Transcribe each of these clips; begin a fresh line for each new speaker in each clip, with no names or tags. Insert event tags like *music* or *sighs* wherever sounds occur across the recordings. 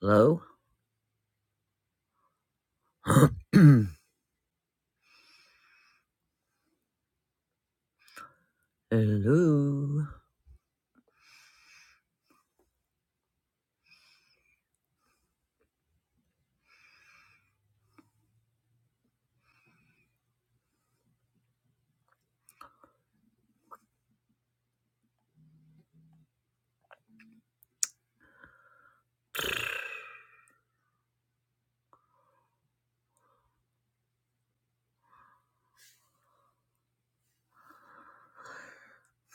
Hello? *clears throat* Hello?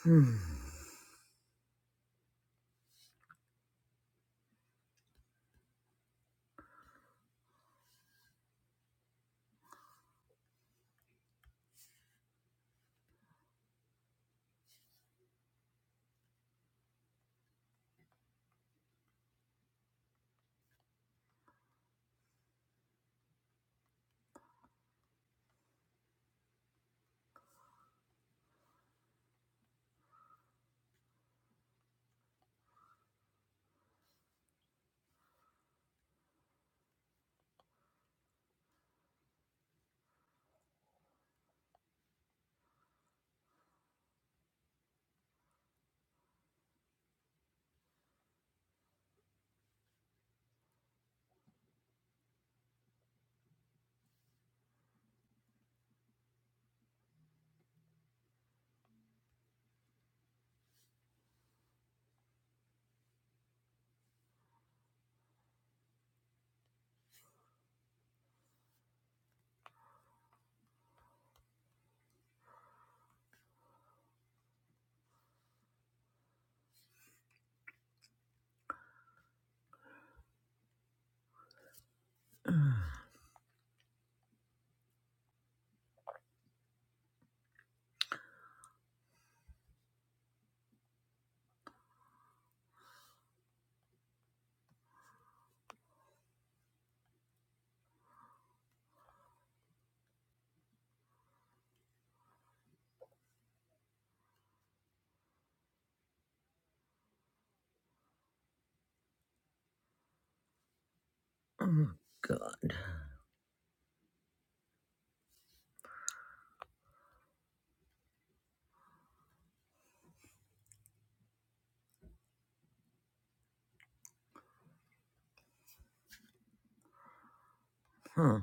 Hmm. Oh, God. Huh.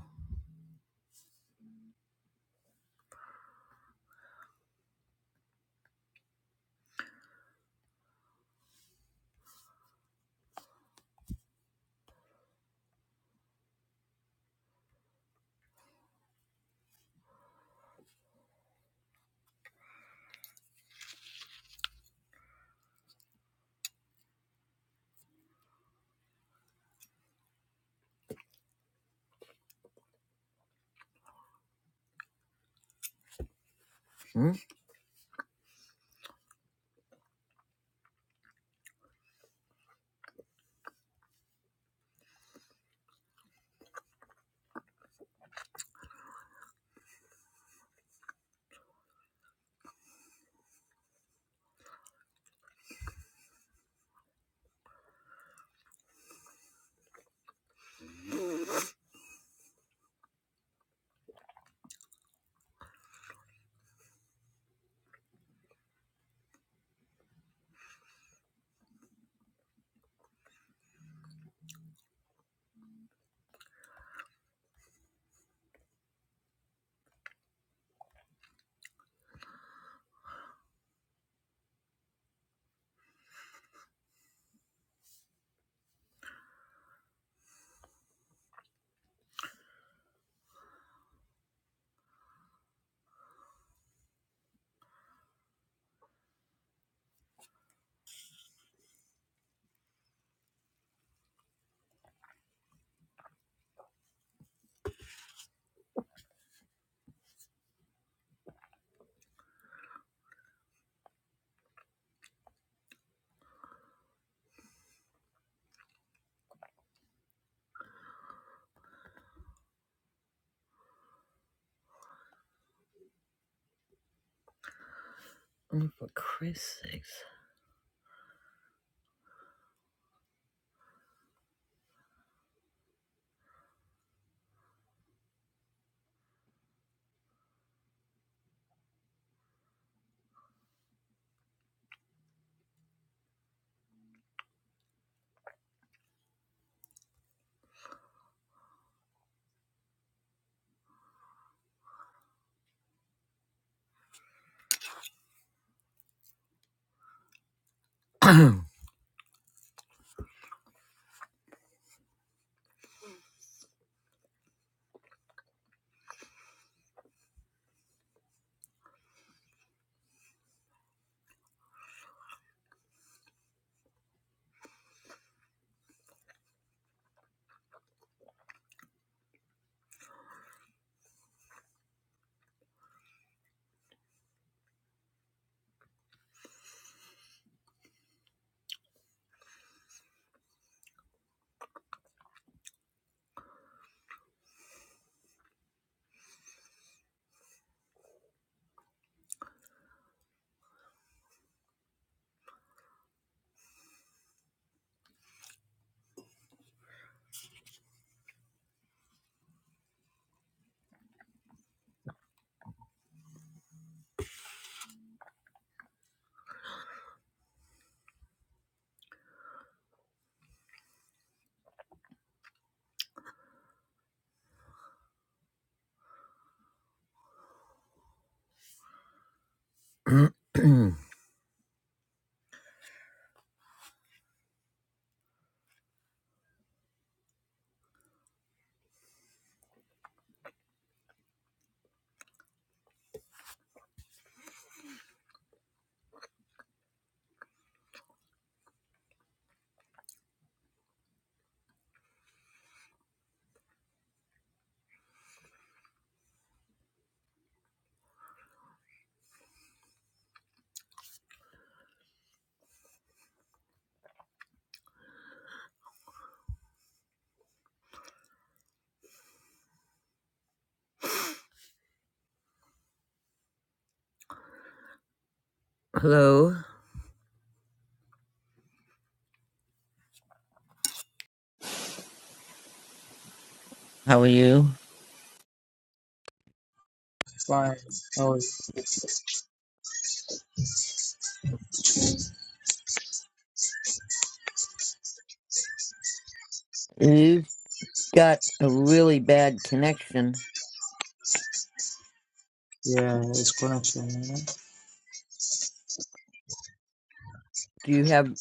Hmm? Oh, for Christ's sakes. *clears throat* Hello? How are you?
Fine. Oh,
You've got a really bad connection.
yeah, it's connection. You know?
Do you have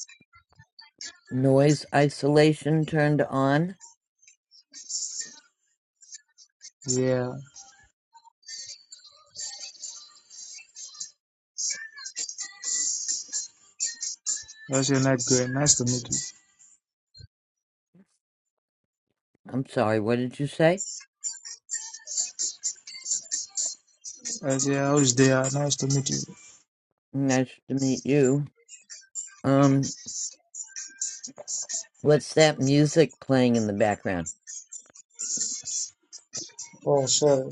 noise isolation turned on?
Yeah. That's your night, great. Nice to meet you.
I'm sorry, what did you say?
That's yeah, how's there? Nice to meet you.
Nice to meet you. Um, what's that music playing in the background?
Oh, sorry.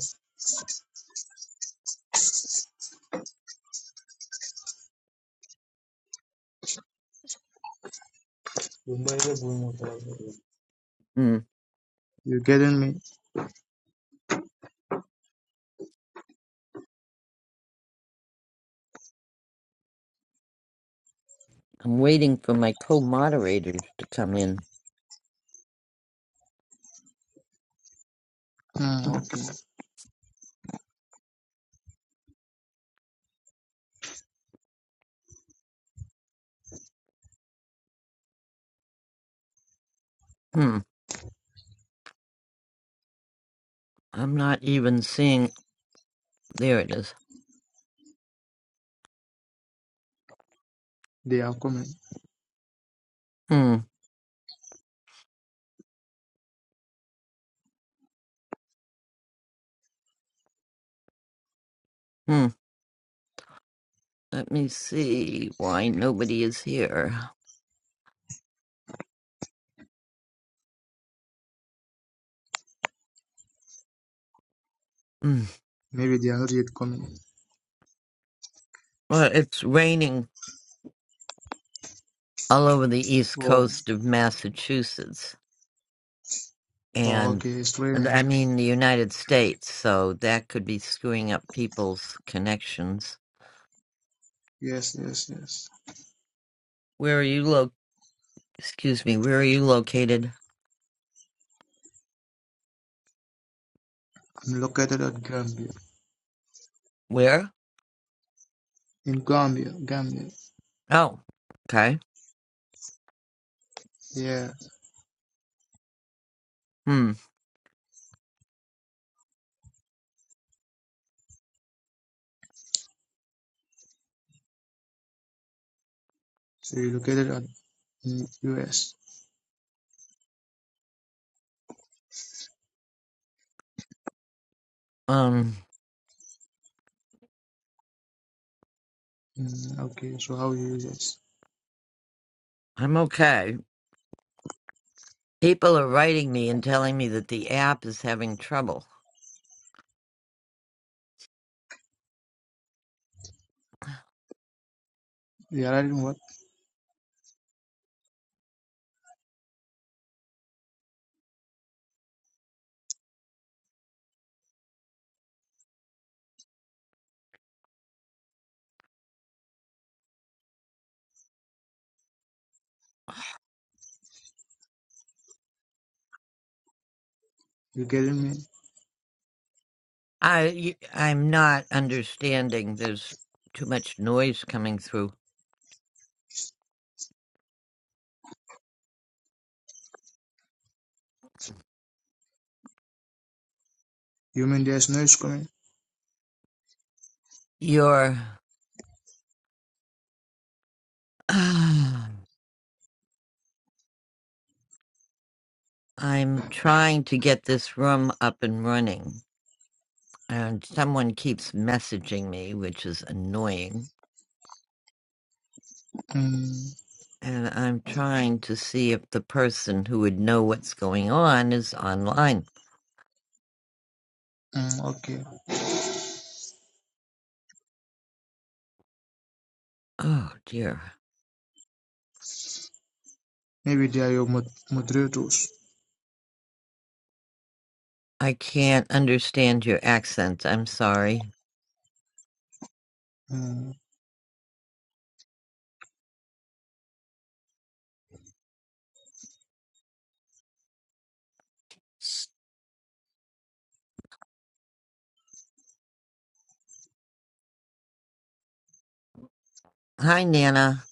You better
Hmm.
getting me?
I'm waiting for my co moderators to come in.
Hmm, okay.
Hmm. I'm not even seeing. There it is.
They are coming.
Hmm. Hmm. Let me see why nobody is here. Hmm.
Maybe they are not yet coming.
Well, it's raining all over the east
Oh,
coast of Massachusetts
oh
and
okay. It's raining.
I mean the United States, so that could be screwing up people's connections.
Yes, yes, yes.
Where are you lo- excuse me, where are you located?
I'm located at Gambia.
Where?
In Gambia, Gambia.
Oh. Okay.
Yeah.
Hmm.
So you're located at in US.
Um
Mm, okay. So how you use it?
I'm okay. People are writing me and telling me that the app is having trouble.
You are writing what? You getting me?
I y- I'm not understanding. There's too much noise coming through.
You mean there's noise coming?
You're. *sighs* I'm trying to get this room up and running, and someone keeps messaging me, which is annoying.
Mm,
And I'm trying to see if the person who would know what's going on is online.
mm, okay.
Oh dear.
Maybe they are your mod- moderators.
I can't understand your accent. I'm sorry.
Mm,
Hi, Nana.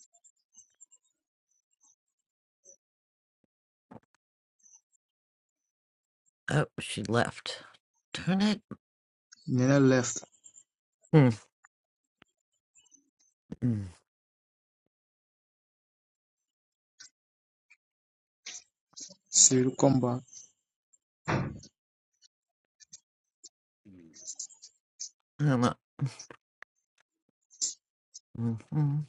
Oh, she left. Turn
Nina left.
it. *clears throat*
She'll come back.
Um, uh, mm, mm,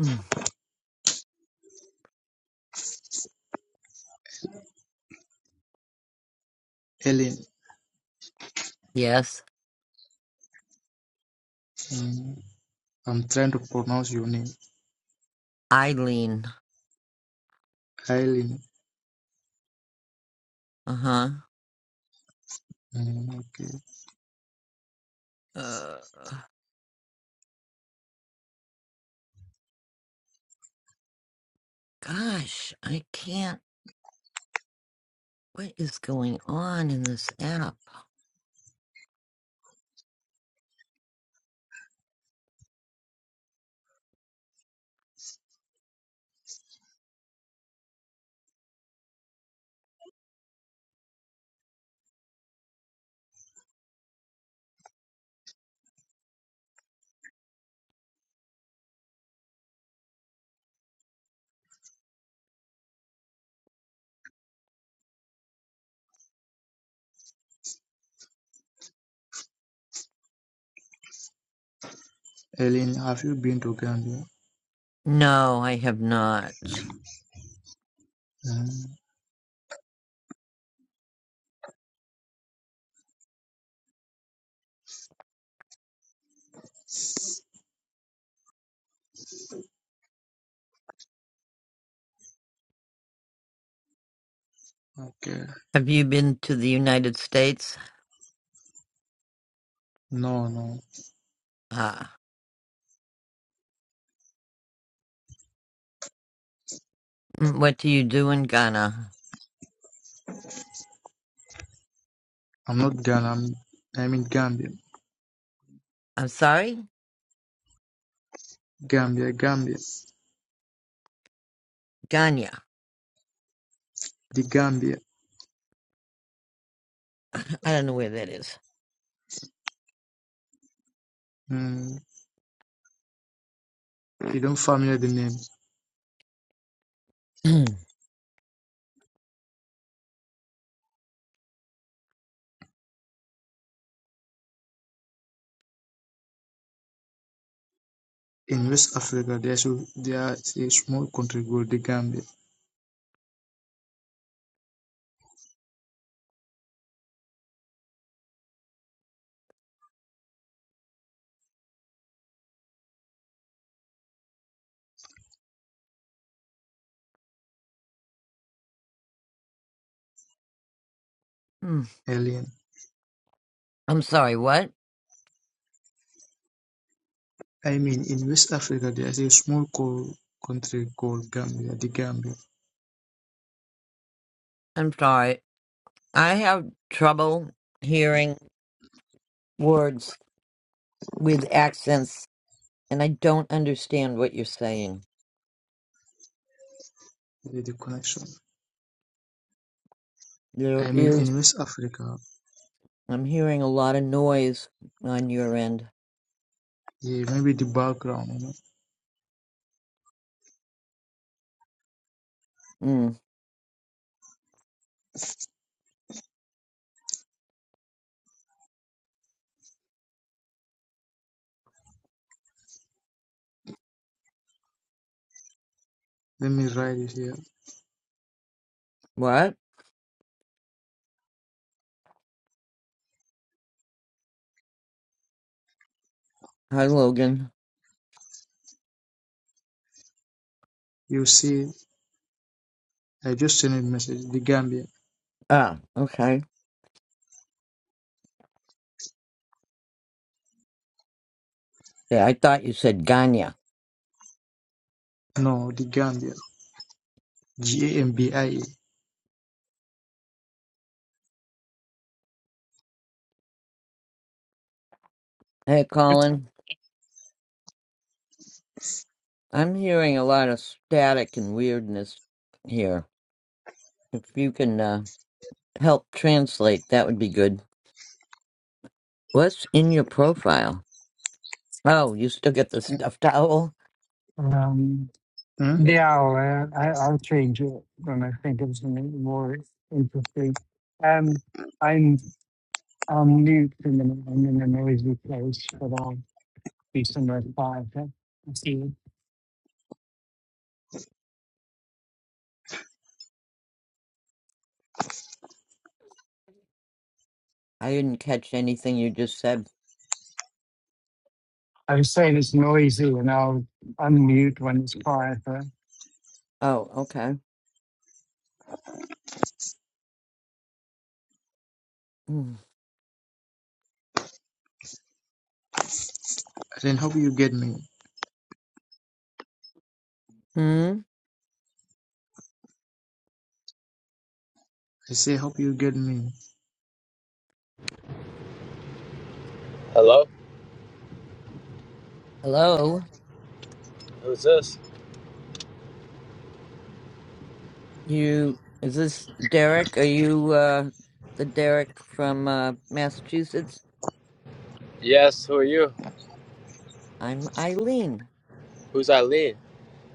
mm.
Eileen.
Yes,
Mm, I'm trying to pronounce your name.
Eileen.
Eileen.
Uh-huh.
Mm, okay.
Uh, gosh, I can't. What is going on in this app?
Eileen, have you been to Gambia?
No, I have not.
Mm, okay.
Have you been to the United States?
No, no.
Ah, mm, what do you do in Ghana?
I'm not Ghana. I'm, I'm in Gambia.
I'm sorry?
Gambia, Gambia.
Ghana.
The Gambia.
I don't know where that is.
Mm, you don't familiar the name.
*clears throat*
In West Africa, there's a, there is a small country called the Gambia.
Mm.
Alien.
I'm sorry, what?
I mean, in West Africa, there is a small co- country called Gambia, the Gambia,
I'm sorry. I have trouble hearing words with accents and I don't understand what you're saying.
with the connection.
There
I mean,
is,
in West Africa,
I'm hearing a lot of noise on your end.
yeah, maybe the background, you know.
Mm,
Let me write it here.
what? Hi, Logan.
You see, I just sent a message, the Gambia.
Ah, okay. Yeah, I thought you said Ganya.
No, the Gambia. G-A-M-B-I-A.
Hey, Colin. I'm hearing a lot of static and weirdness here. If you can uh, help translate, that would be good. What's in your profile? Oh, you still get the stuffed owl?
Um,
Hmm?
yeah, I'll, uh, I, I'll change it when I think of something more interesting. Um, I'm on mute in the I'm in a noisy place, but I'll be somewhere quieter. I See, you.
I didn't catch anything you just said.
I was saying it's noisy, and I'll unmute when it's quieter.
Oh, okay. Hmm.
Then hope you get me?
Hmm?
I say, hope you get me?
Hello?
Hello?
Who's this?
You is this Derek? Are you uh the Derek from uh Massachusetts?
Yes, who are you?
I'm Eileen.
Who's Eileen?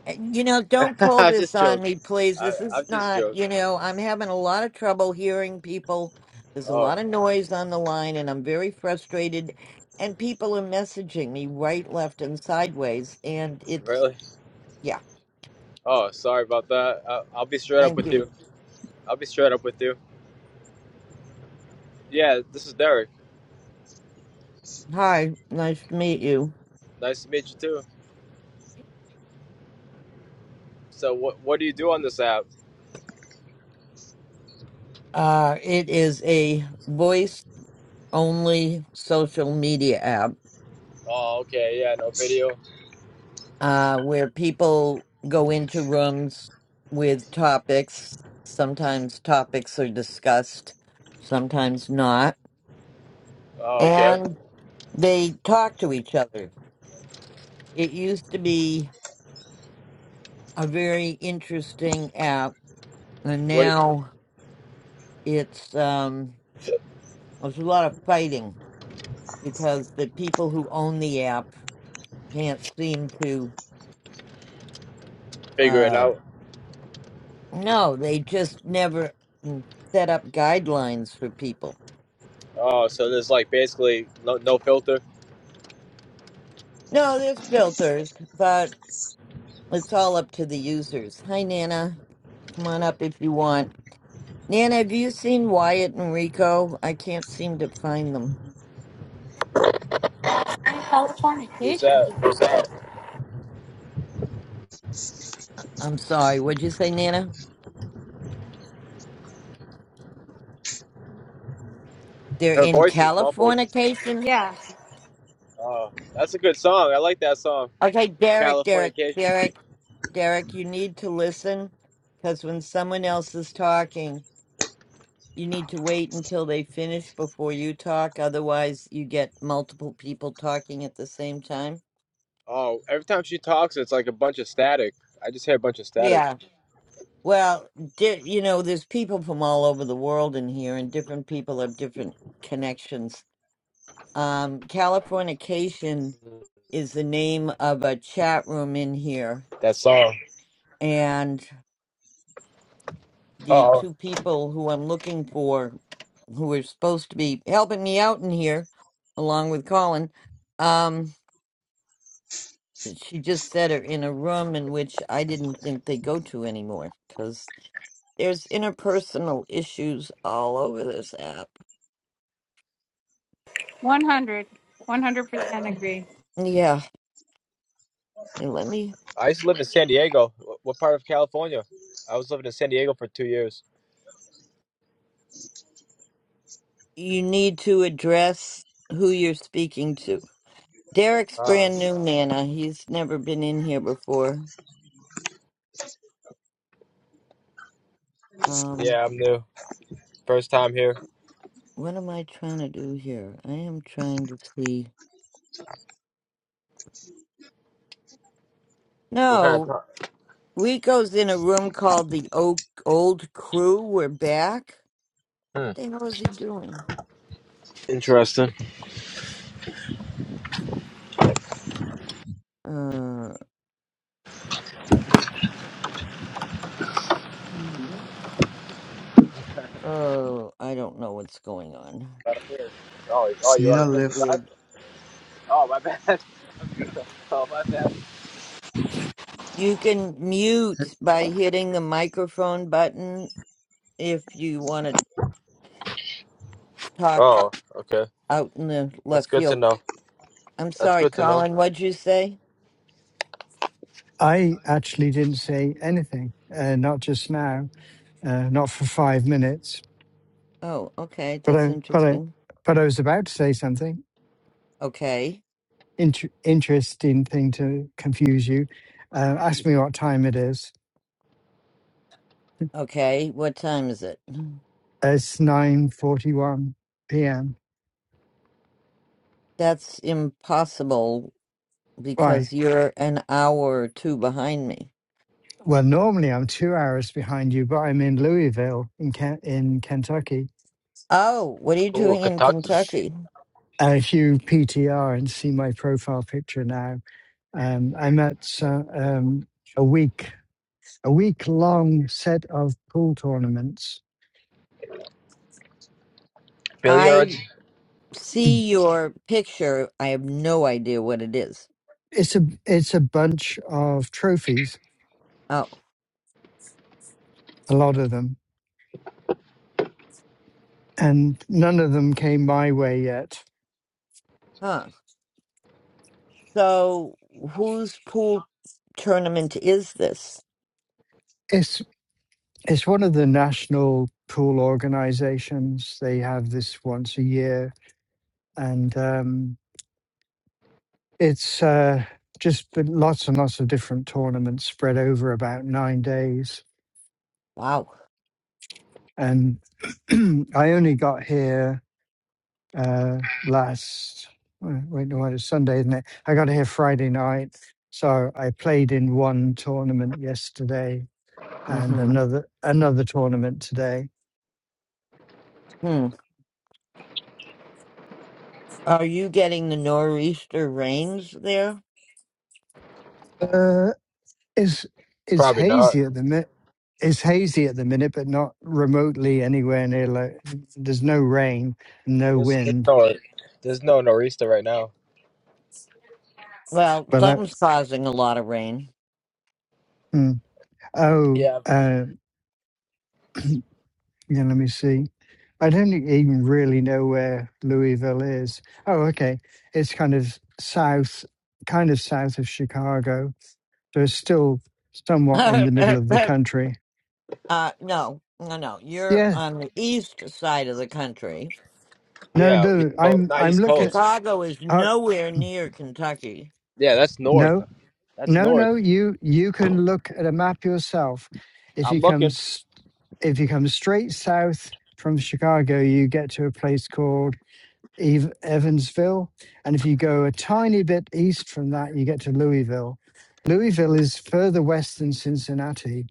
Uh, You know, don't
*laughs*
pull
I'm
this
just
on
joking.
me, please.
I,
This
I'm
is
just
not,
joking.
you know, I'm having a lot of trouble hearing people. There's a
Oh,
lot of noise on the line and I'm very frustrated and people are messaging me right, left and sideways and it's
really?
yeah,
Oh, sorry about that. I, I'll be straight up
thank
with
you.
you. I'll be straight up with you. Yeah, this is Derek.
Hi, nice to meet you.
Nice to meet you too. So, what what do you do on this app?
Uh it is a voice only social media app
Oh, okay. Yeah, no video.
uh, where people go into rooms with topics. Sometimes topics are discussed, sometimes not.
Oh, okay.
And they talk to each other. It used to be a very interesting app, and
What? do
now it's um, there's a lot of fighting because the people who own the app can't seem to.
Figure it
Uh,
out.
no, they just never mm, set up guidelines for people
Oh, so there's like basically no no filter.
No, there's filters, but it's all up to the users. Hi, Nana. Come on up if you want. Nana, have you seen Wyatt and Rico? I can't seem to find them.
Without
Who's
fornication.
that?
I'm sorry. What'd you say, Nana? They're
Her
in
voice is muffled.
Californication?
Yeah,
Oh, that's a good song. I like that song.
Okay, Derek, Derek,
Californication.
Derek, Derek, you need to listen because when someone else is talking, you need to wait until they finish before you talk. Otherwise, you get multiple people talking at the same time.
Oh, every time she talks, it's like a bunch of static. I just hear a bunch of static.
Yeah, Well, di- you know, there's people from all over the world in here, and different people have different connections. Um, Californication is the name of a chat room in here,
That song.
and the
Oh,
two people who I'm looking for, who are supposed to be helping me out in here, along with Colin, um, she just said are in a room in which I didn't think they go to anymore because there's interpersonal issues all over this app.
100. 100% agree.
Yeah. Now let me.
I used to live in San Diego. What part of California? I was living in San Diego for two years.
You need to address who you're speaking to. Derek's
Um,
brand new, Nana. He's never been in here before. Um,
yeah, I'm new. First time here.
what am I trying to do here? I am trying to see.
What kind of
No,
talk?
Rico's in a room called the Oak Old Crew. We're back.
Hmm.
What the hell is he doing?
Interesting.
Uh, oh, I don't know what's going on.
Out of here. Oh, oh,
It's
you want
Nina
to
This
pick
is
left.
that?
weird.
Oh, my bad. *laughs* Oh, my bad.
You can mute by hitting the microphone button if you want to talk
Oh, okay.
out in the
That's
left
good to
field.
know.
I'm
That's
sorry,
good to know.
Colin. What'd you say?
I actually didn't say anything, uh, not just now, uh, not for five minutes,
Oh, okay.
but
That's
I, but I,
interesting.
but I was about to say something.
Okay.
inter- interesting thing to confuse you. Uh, ask me what time it is.
Okay. What time is it?
It's nine forty-one p.m.
That's impossible
Why?
because you're an hour or two behind me.
Well, normally I'm two hours behind you, but I'm in Louisville in Ken- in Kentucky.
Oh, what are you
Ooh,
doing in
Kentucky.
Kentucky?
Uh, if you PTR and see my profile picture now, um, I'm at uh, um, a week a week long set of pool tournaments.
I
Billiards?
*clears throat*
see your picture. I have no idea what it is.
It's a it's a bunch of trophies,
Oh,
a lot of them and none of them came my way yet.
huh. So, whose pool tournament is this?
It's it's one of the national pool organizations. They have this once a year, and um, it's uh, just been lots and lots of different tournaments spread over about nine days.
Wow.
And *clears throat* I only got here uh, last uh, wait no, it's Sunday, isn't it? I got here Friday night, so I played in one tournament yesterday and
Mm-hmm.
another another tournament today
Hmm. Are you getting the nor'easter rains there?
Uh, it's it's
Probably not.
hazy at the minute. It's hazy at the minute, but not remotely anywhere near. Like, there's no rain, no
There's, there's
wind.
no, there's no norista right now.
Well,
But I,
something's causing a lot of rain.
mm, oh,
Yeah.
uh, yeah. Let me see. I don't e-, even really know where Louisville is. Oh, okay. It's kind of south, kind of south of Chicago. So it's still
*laughs*
somewhat in
uh,
the middle of the
no,
country.
no, no. You're
Yeah.
on the east side of the country.
No,
Yeah, East
no.
Coast,
I'm
not
I'm
East
looking at.
Coast.
Chicago is
Uh,
nowhere near Kentucky.
Yeah, that's north.
no,
That's
No,
north.
no, you you can look at a map yourself. If you
I'm
come
looking.
s- if you come straight south from Chicago, you get to a place called Eve- Evansville, and if you go a tiny bit east from that, you get to Louisville. Louisville is further west than Cincinnati.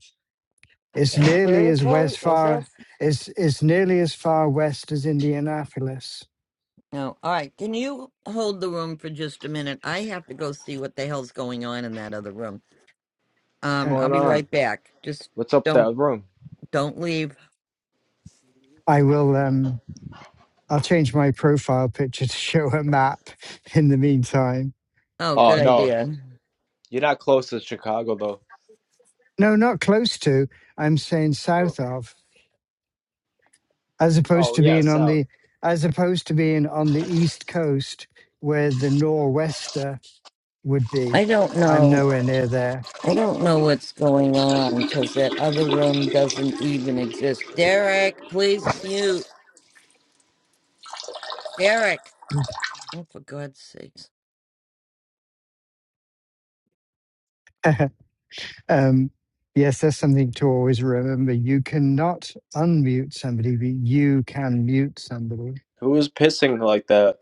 It's
Eh,
nearly as
Seriously?
west
Is it?
far it's it's nearly as far west as Indianapolis.
No. All right. Can you hold the room for just a minute? I have to go see what the hell's going on in that other room. Um,
Uh,
I'll
going
be
on?
right back. Just
What's up with
don't
that room?
don't leave.
I will um I'll change my profile picture *laughs* to show a map in the meantime.
Oh, good
Oh no,
idea.
you're not close to Chicago though.
No, not close to. I'm saying
Oh,
south of, as opposed
oh
to
yeah,
being on
south.
the, as opposed to being on the east coast where the nor'wester would be.
I don't
I'm
know
nowhere near there.
I don't know what's going on because that other room doesn't even exist. Derek, please mute. Derek. Oh, for God's sakes.
*laughs* um, yes, that's something to always remember. You cannot unmute somebody, but you can mute somebody.
Who is pissing like that?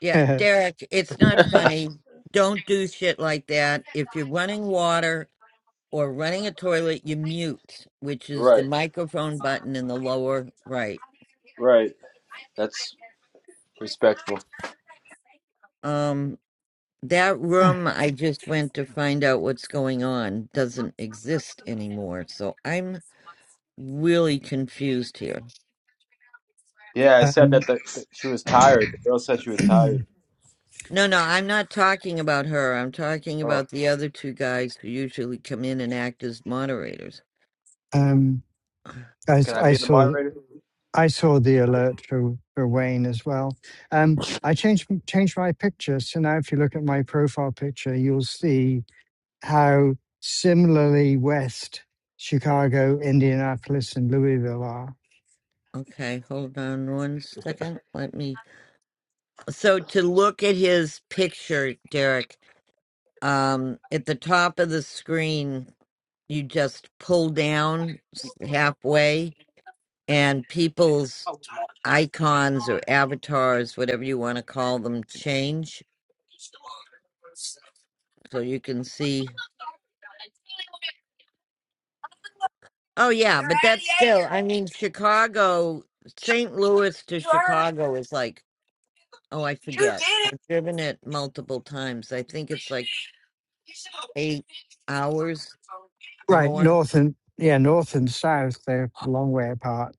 Yeah,
*laughs*
Derek, it's not
*laughs*
funny. Don't do shit like that. If you're running water or running a toilet, you mute, which is the
Right,
microphone button in the lower right.
right. That's respectful.
Um, that room I just went to find out what's going on doesn't exist anymore. So I'm really confused here.
Yeah, I said that
um,
the, the, she was tired. The girl said she was tired.
*clears throat*
No, no, I'm not talking about her. I'm talking
Oh,
about the other two guys who usually come in and act as moderators.
um,
*sighs*
I, s-
can I
I
be the
saw.
moderator?
I saw the alert for, for Wayne as well. Um, I changed changed my picture, so now if you look at my profile picture, you'll see how similarly West Chicago, Indianapolis, and Louisville are.
Okay, hold on one second. Let me. So to look at his picture, Derek, um, at the top of the screen, you just pull down s- halfway, and people's icons or avatars, whatever you want to call them, change. So you can see. Oh yeah, but that's still I mean Chicago, St. Louis to Chicago is like oh I forget. I've driven it multiple times. I think it's like 8 hours or
Right,
more.
north and yeah, north and south they're a long way apart.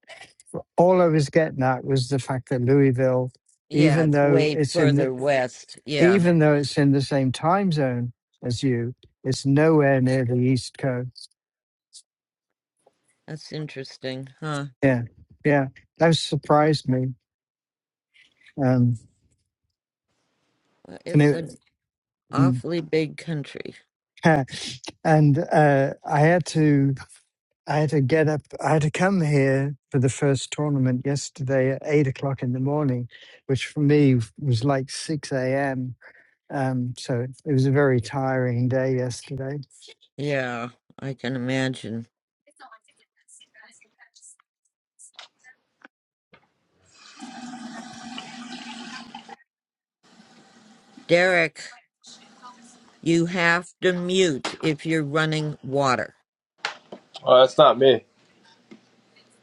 All I was getting at was the fact that Louisville,
Yeah,
even
it's
though
way
it's in the,
further west. Yeah.
even though it's in the same time zone as you, it's nowhere near the East Coast.
That's interesting, huh?
Yeah, yeah, that surprised me, um,
Uh,
and
It's an
it, mm,
awfully big country.
*laughs* and uh, I had to I had to get up. I had to come here for the first tournament yesterday at eight o'clock in the morning, which for me was like six a.m. Um, so it was a very tiring day yesterday.
Yeah, I can imagine. Derek, you have to mute if you're running water.
Oh, that's not me.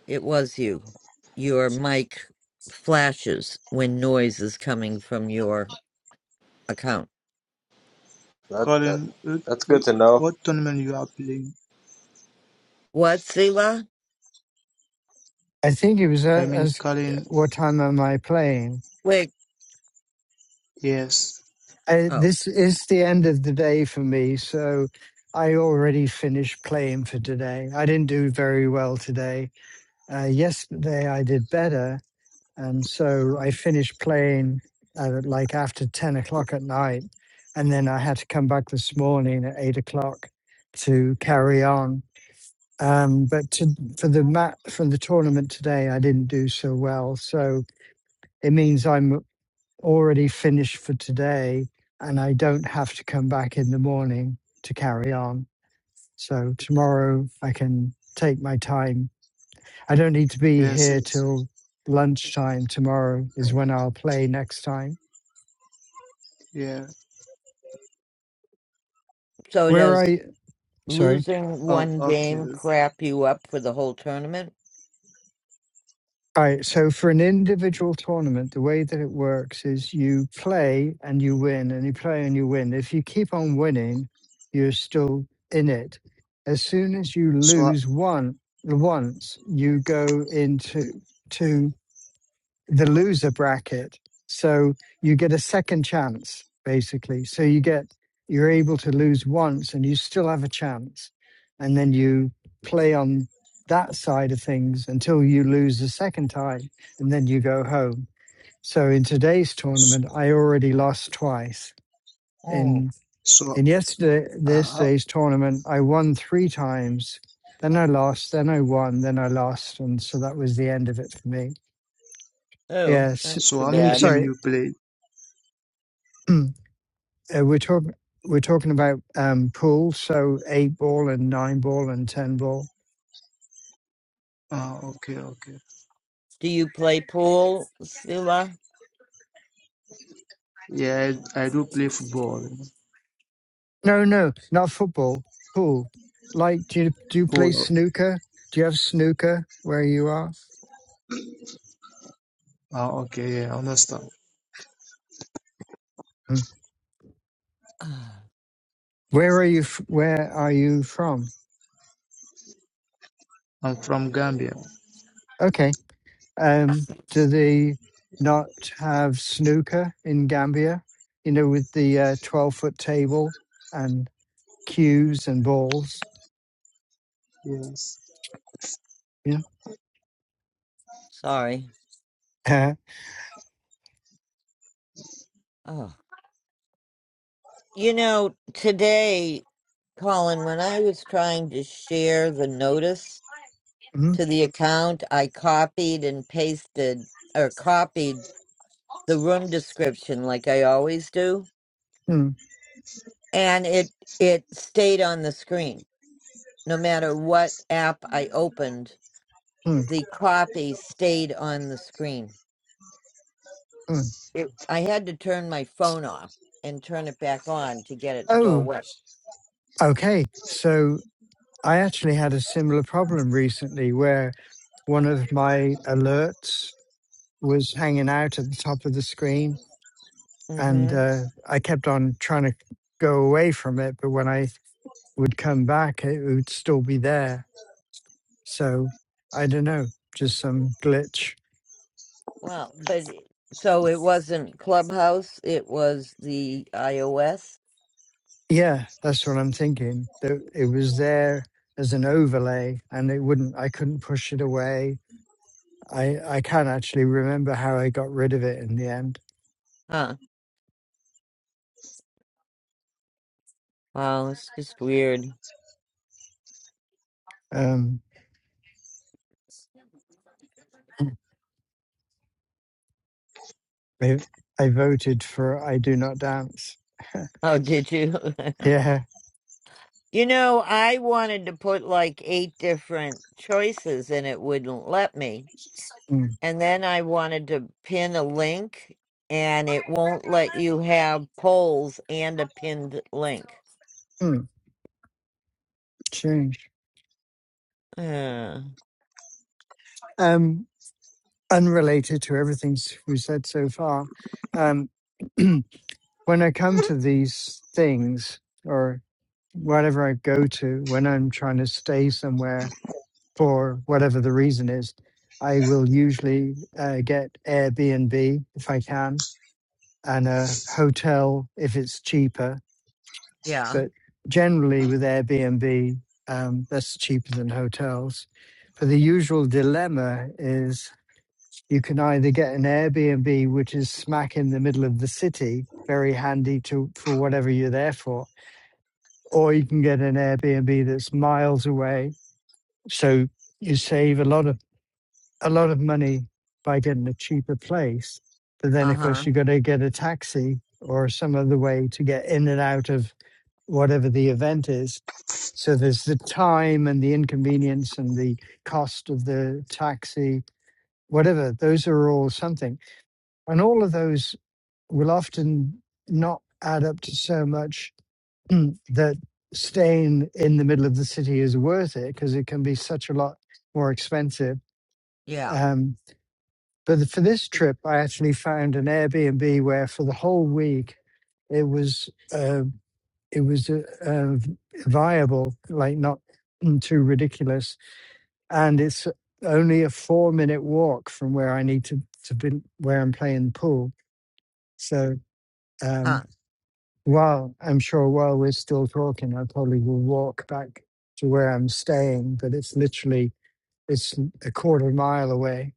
It was you. Your mic flashes when noise is coming from your account.
That, that
Colin, wh-
that's good to
wh-
know.
what tournament you are playing?
What, Sila?
I think it was
I
uh,
mean,
as
Colin,
what time am I playing?
Wait.
yes.
I,
Oh,
this is the end of the day for me, so I already finished playing for today. I didn't do very well today. Uh, yesterday I did better, and so I
Hmm?
finished playing uh like after ten o'clock at night, and then I had to come back this morning at eight o'clock to carry on. Um, but to, for the mat for the tournament today, I didn't do so well, so it means I'm already finished for today and I don't have to come back in the morning to carry on. So tomorrow I can take my time. I don't need to be
Yes,
here
yes.
till lunchtime. Tomorrow is when I'll play next time.
Yeah.
so
Where
does
I sorry.
losing
Oh,
one
okay.
game crap you up for the whole tournament?
All right. So for an individual tournament, the way that it works is you play and you win, and you play and you win. If you keep on winning, you're still in it. As soon as you
So, uh,
lose one once, you go into two the loser bracket. So you get a second chance, basically. So you get, you're able to lose once and you still have a chance. And then you play on that side of things until you lose the second time and then you go home. So in today's tournament, I already lost twice.
Oh,
In,
so,
in yesterday,
uh,
yesterday's tournament, I won three times. Then I lost, then I won, then I lost. And so that was the end of it for me.
oh,
Yes.
that's
so
too
how many
bad.
game
Sorry.
you play?
*clears throat* Uh, we're talking we're talking about um, pool, so eight ball and nine ball and ten ball.
Uh, okay, okay.
Do you play pool, Sila?
Yeah, I, I do play football.
No, no, not football. Pool. Like, do you do you play
Polo.
snooker? Do you have snooker where you are?
Uh, okay, yeah, understand.
Mm.
Ah,
Where are you? f- Where are you from?
I'm from Gambia.
Okay. Um, do they not have snooker in Gambia? You know, with the uh, twelve foot table and cues and balls.
Yes.
Yeah.
sorry.
Uh,
Oh, you know today, Colin. When I was trying to share the notice
mm,
to the account, I copied and pasted or copied the room description like I always do,
mm,
and it it stayed on the screen. No matter what app I opened,
mm,
the copy stayed on the screen.
mm.
It, I had to turn my phone off and turn it back on to get it to go
Oh,
away.
okay. So I actually had a similar problem recently where one of my alerts was hanging out at the top of the screen and
Mhm.
uh, i kept on trying to go away from it but when i would come back it would still be there So I don't know, just some glitch.
Well, but it- so it wasn't Clubhouse, it was the iOS.
Yeah, that's what I'm thinking. That it was there as an overlay, and it wouldn't. I couldn't push it away. I I can't actually remember how I got rid of it in the end.
Huh. Wow, it's just weird.
Um, *clears throat* I, I voted for "I Do Not Dance." *laughs*
Oh, did you? *laughs*
yeah.
You know, I wanted to put like eight different choices and it wouldn't let me.
Mm,
And then I wanted to pin a link and it won't let you have polls and a pinned link.
mm, change.
Uh,
Um, unrelated to everything s- we said so far. Um, *clears throat* when I come to these things, or. whatever I go to, when I'm trying to stay somewhere for whatever the reason is, I will usually uh, get Airbnb if I can and a hotel if it's cheaper.
yeah.
But generally, with Airbnb, um, that's cheaper than hotels. But the usual dilemma is you can either get an Airbnb, which is smack in the middle of the city, very handy to for whatever you're there for, or you can get an Airbnb that's miles away So you save a lot of a lot of money by getting a cheaper place, but then
Uh
of
huh.
course you have got to get a taxi or some other way to get in and out of whatever the event is. So there's the time and the inconvenience and the cost of the taxi, whatever. Those are all something, and all of those will often not add up to so much *clears throat* that staying in the middle of the city is worth it because it can be such a lot more expensive
Yeah.
um, but for this trip, I actually found an Airbnb where for the whole week it was uh, it was uh, uh, viable, like not too ridiculous, and it's only a four minute walk from where I need to to be where I'm playing pool. So um,
Huh.
while I'm sure while we're still talking, I probably will walk back to where I'm staying, but it's literally it's a quarter mile away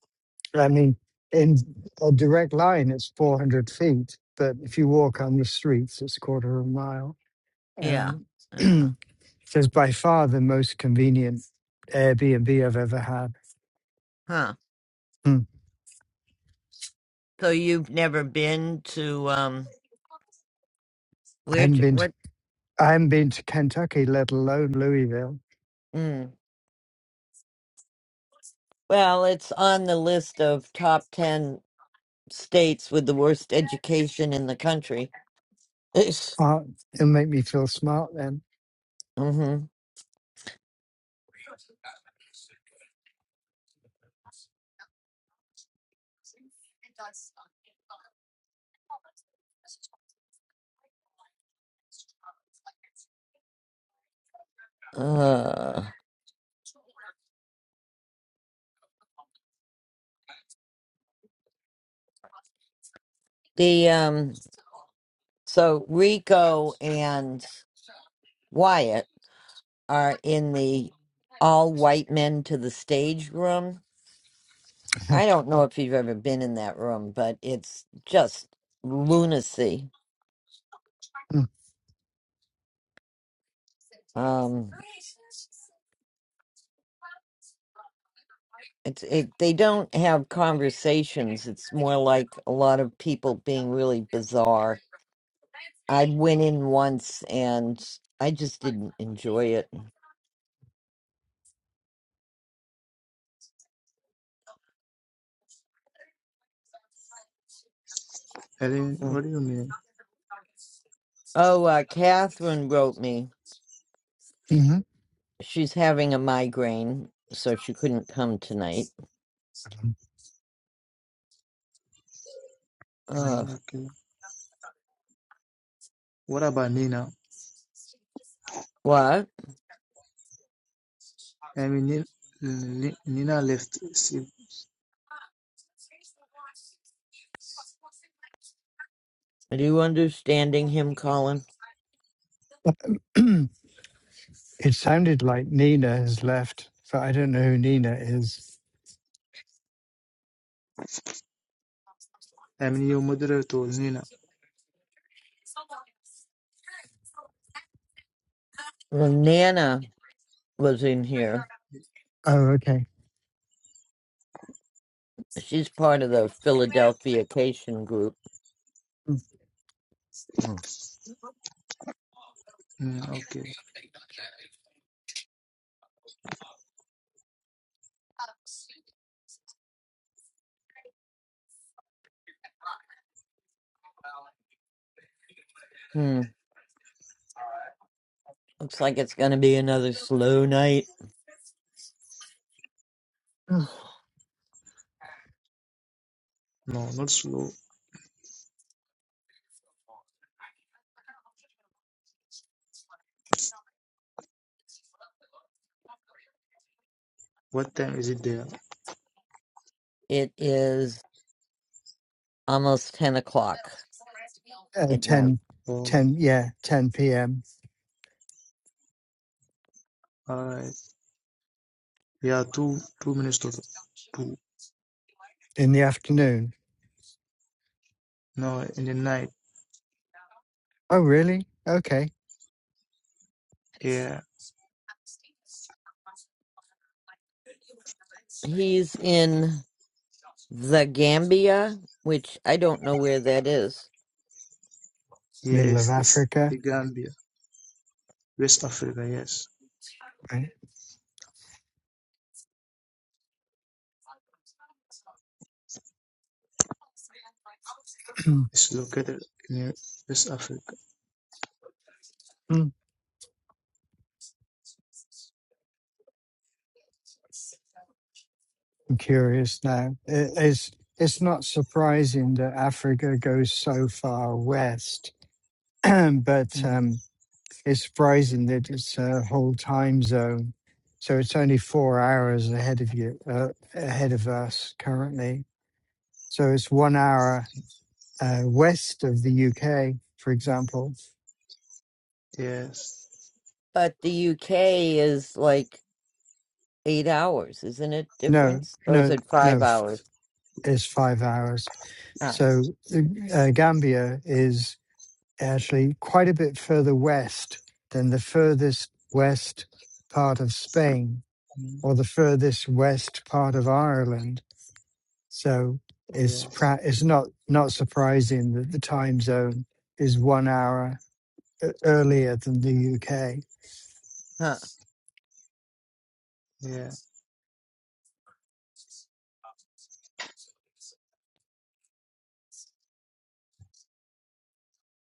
I mean, in a direct line, it's 400 feet, but if you walk on the streets, it's a quarter of a mile.
Yeah.
Um, *clears throat*
Uh,
so it's by far the most convenient Airbnb I've ever had.
huh.
Hmm.
So you've never been to, um,
I
where,
haven't been to,
what?
I haven't been to Kentucky, let alone Louisville.
Mm. Well, it's on the list of top 10 states with the worst education in the country. *laughs*
Uh, it'll make me feel smart then.
hmm Uh, the um, so Rico and Wyatt are in the all white men to the stage room.
*laughs*
I don't know if you've ever been in that room, but it's just lunacy. Um, it's it. They don't have conversations. It's more like a lot of people being really bizarre. I went in once and I just didn't enjoy it.
Ellen,
Mm.
what do you mean?
Oh, uh, Catherine wrote me.
Mhm.
She's having a migraine, so she couldn't come tonight. Ugh.
Mm, Okay. What about Nina?
What?
I mean, Ni- Ni- Nina left. See,
Are you understanding him, Colin?
*clears throat* it sounded like Nina has left, but I don't know who Nina is.
I mean, your moderator, told Nina.
Well, Nana was in here.
Oh, okay.
She's part of the Philadelphia Cation group. Oh.
Mm, okay.
Hmm. Looks like it's going to be another slow night.
*clears throat*
No, not slow. What time is it there?
It is almost 10 o'clock
uh,
at night.
10,
Oh,
10, yeah, 10 p.m.
all right. Yeah, two two minutes to two.
in the afternoon.
No, in the night.
Oh, really? Okay.
Yeah.
He's in the Gambia, which I don't know where that is.
Middle of
Yes, it's
Africa.
the Gambia, West Africa. Yes,
Right. *clears throat*
it's located in West Africa.
I'm curious now. It- It's, it's not surprising that Africa goes so far west, *clears throat* but
Mm,
um, it's surprising that it's a whole time zone. So it's only four hours ahead of you, uh, ahead of us currently. So it's one hour uh, west of the UK, for example.
yes,
But the UK is like eight hours, isn't it
No,
difference? Or is
no,
it
no.
five
f-
hours?
It's five hours.
Oh,
So the uh, Gambia is actually quite a bit further west than the furthest west part of Spain
mm,
or the furthest west part of Ireland. So it's
yes,
pra- it's not not surprising that the time zone is one hour e- earlier than
mm,
the UK.
huh.
yeah.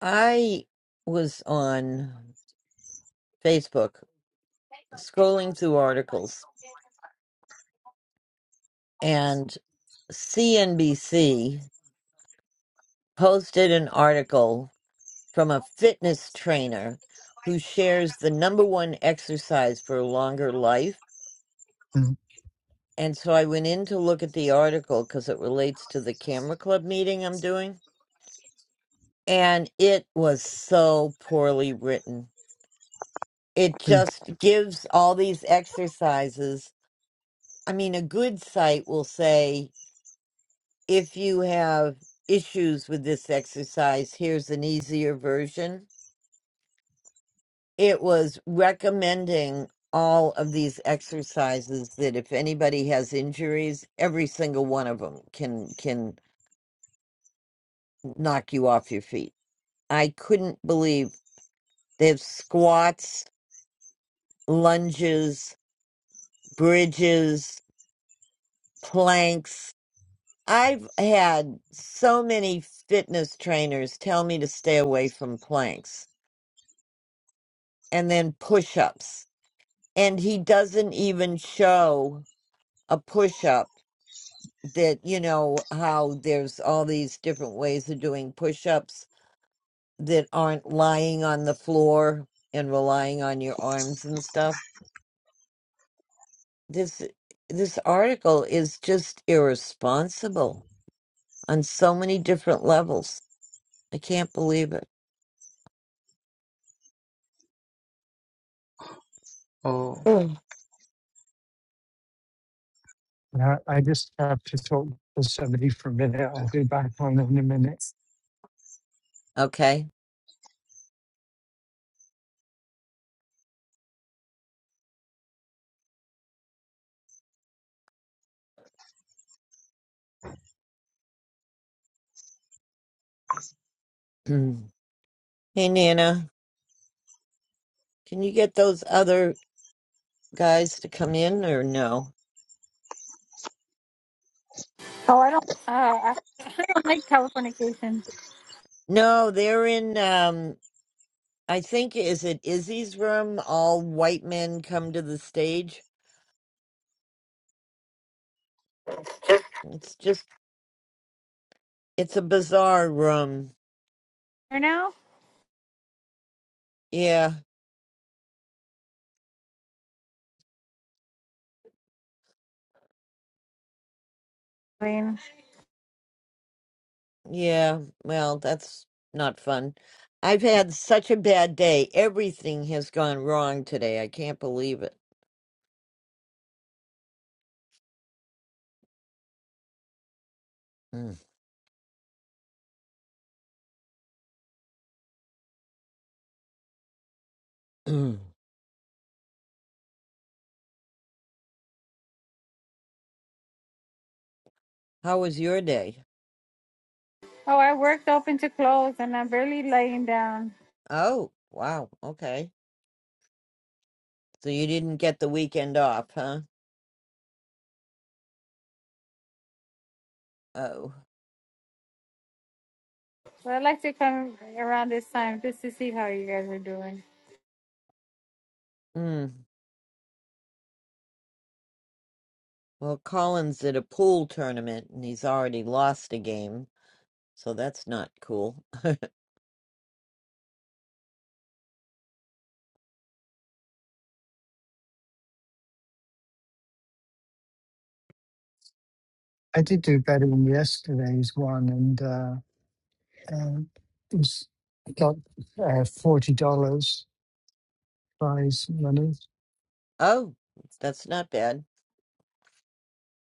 I was on Facebook scrolling through articles and CNBC posted an article from a fitness trainer who shares the number one exercise for a longer life.
Mm, mm.
And so I went in to look at the article because it relates to the camera club meeting I'm doing. And it was so poorly written it
yeah.
just gives all these exercises. I mean, a good site will say, if you have issues with this exercise, here's an easier version. It was recommending all of these exercises that if anybody has injuries, every single one of them can can knock you off your feet. I couldn't believe they have squats, lunges, bridges, planks, I've had so many fitness trainers tell me to stay away from planks and then push ups. And he doesn't even show a push up that, you know, how there's all these different ways of doing push ups that aren't lying on the floor and relying on your arms and stuff. This this article is just irresponsible on so many different levels. I can't believe it.
Oh,
Mm.
And I I just have to talk to somebody for a minute. I'll be back on in a minute.
Okay. Mm. Hey, Nana, can you get those other guys to come in or no?
Oh, I don't, uh, I, *laughs* I don't like telefornication.
No, they're in, um, I think, is it Izzy's room? All white men come to the stage. It's just, it's a bizarre room.
For now,
Yeah,
I mean,
yeah. Well, that's not fun. I've had such a bad day. Everything has gone wrong today. I can't believe it. Mm. *clears throat* How was your day?
oh, I worked open to close and I'm barely laying down.
Oh, wow. Okay. So you didn't get the weekend off, huh? Oh.
But I'd like to come around this time just to see how you guys are doing.
Hmm. Well, Collins did a pool tournament and he's already lost a game, so that's not cool.
I did do better in yesterday's one, and uh, um, it was got uh, forty dollars prize money. *clears throat*
Oh, that's not bad.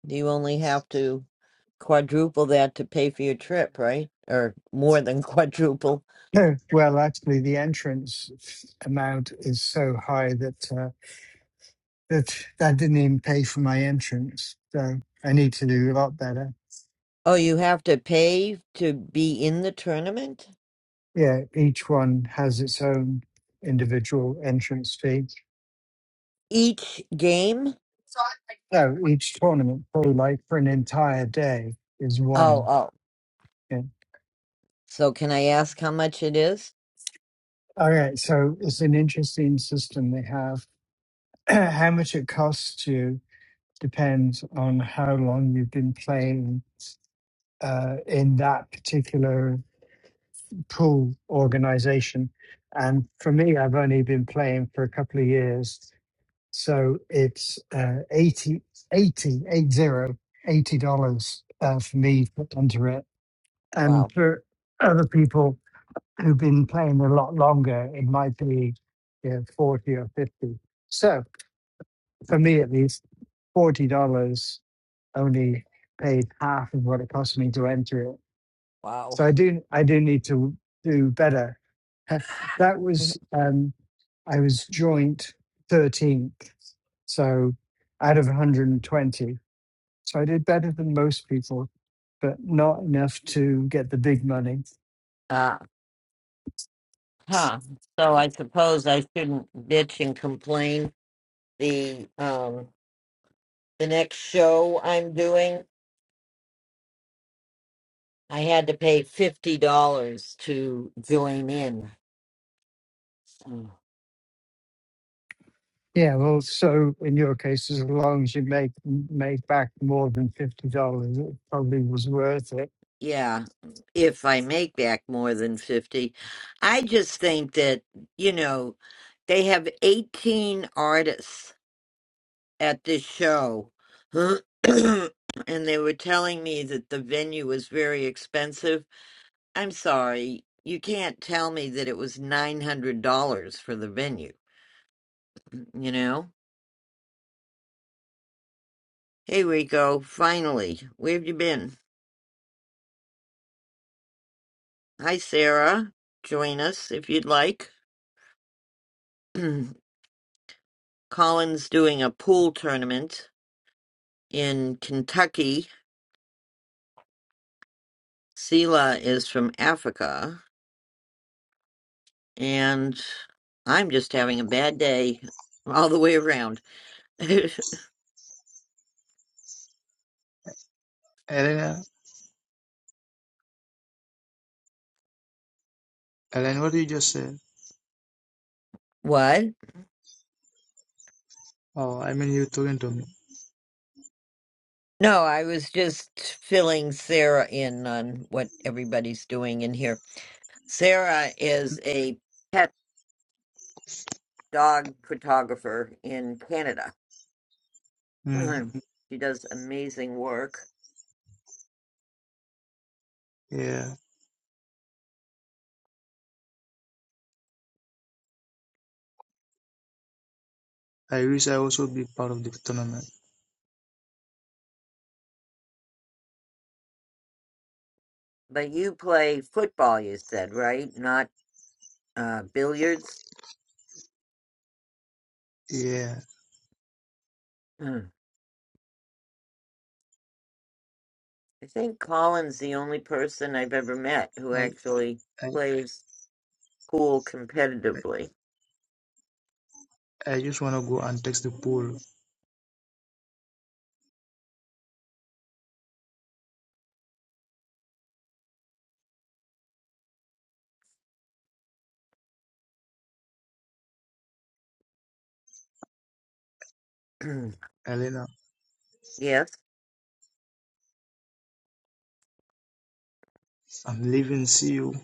You only have to quadruple that to pay for your trip, right? Or more than *laughs* quadruple.
No, well, actually, the entrance f- amount is so high that uh, that that didn't even pay for my entrance. So I need to do a lot better.
Oh, you have to pay to be in the tournament?
Yeah, each one has its own individual entrance fee.
Each game?
No, each tournament, probably like for an entire day, is
Oh,
one.
oh.
yeah.
So can I ask how much it is?
All right, so it's an interesting system they have. *clears throat* how much it costs you depends on how long you've been playing uh, in that particular pool organization. And for me, I've only been playing for a couple of years, so it's uh, 80, eighty, eight zero, eighty dollars uh, for me to enter it. And
Wow.
for other people, who've been playing a lot longer, it might be you know, 40 or 50. So for me, at least, $40 only paid half of what it cost me to enter it.
Wow.
So I do, I do need to do better. *laughs* that
*laughs*
was, um, I was joint 13th. So out of 120. So I did better than most people, but not enough to get the big money.
Uh, huh. So I suppose I shouldn't bitch and complain the um the next show I'm doing, I had to pay fifty dollars to join in. So,
Yeah, well, so in your case, as long as you make make back more than fifty dollars, it probably was worth it.
yeah, if I make back more than fifty, I just think that you know they have eighteen artists at this show, *clears throat* and they were telling me that the venue was very expensive. I'm sorry, you can't tell me that it was nine hundred dollars for the venue. You know Here we go, finally. Where have you been? Hi, Sarah. Join us if you'd like. *clears throat* Colin's doing a pool tournament in Kentucky. Sela is from Africa. And I'm just having a bad day all the way around. *laughs*
Elena, Elena, what did you just say?
what?
Oh, I mean, you talking to me.
No, I was just filling Sarah in on what everybody's doing in here. Sarah is a pet dog photographer in Canada
Mm,
*clears throat* she does amazing work.
yeah, I wish I also be part of the tournament.
But you play football, you said, right? Not uh, billiards.
Yeah,
*clears throat* I think Colin's the only person I've ever met who
I,
actually
I,
plays pool
I
competitively.
I just wanna go and text the pool.
*clears throat*
Elena,
yes,
I'm leaving. See you.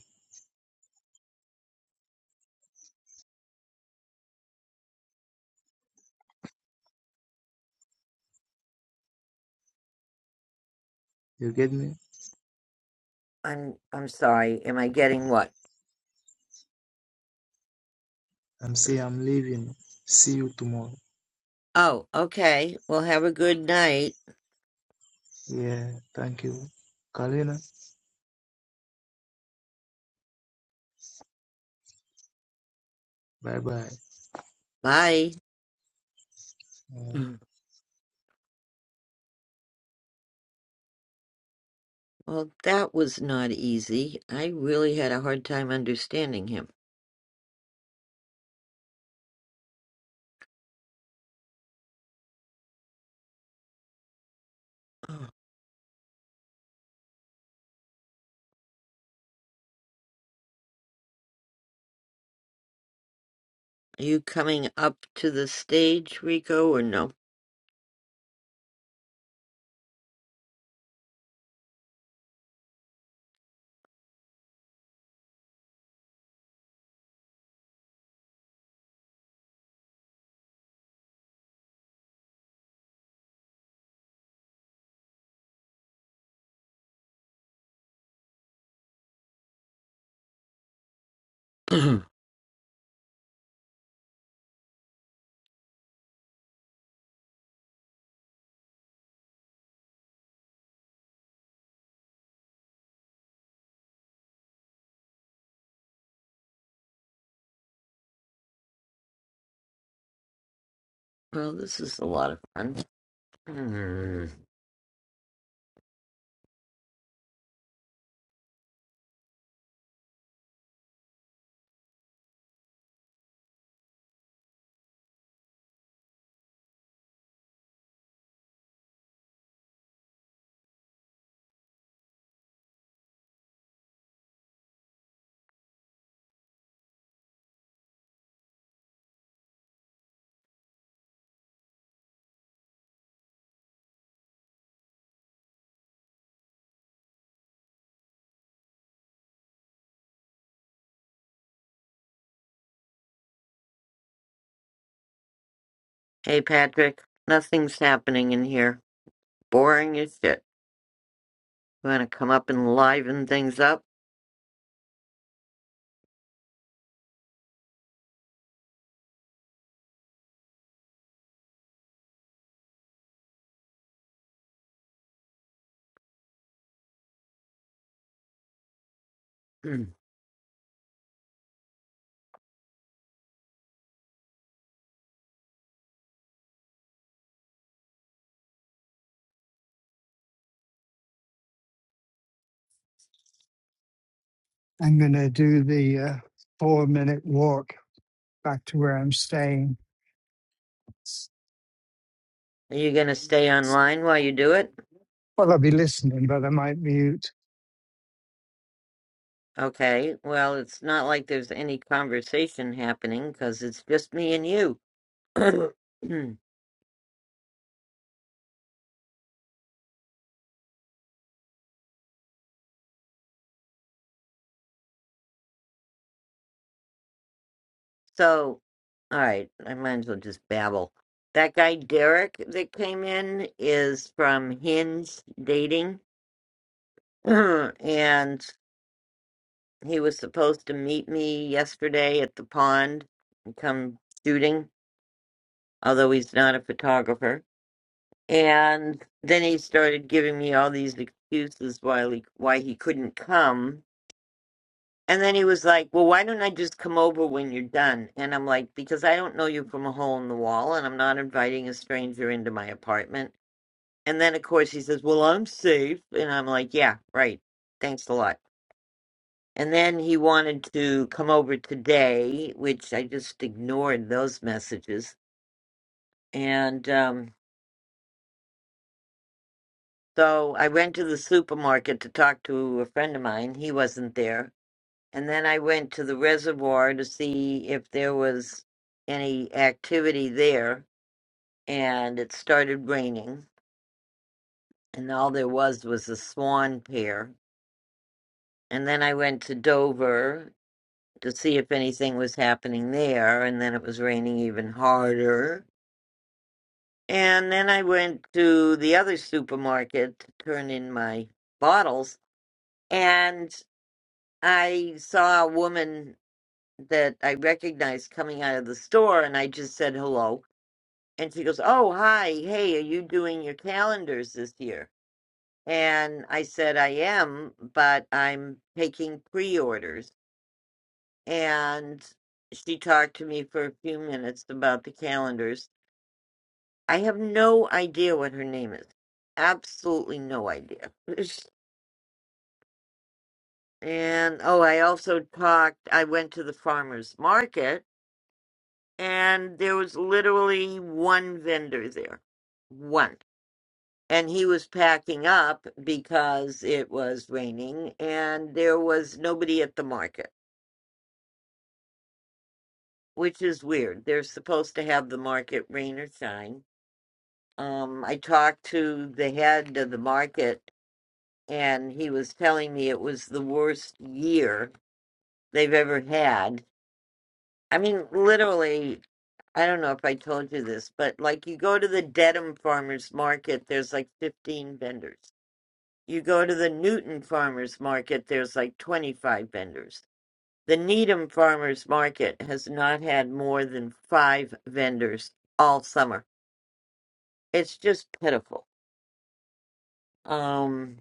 You get me?
I'm. I'm sorry. Am I getting what?
I'm saying I'm leaving. See you tomorrow.
Oh, okay. Well, have a good night.
Yeah, thank you. Kalina. Bye bye.
Bye. *clears throat* Mm. Well, that was not easy. I really had a hard time understanding him. *clears throat* Oh. Are you coming up to the stage, Rico, or no? *clears throat* well, this is a lot of fun. *clears throat* hey, Patrick, nothing's happening in here. Boring as shit. You want to come up and liven things up? *clears throat* Are
I'm gonna do the uh, four minute walk back to where I'm staying.
you going to stay online while you do it?
Well, I'll be listening, but I might mute.
Okay, well, it's not like there's any conversation happening because it's just me and you. *clears throat* so, all right, I might as well just babble. That guy Derek that came in is from Hinge Dating, *clears throat* and He was supposed to meet me yesterday at the pond and come shooting, although he's not a photographer. And then he started giving me all these excuses why he, why he couldn't come. And then he was like, "Well, why don't I just come over when you're done?" And I'm like, "Because I don't know you from a hole in the wall, and I'm not inviting a stranger into my apartment." And then of course he says, "Well, I'm safe," and I'm like, "Yeah, right. Thanks a lot." And then he wanted to come over today, which I just ignored those messages. And um, so I went to the supermarket to talk to a friend of mine. He wasn't there. And then I went to the reservoir to see if there was any activity there. And it started raining. And all there was was a swan pair. And then I went to Dover to see if anything was happening there. And then it was raining even harder And then I went to the other supermarket to turn in my bottles, and I saw a woman that I recognized coming out of the store, and I just said hello. And she goes, Oh, hi, hey, are you doing your calendars this year? And I said, I am, but I'm taking pre orders. And she talked to me for a few minutes about the calendars I have no idea what her name is. Absolutely no idea. *laughs* And oh, I also talked, I went to the farmer's market and there was literally one vendor there. One. And he was packing up because it was raining and there was nobody at the market, which is weird. They're supposed to have the market rain or shine. Um, I talked to the head of the market and he was telling me it was the worst year they've ever had. I mean, literally, I don't know if I told you this, but like you go to the Dedham Farmers Market, there's like 15 vendors. You go to the Newton Farmers Market, there's like 25 vendors. The Needham Farmers Market has not had more than five vendors all summer. It's just pitiful. Um,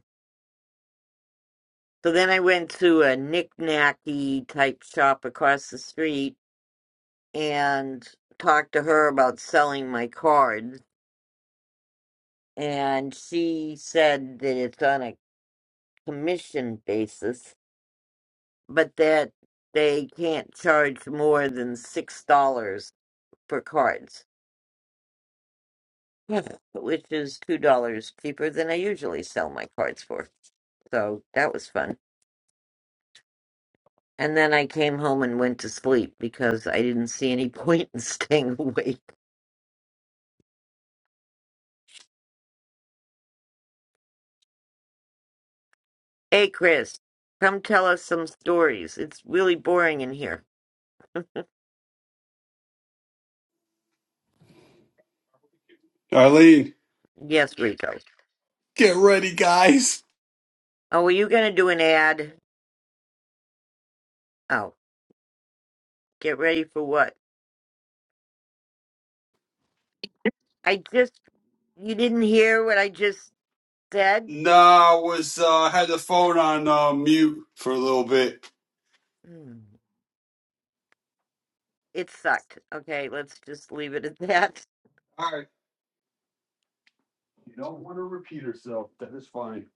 so then I went to a knick-knacky type shop across the street and talked to her about selling my cards. And she said that it's on a commission basis, but that they can't charge more than $6 for cards, *laughs* which is $2 cheaper than I usually sell my cards for. So that was fun. And then I came home and went to sleep because I didn't see any point in *laughs* staying awake. Hey, Chris, come tell us some stories. It's really boring in here.
Arlene,
Yes, Rico.
get ready, guys.
Oh, were you gonna do an ad? Oh, get ready for what? I just you didn't hear what I just said?
Nah, I was uh, had the phone on uh, mute for a little bit.
Hmm, It sucked. Okay, let's just leave it at *laughs* that.
All right. You don't want to repeat herself. That is fine.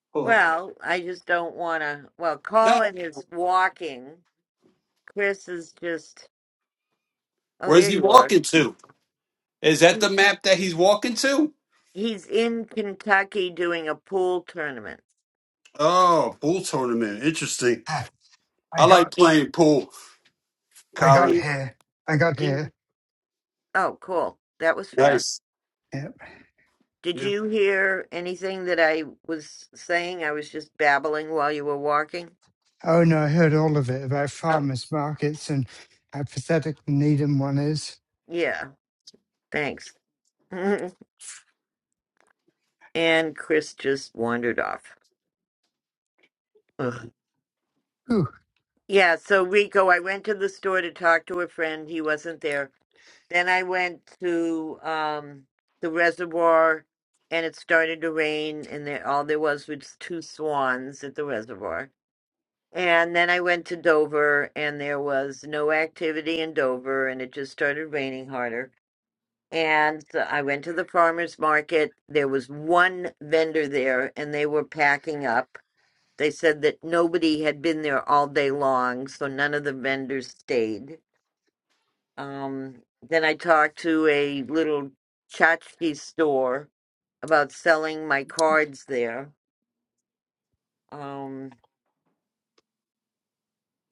*laughs* no.
Well, I just don't wanna well, Colin is walking. Chris is just oh
Where's
there
he
you are.
walking to? Is that
He-
the map that he's walking to?
He's in Kentucky doing a pool tournament.
Oh, pool tournament. Interesting.
Ah, I
I like
got,
playing pool,
I
Oh
got
Colin.
you
here, I got
do you-
here.
oh cool. That was fast.
Nice.
Yep.
Did
Yeah.
you hear anything that I was saying? I was just babbling while you were walking.
Oh no, I heard all of it about
Oh,
farmers markets and how pathetic the Needham one is.
yeah. Thanks. *laughs* and Chris just wandered off. Ugh.
Whew.
Yeah, so Rico, I went to the store to talk to a friend. He wasn't there. Then I went to um the reservoir and it started to rain and there all there was was two swans at the reservoir And then I went to Dover, and there was no activity in Dover, and it just started raining harder. And so I went to the farmer's market. There was one vendor there, and they were packing up. They said that nobody had been there all day long, so none of the vendors stayed. Um, then I talked to a little tchotchke store about selling my cards there. Um,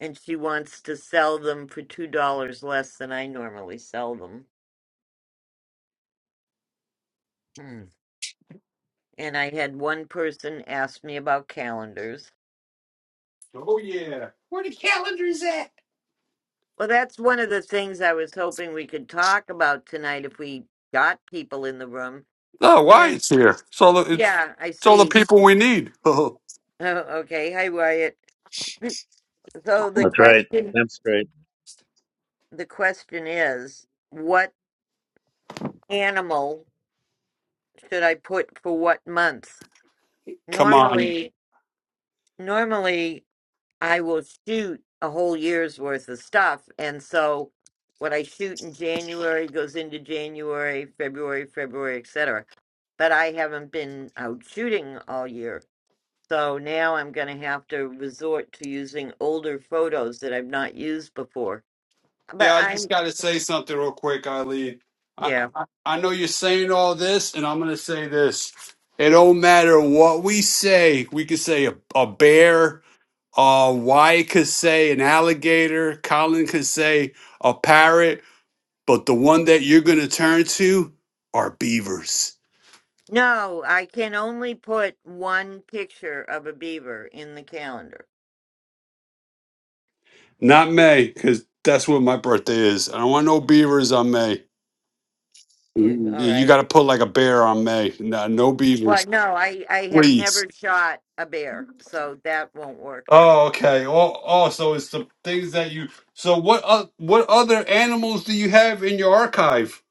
and she wants to sell them for two dollars less than I normally sell them. Hmm. And I had one person ask me about calendars.
Oh yeah. Where the calendar is at?
Well, that's one of the things I was hoping we could talk about tonight if we got people in the room.
Oh, why it's
Is
here? It's all the it's,
yeah, I
it's all the
see.
people we need. *laughs*
Oh, okay, hi Wyatt. *clears throat* So the
That's right.
question,
That's great.
the question is, what animal should I put for what month?
Come on.
Normally, normally. I will shoot a whole year's worth of stuff. And so what I shoot in January goes into January, February, February, etc. But I haven't been out shooting all year. So now I'm going to have to resort to using older photos that I've not used before. But
Yeah, I just
I'm,
got to say something real quick, Eileen. I,
yeah.
I, I know you're saying all this, and I'm going to say this. It don't matter what we say. We could say a, a bear, uh, Wyatt could say an alligator, Colin could say a parrot, but the one that you're going to turn to are beavers.
No, I can only put one picture of a beaver in the calendar. *laughs*
Not May, because that's what my birthday is. I don't want no beavers on May.
Eh, All
You
right.
got to put like a bear on May. No, no
Well,
beavers,
no, I, I have
please.
never shot a bear, so that won't work.
Oh, okay. Oh, oh, so it's the things that you. So what? Uh, what other animals do you have in your archive,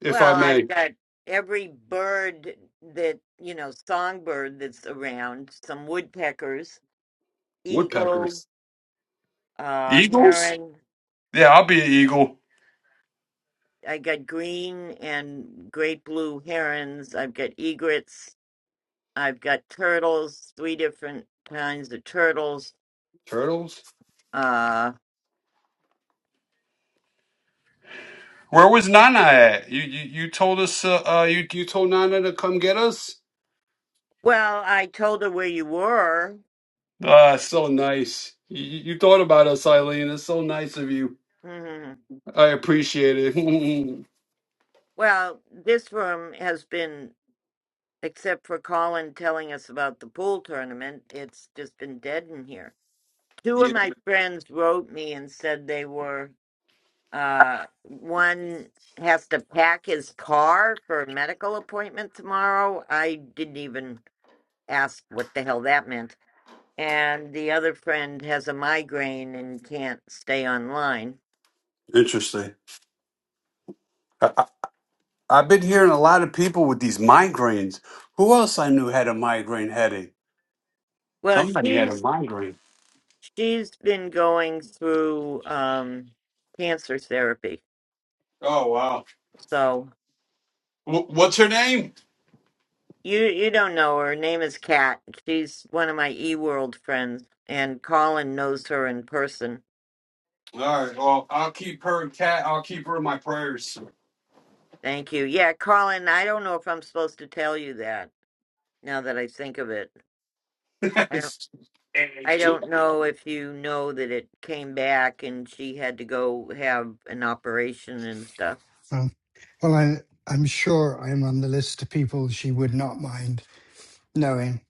if
Well,
I
I've
may?
got every bird that, you know, songbird that's around, some woodpeckers, eagle,
Woodpeckers,
uh,
Eagles?
heron.
Yeah, I'll be an eagle.
I got green and great blue herons. I've got egrets. I've got turtles, three different kinds of turtles.
turtles.
Uh,
Where was Nana at? You you, you told us uh, uh you You told Nana to come get us.
well, I told her where you were.
Ah, So nice. You, you you thought about us, Eileen. It's so nice of you.
Mhm.
I appreciate it.
Well, this room has been, except for Colin telling us about the pool tournament, it's just been dead in here.
*laughs*
two of
yeah.
my friends wrote me and said they were uh one has to pack his car for a medical appointment tomorrow. I didn't even ask what the hell that meant. And the other friend has a migraine and can't stay online.
Interesting. I've been hearing a lot of people with these migraines. Who else I knew had a migraine headache?
Well,
Somebody had a
she's
migraine.
she's been going through um cancer therapy.
Oh wow.
So
W- what's her name?
You you don't know her. Her name is Kat. She's one of my eWorld friends, and Colin knows her in person.
All right. Well, I'll keep her cat. I'll keep her in my prayers.
Thank you. Yeah, Colin, I don't know if I'm supposed to tell you that now that I think of it.
*laughs*
I don't
hey,
I
two
don't know if you know that it came back and she had to go have an operation and stuff.
Um, well, I, I'm sure I'm on the list of people she would not mind. knowing.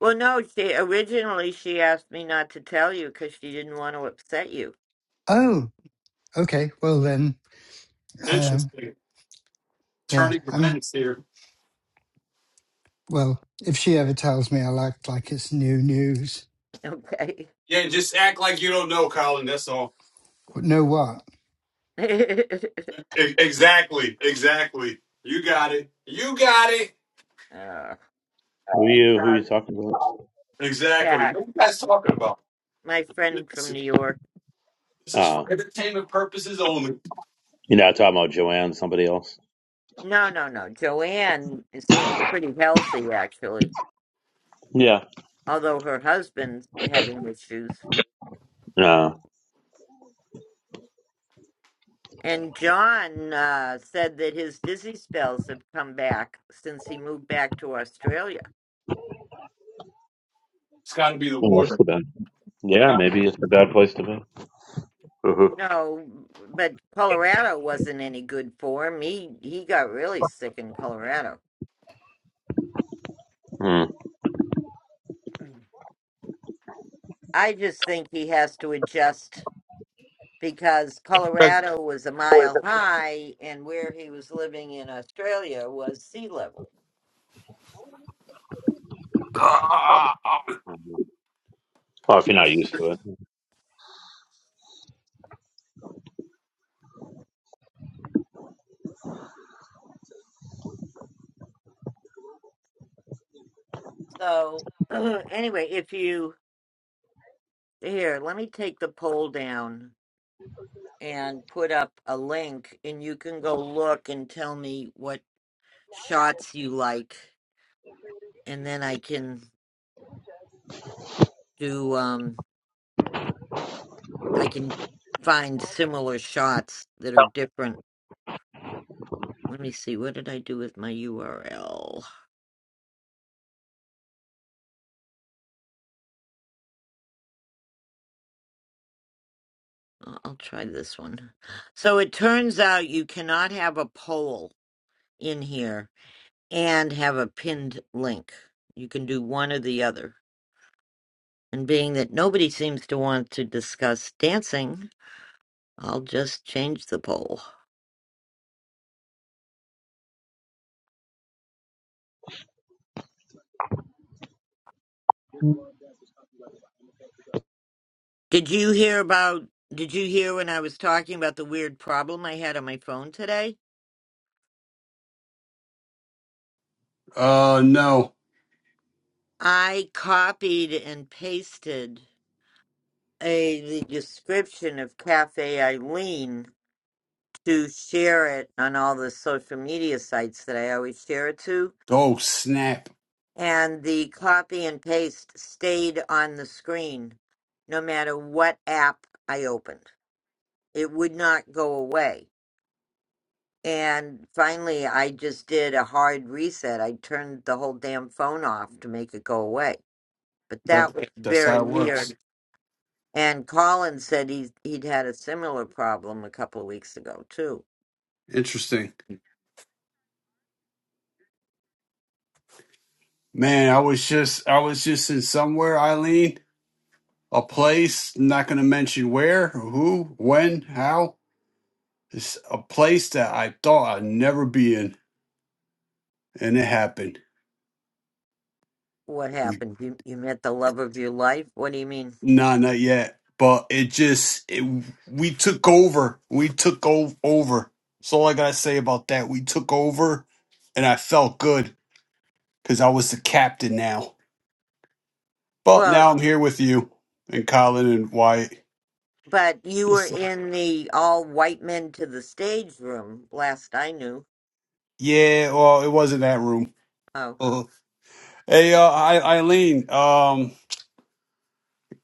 Well, no, she originally she asked me not to tell you because she didn't want to upset you. *laughs*
Oh, okay. Well then, um,
interesting
yeah.
turning
I'm
events here.
well. If she ever tells me I act like it's new news,
Okay.
Yeah, just act like you don't know, Colin. That's all.
but know what?
*laughs*
E- exactly. Exactly. You got it. You got it.
uh,
Who
You
you? Who
got
you
it.
talking about?
Exactly.
Kat,
What are you guys talking about?
my friend
This,
from New York.
this is for
Uh,
entertainment purposes only.
you're not talking about Joanne. Somebody else.
No, no, no. Joanne seems pretty healthy, actually,
Yeah.
although her husband's having issues.
Uh,
And John uh, said that his dizzy spells have come back since he moved back to Australia.
It's got to be the
well, that's
warden.
the bad. Yeah,
Gotta
maybe
be-
it's a bad place to be. Mhm.
No, but Colorado wasn't any good for him. He he got really sick in Colorado.
mm
Mm. I just think he has to adjust because Colorado was a mile high, and where he was living in Australia was sea level.
Ah,
Well, if you're not used to it,
So *clears throat* anyway, if you here, let me take the poll down and put up a link and you can go look and tell me what shots you like and then I can do um I can find similar shots that are different. Let me see, what did I do with my URL? Uh, I'll try this one. So it turns out you cannot have a poll in here and have a pinned link. You can do one or the other. And being that nobody seems to want to discuss dancing, I'll just change the poll. Did you hear about did you hear when I was talking about the weird problem I had on my phone today?
ah. Uh, no.
I copied and pasted a the description of Cafe Eileen to share it on all the social media sites that I always share it to,
Oh snap!
and the copy and paste stayed on the screen no matter what app I opened. it would not go away. And finally, I just did a hard reset. I turned the whole damn phone off to make it go away. But that
That
was
that's how
very
it works.
weird. And Colin said he's, he'd had a similar problem a couple of weeks ago, too.
Interesting, man. I was just I was just in somewhere, Eileen, a place. I'm not going to mention where, who, when, how. It's a place that I thought I'd never be in, and it happened.
What happened? You, you met the love of your life? What do you mean?
Nah, not yet. But it just it, we took over. We took o- over. That's all I gotta say about that. We took over, and I felt good because I was the captain now. But
Well,
now I'm here with you and Colin and Wyatt.
but you were
This, uh,
in the all white men to the stage room last I knew.
yeah, well, it wasn't that room.
Oh,
Uh, hey, uh, I- Eileen, um,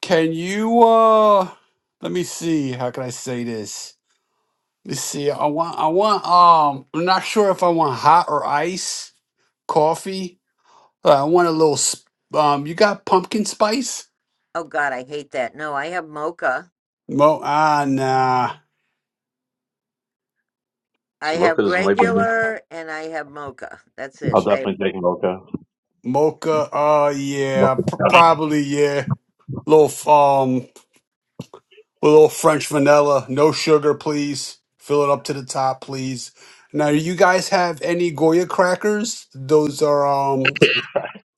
can you uh, let me see. How can I say this? Let me see. I want, I want. Um, I'm not sure if I want hot or ice coffee. Uh, I want a little. Sp- um, you got pumpkin spice?
oh God, I hate that. No, I have mocha.
Mo, ah, nah.
I
so
have
is way better.
regular and I have mocha. That's
I'll
it. I
definitely take Mocha.
Mocha. Uh, yeah,
Mocha.
pr- probably yeah. Little. f- Um. A little French vanilla, no sugar, please. Fill it up to the top, please. Now, you guys have any Goya crackers? Those are um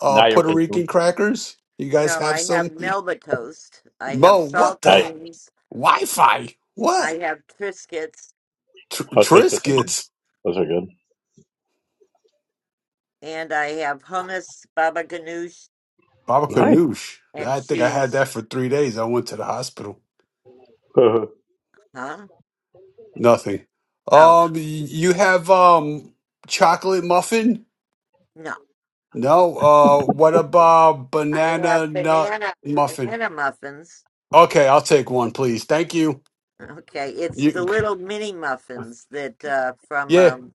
uh
Now you're
Puerto Rican
pushing.
crackers. You guys
no,
have
I have
some?
Melba toast. I have
Mo, what
I.
the
saltines.
Wi-Fi?
I
What
have Triscuits,
Tr-
Oh, Tristan.
Triscuits?
Those are good.
and I have hummus, baba ganoush,
Baba
Nice.
Ganoush.
and
I think I had
cheese.
that for three days. I went to the hospital.
Mhm.
Huh?
Nothing.
No,
Um, y- you have um chocolate muffin?
no.
No. Uh, what about
I have
banana nut
banana
muffin?
banana muffins.
Okay, I'll take one, please. Thank you.
Okay, it's the
You,
little mini muffins that uh, from
yeah.
um,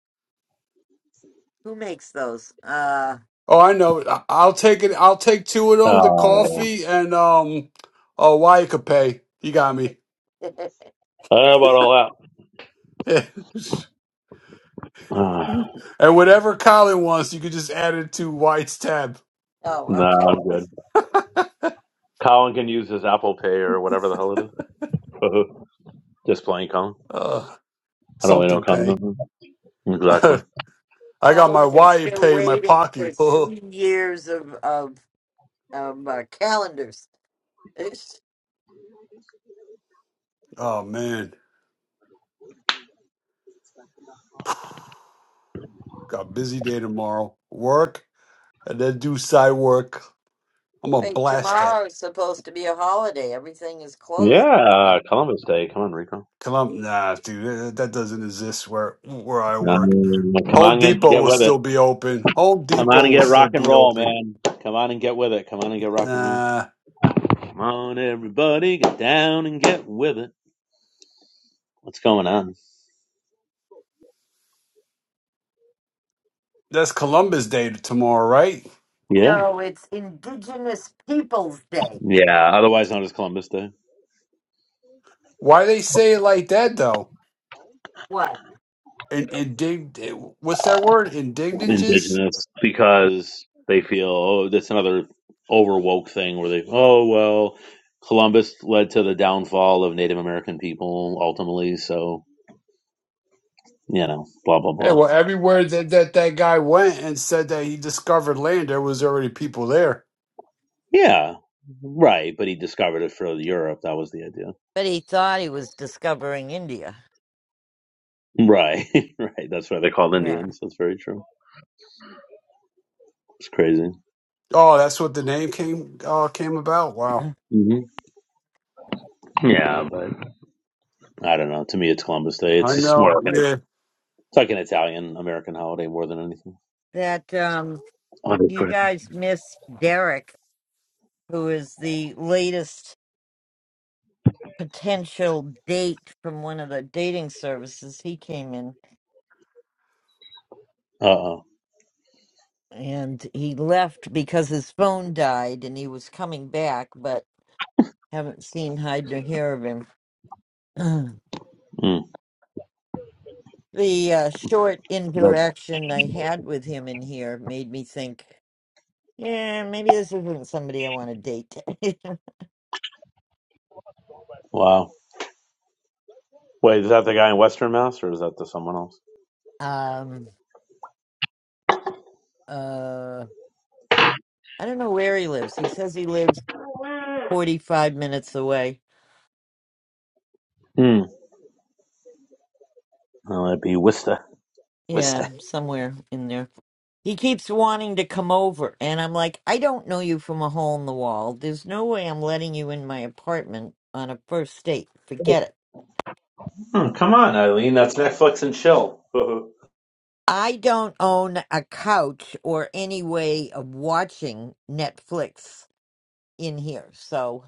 who makes those? Uh,
Oh, I know. I- I'll take it. I'll take two of
uh,
them. The
yeah.
coffee and um, oh, why you could pay. You got me.
*laughs*
I don't know about all
*laughs* and
that. Uh,
whatever Colin wants, you could just add it to White's tab.
oh,
no,
okay.
I'm good. Colin can use his Apple Pay or whatever the hell it is. Mhm. Just playing Colin.
Uh,
How do I know
something pay.
Columbus?
*laughs*
Exactly.
I got my
Colin is
Wyatt
still
pay in my
waiting for
pocket. *laughs* oh
three years of of um, uh, calendars. It's,
man, *sighs* got a busy day tomorrow. Work and then do side work. I'm gonna
wait,
blast
tomorrow is supposed to be a holiday. Everything is
Yeah,
closed.
uh, Columbus Day. Come on, Rico.
Columbus, nah, dude, that that doesn't exist where where I work.
Um, come
Home
on and
Depot
get
will
with it.
still be open. Home
Come on
Depot
and
will
get
still
rock and
be
roll,
open.
man. Come on and get with it. Come on and get rock and roll.
Uh,
Come on, everybody, get down and get with it. What's going on?
that's Columbus Day tomorrow, right?
Yeah.
No, it's Indigenous Peoples Day.
Yeah, otherwise known as Columbus Day.
Why they say it like that though?
What?
And indig, eh, what's that word? Indignages?
Indigenous, because they feel, oh, that's another overwoke thing where they, oh, well, Columbus led to the downfall of Native American people ultimately, so, you know, blah, blah,
Yeah,
blah.
well, everywhere that, that that guy went and said that he discovered land, there was already people there.
Yeah, right. But he discovered it for Europe. That was the idea.
But he thought he was discovering India.
Right, *laughs* right. That's why they're called
Yeah.
Indians. That's very true. It's crazy.
Oh, that's what the name came uh, came about.
*laughs*
Wow,
hmm Yeah, but I don't know. To me, it's Columbus Day. It's
I
just more
know.
like an,
Yeah.
it's like an Italian American holiday more than anything.
That um,
How do you
you
put it?
guys missed Derek, who is the latest potential date from one of the dating services. He came in
Uh oh.
and he left because his phone died and he was coming back, but Haven't seen hide nor hair of him. *clears throat*
Mm.
the uh, short
But
interaction I had with him in here made me think, yeah, maybe this isn't somebody I want to date.
Wow. Wait, is that the guy in Western Mass or is that the someone else?
*laughs* um, uh, I don't know where he lives. He says he lives 45 minutes away.
Hmm. Well, that'd be Wista.
Yeah,
Wista.
somewhere in there. He keeps wanting to come over, and I'm like, I don't know you from a hole in the wall. There's no way I'm letting you in my apartment on a first date. Forget it.
Hmm, come on, Eileen. That's Netflix and chill. *laughs* Fair
I don't own a couch or any way of watching Netflix in here. So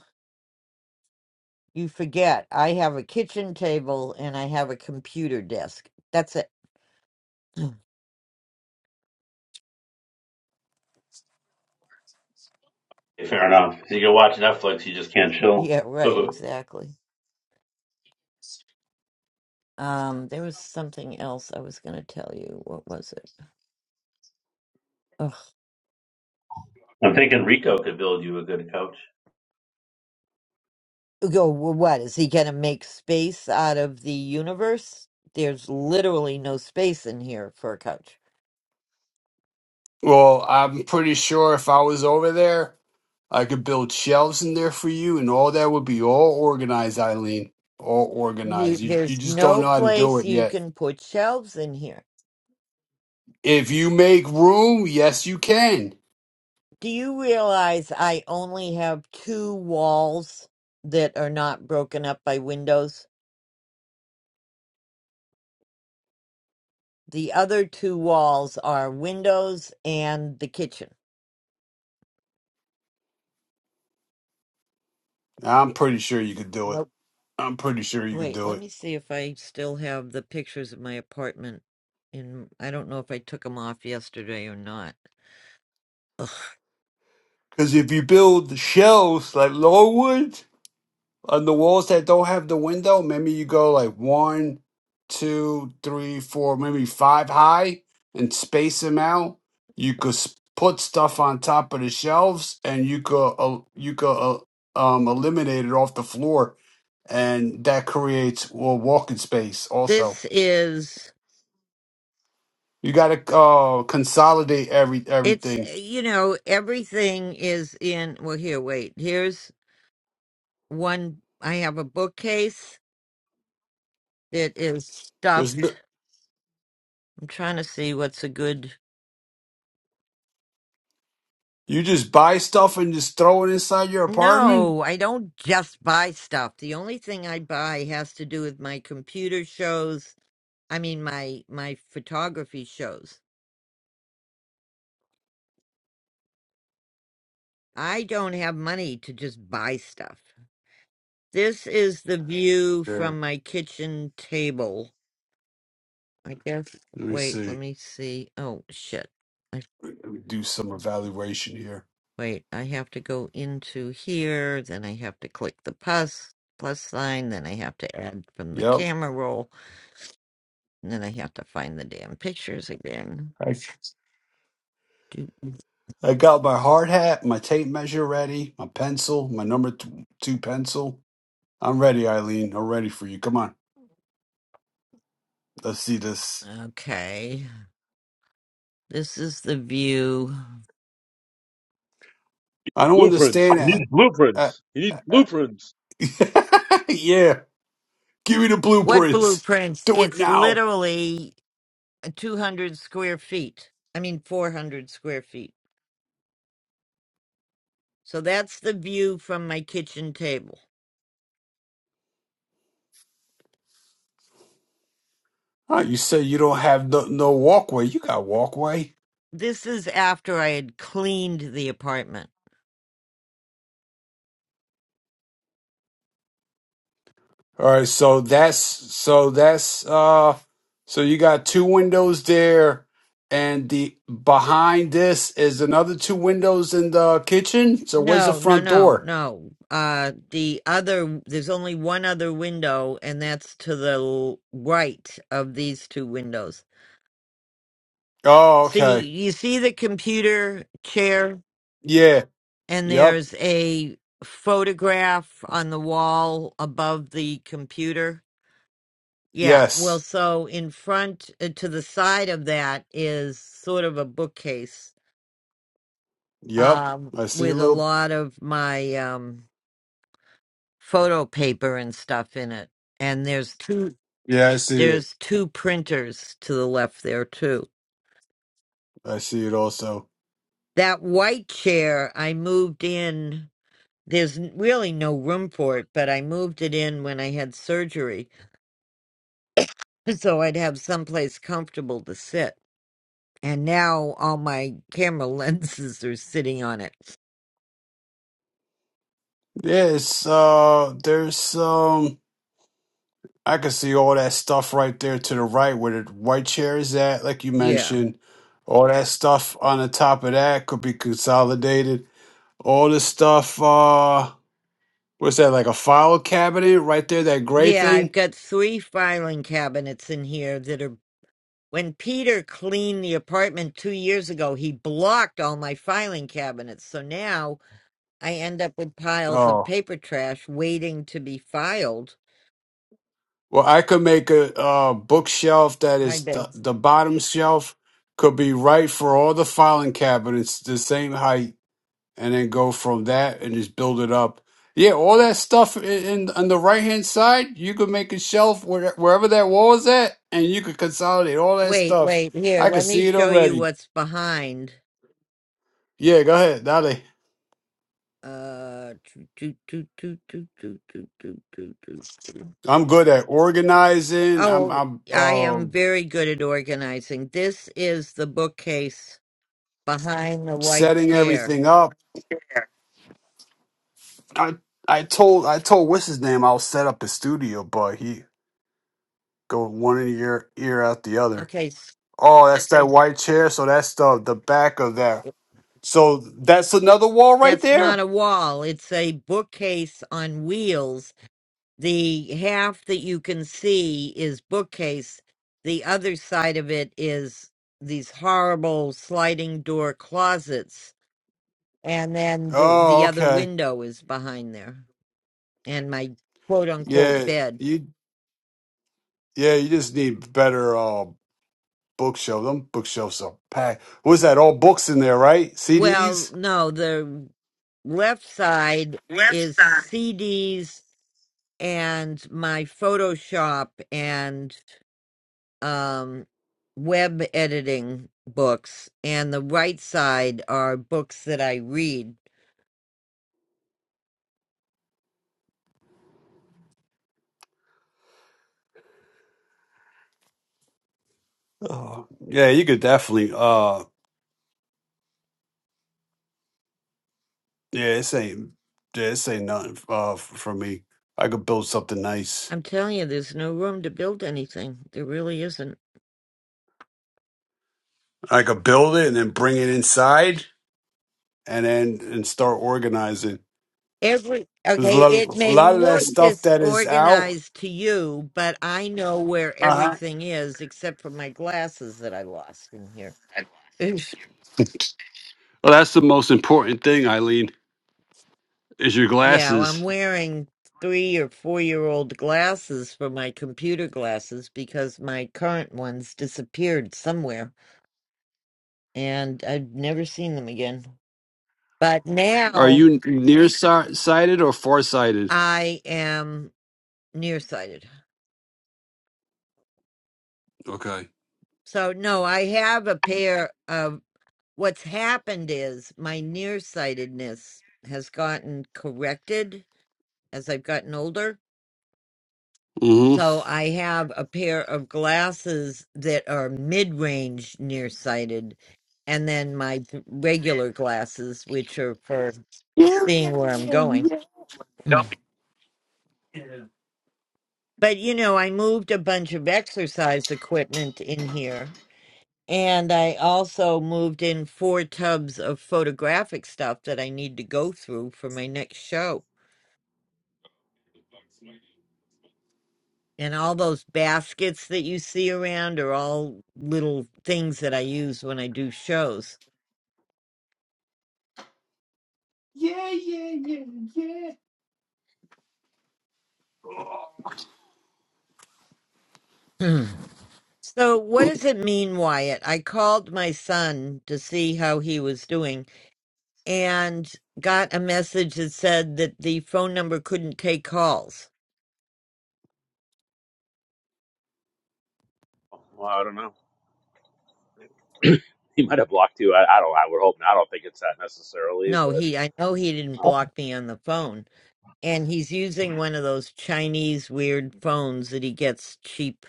you forget, I have a kitchen table and I have a computer desk. That's it. *laughs* *clears throat*
enough. You can watch Netflix, you just can't chill.
Yeah, right,
*laughs*
exactly. Um, there was something else I was going to tell you. What was it? Ugh.
I'm thinking Rico could build you a good coach.
Go, well, what? Is he going to make space out of the universe? There's literally no space in here for a couch.
Well, I'm pretty sure if I was over there. I could build shelves in there for you, and all that would be all organized, Eileen. All
You,
organized. You you
there's
just don't
no
know how to do
place
it
you
yet.
can put shelves in here.
If you make room, yes, you can.
Do you realize I only have two walls that are not broken up by windows? The other two walls are windows and the kitchen.
I'm pretty sure you could do it.
Nope.
I'm pretty sure you could
Wait,
do
let
it.
me see if I still have the pictures of my apartment. In I don't know if I took them off yesterday or not. Ugh.
Because if you build the shelves like Longwood, on the walls that don't have the window, maybe you go like one, two, three, four, maybe five high and space them out. You could s- put stuff on top of the shelves and you could uh, you could uh, um, eliminate it off the floor and that creates well, walking space also.
This is
You got to uh, consolidate every
it's
everything.
you know everything is in. Well, here, wait. Here's one. I have a bookcase that is
There's no,
stuffed I'm trying to see what's a good.
you just buy stuff and just throw it inside your apartment?
No, I don't just buy stuff. The only thing I buy has to do with my computer shows. I mean, my my photography shows. I don't have money to just buy stuff. This is the view
Yeah.
from my kitchen table. I guess.
Let me
Wait, let
see.
me see. Oh shit! I,
Let me do some evaluation here.
wait, I have to go into here. Then I have to click the plus plus sign. Then I have to add from the
Yep.
camera roll. And then I have to find the damn pictures again.
I,
Do-
I got my hard hat, my tape measure ready, my pencil, my number t- two pencil. I'm ready, Eileen. I'm ready for you. Come on. Let's see this.
Okay. This is the view.
I don't
Blueprints.
understand
You
that.
need
Uh,
blueprints. You need blueprints.
uh, *laughs* yeah. Give me the
What
blueprints.
blueprints?
Do it
It's
now.
literally 200 square feet. I mean, 400 square feet. So that's the view from my kitchen table.
Huh, you say you don't have no, no walkway. You got walkway.
This is after I had cleaned the apartment.
All right, so that's so that's uh so you got two windows there and the behind this is another two windows in the kitchen. So where's the
No, no,
front
no,
door?
no. Uh, the other, there's only one other window, and that's to the l- right of these two windows.
Oh, okay.
See, you see the computer chair,
Yeah.
and
Yep.
there's a photograph on the wall above the computer. Yeah, well,
Yes.
so in front uh, to the side of that is sort of a bookcase
Yep.
um,
I see a
with a
little
lot of my um, photo paper and stuff in it. And there's two
Yeah, I see it.
there's two printers to the left there too.
I see it also.
That white chair I moved in There's n- really no room for it, but I moved it in when I had surgery *laughs* so I'd have someplace comfortable to sit. And now all my camera *laughs* lenses are sitting on it.
Yeah, it's uh there's um I can see all that stuff right there to the right where the white chair is at, like you
Yeah.
mentioned. All that stuff on the top of that could be consolidated. All this stuff, uh, what's that, like a file cabinet right there, that gray
Yeah, I've
thing?
got three filing cabinets in here that are. When Peter cleaned the apartment two years ago, he blocked all my filing cabinets. So now I end up with piles of
Oh,
paper trash waiting to be filed.
well, I could make a, uh bookshelf that
Hi,
is
Ben.
the, the bottom shelf could be right for all the filing cabinets, the same height and then go from that and just build it up. Yeah, all that stuff in, in on the right hand side, you could make a shelf where, wherever that wall is at, and you could consolidate all that
Wait,
stuff.
wait, here,
I could
let me
see it
show you
already.
what's behind.
Yeah, go ahead, Dale.
Uh, toot, toot, toot, toot, toot, toot, toot, toot, toot, toot, toot.
I'm good at organizing. I'm
oh,
I'm
I
uh,
am very good at organizing. This is the bookcase behind the white
setting
chair.
everything up. I I told I told what's his name I'll set up his studio, but he go one ear ear out the other.
Okay, s-
Oh, that's that white chair. So that's the the back of that So that's another wall right
that's not
there.
a wall, it's a bookcase on wheels. The half that you can see is bookcase, the other side of it is these horrible sliding door closets and then the
Oh,
the other
okay.
window is behind there and my quote unquote
Yeah,
bed
you yeah, you just need better uh bookshelf. Them bookshelves are packed. What's that? All books in there, right?
well
CDs?
no the left side is cds and my photoshop and um web editing books and the right side are books that i read
Oh, yeah, you could definitely uh yeah, this ain't yeah, this ain't nothing uh f- for me. I could build something nice.
i'm telling you there's no room to build anything there really isn't
I could build it and then bring it inside and then and start organizing.
Every
There's a
okay, it
lot, a
may
lot of that
look
stuff that is out.
disorganized to you, but I know where
Uh-huh.
everything is except for my glasses that I lost in here. Oof.
Well, that's the most important thing, Eileen It's your
Yeah, well, I'm
glasses.
wearing three or four year old glasses for my computer glasses because my current ones disappeared somewhere and I've never seen them again. But
Are
now
you nearsighted or farsighted?
I am nearsighted.
Okay.
So, no, I have a pair of what's happened is my nearsightedness has gotten corrected as I've gotten older.
Mm-hmm.
So I have a pair of glasses that are mid range nearsighted, and then my th- regular glasses, which are for seeing where I'm going. Mm. But you know, I moved a bunch of exercise equipment in here. And I also moved in four tubs of photographic stuff that I need to go through for my next show. And all those baskets that you see around are all little things that I use when I do shows.
Yeah, yeah, yeah, yeah.
*clears throat* so, what does it mean, Wyatt? I called my son to see how he was doing and got a message that said that the phone number couldn't take calls.
Well, I don't know. *laughs* He might have blocked you. I, I don't. I would hope. Not. I don't think it's that necessarily,
No,
but
he I know he didn't
uh,
block me on the phone. And he's using one of those Chinese weird phones that he gets cheap.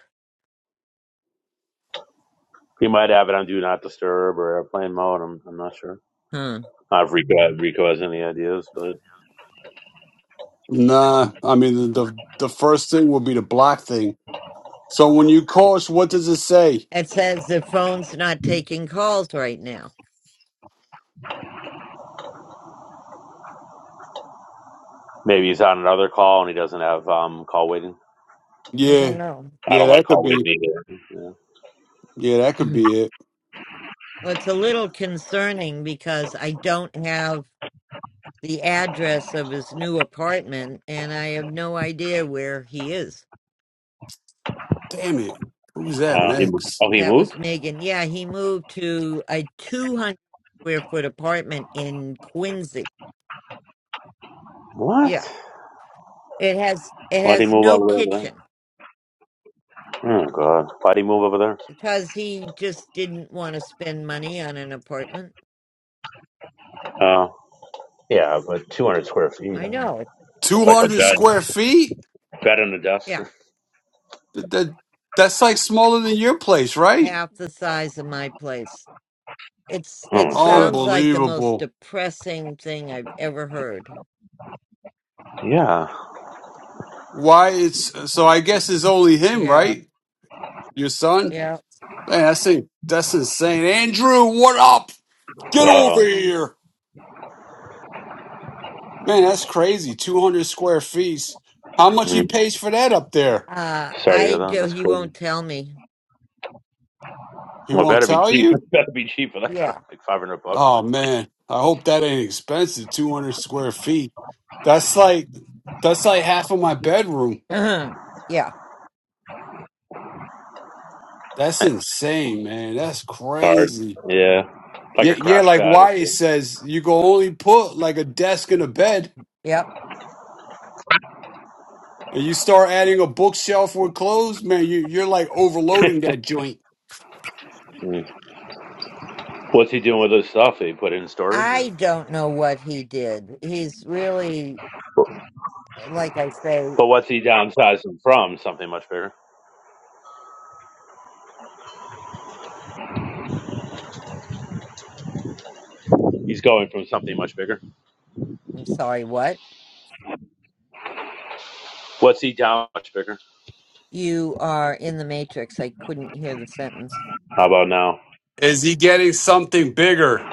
he might have it on Do Not Disturb or Airplane Mode. I'm, I'm not sure.
Huh.
Not if Rico, if Rico has any ideas, but
Nah, I mean the, the the first thing will be the block thing. So when you coach, what does it say?
It says the phone's not taking calls right now.
maybe he's on another call and he doesn't have um, call waiting.
I
Yeah,
don't know.
I
yeah,
don't like
that could
call
be.
waiting either.
Yeah, that could
Mhm.
be it.
Well, it's a little concerning because I don't have the address of his new apartment and I have no idea where he is.
Damn it! Who was
Yeah.
that,
Uh, he moved.
Megs?
Oh, he
That
moved.
was Megan. Yeah, he moved to a 200 square foot apartment in Quincy. Yeah.
What?
It has it
Why'd he
has
move
no
all the way over
kitchen
there? Oh God! Why'd he move over there?
because he just didn't want to spend money on an apartment.
Uh, yeah, but 200 square feet.
I know.
Two
It's like a
hundred
bed,
square feet.
bed and a desk.
Yeah,
*laughs*
That, that that's like smaller than your place, right?
half the size of my place. It's
Oh
it
my god.
sounds like the most
Unbelievable.
depressing thing I've ever heard.
Yeah.
Why it's so? I guess it's only him,
Yeah,
right? Your son.
yeah.
Man, that's in- that's insane. Andrew, what up?
Uh
Get
oh.
over here. Man, that's crazy. Two hundred square feet. How much he
Mm.
pays for that up there?
Uh,
Sorry to
I
hear that.
do.
That's
He
crazy.
won't tell me.
He
Well, it
won't
better be
tell
cheap. *laughs*
you?
It better be cheap for that kind of
Yeah,
like five hundred bucks.
Oh man. I hope that ain't expensive. Two hundred square feet. That's like that's like half of my bedroom.
*clears throat* yeah,
That's insane, man. That's
Hard.
crazy.
Yeah. Like
Yeah,
a
yeah,
crash
like
pad.
why it says you can only put like a desk and a bed
yep.
and you start adding a bookshelf with clothes, man, you you're like overloading that joint.
Mm. What's he doing with his stuff? He put it in storage, or?
I don't know what he did. He's really, like I say.
But what's he downsizing from? Something much bigger. He's going from something much bigger.
I'm sorry. What?
What's he down much bigger?
You are in the matrix. I couldn't hear the sentence.
How about now?
Is he getting something bigger?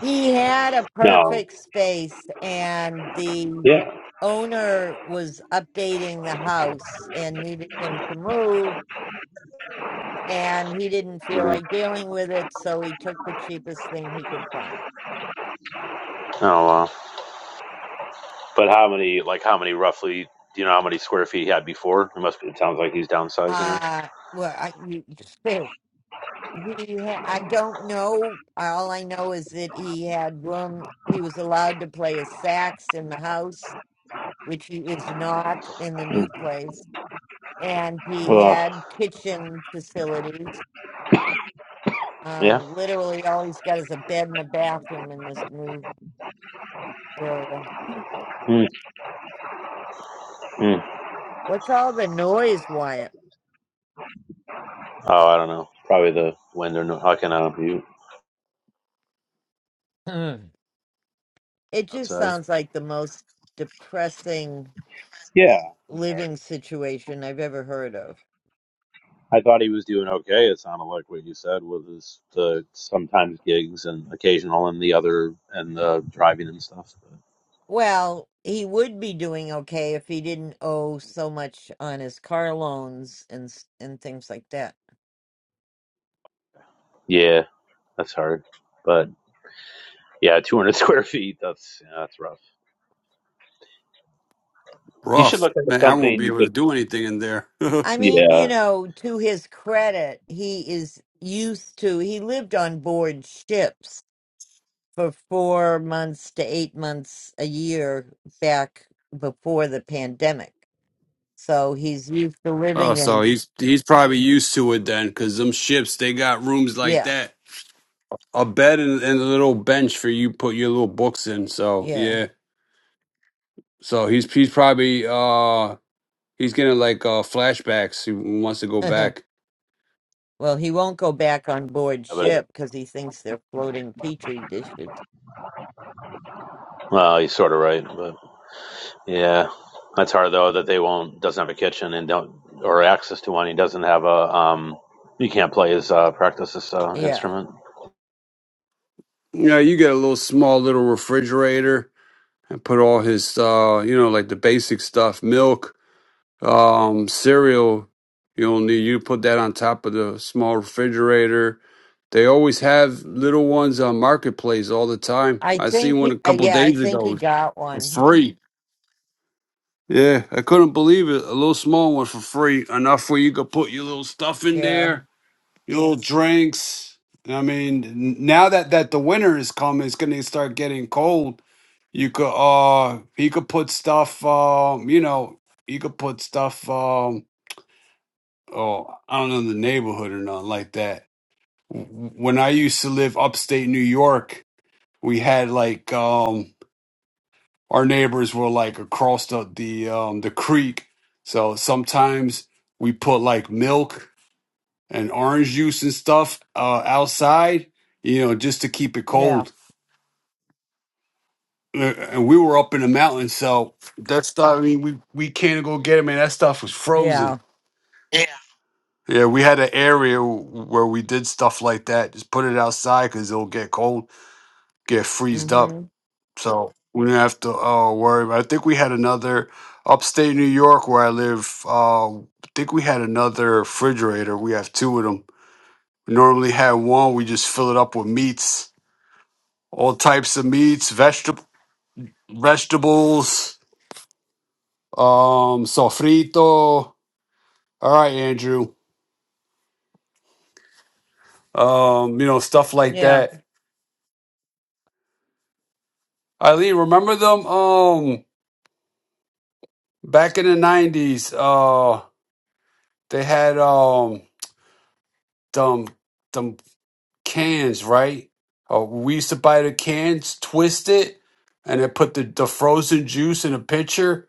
He had a
No.
perfect space, and the
Yeah.
owner was updating the house and needed him to move and he didn't feel
Mm.
like dealing with it, so he took the cheapest thing he could find.
Oh wow. But how many, like how many roughly, do you know how many square feet he had before? It must be, it sounds like he's downsizing her.
Uh well, I you, you- he ha- I don't know. All I know is that he had room. He was allowed to play his sax in the house, which he is not in the
Mm.
new place, and he
Well,
had kitchen facilities.
yeah.
Um, literally, all he's got is a bed and a bathroom in this new area.
Mm. Mm.
What's all the noise, Wyatt?
Oh, I don't know. Probably the wind or no, hucking out you
*clears throat* It just
outside.
sounds like the most depressing
Yeah, that's hard.
living situation I've ever heard of.
I thought he was doing okay. It sounded like what you said was his the sometimes gigs and occasional and the other and the driving and stuff. But
Well, he would be doing okay if he didn't owe so much on his car loans and s- and things like that.
yeah, that's hard. But yeah, 200 *laughs* square feet. That's yeah, that's rough. He should
Rough.
look into
Man, I won't
something
be
you
able to
could.
do anything in there.
I
*laughs*
mean, you
Yeah,
know, to his credit, he is used to he lived on board ships for 4 months to 8 months a year back before the pandemic. So he's used to
oh,
living in
so he's he's probably used to it then, because them ships they got rooms like
yeah,
that, a bed and, and a little bench for you put your little books in. So
yeah.
yeah, so he's he's probably uh he's getting like uh flashbacks. He wants to go
*laughs*
back.
Well, he won't go back on board
but.
ship because he thinks they're floating petri dishes.
Well, you're sort of right, but yeah, that's hard though that they won't doesn't have a kitchen and don't or access to one. He doesn't have a um. He can't play his uh, practice his uh,
Yeah,
instrument.
You know, you get a little small little refrigerator and put all his uh you know like the basic stuff, milk. Um, cereal, you'll need you put that on top of the small refrigerator. They always have little ones on marketplace all the time.
I
I
think.
seen one
He,
a
uh,
couple
yeah, I
days
think he
ago
got
for
one.
free. Yeah, I couldn't believe it. A little small one for free, enough where you could put your little stuff in
Yeah,
there, your little drinks. I mean, n- now that that the winter is coming, it's gonna start getting cold. You could uh, you could put stuff. Um, you know, you could put stuff. um, oh, I don't know the neighborhood or nothing like that. W- When I used to live upstate New York, we had like um our neighbors were like across the the um the creek. So sometimes we put like milk and orange juice and stuff uh outside, you know, just to keep it
yeah,
cold. Uh, And we were up in the mountains, so that stuff. I mean, we we can't go get it, man. That stuff was frozen
yeah.
Yeah, we had an area where we did stuff like that. Just put it outside because it'll get cold, get freezed up.
hmm
So we didn't have to uh, worry. About I think we had another upstate New York where I live. Uh, I think we had another refrigerator. We have two of them. We normally had one. We just fill it up with meats, all types of meats, vegetable, vegetables, um, sofrito. All right, Andrew. Um, you know stuff like
Yeah,
that. Eileen, remember them? Um Back in the nineties, uh, they had um them them cans, right? Uh, we used to buy the cans, twist it, and then put the, the frozen juice in a pitcher,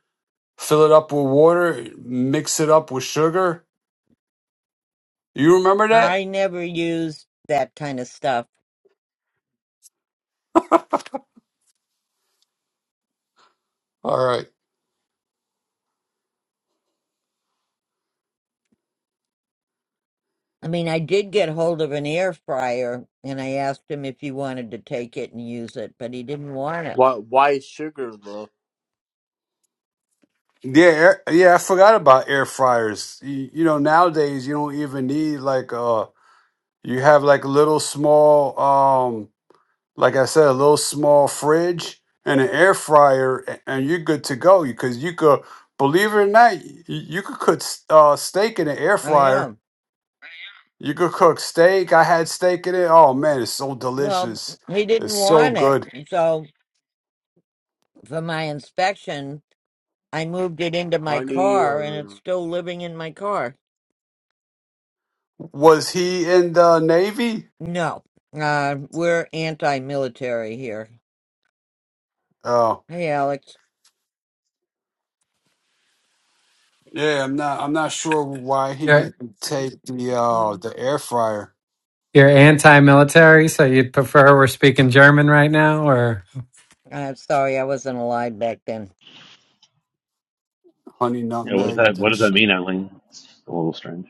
fill it up with water, mix it up with sugar. You remember
I
that?
never used that kind of stuff.
All right.
I mean, I did get hold of an air fryer, and I asked him if he wanted to take it and use it, but he didn't want it.
Why why is sugar though?
Yeah, air- yeah, I forgot about air fryers. You, you know, nowadays you don't even need like uh you have like little small like I said, a little small fridge and an air fryer, a- and you're good to go. Because you could, believe it or not, y- you could cook s- uh, steak in an air
I
fryer.
know.
You could cook steak. I had steak in it. Oh man, it's so
Well,
delicious.
he didn't
It's so
want it,
good.
so for my inspection. I moved it into my
Honey
car and it's
or
still living in my car.
Was he in the Navy?
No, uh, we're anti military here.
Oh
Hey, Alex.
yeah, I'm not. I'm not sure why he
You're
didn't take the uh the
you're
air fryer,
anti-military, so you'd prefer we're speaking German right now, or
I'm sorry I wasn't alive back then.
honey
Yeah, what does
nutmeg.
that what
That
does that
shit.
mean, Eileen? It's a little strange.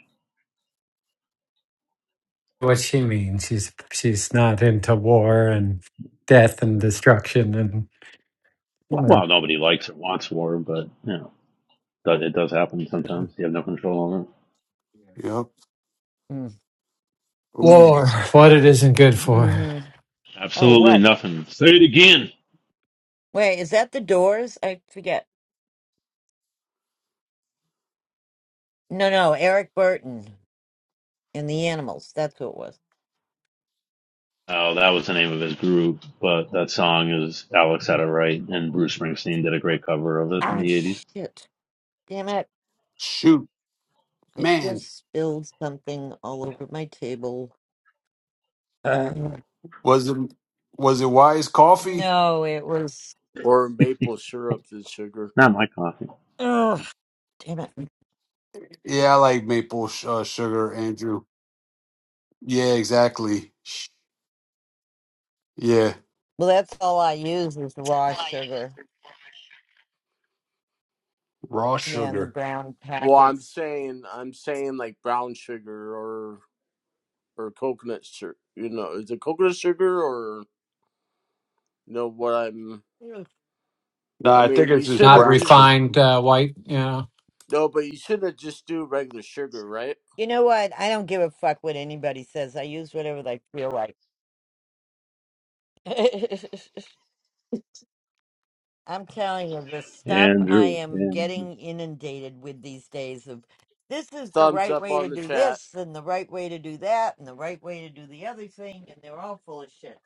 what she means? She's she's not into war and death and destruction and war,
Well, nobody likes or wants war, but you know do- it does happen sometimes. You have no control over it.
Yep.
Mm.
Oh yeah.
war, what it isn't good for.
Mm-hmm. Oh,
Absolutely
what?
nothing. Say it again.
Wait, is that the doors? I forget. No, no, Eric Burton and the animals. That's who it was.
Oh, that was the name of his group, but that song is Alex had it right, and Bruce Springsteen did a great cover of it in
Ah,
the '80s.
shit. Damn it.
Shoot,
I
man.
just spilled something all over my table. Uh,
Was it was it Wise Coffee?
no, it was.
or maple syrup is sugar.
Not my coffee.
Oh, damn it.
Yeah, I like maple sh- uh, sugar, Andrew. Yeah, exactly. Yeah,
Well, that's all I use is raw sugar.
raw
Yeah, and the
sugar.
brown
Well, I'm
packets.
saying I'm saying like brown sugar or or coconut sugar. You know, is it coconut sugar or you know what I'm?
Mm.
No,
I
I think
mean,
it's
you
just
Not
shouldn't
brown sugar.
just
refined uh, white, you know.
no, but you shouldn't just do regular sugar, right?
You know what? I don't give a fuck what anybody says. I use whatever they feel like. *laughs* I'm telling you, the stuff I
Andrew,
am
Andrew.
getting inundated with these days of this is the
Thumbs
right
up
way to
on the
do
chat.
this and the right way to do that and the right way to do the other thing and they're all full of shit.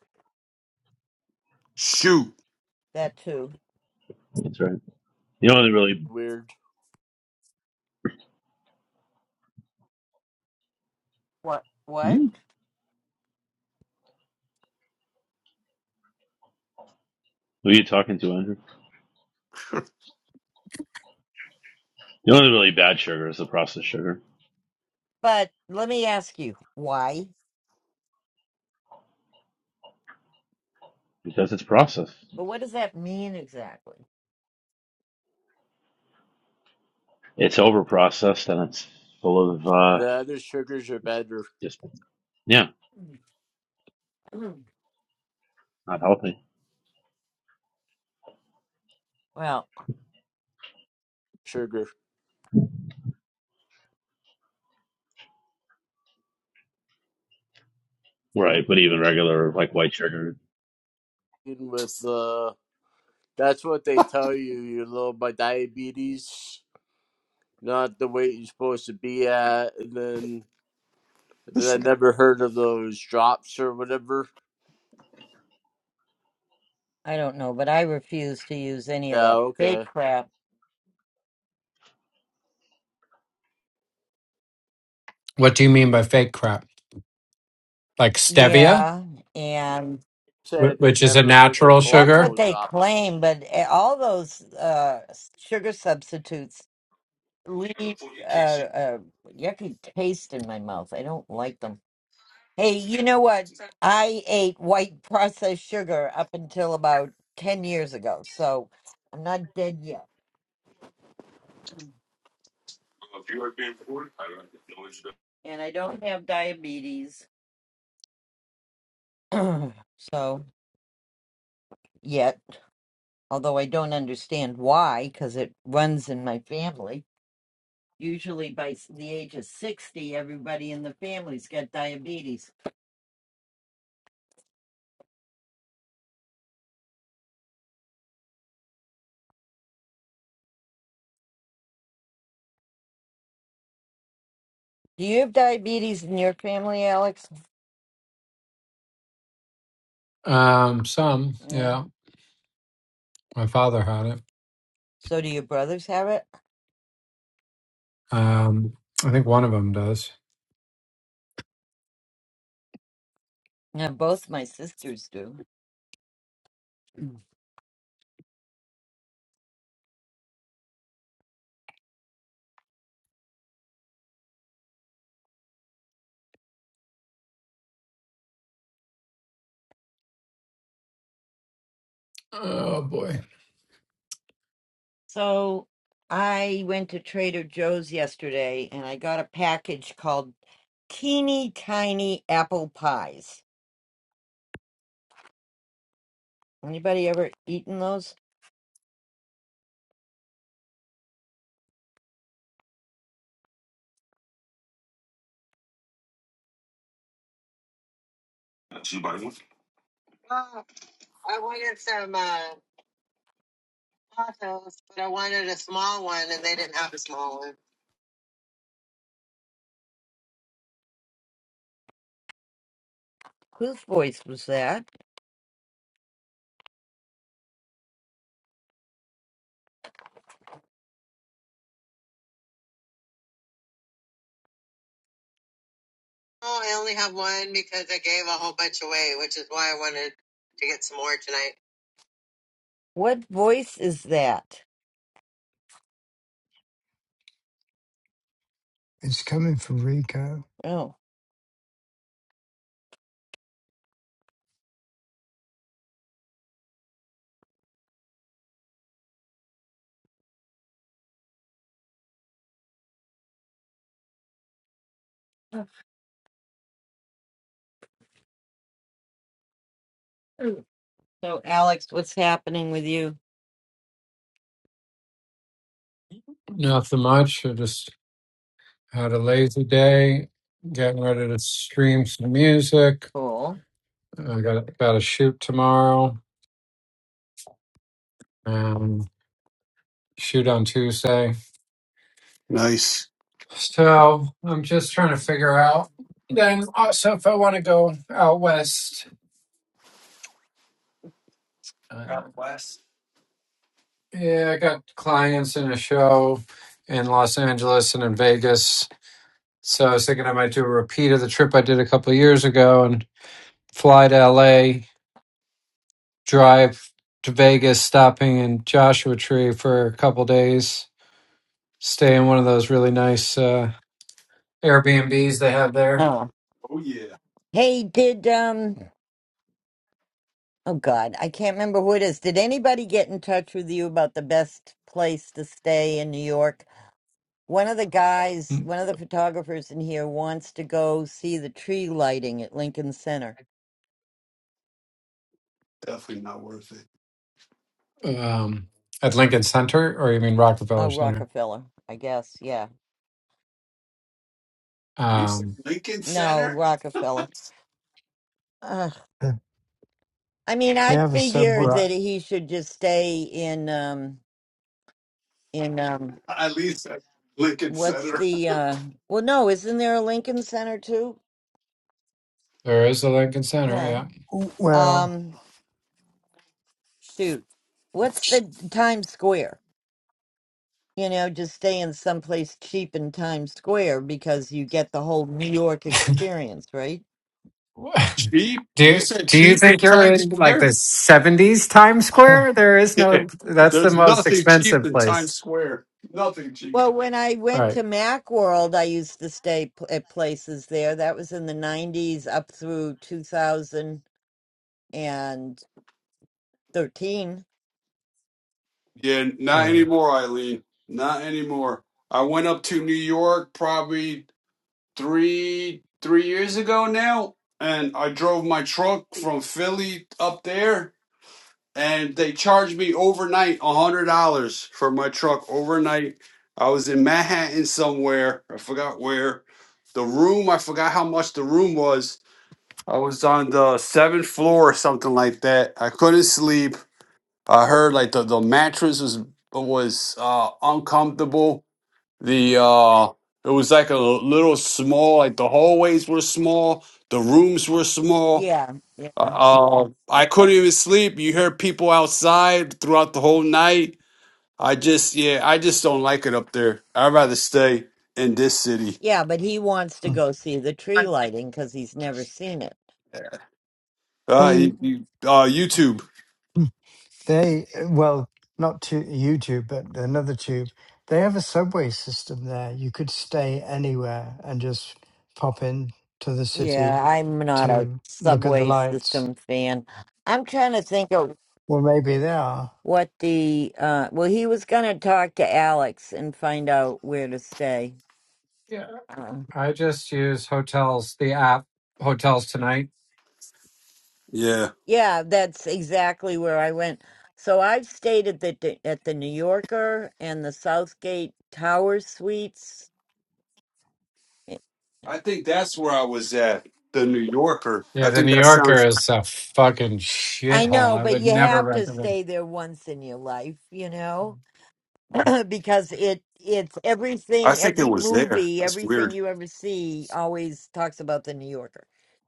Shoot.
That too.
That's right. The only really
Weird.
What what?
Hmm. who are you talking to, Andrew? The only really bad sugar is the processed sugar
But let me ask you, why?
because it's processed.
But what does that mean exactly?
It's over processed and it's full of uh
The other sugars are better.
just yeah,
*clears throat*
not healthy.
well,
Sugar
Right, but even regular like white sugar.
Even with the that's what they tell you. You're low by diabetes not the weight you're supposed to be at, and then
Oh,
then I never heard of those drops or whatever.
I don't know, but I refuse to use any of
Yeah,
that fake
okay.
crap.
What do you mean by fake crap? Like stevia,
Yeah, and
Said
wh-
they
which is a
never heard of
natural
that's
sugar.
what
chlorophyll
they
drops.
claim, but a- all those uh, s- sugar substitutes leave uh, uh, yucky taste in my mouth. I don't like them. Hey, you know what? I ate white processed sugar up until about 10 years ago, so I'm not dead yet. And I don't have diabetes. *clears throat* so, yet. although I don't understand why, because it runs in my family. Usually by s- the age of 60, everybody in the family's got diabetes. Do you have diabetes in your family, Alex?
Um, some,
Yeah.
yeah. My father had it.
So do your brothers have it?
Um, I think one of them does.
Yeah, both my sisters do. Mm.
Oh boy,
So I went to Trader Joe's yesterday and I got a package called Teeny Tiny Apple Pies. Anybody ever eaten those?
I wanted some uh, tacos, but I wanted a small one, and they didn't have a small one.
Whose voice was that?
Oh, I only have one because I gave a whole bunch away, which is why I wanted to get some more tonight.
What voice is that?
It's coming from Rico.
Oh, Mm. So, Alex, what's happening with you?
nothing much. I just had a lazy day, getting ready to stream some music.
Cool.
I got got a shoot tomorrow and shoot on Tuesday.
Nice.
So I'm just trying to figure out. Then also, if I want to go out west, uh, Yeah, I got clients in a show in Los Angeles and in Vegas. So I was thinking I might do a repeat of the trip I did a couple of years ago and fly to LA, drive to Vegas, stopping in Joshua Tree for a couple of days, stay in one of those really nice uh, Airbnbs they have there
oh.
Oh yeah,
Hey, did um? Oh God, I can't remember who it is. Did anybody get in touch with you about the best place to stay in New York? One of the guys, one of the photographers in here, wants to go see the tree lighting at Lincoln Center.
definitely not worth it.
um, at Lincoln Center, or you mean
Oh,
Rockefeller Center?
Rockefeller, I guess. Yeah.
You said
Um,
Lincoln
No,
Center?
Rockefeller. Ugh.
The,
I mean,
the
I
other sub.
figure
right.
that he should just stay in um in um
At least Lincoln
what's
Center.
the uh well no isn't there a lincoln center too
There is a Lincoln Center,
yeah
yeah
Well,
um shoot what's the times square you know just stay in someplace cheap in times square because you get the whole new york experience right
*laughs* Do do you think you're in like the 70s Times
*laughs*
Square? There is no
*laughs*
that's the
There's
most
nothing cheap
expensive
in Times
place.
Square. Nothing cheap.
well when i went
Right.
to macworld i used to stay pl- at places there that was in the 90s up through 2013
Yeah, not
Yeah.
anymore, Eileen. Not anymore. I went up to New York probably three three years ago now, and I drove my truck from Philly up there, and they charged me overnight a hundred dollars for my truck overnight. I was in Manhattan somewhere. I forgot where. The room, I forgot how much the room was I was on the seventh floor or something like that. I couldn't sleep. I heard like the, the mattress was was uh, uncomfortable. The uh, it was like a little small. Like the hallways were small. The rooms were small.
yeah yeah
Uh, um, I couldn't even sleep. You heard people outside throughout the whole night. I just yeah, I just don't like it up there. I'd rather stay in this city.
yeah but he wants to go see the tree lighting because he's never seen it
Uh,
they
you- you- uh, YouTube.
they well not to YouTube, but another tube. They have a subway system there. You could stay anywhere and just pop in to the
Yeah,
city
I'm not a
to look at the
subway
lights.
system fan. I'm trying to think of
Well, maybe they are.
what the uh well he was going to talk to Alex and find out where to stay.
Yeah.
Uh,
I just use hotels, the app Hotels Tonight.
Yeah.
yeah, that's exactly where I went. So I've stayed at the at the New Yorker and the Southgate Tower Suites.
I think that's where I was at. The New Yorker.
Yeah,
I
the
think
New
that
Yorker
sounds.
is a fucking
I
shithole.
know,
I
but
would
you
never
have to
recommend.
stay there once in your life, you know? *clears throat* because it it's
I
everything
think it
every
was there.
movie
That's
everything
weird.
you ever see always talks about the new yorker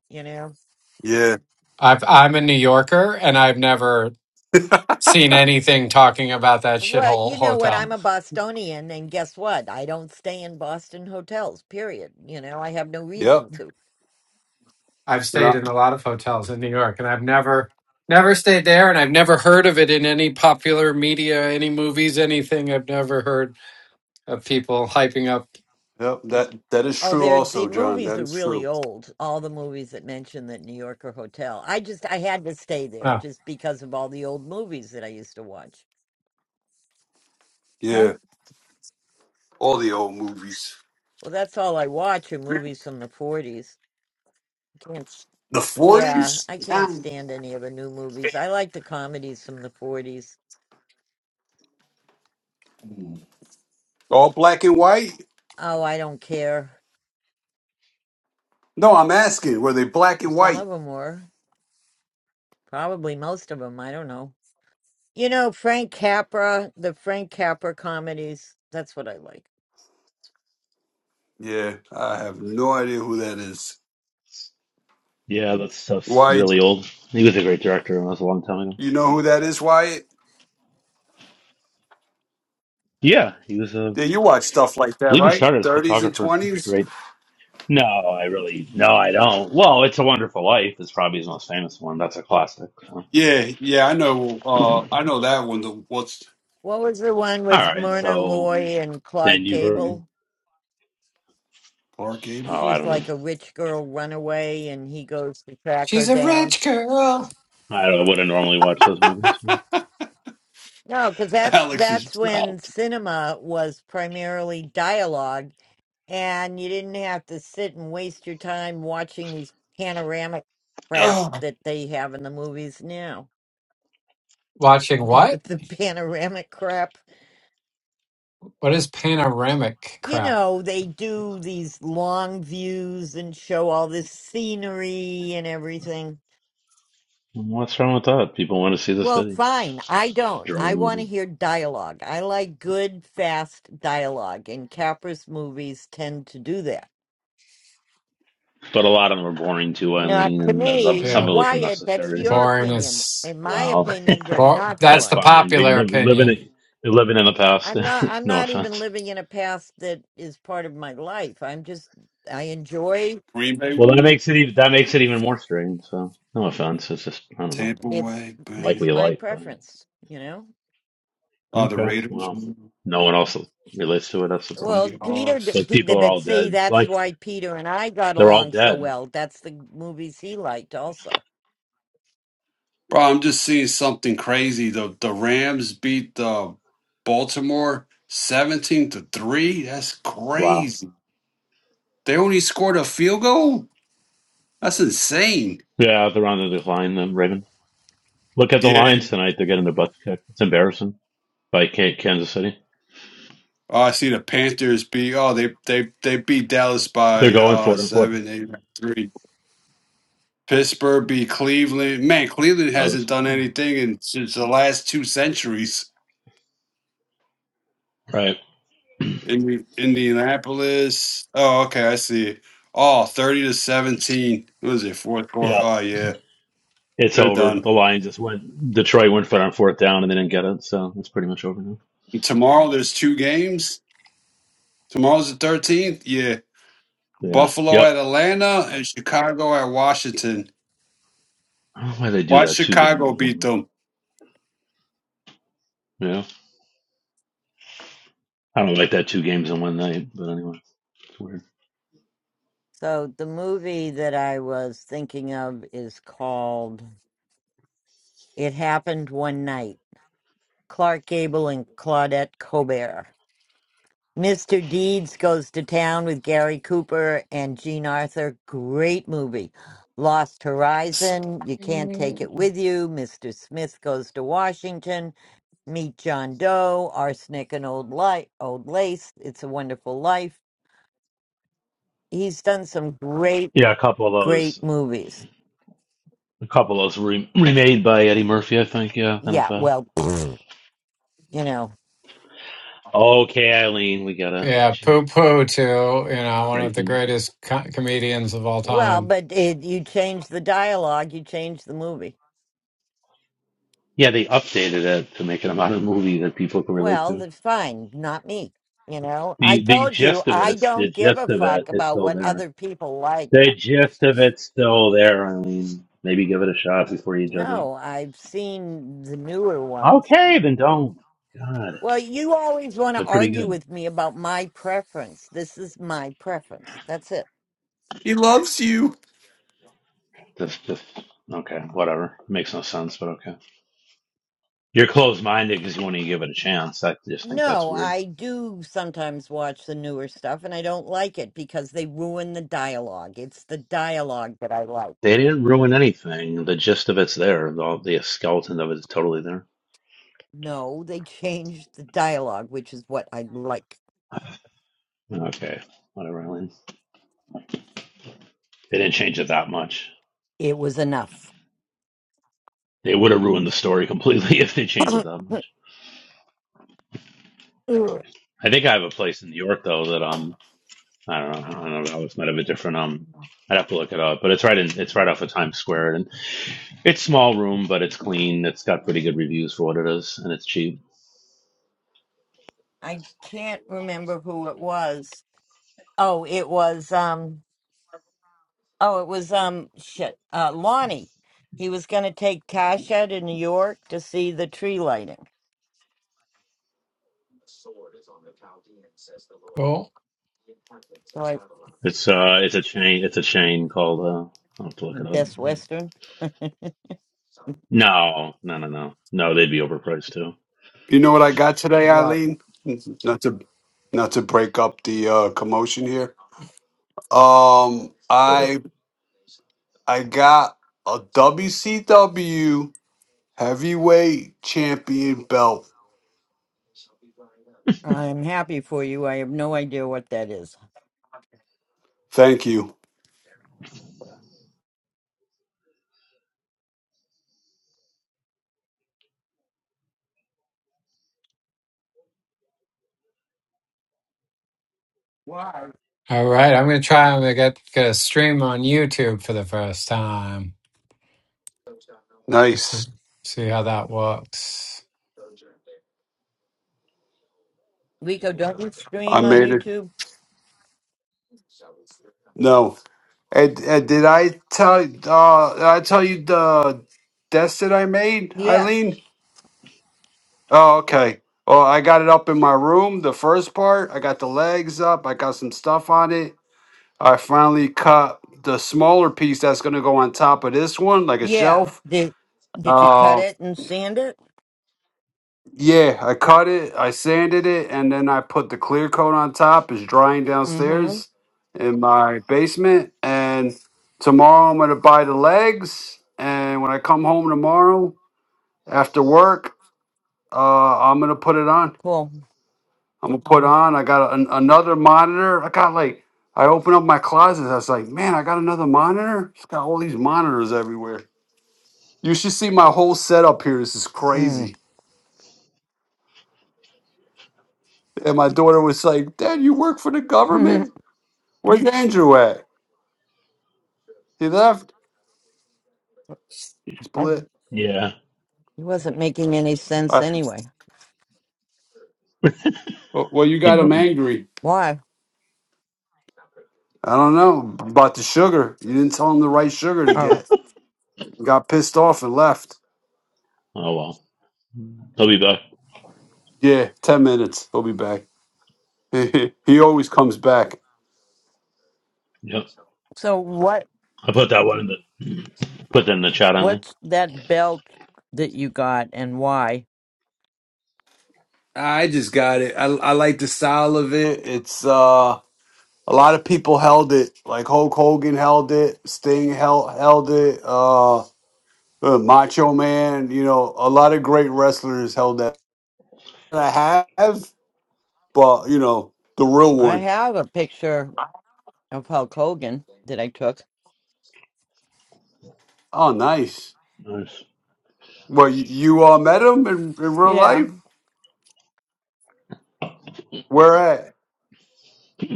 you know
Yeah.
I've, I'm a New Yorker and I've never seen anything talking about that
well
shithole
you know what
hotel.
i'm a bostonian and guess what i don't stay in boston hotels period you know i have no
Yep.
reason to
I've
Yeah.
stayed in a lot of hotels in New York, and I've never never stayed there, and I've never heard of it in any popular media, any movies, anything. I've never heard of people hyping up.
Yep. That that is
oh
true.
they're the
Also, John.
movies
That
are
is
really
true.
old all the movies that mention that new yorker hotel i just i had to stay there just because of all the old movies that i used to watch
Oh,
Yeah. All the old movies.
well that's all i watch are movies from the 40s Can't.
The
Yeah,
forties.
I can't
Yeah.
stand any of the new movies. I like the comedies from the 40s.
All black and white.
Oh, I don't care.
No, I'm asking. Were they black
Well,
and
some of
white?
them were. Probably most of them. I don't know. You know, Frank Capra, the Frank Capra comedies. That's what I like.
Yeah. I have no idea who that is.
Yeah, that stuff's
Wyatt.
really old. He was a great director and that was a long time ago.
You know who that is, Wyatt?
Yeah, he was a
Yeah,
I
you watch stuff like that,
believe he
right?
started as a
Thirties and
photographer. He's a
twenties.
great No, I really no, I don't. Well, It's a Wonderful Life is probably his most famous one. That's a classic. So.
Yeah, yeah, I know. Uh, I know that one. The what's
What was the one
All
with
right,
Myrna
so
Loy and
then
Clark
you've heard
Gable?
Clark Abel.
Oh, I
She's
don't know.
like a rich girl runaway and he goes to track her
she's a
down.
rich girl.
I don't- wouldn't normally watch those movies.
No, because
*laughs*
that's
Alex is
that's
drunk.
when cinema was primarily dialogue, and you didn't have to sit and waste your time watching these panoramic crap that they have in the movies now.
Watching
*laughs*
what?
the panoramic crap,
What is panoramic
you
crap?
know, they do these long views and show all this scenery and everything.
What's wrong with that? People want to see the
Well,
city.
fine. I don't. I want to
Jerome.
hear dialogue. I like good, fast dialogue, and Capra's movies tend to do that
But a lot of them are boring too,
Not
Eileen,
to
and
me,
some
Yeah,
of it was
Wyatt. That's
unnecessary.
your
boring
opinion.
is.
In my
Wow,
opinion, they're
Bo-
not
*laughs*
that's
that's
for
the
it.
fine. But you're
popular
living, living
opinion.
it, you're living in the past.
I'm not
*laughs*
I'm
no
not even
offense.
living in a past that is part of my life. I'm just I enjoy
Well, that makes it even, that makes it even more strange. So no offense. It's just I don't know.
Tampa
it's
Bay.
You can Like
Bang.
what
it's
you
my
like, but
preference, you know?
Oh, the
okay.
Raiders.
Well,
won.
no one else relates to it. That's the problem.
Well, Peter, d-
Seahawks.
Like
Pe- d-
people are
but
all
see,
dead.
that's
Like
why Peter and I got
they're all
Along so
dead.
well. That's the movies he liked also.
Bro, I'm just seeing something crazy. The the Rams beat the Baltimore 17 to 3. That's
Wow.
crazy. They only scored a field goal? That's insane.
Yeah, they're on the decline. Then Raven. Look at the
Yeah.
Lions tonight. They're getting their butts kicked. It's embarrassing by Ka- Kansas City.
Oh, I see the Panthers beat oh they they they beat Dallas
They're
by
going
uh
for it and for it.
seven, eight, three. Pittsburgh beat Cleveland. Man, Cleveland
Oh,
hasn't
this-
done
Mm.
anything in since the last two centuries.
right. *clears throat*
Indi- Indianapolis. Oh, okay, I see. Oh, 30 to 17. What is it? Fourth quarter.
yeah.
Oh, yeah.
It's
They're
over.
done.
The Lions just went. Detroit went for it on fourth down and they didn't get it. So it's pretty much over now.
And tomorrow there's two games. Tomorrow's the 13th. Yeah.
Yeah.
Buffalo
Yep.
at Atlanta and Chicago at Washington.
I don't know why they do
Watch
that two games
Chicago
in
beat
one
them.
night. Yeah. I don't like that two games in one night, but anyway, it's weird.
So the movie that I was thinking of is called It Happened One Night. Clark Gable and Claudette Colbert. Mr. Deeds goes to town with Gary Cooper and Jean Arthur. Great movie. Lost Horizon, You Can't Take It With You. Mr. Smith goes to Washington. Meet John Doe, Arsenic and Old, Li- Old Lace. It's a Wonderful Life. He's done some great,
Yeah, a couple of
great
those.
movies.
A couple of those re- remade by Eddie Murphy, I think. Yeah, they're not
Yeah,
bad.
well, *clears throat* you know,
Okay, Eileen, we got it.
Yeah, poo poo to you know one of the
Crazy.
greatest co- comedians of all
well,
time.
but it, you change the dialogue, you change the movie.
Yeah, they updated it to make it a modern movie that people can relate
Well,
to.
then fine, not me. You know, I
The the
told you
gist of it
I
is the
don't give a
gist of it
fuck
is
about
still
what
there.
other people like. Uh,
The gist of it's still there. I mean, maybe give it a shot before you judge it.
No, I've seen the newer ones.
Okay, then don't. God,
Well, you always want to
they're pretty
argue
good.
with me about my preference. This is my preference. That's it.
He loves you.
Just, just okay, whatever. Makes no sense, but okay. You're closed minded because you want to give it a chance. I just think that's
No,
weird.
I do sometimes watch the newer stuff and I don't like it because they ruin the dialogue. It's the dialogue that I like.
They didn't ruin anything. The gist of it's there. The, the skeleton of it is totally there.
No, they changed the dialogue, which is what I like.
Okay, whatever, Eileen. They didn't change it that much.
It was enough.
They would have ruined the story completely *laughs* if they changed it
*coughs*
that
*clears throat*
much.
Ugh,
I think I have a place in New York though that um I don't know I don't know it might have a different um I'd have to look it up, but it's right in it's right off of Times Square and it's small room but it's clean. It's got pretty good reviews for what it is and it's cheap.
I can't remember who it was. Oh, it was um oh it was um shit. Uh Lonnie. He was gonna take Tasha to New York to see the tree lighting.
Cool.
So I
It's uh it's a chain it's a chain called uh I'll have to look it up.
Best Western. *laughs*
No no no no no they'd be overpriced too.
You know what I got today,
well,
Eileen? Not to not to break up the uh, commotion here. Um,
Uh,
I I got a WCW heavyweight champion belt.
I'm happy for you. I have no idea what that is.
Thank you.
Why?
All right, I'm gonna try. I'm gonna get, get a stream on YouTube for the first time. So,
Nice.
See how that works.
Rico, don't you
I
stream on
made it.
YouTube?
No. And, and did I tell uh did I tell you the desk that I made,
Yes.
Eileen? Oh, okay. Well, I got it up in my room, the first part. I got the legs up. I got some stuff on it. I finally cut the smaller piece that's gonna go on top of this one, like a
Yeah.
shelf.
Did did you cut
Uh,
it and sand it?
yeah, I cut it, I sanded it, and then I put the clear coat on top. It's drying
Mm-hmm.
downstairs in my basement. And tomorrow I'm gonna buy the legs. And when I come home tomorrow after work, uh, I'm gonna put it on.
Cool.
I'm gonna put on. I got an, another monitor. I got like I opened up my closet. I was like, man, I got another monitor. It's got all these monitors everywhere. You should see my whole setup here. This is
Mm.
crazy. And my daughter was like, Dad, you work for the government?
*laughs*
Where's Andrew at? He left.
it
Split.
yeah
wasn't making any sense
I-
anyway.
well, well, you
you
got
know
him angry.
Why?
I don't know about the sugar. You didn't tell him the right sugar to
Um.
get. Got pissed off and left.
oh well they'll be back.
Yeah, 10 minutes. He'll be back. *laughs* he always comes back.
Yep
So what
I put that one in the put that in the chat only.
what's that belt that you got and why?
I just got it. I, I like the style of it. It's uh a lot of people held it. Like Hulk Hogan held it, Sting held held it. Uh, Uh, Macho Man, you know, a lot of great wrestlers held that. And I have, but you know, the real
I
one.
have a picture of Hulk Hogan that I took.
Oh, nice.
Nice.
Well, you, you all met him in, in real
Yeah,
life? Where at?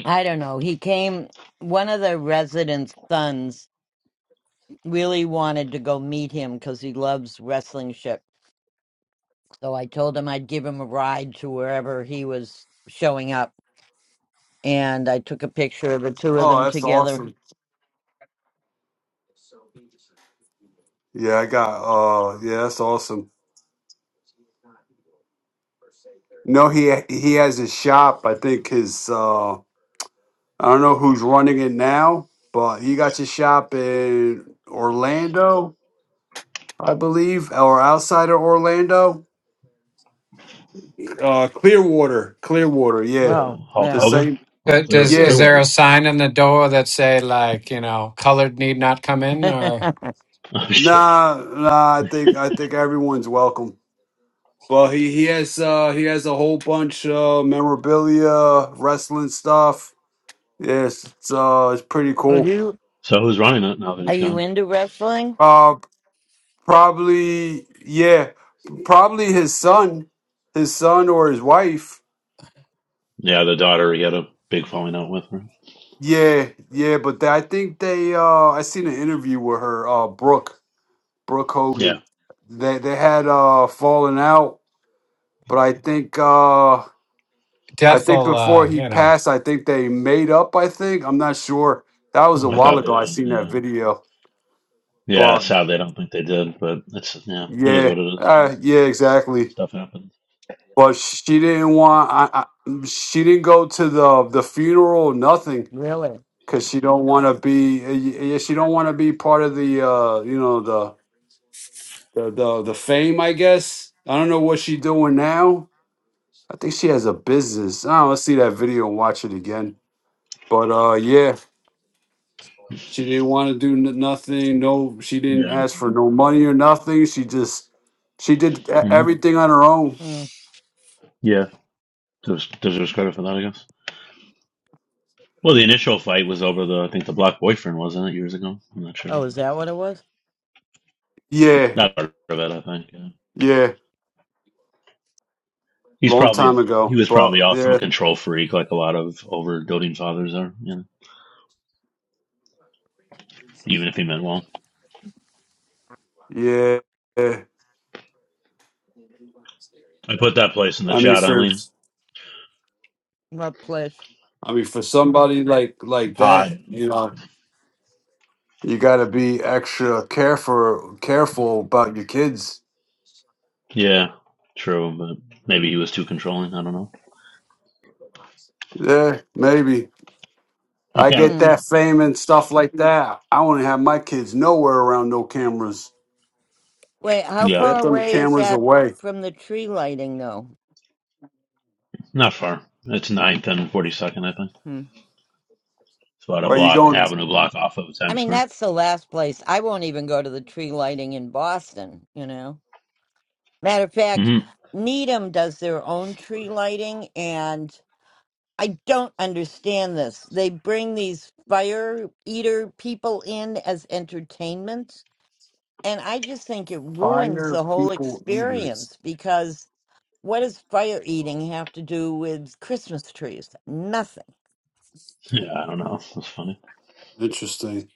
I don't know. He came, one of the residents' sons really wanted to go meet him because he loves wrestling shit. So I told him I'd give him a ride to wherever he was showing up. And I took a picture of the two of
Oh,
them
that's
together.
awesome. Yeah, I got. Uh, yeah, that's awesome. No, he he has his shop. I think his. Uh, I don't know who's running it now, but he got his shop in Orlando, I believe, or outside of Orlando uh Clearwater, Clearwater, yeah.
Oh,
Well,
Hulk
The
yeah.
Hogan?
same
Well,
Uh,
Clear
Does
yeah.
is there a
Clearwater's. *laughs*
sign in the door that say like you know colored need not come
*laughs*
in or
Oh shit.
Nah, nah, I think I think everyone's welcome. Well, he he has uh he has a whole bunch of memorabilia, wrestling stuff. Yes, it's uh it's pretty
are
cool.
you
So who's running it now that
are
he's
you
gone?
into wrestling?
Uh probably yeah, probably his son, his son or his wife.
Yeah, the daughter he had a big falling out with her.
Yeah, yeah, but they, I think they uh I seen an interview with her uh Brooke, Brooke
Yeah,
Hogan. They they had uh fallen out but I think uh I
death
think
will
before
uh,
he
you know?
passed, I think they made up. I think I'm not sure. That was a
I
uh
while
thought they
ago. I
didn't.
seen that
Yeah,
video,
yeah.
but
Sadly, I don't think they did, but it's yeah, it is
yeah,
what it is.
uh, yeah, exactly.
Stuff happens.
But she didn't want. I, I she didn't go to the the funeral. Nothing,
Really?
because she don't want to be. uh, Yeah, she don't want to be part of the. uh You know the the the the fame. I guess I don't know what she doing now. I think she has a business. I don't know, let's see that video and watch it again. But uh yeah. She didn't want to do n- nothing. No, she didn't
Yeah.
ask for no money or nothing. She just she did e-
hmm
everything on her own.
Hmm.
Yeah. There's there's credit for that, I guess. Well, the initial fight was over the I think the black boyfriend wasn't it years ago? I'm not sure.
Oh, is that what it was?
Yeah,
Not part of it, I think. Yeah.
yeah,
He's
long
probably
time
a, he
ago.
was probably
But
also a
yeah,
control freak, like a lot of over doting fathers are. You know, even if he meant well.
yeah. yeah.
I put that place in the
I mean,
chat,
for
Eileen.
What place?
I mean, for somebody like like
Pod.
that, you know, you got to be extra careful careful about your kids.
Yeah, true, but maybe he was too controlling. I don't know.
Yeah, maybe.
You
I
can't.
get
Hmm.
that fame and stuff like that. I want to have my kids nowhere around no cameras.
Wait, how
Yeah,
far
Get them
away is
cameras
that
away.
from the tree lighting, though?
not far. It's ninth and 42nd, I think.
Hmm.
It's about a
Or you
block,
going?
avenue block off of
I
Times
mean,
Square.
that's the last place. I won't even go to the tree lighting in Boston, you know? Matter of fact,
hmm
Needham does their own tree lighting, and I don't understand this. They bring these fire eater people in as entertainment, and I just think it ruins the whole experience because What does fire eating have to do with Christmas trees? Nothing.
Yeah, I don't know. That's funny.
Interesting.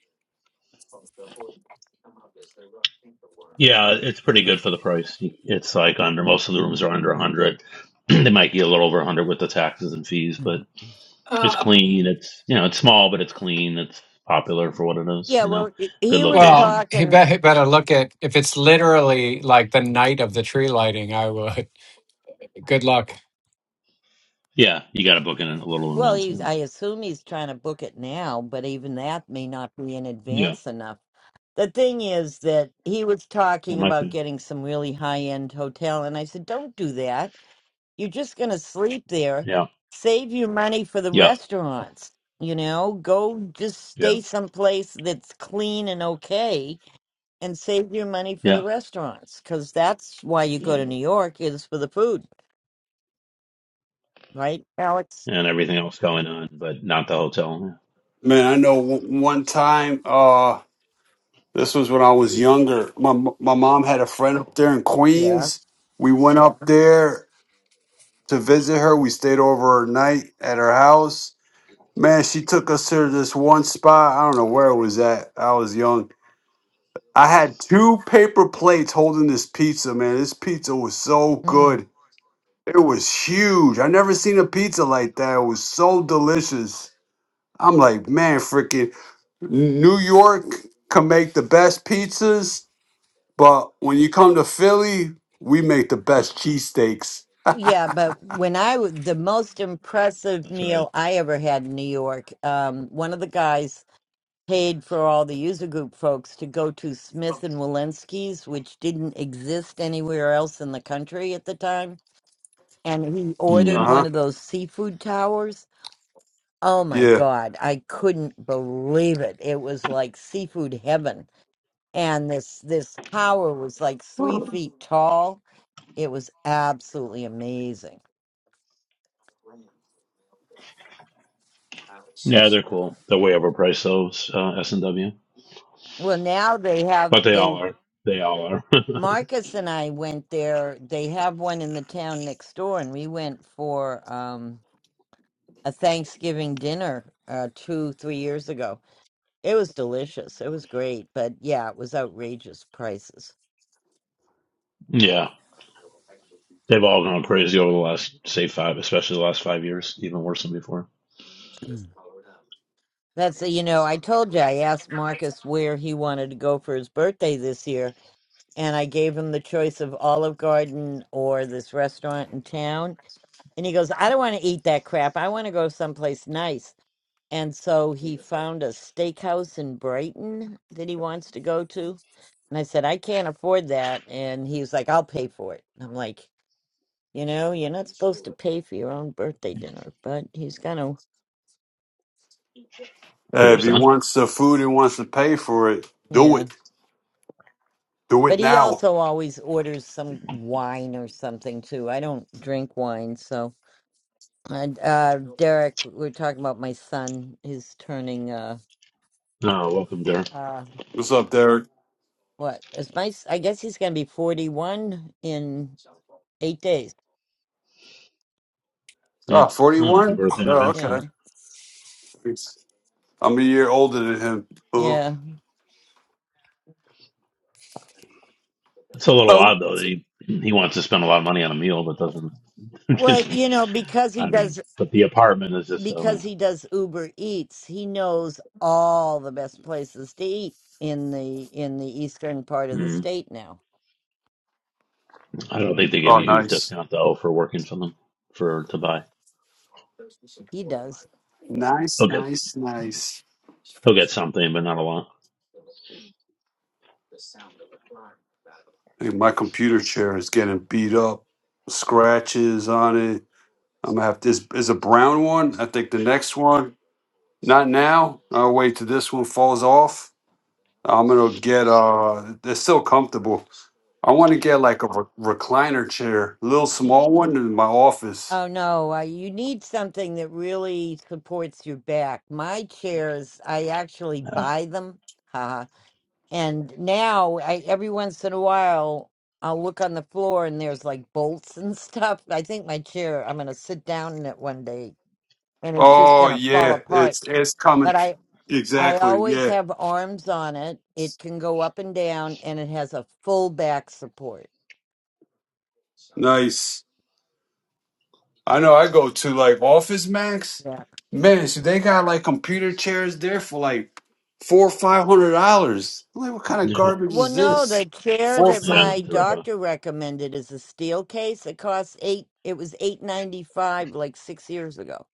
Yeah, it's pretty good for the price. It's like under, most of the rooms are under 100. *clears throat* they might be a little over 100 with the taxes and fees, but
Mhm.
it's clean. It's, you know, it's small, but it's clean. It's popular for what it is,
Yeah,
you
well,
know,
he
good
he was
Well,
location.
he
talking.
bet he better look at if it's literally like the night of the tree lighting. I would. *laughs* Good luck.
Yeah, you got to book in a little
Well,
advance.
he's.
Yeah.
I assume he's trying to book it now, but even that may not be in
Yeah.
advance enough. The thing is that he was
It
talking
might
about
be.
getting some really high end hotel, and I said, "Don't do that. You're just going to sleep there.
Yeah.
Save your money for the
Yep.
restaurants. You know, go just
Yeah.
stay someplace that's clean and okay." and save your money for the
Yeah.
restaurants because that's why you go to New York is for the food, right, Alex?
And everything else going on, but not the hotel. Yeah.
Man, I know w- one time, uh, this was when I was younger. My, my mom had a friend up there in
Yeah.
Queens. We went up there to visit her. We stayed over her night at her house. Man, she took us to this one spot. I don't know where it was at. I was young. I had two paper plates holding this pizza, man. This pizza was so
Mm.
good. It was huge. I never seen a pizza like that. It was so delicious. I'm like, man, freaking New York can make the best pizzas, but when you come to Philly, we make the best cheesesteaks.
Yeah, but when I w- the most impressive
That's right.
meal I ever had in New York, um, one of the guys paid for all the user group folks to go to Smith and Walensky's, which didn't exist anywhere else in the country at the time, and he
Uh
ordered
Yeah.
one
huh.
of those seafood towers. Oh my
Yeah.
God, I couldn't believe it. It was like seafood heaven and this this tower was like three feet tall. It was absolutely amazing.
Yeah, they're cool. They're way overpriced those uh, S and W,
Well, now they have
but they all
they
are. They all are. *laughs*
Marcus and I went there. They have one in the town next door, and we went for um, a Thanksgiving dinner uh, two three years ago. It was delicious. It was great, but yeah, it was outrageous prices.
yeah. They've all gone crazy over the last, say, five, especially the last five years, even worse than before.
Mm. That's you know I told you I asked Marcus where he wanted to go for his birthday this year, and I gave him the choice of Olive Garden or this restaurant in town. And he goes, I don't want to eat that crap. I want to go someplace nice. And so he found a steakhouse in Brighton that he wants to go to. And I said, I can't afford that. And he was like, I'll pay for it. I'm like, you know, you're not supposed to pay for your own birthday dinner, but he's going to,
For
Hey,
your
if he
son.
wants the food and wants to pay for it, do
yeah.
it. Do it
But he
now.
also always orders some wine or something too. I don't drink wine, so And uh, Derek, we we're talking about my son. He's turning uh,
Oh, welcome, Derek.
uh,
What's up, Derek?
what is my? s- I guess he's gonna be forty-one in eight days.
Oh,
Mm. Oh, happy
41?
birthday in
Oh,
advance.
okay.
Yeah,
Thanks. I'm a year older than him. Oh,
yeah.
It's a little
oh,
odd though that he he wants to spend a lot of money on a meal, but doesn't.
Well, you know, because
*laughs*
he
I don't know.
does
But the apartment is just
because
so.
he does Uber Eats, he knows all the best places to eat in the in the eastern part of the
Mm.
state now.
I don't think they give
Oh,
you a huge
nice.
discount though for working for them for to buy.
He does.
Nice,
He'll get
nice, nice.
he'll get something, but not a lot.
Hey, my computer chair is getting beat up. Scratches on it I'm gonna have this is a brown one. I think the next one, not now. I'll wait till this one falls off. I'm gonna get uh, they're still comfortable. I want to get like a re- recliner chair, little small one in my office.
Oh no, uh, you need something that really supports your back. My chairs, I actually
Yeah,
buy them. *laughs* And now, I, every once in a while, I'll look on the floor and there's like bolts and *laughs* stuff. I think my chair, I'm going to sit down in it one day and it's just
Oh
going to fall
yeah,
apart.
it's it's coming.
But I, I
Exactly.
always
Yeah.
have arms on it. It can go up and down and it has a full back support.
Nice. I know. I go to like Office Max.
Yeah.
Man, so they got like computer chairs there for like four or five hundred dollars. Like, what kind of
yeah,
garbage
Well,
is
no, the
this?
chair
Four
that
yeah.
my
To rip off.
doctor recommended is a steel case. It costs eight, it was 895 like six years ago.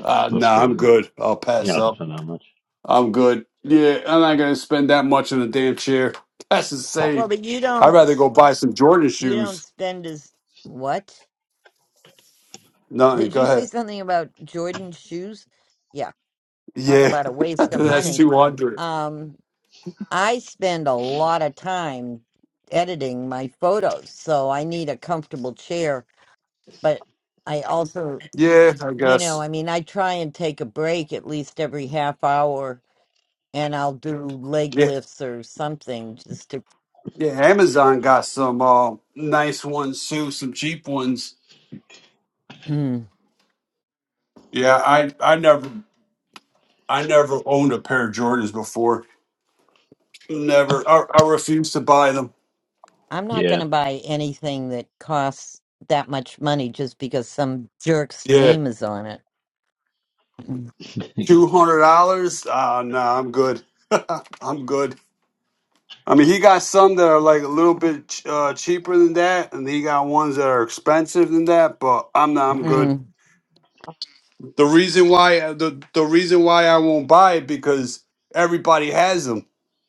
Uh, no,
That's
I'm
crazy.
good. I'll pass
Yeah, it
up.
depends how much.
I'm good. Yeah, I'm not gonna spend that much on a damn chair. *laughs* That's
Well,
insane.
but you
I'd
don't,
rather go buy some Jordan
you don't
shoes.
spend as, what?
Nothing.
Did
Go
you say
ahead.
something about Jordan shoes? Yeah, talk
Yeah,
about a
*laughs*
waste
Sure,
of
I
that's
should.
money.
two hundred.
Um, I spend a lot of time editing my photos, so I need a comfortable chair. But I also,
Yeah, I
you know,
guess.
I mean, I try and take a break at least every half hour, and I'll do leg
Yeah,
lifts or something just to.
yeah. Amazon got some uh, nice ones too. Some cheap ones.
*clears throat*
Yeah, I I never I never owned a pair of Jordans before. Never. I, I refuse to buy them.
I'm not going
Yeah,
to buy anything that costs that much money just because some jerk's
Yeah,
name is on it.
*laughs*
two hundred dollars. Ah, no, I'm good. *laughs* I'm good. I mean, he got some that are like a little bit ch- uh, cheaper than that, and he got ones that are expensive than that. But I'm not. I'm
*clears throat*
good. The reason why the the reason why I won't buy it because everybody has them.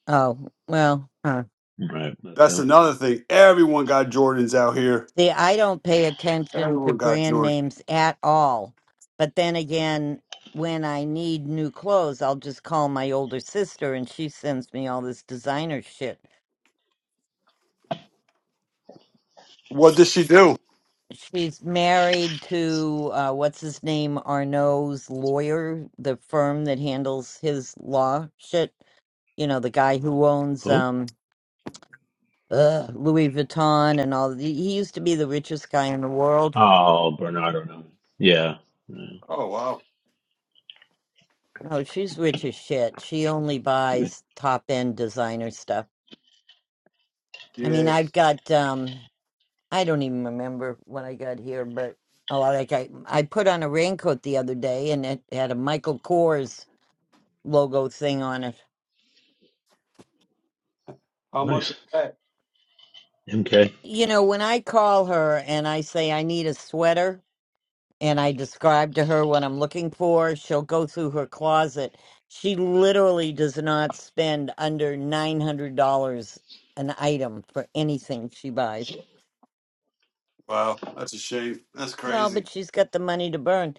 Oh, well, huh.
right. That
That's
too.
another thing. Everyone got Jordans out here.
See, I don't pay attention to
Everyone got
brand
Jordan.
names at all. But then again, when I need new clothes, I'll just call my older sister and she sends me all this designer shit.
What does she do?
She's married to, uh, what's his name, Arnaud's lawyer, the firm that handles his law shit. You know, the guy who owns
Who?
um, uh, Louis Vuitton and all. He used to be the richest guy in the world
Oh, Bernardo. No. Yeah. yeah.
Oh wow.
Oh, she's rich as shit. She only buys top end designer stuff. I mean,
Yeah.
I've got um I don't even remember what I got here, but oh well, like I I put on a raincoat the other day and it had a Michael Kors logo thing on it.
How much
Nice.
was that?
MK.
You know, when I call her and I say I need a sweater and I describe to her what I'm looking for, she'll go through her closet. She literally does not spend under $900 an item for anything she buys.
Wow, that's a shame. That's
Well,
crazy.
but she's got the money to burn.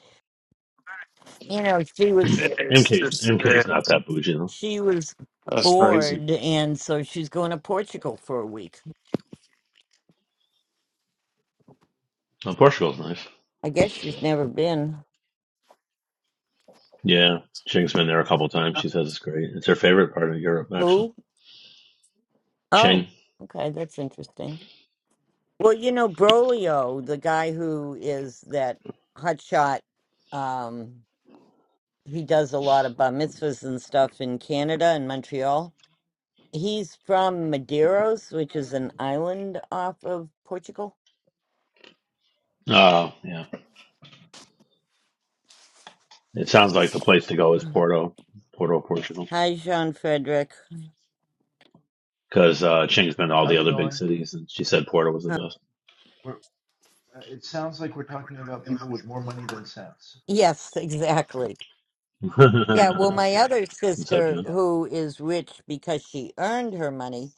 You know, she
*clears throat*
was
MK's MK's not that bougie though.
she was bored, and so she's going to Portugal for a week.
Oh, Portugal's nice.
I guess she's never been.
Yeah. Ching's been there a couple times. She says it's great. It's her favorite part of Europe actually.
Who?
Ching.
Oh, okay, that's interesting. Well, you know, Brolio, the guy who is that hotshot, um, he does a lot of bar mitzvahs and stuff in Canada and Montreal. He's from Madeiros, which is an island off of Portugal.
Oh, yeah. It sounds like the place to go is Porto, Porto, Portugal,
Hi, Jean Frederick.
because uh, Ching's been to all the
How's it
other big
going?
cities, and she said Porto was the best.
We're, uh, it sounds like we're talking about people with more money than sense.
Yes, exactly. Yeah, well,
*laughs*
my
Okay.
other
What's up,
sister,
John?
Yeah.
who is rich because she earned her money,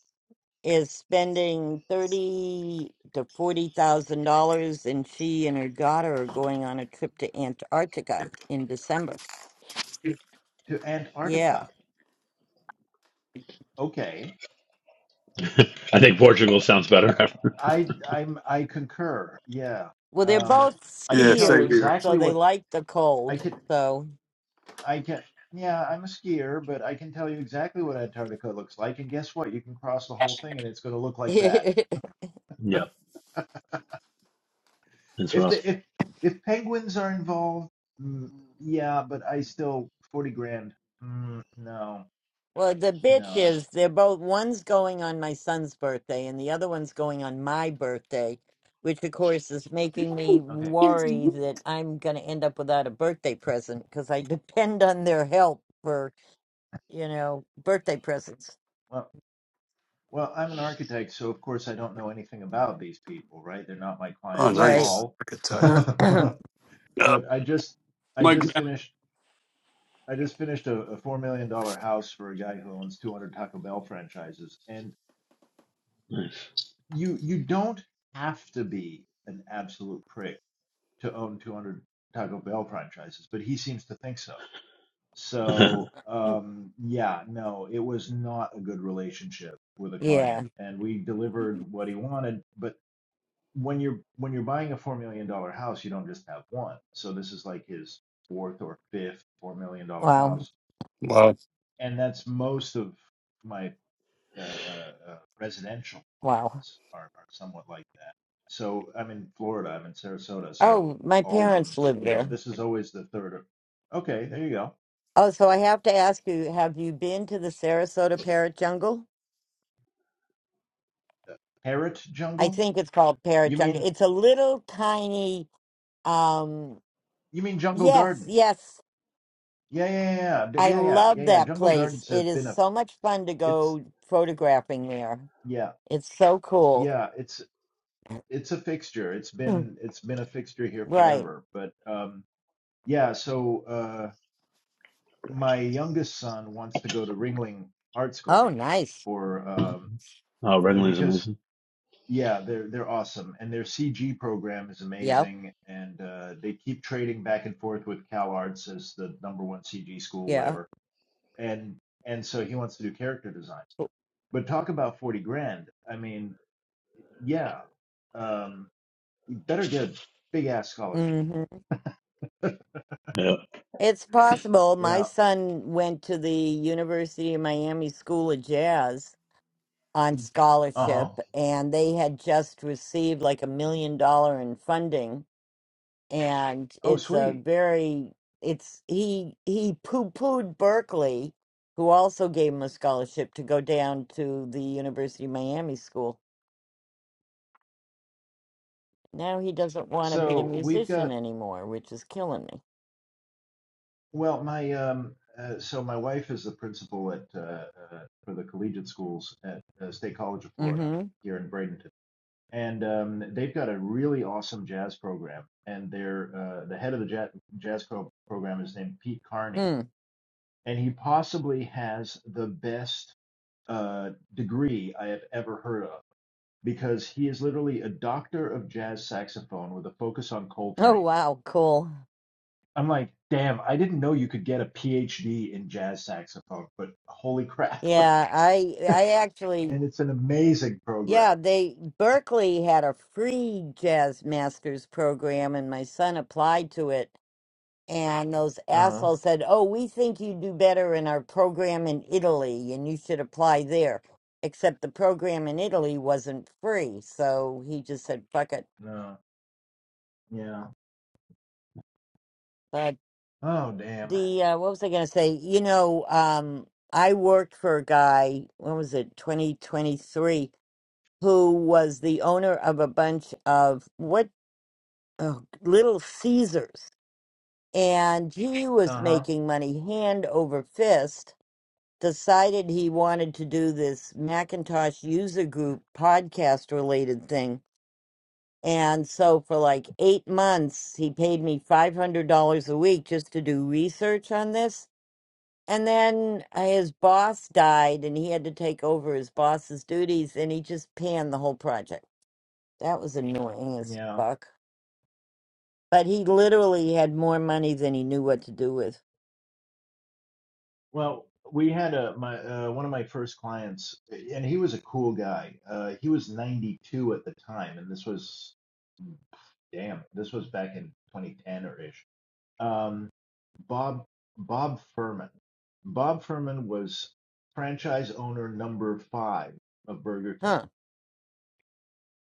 is spending thirty to forty thousand dollars, and she and her daughter are going on a trip to Antarctica in December.
To
Yeah.
Antarctica. Okay.
*laughs* I think Portugal sounds better. *laughs* After.
I I'm I concur. Yeah.
Well, they're
Um
both
I can
Yeah,
tell you
same
skiers,
here.
so
exactly
they
what
like the
I
cold.
can
So
I can yeah, I'm a skier, but I can tell you exactly what Antarctica looks like and guess what? You can cross the whole thing and it's going to look like that.
*laughs*
Yeah, it's
If
rough.
the if if penguins are involved, mm, yeah, but I still 40 grand. Mm, no.
Well, the bitch
No.
is they're both one's going on my son's birthday and the other one's going on my birthday, which of course is making me
Okay.
worry that I'm going to end up without a birthday present because I *laughs* depend on their help for, you know, birthday presents.
Well, Well, I'm an architect, so of course I don't know anything about these people, right? They're not my
Oh,
clients at
Right.
nice.
all.
Architect.
*clears throat*
*laughs*
Yeah.
But I just I
My
just finished I just finished a, a four million dollar house for a guy who owns 200 Taco Bell franchises. And
Nice.
you you don't have to be an absolute prick to own 200 Taco Bell franchises, but he seems to think so.
*laughs*
So, um, yeah, no, it was not a good relationship with a client,
yeah.
and we delivered what he wanted, but when you're when you're buying a four million dollar house, you don't just have one. So this is like his fourth or fifth four million dollar
Wow.
house,
grand-
and that's most of my uh, uh, uh, residential
Wow.
clients are, are somewhat like that. So I'm in Florida, I'm in Sarasota, so
Oh, my
all of them,
parents live
you know,
there.
this is always the third. Or, okay, there you go.
Oh, so I have to ask you, have you been to the Sarasota Parrot Jungle?
Uh, Parrot
I
jungle?
think it's called Parrot
You
Jungle.
mean
It's a little tiny Um,
you mean jungle
yes,
gardens?
yes.
Yeah, yeah, yeah, yeah,
I
yeah, yeah, yeah.
love
yeah.
that
Jungle
place.
gardens has
It is
been a
so much fun to
it's
go photographing there.
yeah.
It's so cool.
Yeah, it's it's a fixture. It's
Hmm,
been it's been a fixture here
Right.
forever. But um, yeah, so uh, my youngest son wants to go to Ringling Art
Oh,
School
nice.
for um,
oh,
uh,
Wrigley is
because
amazing.
yeah, they're they're awesome and their CG program is
Yep.
amazing and uh, they keep trading back and forth with CalArts as the number one CG school,
Yeah.
whatever. And and so he wants to do character design. But talk about forty grand. I mean, yeah, um, you better get a big ass scholarship.
hmm
Yeah,
It's possible.
Yeah.
My son went to the University of Miami School of Jazz on
Uh-huh.
scholarship, and they had just received like a million dollar in funding and
Oh,
it's a
sweet.
very it's he he poo-pooed Berkeley, who also gave him a scholarship to go down to the University of Miami school. Now he doesn't want to be a
So we've
musician
got,
anymore, which is killing me.
well, my um uh, so my wife is the principal at uh, uh for the collegiate schools at uh, State College of Florida
Mm-hmm.
here in Bradenton. And um they've got a really awesome jazz program and they're uh the head of the jazz jazz pro- program is named Pete Carney
Hmm.
and he possibly has the best uh degree I have ever heard of because he is literally a doctor of jazz saxophone with a focus on
Oh
Coltrane
wow, cool.
I'm like, damn, I didn't know you could get a PhD in jazz saxophone, but holy crap.
Yeah, I I
*laughs*
actually
and it's an amazing program.
yeah, they Berkeley had a free jazz masters program and my son applied to it And those
Uh-huh.
assholes said, Oh, we think you do better in our program in Italy and you should apply there. Except the program in Italy wasn't free. So he just said, Fuck it.
Uh huh. No. Yeah.
But
Oh, damn.
the, uh, what was I going to say? You know, um, I worked for a guy, when was it, 2023, who was the owner of a bunch of what, oh, Little Caesars. And he was
Uh huh.
making money hand over fist decided he wanted to do this Macintosh user group podcast related thing. And so for like eight months, he paid me $500 a week just to do research on this. And then uh, his boss died and he had to take over his boss's duties and he just panned the whole project. That was annoying as
Yeah.
fuck. But he literally had more money than he knew what to do with.
Well, we had a my uh, one of my first clients, and he was a cool guy. Uh, he was 92 at the time, and this was, hmm, damn, this was back in 2010 or ish um, Bob Bob Furman. Bob Furman was franchise owner number five of Burger King.
Huh.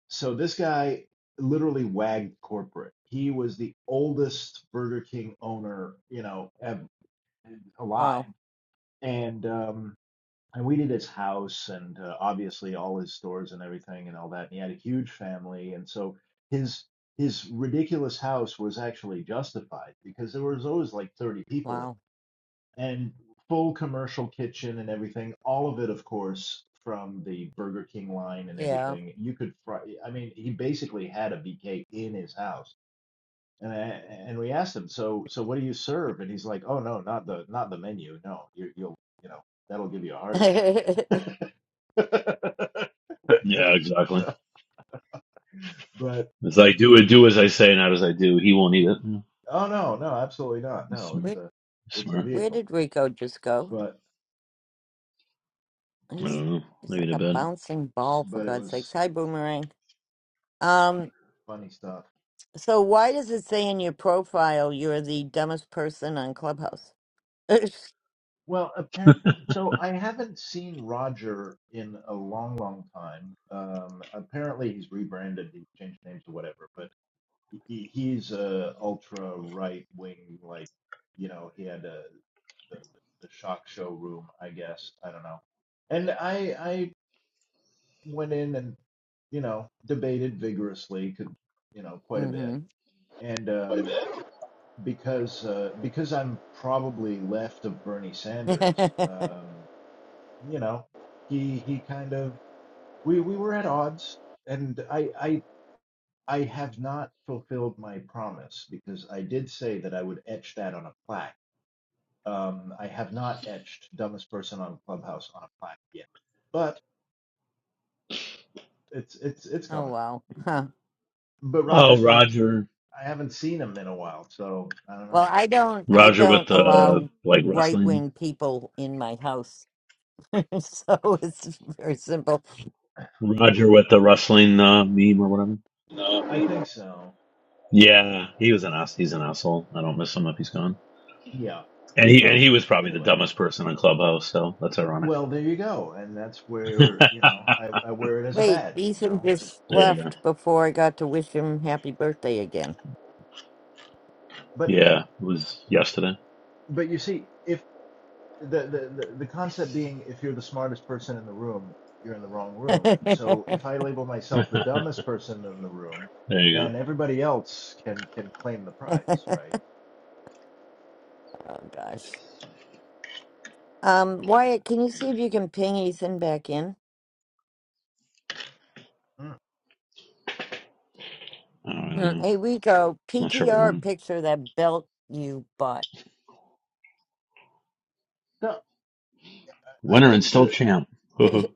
So this guy literally wagged corporate. He was the oldest Burger King owner, you know, alive,
Wow.
and um, and we did his house and uh, obviously all his stores and everything and all that. And he had a huge family, and so his his ridiculous house was actually justified because there was always like 30 people
Wow.
and full commercial kitchen and everything. All of it, of course, from the Burger King line and
Yeah.
everything. You could fry. I mean, he basically had a BK in his house. And I, and we asked him, so so what do you serve? And he's like, oh no, not the not the menu. No, you, you'll you know that'll give you a heart
*laughs*
attack. *laughs*
yeah, exactly.
but
It's like do it, do as I say, not as I do. He won't eat it. Yeah,
oh no, no, absolutely not.
he's
No,
smart.
it's
Weird.
a
He's
it's a
smart.
Where
vehicle.
did Rico just go?
But
I
He's
don't know.
he's
Maybe
like
to
a
bed.
bouncing ball for
but it
God's sakes.
was
Hi, Boomerang. Um,
funny stuff.
so why does it say in your profile you're the dumbest person on Clubhouse? *laughs*
Well, appar- so I haven't seen Roger in a long, long time. Um, apparently, he's rebranded, he's changed names or whatever. But he, he's a ultra right wing, like you know, he had a the, the shock showroom, I guess. I don't know. And I I went in and you know debated vigorously, could you know quite a bit,
mm-hmm.
and um, because uh, because I'm probably left of Bernie
*laughs*
Sanders. Um, you know, he he kind of we we were at odds, and I I I have not fulfilled my promise because I did say that I would etch that on a plaque. Um, I have not etched dumbest person on Clubhouse on a plaque yet, but it's it's it's
oh
coming.
wow. Huh.
But
Oh,
Roger's not.
Roger.
I haven't seen him in a while, so I don't
Well,
know.
I don't I
Roger
don't
with the
allow
like
right
wrestling.
wing people in my house. *laughs* so it's very simple.
Roger with the wrestling uh, meme or whatever.
I think so.
Yeah, he was an ass. He's an asshole. I don't miss him if he's gone.
Yeah.
And he and
So
he was probably the
anyway.
dumbest person in Clubhouse. So that's ironic.
Well, there you go, and that's
*laughs*
where you know I, I wear it as a
Wait,
badge, you
Ethan
know.
just
There you go.
left before I got to wish him happy birthday again.
But
Yeah, it was yesterday.
but you see, if the, the the the concept being if you're the smartest person in the room you're in the wrong
*laughs*
room
oh
so if i label
*laughs* there
myself the dumbest person in the room
you go.
then everybody else can can claim the prize right
gosh. Um, Wyatt, can you see if you can ping Ethan back in?
Mm.
I
Uh,
don't know.
Hey, Rico,
Not sure we
PTR
won.
picture of that belt you bought.
no i
Winner and
think
still
the
champ. *laughs*
*laughs*
mm,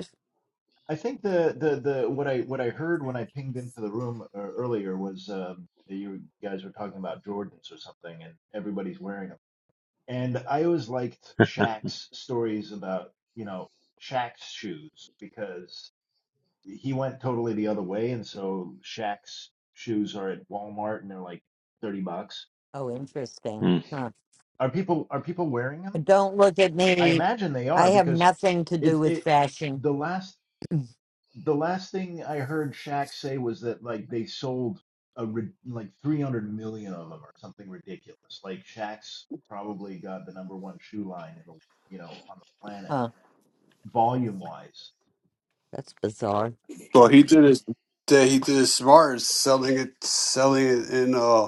i think the the the what i what i heard when i pinged into the room uh, earlier was um that you guys were talking about jordans or something and everybody's wearing them and i always liked Shaq's stories about you know Shaq's shoes because he went totally the other way, and so Shaq's shoes are at Walmart, and they're like thirty bucks.
oh, interesting. Huh.
Are people are people wearing them?
Don't look at
I
me.
imagine they
I
are
have
because
nothing to do
it's
with
it
fashion.
the last the last thing I heard Shaq say was that like they sold a rid- like three hundred million of them or something ridiculous. Like Shaq's probably got the number one shoe line in the you know on the planet
Huh,
volume wise.
that's bizarre.
Well, he did it. that He did it smart, is selling it, selling it in uh,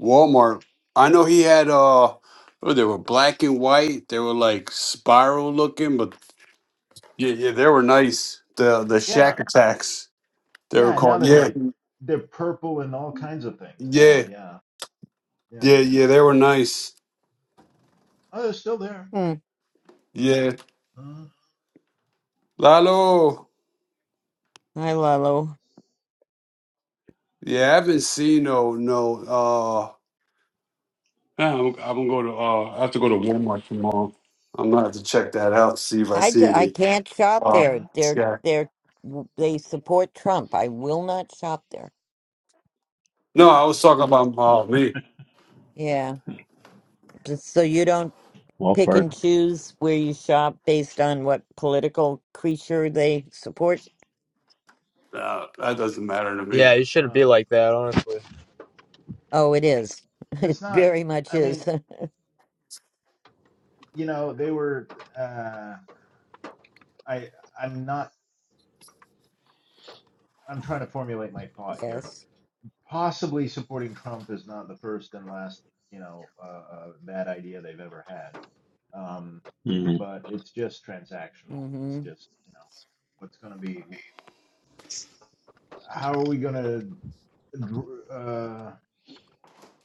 Walmart. I know he had uh, oh, they were black and white. They were like spiral looking, but yeah, yeah, they were nice. The the
Yeah,
shack attacks. They were
yeah. and Now
called.
they're
Yeah,
like they're purple and all kinds of things now.
yeah,
Yeah, yeah.
yeah, yeah. They were nice.
Oh, they're still there.
hmm.
Yeah,
hmm
Lalo.
Hi, Lalo.
Yeah, I haven't seen no no. Uh, yeah, I'm, I'm gonna go to. Uh, I have to go to Walmart tomorrow. I'm gonna have to check that out. See if I
I,
see
ju- I
any.
can't shop
Uh,
hmm
there. They're,
yeah.
they're, they support Trump. I will not shop there.
No, I was talking about uh, me.
Yeah, just so you don't
well,
pick
fart.
and choose where you shop based on what political creature they support?
Uh, that doesn't matter to me.
Yeah, you shouldn't be
Well,
like that, honestly.
Oh, it is. *laughs* It
it's not.
very much
I
is.
mean, you know, they were. Uh, I I'm not. I'm trying to formulate my thought
*laughs*
here.
yes.
Possibly supporting Trump is not the first and last, you know, uh, uh, bad idea they've ever had. Um,
Mm,
but it's just transactional. It's
hmm
just, you know, what's going to be? How are we going to uh,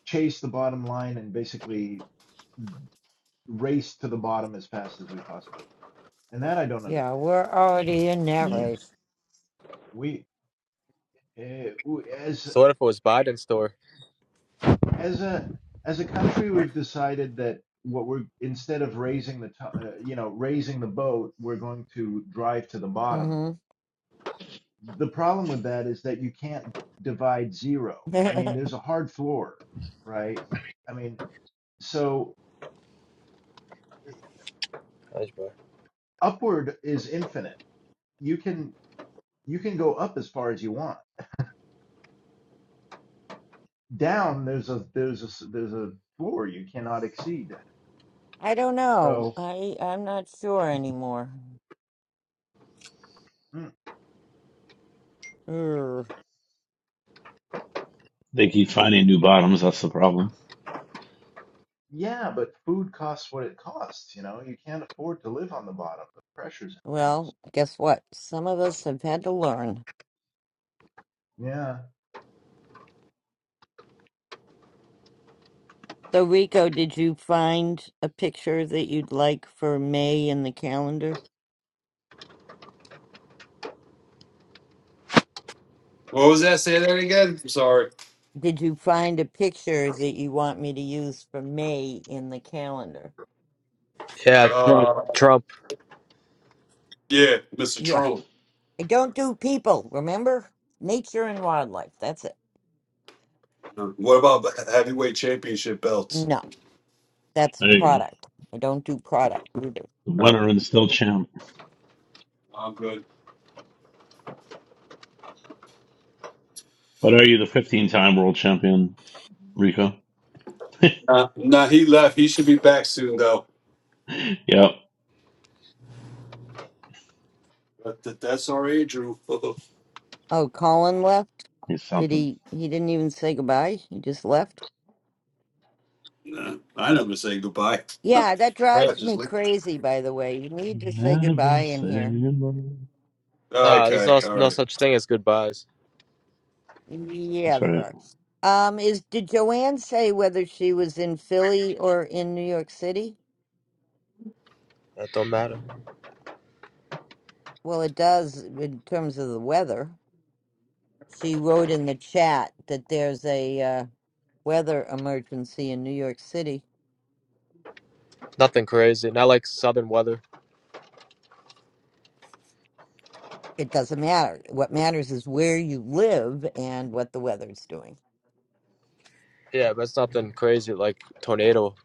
chase the bottom line and basically race to the bottom as fast as we possibly and that I don't
Yeah,
understand.
we're already in that
yeah.
race.
We, uh, we as
So what if it was Biden's store?
as a as a country, we've decided that what we're instead of raising the to, uh, you know raising the boat, we're going to drive to the bottom.
hmm
The problem with that is that you can't divide zero.
*laughs*
I mean,
I
there's a hard floor, right? I mean, so eh,
That's bad.
upward is infinite. You can you can go up as far as you want. Down there's a there's a there's a floor you cannot exceed.
don't know.
So.
I I'm not sure anymore.
mm,
Urgh.
They keep finding new bottoms. That's the problem.
Yeah, but food costs what it costs, you know. You can't afford to live on the bottom. The pressure's intense.
Well, guess what? Some of us have had to learn.
Yeah.
So, Rico, did you find a picture that you'd like for May in the calendar?
What was that? Say that again. I'm sorry.
Did you find a picture that you want me to use for May in the calendar?
Yeah, Trump.
Uh,
Trump.
yeah, Mr.
Yeah.
Trump.
I don't do people, remember? Nature and wildlife. That's it.
What about the heavyweight championship belts?
No, that's
There you go.
product. I don't do product either.
The winner and still champ.
I'm good.
But are you the 15 time world champion, Rico? *laughs*
Nah, nah, he left. He should be back soon, though.
yep.
But th- that's all right, Drew. *laughs*
Oh, Colin left?
He's
Did
something.
he? He didn't even say goodbye. He just left?
nah, I never say goodbye. *laughs*
Yeah,
I
that
Right.
drives
just
me
leave.
crazy, by the way. You need to say goodbye
Never
in
say
here.
no.
Nah, there's
Okay,
no,
all
no
right.
such thing as goodbyes.
Yeah,
That's
there
right.
are. Um, is did Joanne say whether she was in Philly or in New York City?
That don't matter.
Well, it does in terms of the weather. She wrote in the chat that there's a uh, weather emergency in New York City.
Nothing crazy. Not like southern weather.
It doesn't matter. What matters is where you live and what the weather's doing.
Yeah, but it's nothing crazy like tornado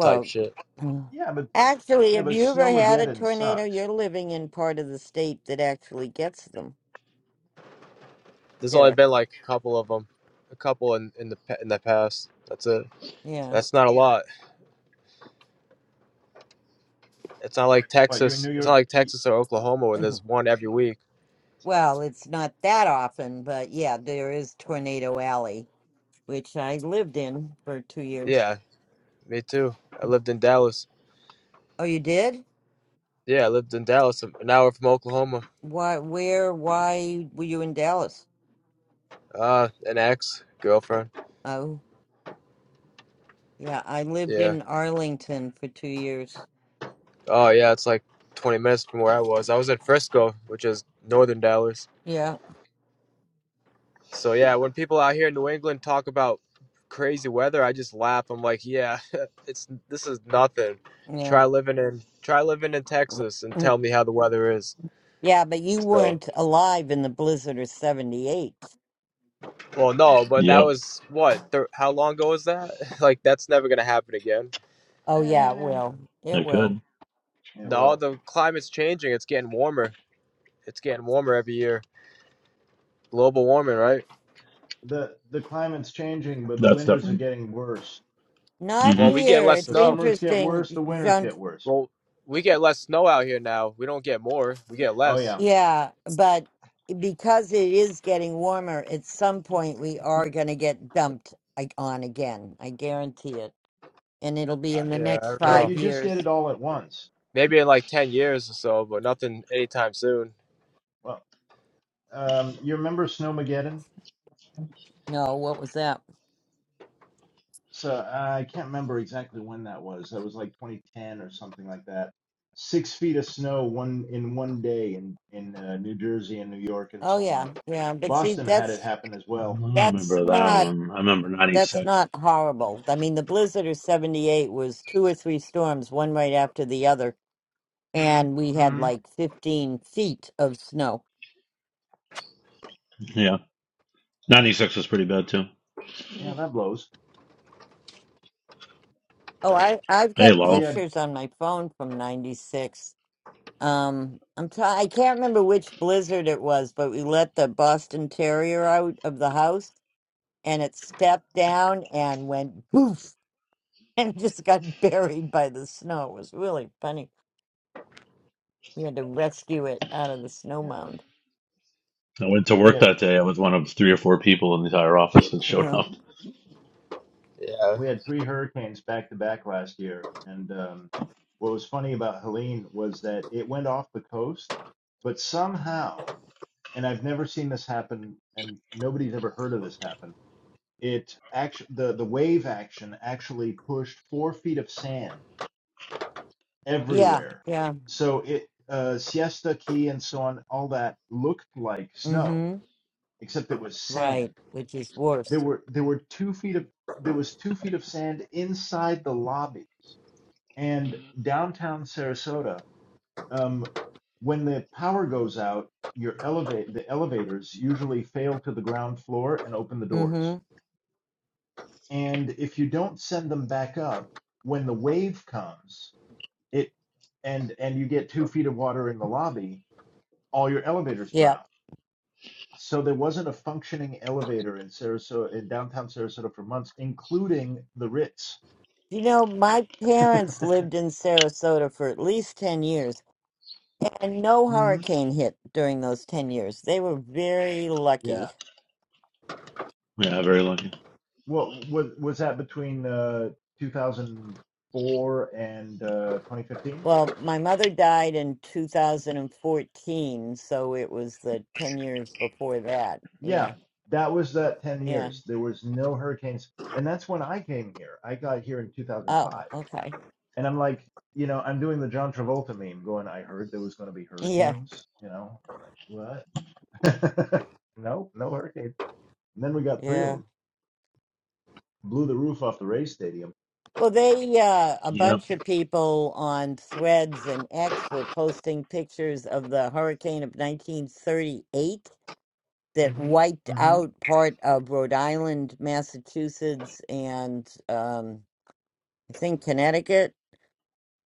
type shit.
*clears throat*
Yeah, but
actually,
yeah,
have
but
you ever had a
Snowmageddon
tornado?
sucks.
You're living in part of the state that actually gets them,
There's only
Derek.
been like a couple of them, a couple in in the pa- in the past. That's it.
Yeah.
That's not a lot. It's not like
But you're in
Texas.
New
It's not
York
like
y-
Texas or Oklahoma where
*clears throat*
there's one every week.
Well, it's not that often, but yeah, there is Tornado Alley, which I lived in for two years.
Yeah, me too. I lived in Dallas.
Oh, you did?
Yeah, I lived in Dallas. An hour from Oklahoma.
Why, where, why were you in Dallas?
Uh, an ex girlfriend.
Oh, yeah, I lived
Yeah.
in Arlington for two years.
Oh yeah, it's like 20 minutes from where I was. I was in Frisco, which is northern Dallas.
Yeah,
So yeah, when people out here in New England talk about crazy weather, I just laugh. I'm like, yeah, *laughs* it's this is nothing.
yeah.
Try living in try living in Texas and
Mm.
tell me how the weather is.
Yeah, but you
So,
weren't alive in the blizzard of 78.
well, no, but that
Yep.
was what? Th- how long ago was that? *laughs* Like that's never gonna happen again.
Oh, yeah, it
eh,
will. It
It
will.
could.
yeah,
No,
well.
the climate's changing. It's getting warmer. It's getting warmer every year. Global warming, right?
The the climate's changing, but the
That's
winters are
different.
getting worse.
Not
hmm
Well, we get
here.
less
The
It's
snow.
summers get worse,
interesting,
the winters
John.
get worse.
Well, we get less snow out here now. We don't get more. We get
Oh
less.
yeah.
Yeah, but because it is getting warmer, at some point we are going to get dumped like, on again. I guarantee it. And it'll be
Uh,
in the
yeah, I
next
don't
Yeah,
know.
five
you just get
years.
it all at once.
Maybe in like ten years or so, but nothing anytime soon.
Well, um, you remember Snowmageddon?
No, what was that?
So I can't remember exactly when that was. That was like 2010 or something like that. Six feet of snow one in one day in in uh, New Jersey and New York and
Oh
so
yeah,
on.
yeah. But see,
Boston had it
that's
happen as well.
I
that's
remember that
not
one. I remember
that's
96.
not horrible. I mean, the blizzard of '78 was two or three storms, one right after the other, and we had
hmm
like 15 feet of snow.
Yeah. 96 was pretty bad too.
Yeah, that blows.
Oh, I I've
Hey,
got
We
Lalo.
had
pictures on my phone from '96. Um, I'm try- I can't remember which blizzard it was, but we let the Boston Terrier out of the house, and it stepped down and went poof, *laughs* and just got buried by the snow. It was really funny. We had to rescue it out of the snow
yeah,
mound.
I went to
we
work
had
that day. I was one of three or four people in the entire office that showed
Yeah,
up.
Yeah.
we had three hurricanes back to back last year, and um, what was funny about Helene was that it went off the coast, but somehow, and I've never seen this happen, and nobody's ever heard of this happen It actually the the wave action actually pushed four feet of sand
yeah,
everywhere.
yeah.
So it uh, Siesta Key and so on, all that looked like snow,
Mm-hmm.
except it was sand.
Right, which is
There
worse.
were there were two feet of there was two feet of sand inside the lobbies and downtown Sarasota. Um, when the power goes out, your elevate the elevators usually fail to the ground floor and open the doors
Mm-hmm.
And if you don't send them back up, when the wave comes, it and and you get two feet of water in the lobby, all your elevators
Yeah.
drown. So there wasn't a functioning elevator in Sarasota in downtown Sarasota for months, including the Ritz.
You know, my
*laughs*
parents lived in Sarasota for at least 10 years, and no
hmm
hurricane hit during those 10 years. They were very
Yeah.
lucky.
Yeah, very lucky.
Well, was was that between uh, 2004 and uh, 2015?
Well, my mother died in 2014, so it was the 10 years before that. Yeah,
Yeah, that was that 10
yeah.
years. There was no hurricanes, and that's when I came here. I got here in
Oh,
2005.
okay.
And I'm like, you know, I'm doing the John Travolta meme going, I heard there was going to be
Yeah,
hurricanes, you know, like what? *laughs* no, no hurricane. And then we got three of
yeah.
them. Blew the roof off the Ray Stadium.
Well, they, uh, a
Yep.
bunch of people on Threads and X were posting pictures of the hurricane of 1938 that hmm wiped
hmm
out part of Rhode Island, Massachusetts, and um, I think Connecticut.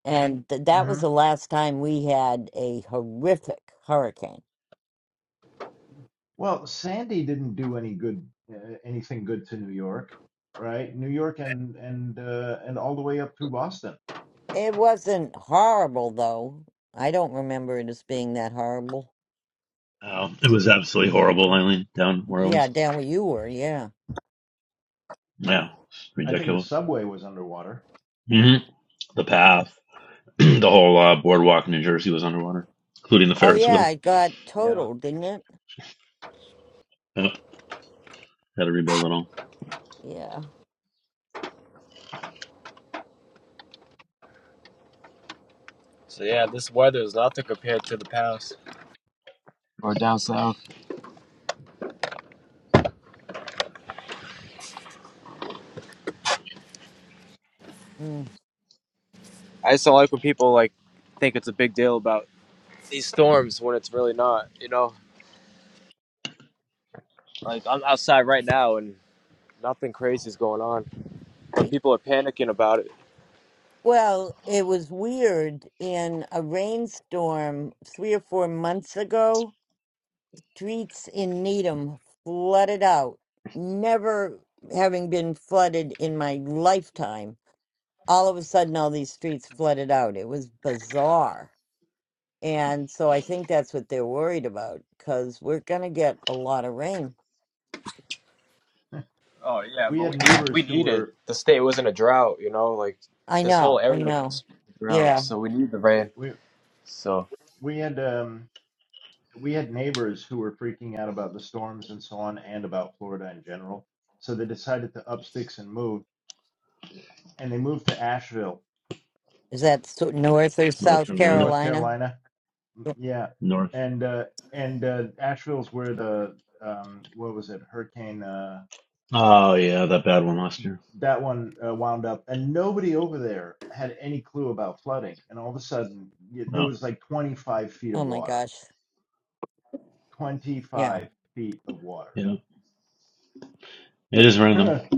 And th- that was
hmm
the last time we had a horrific hurricane.
Well, Sandy didn't do any good, uh, anything good to New York, right? New York and and uh, and all the way up through Boston.
It wasn't horrible, though. I don't remember it as being that horrible.
Oh, it was absolutely horrible, Eileen, down where I
Yeah,
was.
down where you were, yeah.
Yeah, it's
I think the
ridiculous.
subway was underwater.
hmm The path, *clears throat* the whole uh, boardwalk in New Jersey was underwater, including the
Oh,
Ferris
yeah,
wheel.
it got
Yeah,
totaled, didn't it?
Yep. Had to rebuild it all.
Yeah.
So yeah, this weather is nothing compared to the past or down south.
Mm.
I just don't like when people like think it's a big deal about these storms when it's really not. You know, like I'm outside right now and nothing crazy is going on, but people are panicking about it.
Well, it was weird. In a rainstorm three or four months ago, streets in Needham flooded out. Never having been flooded in my lifetime, all of a sudden, all these streets flooded out. It was bizarre. And so I think that's what they're worried about because we're going to get a lot of rain.
Oh yeah,
we
but we
had neighbors
we
who
need it.
were
The state was in a drought. You know, like
I
this whole
know. I
area
know.
was in a drought,
Yeah.
so we need the rain.
we
So
we had um we had neighbors who were freaking out about the storms and so on and about Florida in general. So they decided to up sticks and move and they moved to Asheville,
Is that so- North or
North
South
Carolina,
North
Carolina?
Carolina. Mm, Yeah.
north.
And uh and uh Asheville's where the um what was it? Hurricane uh
Oh, yeah, that bad one last year.
that one uh, wound up and nobody over there had any clue about flooding and all of a sudden y- there
Oh,
was like 25 feet
Oh
of
my
water
gosh. Yeah.
25 feet of water
yeah. It is
*laughs*
random.
Hmm.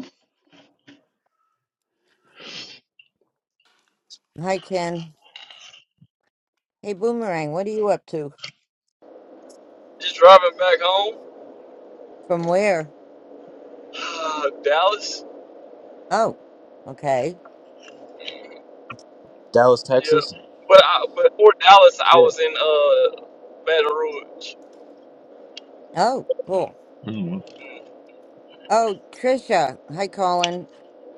Hi, Ken. Hey, Boomerang, what are you up to?
Just driving back home,
From where?
*sighs* Dallas.
Oh, okay.
Mm,
Dallas,
Yeah,
Texas.
but I, but before Dallas, I
Shit.
was in uh Baton Rouge.
Oh, cool.
I don't know.
Mm.
Oh, Trisha. Hi, Colin.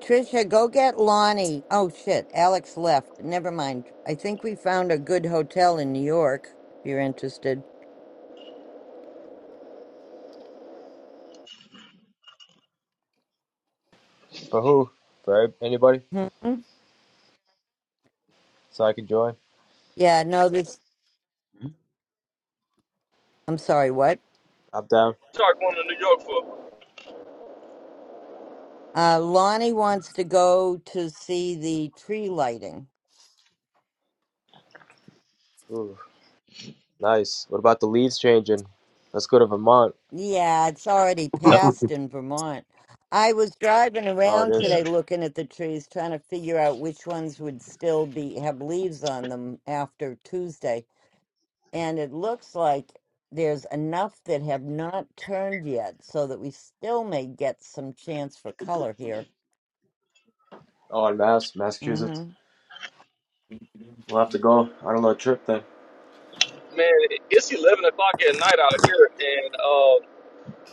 Trisha, go get Lonnie. Oh, shit. Alex left. Never mind. I think we found a good hotel in New York, if you're interested.
For who? For ev- anybody?
Hmm?
So I can join.
Yeah, no, this. I'm sorry, what?
I'm down.
Started going to New York for
Uh, Lonnie wants to go to see the tree lighting.
Ooh, nice. What about the leaves changing? Let's go to Vermont.
Yeah, it's already
Yep.
*laughs*
passed in Vermont. I was driving
Oh, it
around
Yeah.
is.
today looking at the trees, trying to figure out which ones would still be have leaves on them after Tuesday. And it looks like there's enough that have not turned yet, so that we still may get some chance for color here.
Oh, and Mass, Massachusetts.
Mm-hmm.
We'll have to go on a little trip then.
man. it- It's eleven o'clock at night out here, and uh,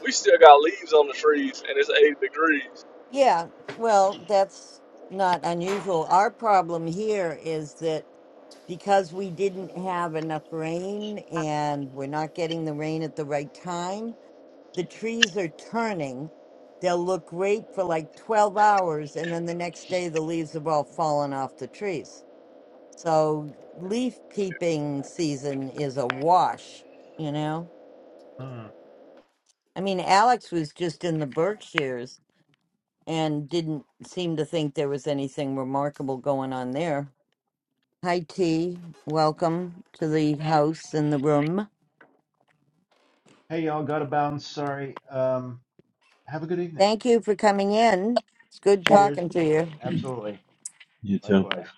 we still got leaves on the trees, and it's eight degrees.
Yeah, well, that's not unusual. Our problem here is that because we didn't have enough rain and we're not getting the rain at the right time, the trees are turning. They'll look great for like 12 hours, and then the next day the leaves have all fallen off the trees. So leaf peeping season is a wash, you know? I mean, Alex was just in the Berkshires and didn't seem to think there was anything remarkable going on there. Hi, T. Welcome to the house and the room.
hey y'all gotta bounce sorry um Have a good evening.
Thank you for coming in. It's good
Cheers.
talking to you.
Absolutely.
You too.
Likewise.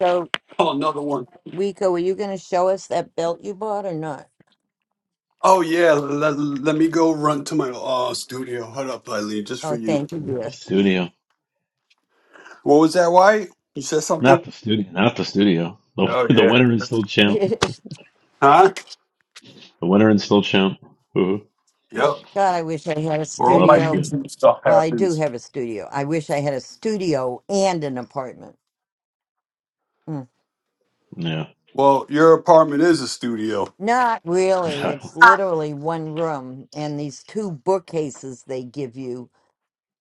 So,
Oh, another one.
Rico, are you going to show us that belt you bought or not?
Oh yeah, let, let me go run to my uh studio. Hold up, Eileen, just for
Oh,
you.
thank you,
The
dear.
studio.
What was that? White? you said
Not
something?
the studio. Not the studio. The,
Oh
*laughs* the
yeah.
winner is still champ.
*laughs*
Huh?
The winner and still champ. Ooh,
Yep.
God, I wish I had a
Where all
we'll have
my
to see
studio.
it.
YouTube stuff
Well, I do
happens.
have a studio. I wish I had a studio and an apartment. Mm.
Yeah,
Well, your apartment is a studio.
Not really.
exactly.
It's literally one room and these two bookcases they give you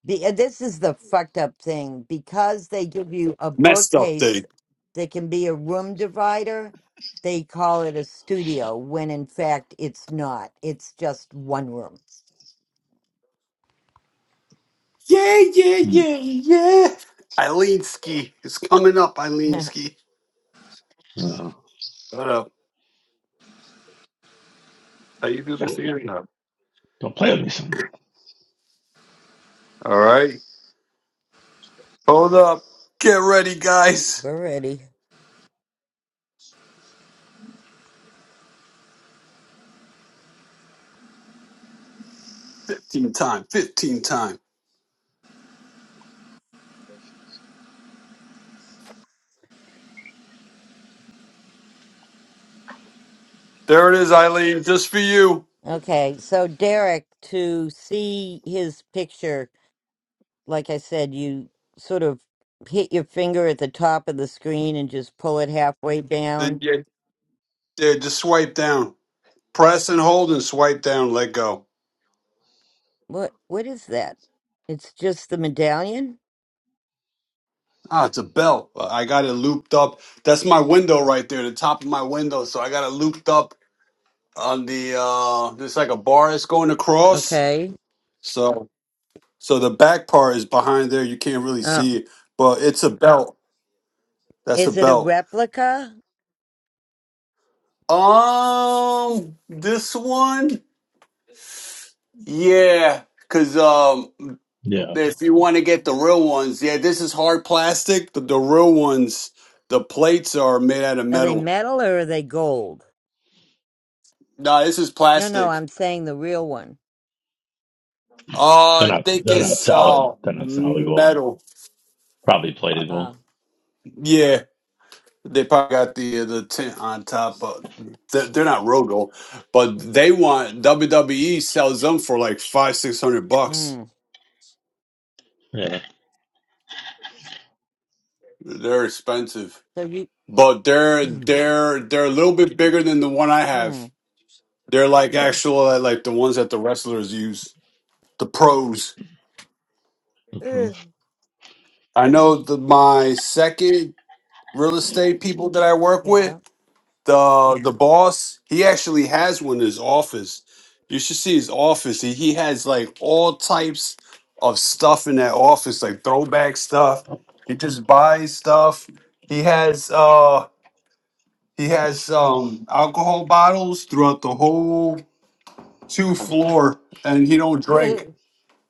The, uh, this is the fucked up thing because they give you a
Met
bookcase
day.
that can be a room divider. They call it a studio when in fact it's not. It's just one room.
Yeah, yeah,
Hmm.
yeah, yeah. Eileenski. It's coming up,
*laughs* We're
Eileenski.
Uh,
Shut up. How you do this here? No.
don't play with me, son.
All right. Hold up. Get ready, guys.
ready.
15 time. 15 time. There it is, Eileen. Just for you.
Okay, so Derek, to see his picture, like I said, you sort of hit your finger at the top of the screen and just pull it halfway
Then
down.
yeah, yeah, just swipe down. Press and hold and swipe down. Let go.
What what is that? It's just the medallion?
Ah, it's a belt. Well, I got it looped up. That's my window right there, the top of my window. So I got it looped up on the uh there's like a bar that's going across.
Okay.
So so the back part is behind there. You can't really
uh,
see it. But it's a belt. That's a
Is it a
belt.
replica?
Um this one? Yeah. Cause um
Yeah,
if you want to get the real ones, yeah, this is hard plastic. The, the real ones, the plates are made out of
Are they
metal.
metal or are they gold?
Nah, this is
No, no,
plastic.
I'm saying the real one.
Uh,
they're
I
not.
think
They're not
it's uh
solid. They're not solid gold.
metal.
Probably plated
Uh,
gold.
Yeah, they probably got the the tent on top of. They're, they're not Rogo, but they want WWE sells them for like five six hundred bucks.
mm.
Yeah,
They're expensive,
So you,
but they're
*clears throat*
they're they're a little bit bigger than the one I
hmm.
have. They're like actual like like the ones that the wrestlers use, the pros.
the pros.
Ugh,
I know the, my second real estate people that I work with.
yeah.
the the boss he actually has one in his office you should see his office he, he has like all types of stuff in that office like throwback stuff he just buys stuff he has uh he has um alcohol bottles throughout the whole two floor and he don't
*laughs*
drink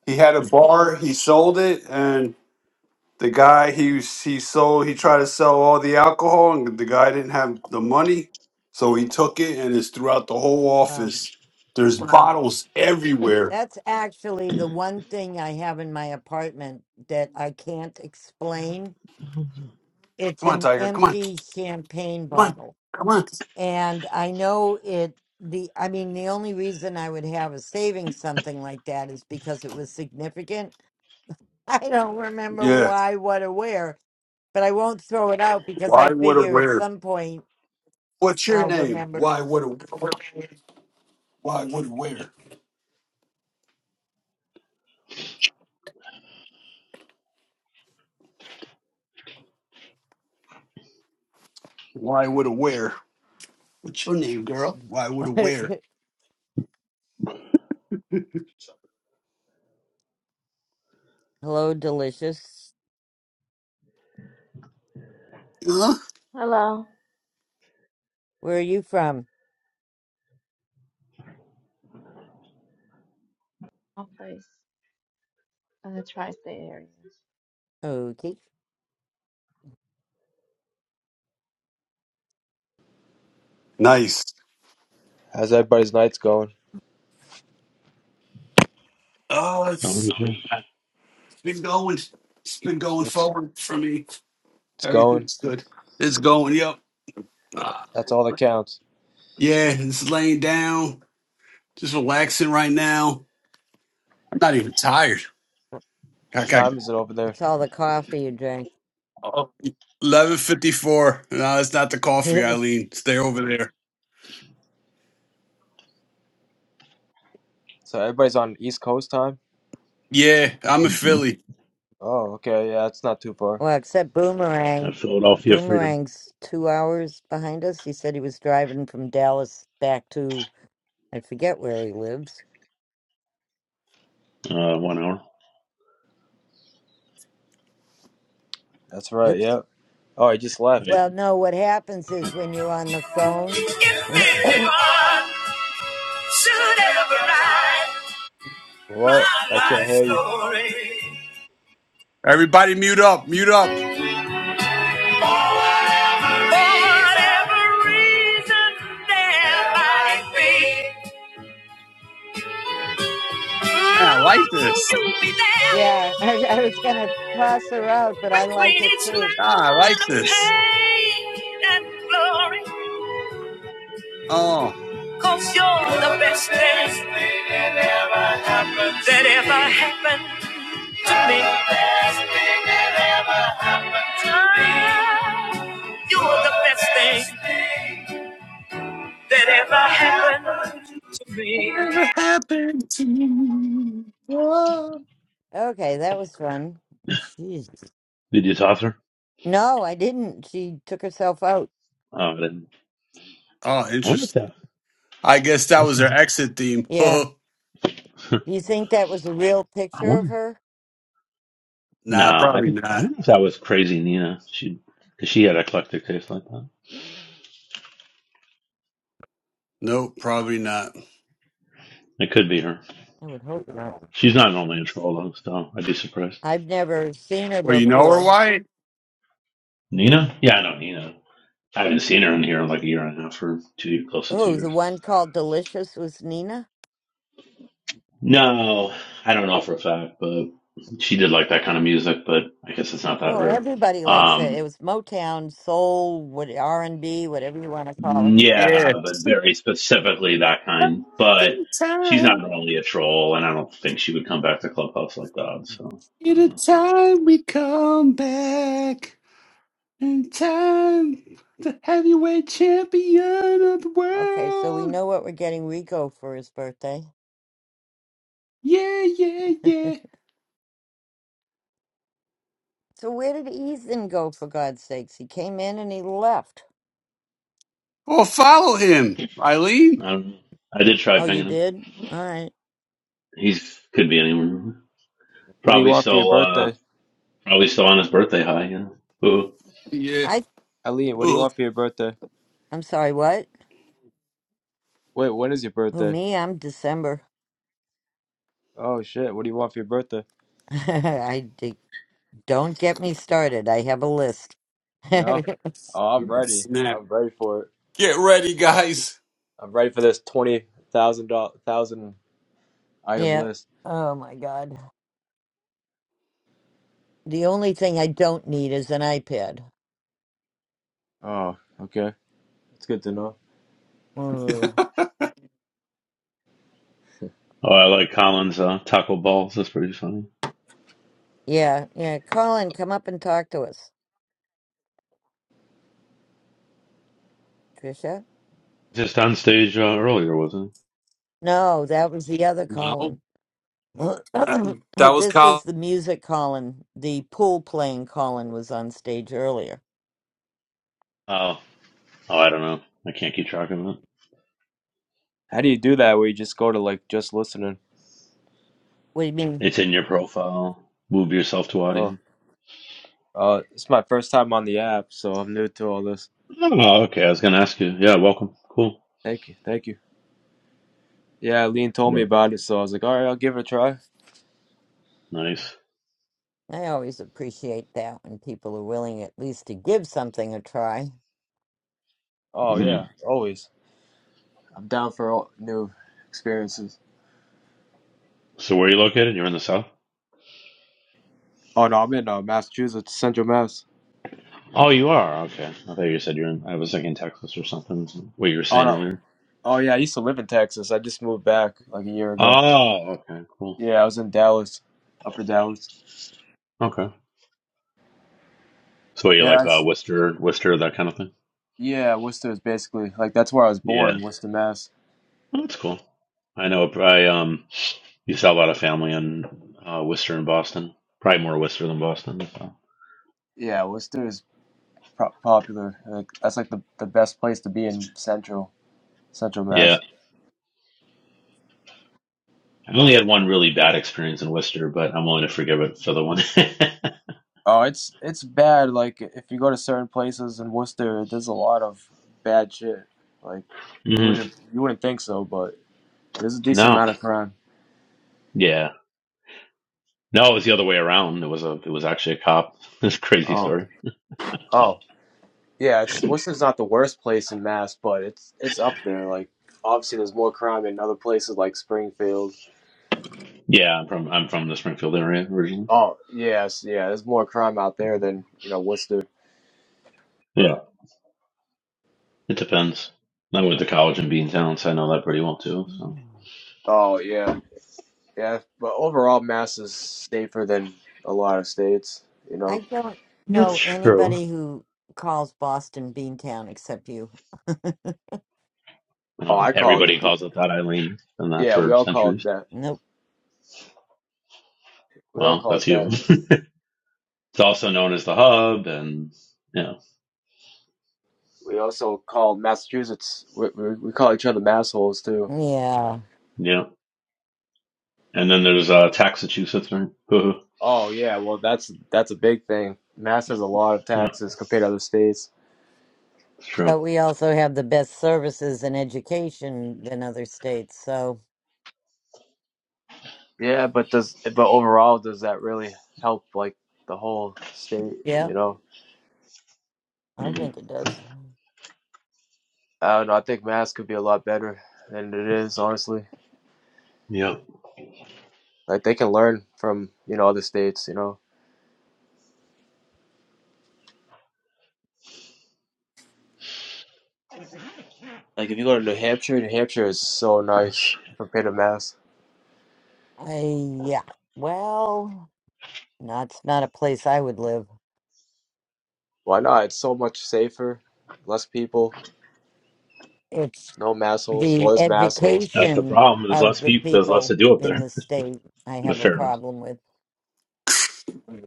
he had a bar he sold it and. The guy he he sold he tried to sell all the alcohol and the guy didn't have the money, so he took it and it's throughout the whole
well,
office. There's Wow. bottles everywhere.
that's actually the one thing I have in my apartment that I can't explain.
I'm
It's
Come on,
an
Tiger. Come on.
empty champagne
Come on.
bottle.
Come on.
And I know it, the, I mean, the only reason I would have a saving something like that is because it was significant *laughs* I don't remember
Yeah.
why, what, or where, but I won't throw it out because I
Why would it
figure at
wear?
some point
What's your
I'll
name?
remember.
Why would it why would it wear? Why would it wear? What's your name, girl? Why would
*laughs*
it wear?
Hello, delicious.
Huh?
Where are you from? Okay.
Nice.
How's everybody's nights going?
Oh, it's
okay.
it's been going. It's been going
It's
forward for me.
it's going.
Everything's good. It's going. Yep. Uh,
That's all that counts.
yeah, just laying down, just relaxing right now. I'm not even tired. I
What
got
time is it over there?
what's all the coffee you drank.
11:54. No, it's not the
*laughs*
coffee,
well,
Eileen. Stay over there.
So everybody's on East Coast time.
Yeah, I'm in
Mm-hmm.
Philly.
Oh, okay. Yeah, it's not too far.
except
At
Boomerang.
Philadelphia Freedom,
Boomerang's two hours behind us. He said he was driving from Dallas back to, I forget where he lives.
uh, one hour.
That's right.
Oops.
Yeah. Oh, I just
Right.
left.
Well, no, what happens is
You-
when you're on the phone.
Infinity
*clears throat*
fun should ever write
What?
my
I can't
life
hear you.
story.
Everybody, mute up, mute up.
For whatever reason there might be,
Man, I like
mm,
this.
you'll be there
Yeah, *laughs* I, I was gonna toss her out, but I like
between
it
each
too.
Ah, I
line of
like this.
pain and glory,
Oh,
you you're the best thing that ever happened to me. You are the best thing that ever happened to me.
whatever happened to me? Oh,
Okay, that was fun. Jeez.
Did you toss her?
No, I didn't. She took herself out.
Oh, I didn't.
Oh,
I wonder if
interesting.
that.
I guess
I
that
was
was
gonna.
their exit theme.
Yeah.
*laughs*
*laughs*
Do you think that was a real
I
picture of
wonder.
her?
No,
nah,
I
probably
think. I
not.
wonder if that was crazy Nina. She, cause she had eclectic taste like that.
Nope, probably not.
It could be her.
I would hope not.
She's not normally in Troll, so I'd be surprised.
I've never seen her
Well, you know her
before.
white.
Nina? Yeah, I know Nina. I haven't seen her in here in like a year and a half or two, close to two
Oh, the
years.
one called Delicious was Nina?
No, I don't know for a fact, but she did like that kind of music, but I guess it's not that
Well,
rare.
everybody likes it. It
Um,
was Motown, soul, what R&B, whatever you want to call it.
Yeah.
yeah, but very specifically that kind. But
The
she's not
time,
normally a troll, and I don't think she would come back to Clubhouse like that. So
be
I don't know.
time we come back, in time, the heavyweight champion of the
Okay, so we
world.
know what we're getting Rico for his birthday.
Yeah, yeah, yeah.
So where did Ethan go for God's sakes? He came in and he left.
Or follow him, Eileen.
I, don't know. I did try
Oh, you
pinging him.
did? All right.
He's could be anywhere.
What do you
Probably
want for your
still. uh,
birthday,
Probably still on his birthday high. Yeah. Ooh.
Yeah.
I
Eileen? What do you
Oh,
want for your birthday?
I'm sorry, what?
Wait, when is your
Who
birthday?
me? I'm December.
Oh shit, what do you want for your birthday?
*laughs* I d- don't get me started. I have a list. *laughs* yeah.
No? Oh, I'm ready.
snap.
I'm ready for it.
Get ready, guys.
I'm ready for this twenty thousand dollar thousand item list.
Oh my god. The only thing I don't need is an iPad.
Oh, okay. It's good to know.
Mm.
Oh, I like Colin's uh, taco balls. That's pretty funny.
Yeah, yeah. Colin, come up and talk to us. Trisha?
Just on stage uh, earlier, wasn't it?
No, that was the other Colin.
no. *laughs*
*coughs*
That was
this is
Kyle.
the music Colin, the pool playing Colin was on stage earlier.
Oh, oh, I don't know. I can't keep track of it.
How do you do that where you just go to like just listening?
What do you mean?
It's in your profile. Move yourself to
Oh.
audience.
Uh it's my first time on the app, so I'm new to all this.
Oh, okay. I was gonna ask you. Yeah, welcome. Cool.
Thank you, thank you. Yeah, Lean told me
Work.
about it, so I was like, Alright, I'll give it a try.
Nice.
I always appreciate that when people are willing at least to give something a try.
Oh
hmm
yeah, always. I'm down for all new experiences.
So, where are you located? You're in the south.
Oh no, I'm in uh, Massachusetts, Central Mass.
Oh, you are? Okay. I thought you said you're in, I was thinking Texas or something, what you were
Oh
saying
no,
earlier.
Oh yeah, I used to live in Texas. I just moved back like a year ago.
Oh, okay. Cool.
Yeah, I was in Dallas, Upper Dallas.
Okay. So you
Yeah,
like uh,
it's,
Worcester, Worcester, that kind of thing?
yeah, Worcester is basically like that's where I was
Yeah.
born, Worcester, Mass.
Oh, that's cool. I know. I, um, you saw a lot of family in uh, Worcester and Boston. Probably more Worcester than Boston. So.
Yeah, Worcester is pro- popular. Like that's like the the best place to be in Central Central
Yeah.
Mass.
I've only had one really bad experience in Worcester, but I'm willing to forgive it for the one.
Oh, it's it's bad. Like if you go to certain places in Worcester, there's a lot of bad shit. Like
*laughs*
you
hmm
wouldn't you wouldn't think so, but there's a decent
No.
amount of crime.
Yeah. No, it was the other way around. It was a, it was actually a cop. *laughs* This crazy
Oh.
story.
oh. Yeah, it's Worcester's not the worst place in Mass, but it's it's up there. Like obviously, there's more crime in other places like Springfield.
Yeah, I'm from I'm from the Springfield area originally.
Oh yes, yeah, there's more crime out there than you know Worcester.
Yeah, It depends. I went to college in Beantown, so I know that pretty well too. So
Oh yeah, yeah. But overall, Mass is safer than a lot of states. You
I
know.
don't
that's
know
true.
anybody who calls Boston Beantown except you.
Oh,
uh,
I call
everybody calls
it.
it that Eileen, and that
Yeah, we
for
all call it
centuries.
that.
Nope.
We all
Well,
call
that's
it
you.
that.
It's also known as the hub, and yeah,
We also call Massachusetts. We, we, we call each other massholes too.
Yeah.
yeah. And then there's uh, Taxachusetts, right? Hoo-hoo.
Oh yeah, well that's that's a big thing. Mass has a lot of
yeah,
taxes compared to other states.
it's true.
But we also have the best services and education than other states. So,
Yeah, but does but overall does that really help like the whole state,
yeah,
you know?
I
hmm
think it does.
I don't know, I think Mass could be a lot better than it is, honestly.
Yeah,
Like they can learn from, you know, other states, you know. Like if you go to New Hampshire, New Hampshire is so nice
that's
compared to Mass.
I, yeah. Well, that's not a place I would live.
Why not? It's so much safer, less people,
it's
no mass holes. Well,
the
there's mass holes, but
the
education
problem. There's
of
less
the
people. There's less to
people
do up
in
there.
the state I
But
have a
fair enough.
problem with.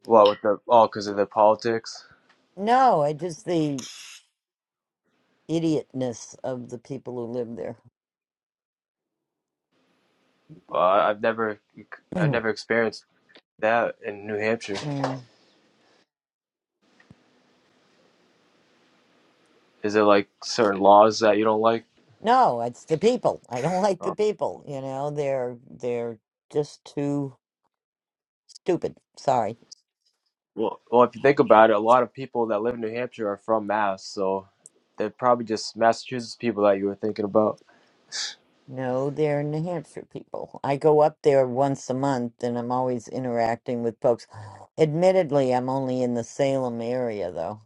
well, with the oh, because of the politics.
No, I just the idiotness of the people who live
Uh, I've never, I've
there. *clears throat*
never experienced that in New Hampshire.
Mm.
Is there like certain laws that you don't like?
No, it's the people. I don't *laughs* like the people. You know, they're they're just too stupid. Sorry.
Well, well, if you think about it, a lot of people that live in New Hampshire are from Mass, so they're probably just Massachusetts people that you were thinking about.
No, they're New Hampshire people. I go up there once a month and I'm always interacting with folks. Admittedly, I'm only in the Salem area though.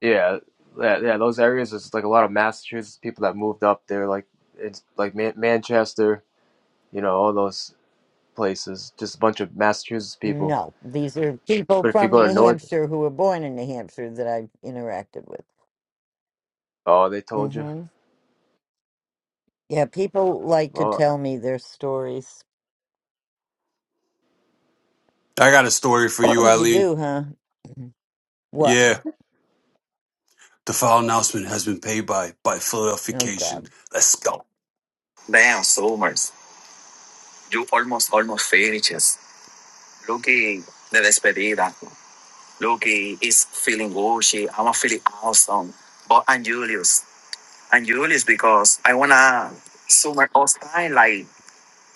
Yeah, yeah, yeah. Those areas is like a lot of Massachusetts people that moved up there, like it's like Man- Manchester, you know, all those places. Just a bunch of Massachusetts people.
No, these are people
But if you
from
go to
New
North,
Hampshire who were born in New Hampshire that I've interacted with.
oh, they told you.
hmm Yeah, people like to
Oh,
tell me their stories.
I got a story for
*clears throat*
you,
you
Eileen.
do, huh? What?
Yeah. The foul announcement has been paid by by
Oh,
Philadelphication.
God.
Let's go. Damn, Summers. You almost, almost finishes. Lucky, the despedida. Lucky is feeling gushy. I'm feeling awesome. But I'm Julius. and Julius because I wanna summer all style like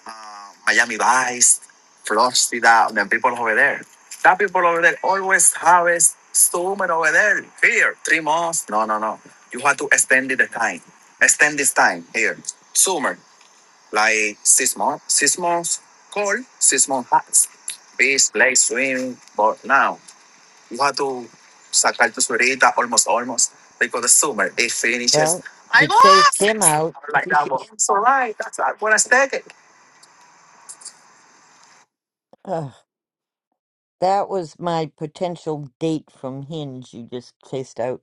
uh, Miami Vice, Florida, and the people over there. That people over there always have a summer over there. Here, three months. No, no, no. You have to extend it the time. Extend this time here. Summer, like six months. Six months cold, six months hot. Beach, lake, swim, but now. You have to sacar tu suerita almost, almost. Because the summer, it finishes.
Well,
I
you chased him
lost!
out. *laughs*
Like that one. It's all right. That's not what I expected.
Ugh, that was my potential date from Hinge you just chased out.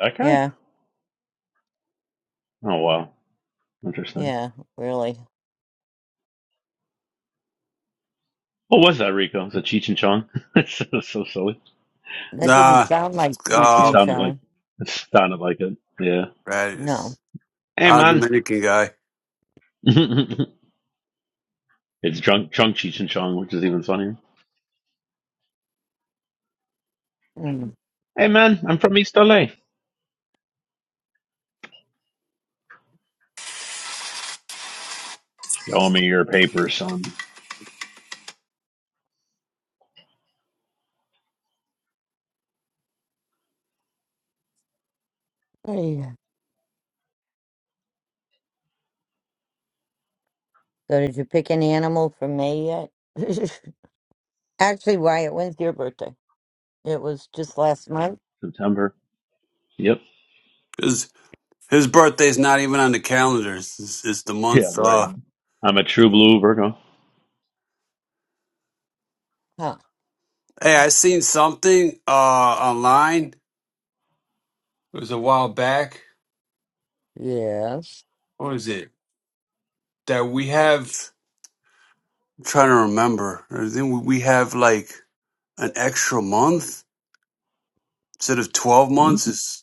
Okay.
Yeah,
Oh wow, interesting.
yeah, really.
What was that, Rico? Is it Cheech and Chong? *laughs* It's so so silly.
That didn't
Nah,
sound like Cheech
It
oh,
and
sounded like
Chong.
it sounded like it. Yeah.
No.
Radius.
Hey
Ah,
man.
Dominican guy.
*laughs* it's Chung Chung Cheech and Chong, which is even funnier.
Mm.
Hey man, I'm from East LA. Show me your papers, son.
Yeah. So did you pick an animal for May yet? *laughs* Actually, Wyatt, when's your birthday? It was just last month?
September. Yep.
His his birthday's not even on the calendar. It's, it's, it's the
Yeah,
month.
right.
Uh,
I'm a true blue Virgo.
Huh.
hey, I seen something uh online. It was a while back.
Yes.
What is it that we have? I'm trying to remember. I think we we have like an extra month instead of twelve
Hmm?
months.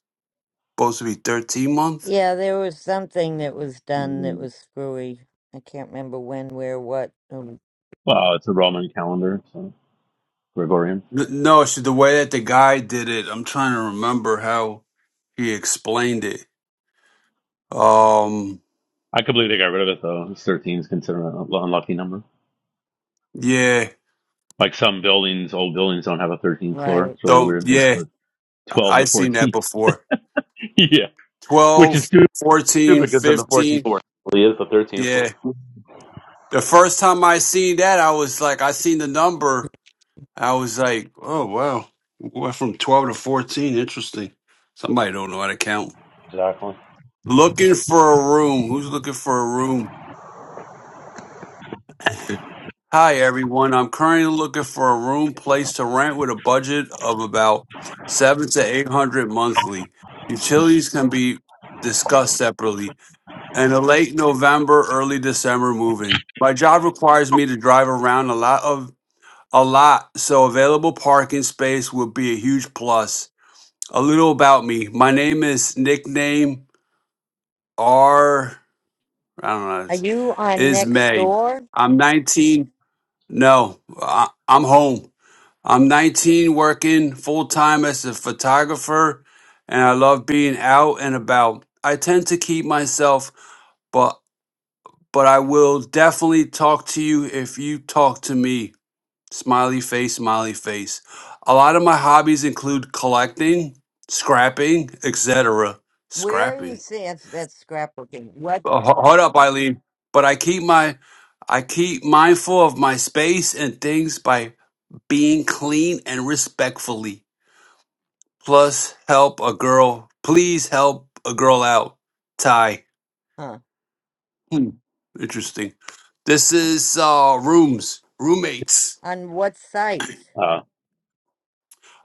supposed to be 13 month?
Yeah, there was something that was done that
Hmm.
was screwy. I can't remember when, where, what. Um,
Well, it's a Roman calendar, so Gregorian.
N- No, so the way that the guy did it, I'm trying to remember how he explained it. Um,
I completely got rid of it though. Thirteen is considered an un- unlucky number.
yeah.
Like some buildings, old buildings don't have a 13th floor.
right.
It's really
So,
weird. They just
yeah,
go
I I
12 to
seen that
14.
before.
*laughs* yeah, which
12,
is stupid
14,
stupid because of the 14th
15.
floor. Well, he is the 13th floor.
Yeah. The first time I seen that, I was like, I seen the number. I was like, oh, wow. Went from 12 to 14. Interesting. Somebody don't know how to count.
Exactly.
Looking for a room. Who's looking for a room? Hi everyone. I'm currently looking for a room place to rent with a budget of about seven to eight hundred monthly. Utilities can be discussed separately. And a late November, early December move-in. My job requires me to drive around a lot of a lot, so available parking space would be a huge plus. A little about me. My name is nickname R I don't know,
Are you on
is
next
May.
door?
I'm 19. No, I, I'm home. I'm 19, working full time as a photographer, and I love being out and about. I tend to keep myself, but but I will definitely talk to you if you talk to me. Smiley face, smiley face. A lot of my hobbies include collecting, scrapping, etc.
Where are you
Scrapping.
seeing that's, that's scrapbooking? What?
Uh, ho- Hold up, Eileen. But I keep my I keep mindful of my space and things by being clean and respectfully. Plus, help a girl. Please help a girl out. Ty.
Huh.
Hmm. Interesting. This is uh rooms, roommates.
On what site?
Uh,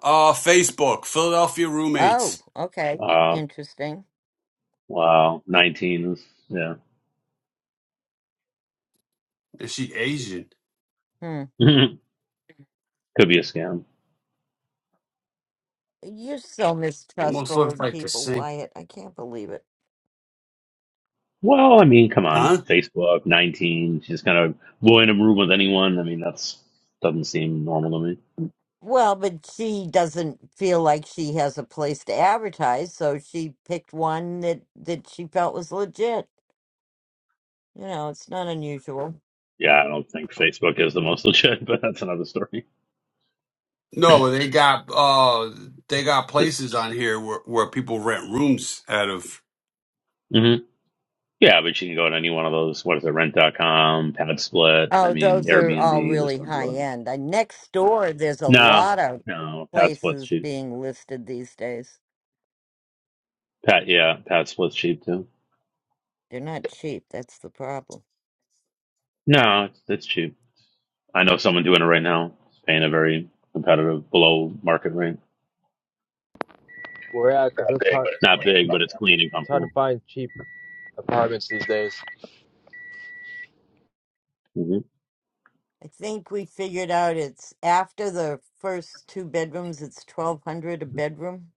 Uh, Facebook, Philadelphia
Oh,
roommates.
okay.
uh,
Interesting.
wow. 19 is, yeah.
Is she Asian?
Hmm.
*laughs* Could be a scam.
You're so
Almost
mistrustful
looks
of
like the
people,
same.
Wyatt. I can't believe it.
Well, I mean, come on.
Huh?
Facebook, 19. She's kind of blowing a room with anyone. I mean, that's doesn't seem normal to me.
Well, but she doesn't feel like she has a place to advertise, so she picked one that that she felt was legit. You know, it's not unusual.
Yeah, I don't think Facebook is the most legit, *laughs* but that's another story.
No, they got uh they got places on here where, where people rent rooms out of.
Mhm. Yeah, but you can go to any one of those. What is it? Rent. dot Rent.com, Padsplit. I
Oh,
mean,
those are all
Airbnb. There's
really
tons of
high
other. options.
end. Uh, next door, there's a
No,
lot of
no. Padsplit's
places
cheap.
being listed these days.
Pat, yeah, Padsplit's cheap too.
They're not cheap. That's the problem.
No, it's, it's cheap. I know someone doing it right now. It's paying a very competitive below market rate.
Well, yeah, 'cause it's hard.
Not big, but it's clean and
It's hard to
comfortable.
find cheap apartments these days.
hmm
I think we figured out it's after the first two bedrooms, it's twelve hundred a bedroom.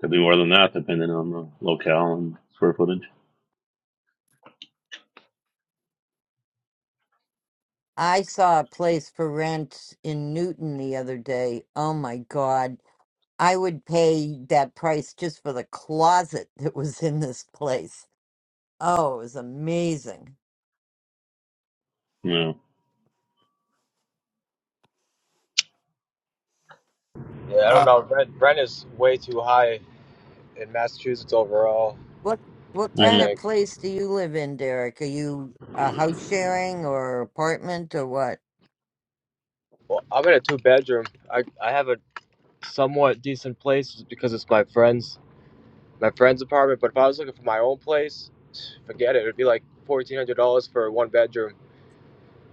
Could be more than that depending on the locale and square footage.
I saw a place for rent in Newton the other day. Oh my God I would pay that price just for the closet that was in this place. Oh, it was amazing.
Yeah.
Yeah, I don't know. Rent rent is way too high in Massachusetts overall.
What what
I
hmm
kind of
think.
place do you live in, Derek? Are you a house sharing or apartment or what?
Well, I'm in a two bedroom. I I have a somewhat decent place because it's my friend's my friend's apartment. But if I was looking for my own place, forget it. It'd be like fourteen hundred dollars for one bedroom,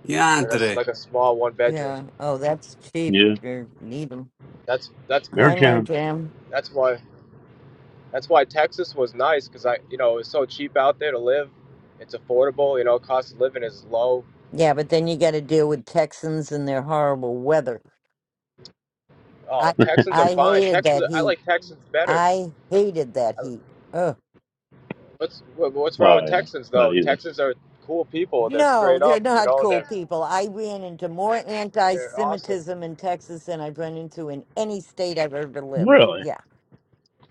Yeah,
like a
today.
like a small one bedroom.
Yeah. Oh, that's cheap.
Yeah.
You need 'em.
That's that's what
Hi,
Merchant.
Marjam.
that's why that's why Texas was nice because I you know it's so cheap out there to live. It's affordable. You know, cost of living is low.
Yeah, but then you got to deal with Texans and their horrible weather. I
Oh,
*laughs*
Texans are
I
fine.
hated
Texans,
that
are, I
heat.
like Texans better.
I hated that
I-
heat.
What's wha- what's wrong with
well, yeah.
Texans
It's not
though?
easy.
Texans are cool people. They're
No,
straight
they're
up. You
not
know,
cool
they're
people. I ran into more
They're awesome.
anti-Semitism in Texas than I've run into in any state I've ever lived.
Really?
Yeah.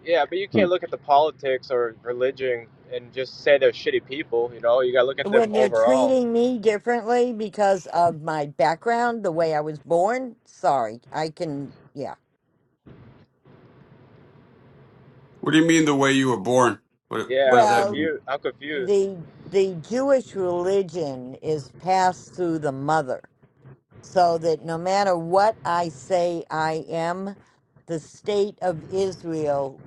Yeah, but you
Huh.
can't look at the politics or religion and just say they're shitty people. You know, you gotta look at
When
them
they're
overall.
treating me differently because of my background, the way I was born, sorry, I can, yeah.
What do you mean the way you were born? What what
Yeah,
does
I'm
that
Well,
mean?
confused. I'm confused.
the the Jewish religion is passed through the mother, so that no matter what I say I am, the state of Israel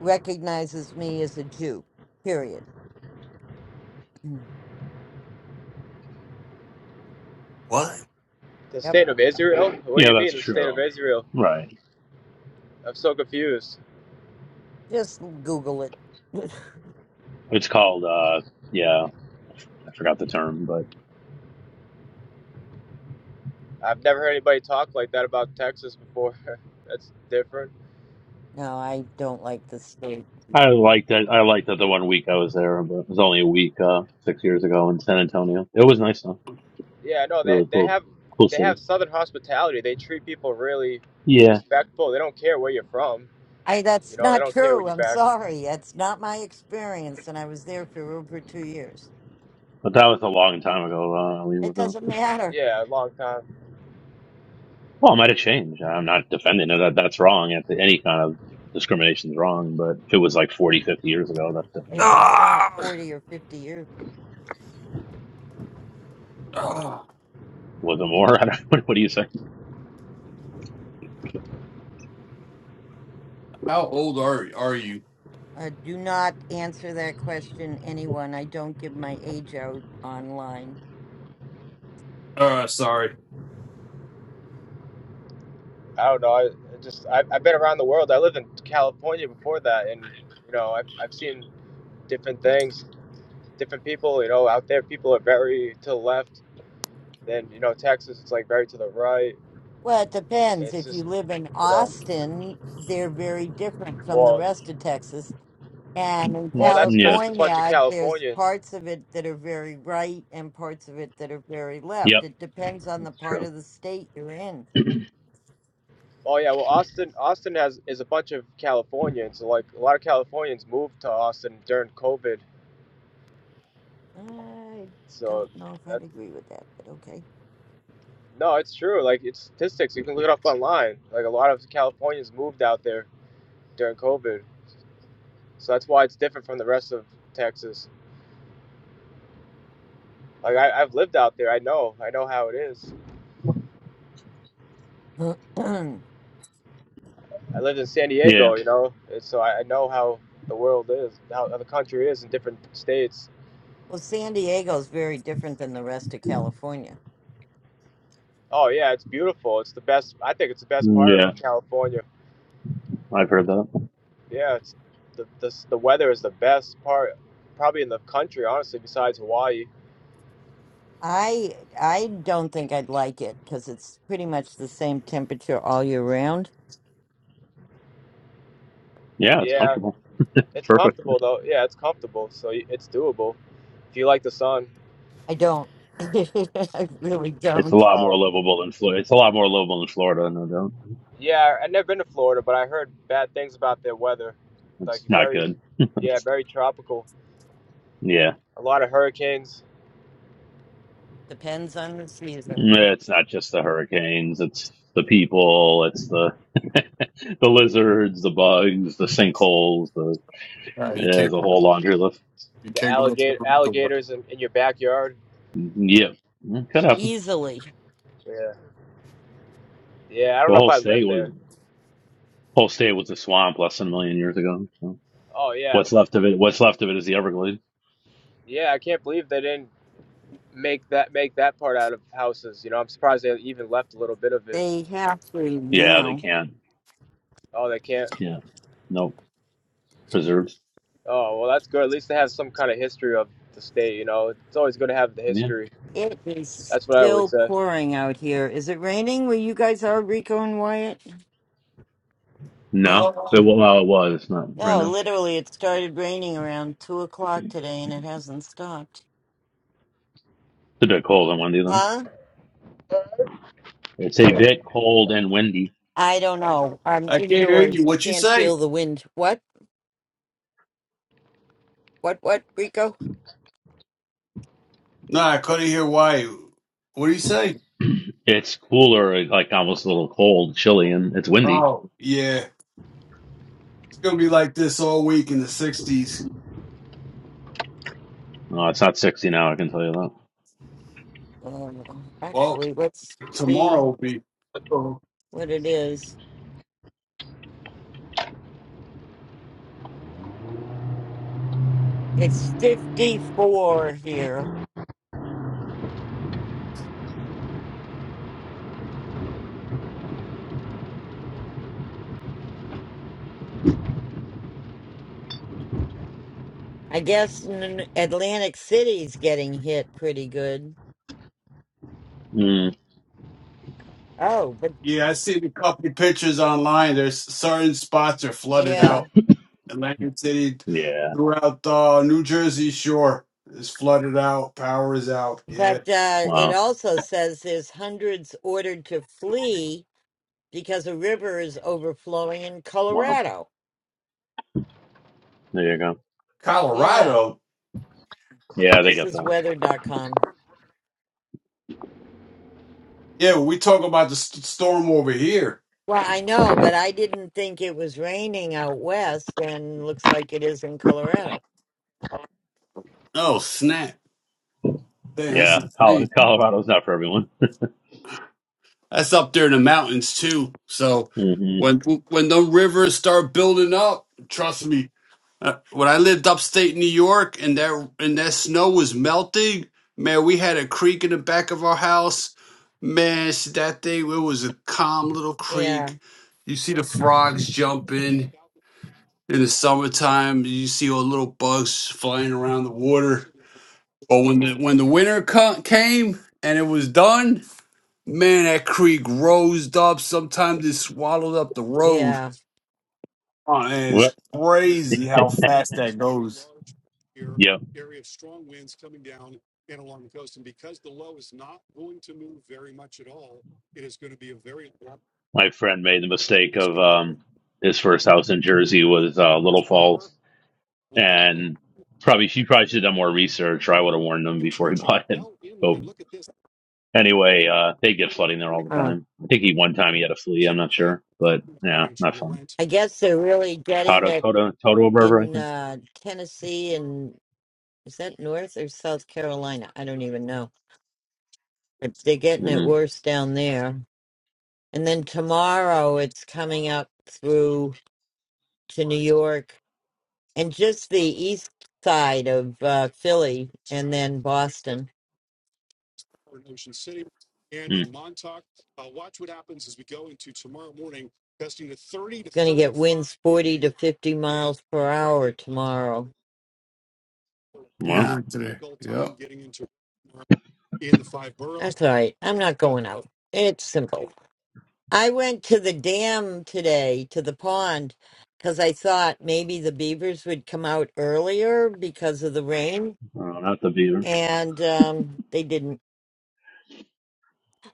recognizes me as a Jew. Period. Mm.
What?
The
Yep.
state of Israel? What do
Yeah,
you
that's
mean the state of
true.
Israel?
Right.
I'm so confused.
Just Google it. *laughs*
It's called, uh, yeah, I f- I forgot the term, but
I've never heard anybody talk like that about Texas before. *laughs* That's different.
No, I don't like this state.
I liked it. I liked it the one week I was there, but it was only a week, uh, six years ago in San Antonio. It was nice though.
Yeah, no, they
Really
they
cool,
have
cool
they
city.
have Southern hospitality. They treat people really
Yeah,
respectful. They don't care where you're from.
I
You
that's
know, they
not
don't care what
true.
you
I'm
back.
sorry. That's not my experience and I was there for over 2 years.
but that was a long time ago. Uh, I mean,
It
wasn't.
doesn't matter.
Yeah, a long time.
Well, it might have changed. I'm not defending it. That, that's wrong. If any kind of discrimination is wrong, but if it was like forty, fifty years ago, that's different.
It was not
Ah!
40 or 50 years.
Ah!
Was it more? *laughs* I don't. What, what do you say?
How old are are you?
Uh, do not answer that question anyone. I don't give my age out online.
Uh, sorry,
I don't know. I I just I, I've been around the world. I lived in California before that, and you know I've I've seen different things, different people. You know, out there people are very to the left. Then you know Texas, it's like very to the right.
Well, it depends.
It's
If you
just
live in
you know
Austin, they're very different from the
well
rest of Texas. And in
Mm,
well that's
Yeah.
because it's a bunch of
California, there's
Californians.
parts of it that are very right and parts of it that are very left.
Yep.
It depends on the
That's
part
true.
of the state you're in.
Oh yeah, well Austin Austin has is a bunch of Californians. Like a lot of Californians moved to Austin during COVID,
I
so
don't know if
that
I'd agree with that,
no, it's true. Like it's statistics. You can look it up online. Like a lot of Californians moved out there during COVID. So that's why it's different from the rest of Texas. Like I, I've lived out there. I know. I know how it is.
but okay.
I lived in San
Yeah.
Diego, you know, and so I, know how the world is, how the country is in different states.
*clears throat* well, San Diego is very different than the rest of California.
Oh yeah, it's beautiful. It's the best. I think it's the best
Mm,
part of
Yeah.
California.
I've heard that.
Yeah, it's the the, the weather is the best part, probably in the country, honestly, besides Hawaii.
I I don't think I'd like it because it's pretty much the same temperature all year round.
Yeah, it's
Yeah,
comfortable.
it's
Perfect.
comfortable though. Yeah, it's comfortable, so it's doable if you like the sun.
I don't. *laughs* I really
It's a
don't.
lot more
Um,
livable than Florida. It's a lot more livable than Florida, no doubt.
Yeah, I've never been to Florida, but I heard bad things about their weather. Like
It's not
very,
good.
yeah, very tropical.
*laughs* yeah,
A lot of hurricanes,
Depends on the season.
it's not just the hurricanes. It's the people. It's the *laughs* the lizards, the bugs, the sinkholes. The
Uh, you
yeah,
can't.
there's a whole laundry list.
the alligator alligators in, in your backyard.
Yeah, it could happen.
Easily.
Yeah. Yeah, I don't
The
know if
whole
I live
state was
there.
whole state was a swamp less than a million years ago. So
Oh yeah,
what's left of it? What's left of it is the Everglades.
yeah. I can't believe they didn't make that make that part out of houses. You know, I'm surprised they even left a little bit of it.
They have to
Yeah, they
now.
can't.
Oh, they can't.
Yeah, nope, preserved.
Oh well, that's good. At least they have some kind of history of the state. You know, it's always good to have the
Yeah,
history.
It is
That's what I always
still
say.
pouring out here. Is it raining where you guys are, Rico and Wyatt?
no. It, well, it was not right
No,
now.
literally, it started raining around two o'clock today, and it hasn't stopped.
It's a bit cold and windy though.
Huh?
It's a bit cold and windy.
I don't know. I'm
I can't hear you.
indoors.
What you
Can't
say?
feel the wind. What? What? What, Rico?
No, I couldn't hear why. What do you say?
*clears throat* it's cooler, like almost a little cold, chilly, and it's windy.
Oh, yeah. It's gonna be like this all week in the '60s.
No, it's not 60 now, I can tell you that.
Um,
Well,
actually, let's
tomorrow
see
will be.
what it is. It's fifty-four here. I guess n- Atlantic City's getting hit pretty good.
Mm,
Oh, but
Yeah, I seen a couple of pictures online. There's certain spots are flooded
yeah.
out. Atlantic City,
yeah.
throughout the New Jersey shore is flooded out. Power is out. Yeah,
But uh, it
Wow.
also says there's hundreds ordered to flee because a river is overflowing in
Wow.
Colorado.
There you go.
Yeah,
Colorado.
Yeah, they
this
get
is
that.
weather.com.
Yeah, we talk about the st- storm over here.
Well, I know, but I didn't think it was raining out west, and looks like it is in Colorado.
Oh snap! Damn, that's
Yeah.
insane.
Col- Colorado's not for everyone.
That's up there in the mountains too. So
*laughs* hmm
when when the rivers start building up, trust me. Uh, when I lived upstate New York and that and that snow was melting, man, we had a creek in the back of our house. Man, s- that thing it was a calm little
Yeah,
creek. You see the frogs jumping in the summertime. You see all the little bugs flying around the water. But when the when the winter co- came and it was done, Man, that creek rose up. Sometimes it swallowed up the road.
yeah.
Uh, and
Well,
it's crazy how fast that goes.
yeah. My friend made the mistake of um, his first house in Jersey was uh, Little Falls. And probably she probably should have done more research, or I would have warned him before he *laughs* bought it. Anyway, uh, they get flooding there all the
Huh.
time. I think he one time he had a flea. I'm not sure, but yeah, not fun.
I guess they're really getting
Toto,
it
Toto, Toto River, I
in
think.
uh, Tennessee and is that North or South Carolina? I don't even know. But They're getting it
Mm-hmm.
worse down there. And then tomorrow it's coming up through to New York and just the east side of uh, Philly and then Boston.
Mm.
It's going to get winds 40 to 50 miles per hour tomorrow.
Well,
Yeah, today. Yep.
That's all right. I'm not going out. It's simple. I went to the dam today, to the pond, because I thought maybe the beavers would come out earlier because of the rain,
uh, not the beaver.
and um, they didn't.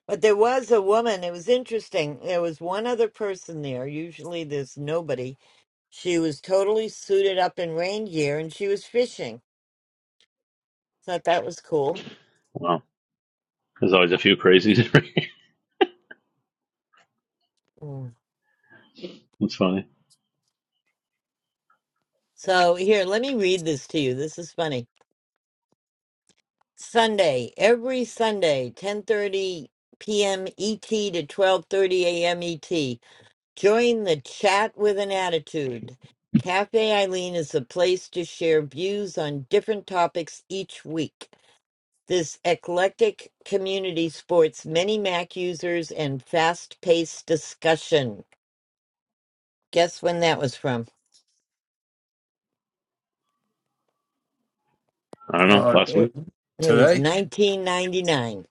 But there was a woman. It was interesting. There was one other person there. Usually there's nobody. She was totally suited up in rain gear and she was fishing. Thought that was cool.
Wow, there's always a few crazies. *laughs*
Mm.
That's funny.
So here, let me read this to you. This is funny. Sunday, every Sunday, 10:30 p.m. ET to 12:30 a.m. ET. Join the chat with an attitude. Cafe Eileen is a place to share views on different topics each week. This eclectic community sports many Mac users and fast-paced discussion. Guess when that was from?
I don't know.
Uh,
Last
It,
week.
it was
today.
1999.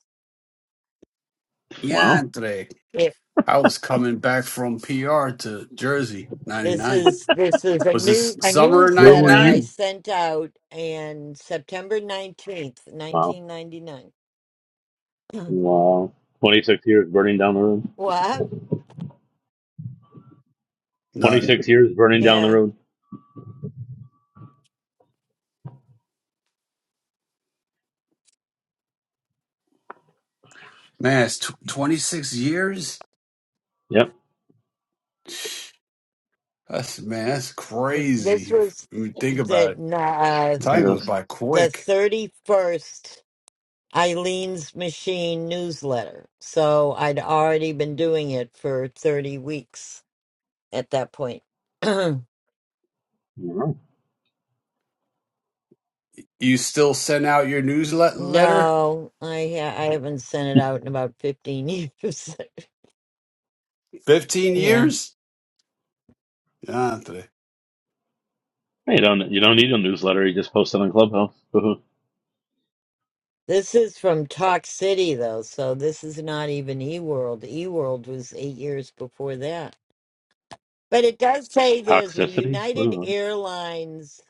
Wow.
Yantre.
It,
I was coming back from PR to Jersey,
this
99.
is this is a
Was
new
this
a
summer of
Where were
newsletter I
99?
you?
sent out and September 19th,
Wow.
1999. *clears throat*
Wow. 26 years burning down the road.
what?
Nothing,
26 *laughs* years burning down the
Yeah.
road.
Man, it's tw 26 years?
Yep,
That's, man, that's
And this
crazy. If
was
you think about
the
it,
uh,
time
it
goes
is.
by
the
quick.
31st Eileen's Machine newsletter. So I'd already been doing it for 30 weeks at that point. *clears throat* no,
Wow. *laughs*
You still send out your newsletter?
I ha- I haven't sent it out in about 15 years. *laughs*
15
yeah.
years? Yantre.
Hey, You don't you don't need a newsletter. You just post it on Clubhouse.
This is from Talk City though, so this is not even eWorld. eWorld was 8 years before that. But it does say
*laughs*
there's a
Toxicity? What
United
is
Airlines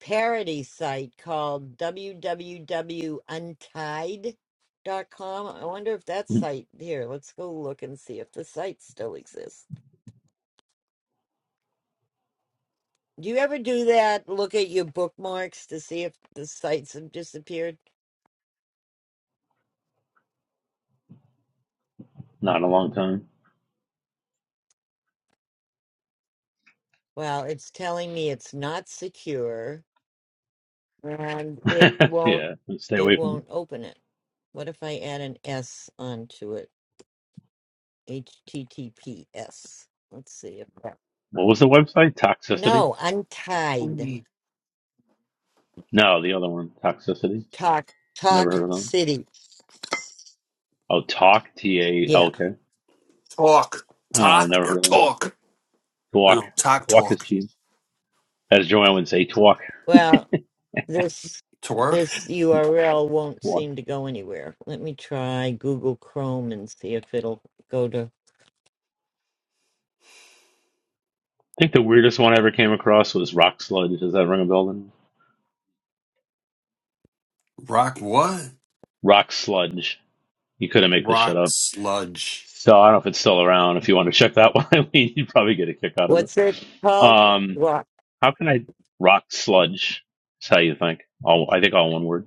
parody site called w w w untied dot com. I wonder if that
that?
site here, let's go look and see if the site still exists. Do you ever do that? Look at your bookmarks to see if the sites have disappeared?
*laughs* Not in a long time.
Well, it's telling me it's not secure and it
*laughs*
won't
yeah, stay
it
away from it.
won't open it. What if I add an S onto it? HTTPS. Let's see if that.
What was the website? Toxicity?
No, untied.
No, the other one, Toxicity.
Talk
Never
Talk
heard of them.
City.
Oh, Talk, T A
Yeah.
L K.
Talk.
Oh,
Talk
never
or
heard of them.
talk? I
Twalk.
don't talk,
Twalk is
talk.
cheap. As Joanne would say, Twalk.
Well, this
Twerk?
this URL won't
Twalk.
seem to go anywhere. Let me try Google Chrome and see if it'll go to
I think the weirdest one I ever came across was Rock Sludge. Does that ring a bell? Then?
Rock what?
Rock Sludge. You couldn't make this shit
Rock
up.
sludge.
So I don't know if it's still around. If you want to check that one, *laughs* I mean, you'd probably get a kick out of it.
what's it called?
Um,
What?
how can I rock sludge? That's how you think. All I think all one word.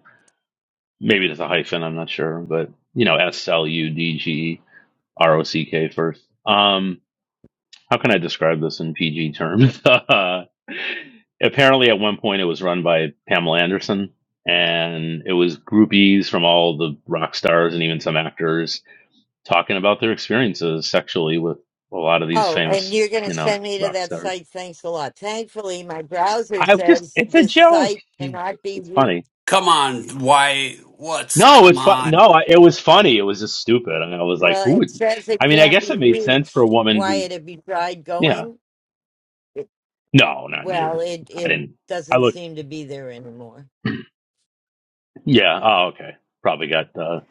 Maybe there's a hyphen. I'm not sure, but you know, S L U D G E R O C K first. Um, how can I describe this in PG terms? *laughs* Apparently, at one point, it was run by Pamela Anderson, and it was groupies from all the rock stars and even some actors talking about their experiences sexually with a lot of these
Oh, and
famous,
you're going to
you
send
know,
me to
rock
that
stars.
site. Thanks a lot. Thankfully, my browser
I've
says
just—it's a
this
joke.
site
Jesus,
cannot be
it's funny.
reached.
Come on, why? What's
No,
come
it's fu-
on?
no,
What
I, it was funny. It was just stupid, and I was like,
Well,
"Who
it
would?"
says it
I mean, I
can't
guess
be
it made sense for a
reached.
woman who,
Wyatt, have you tried
yeah,
going? It,
no, not in
well,
yours.
it
I
it
didn't. I
doesn't
looked.
seem to be there anymore.
Yeah. Oh, okay. Probably got uh,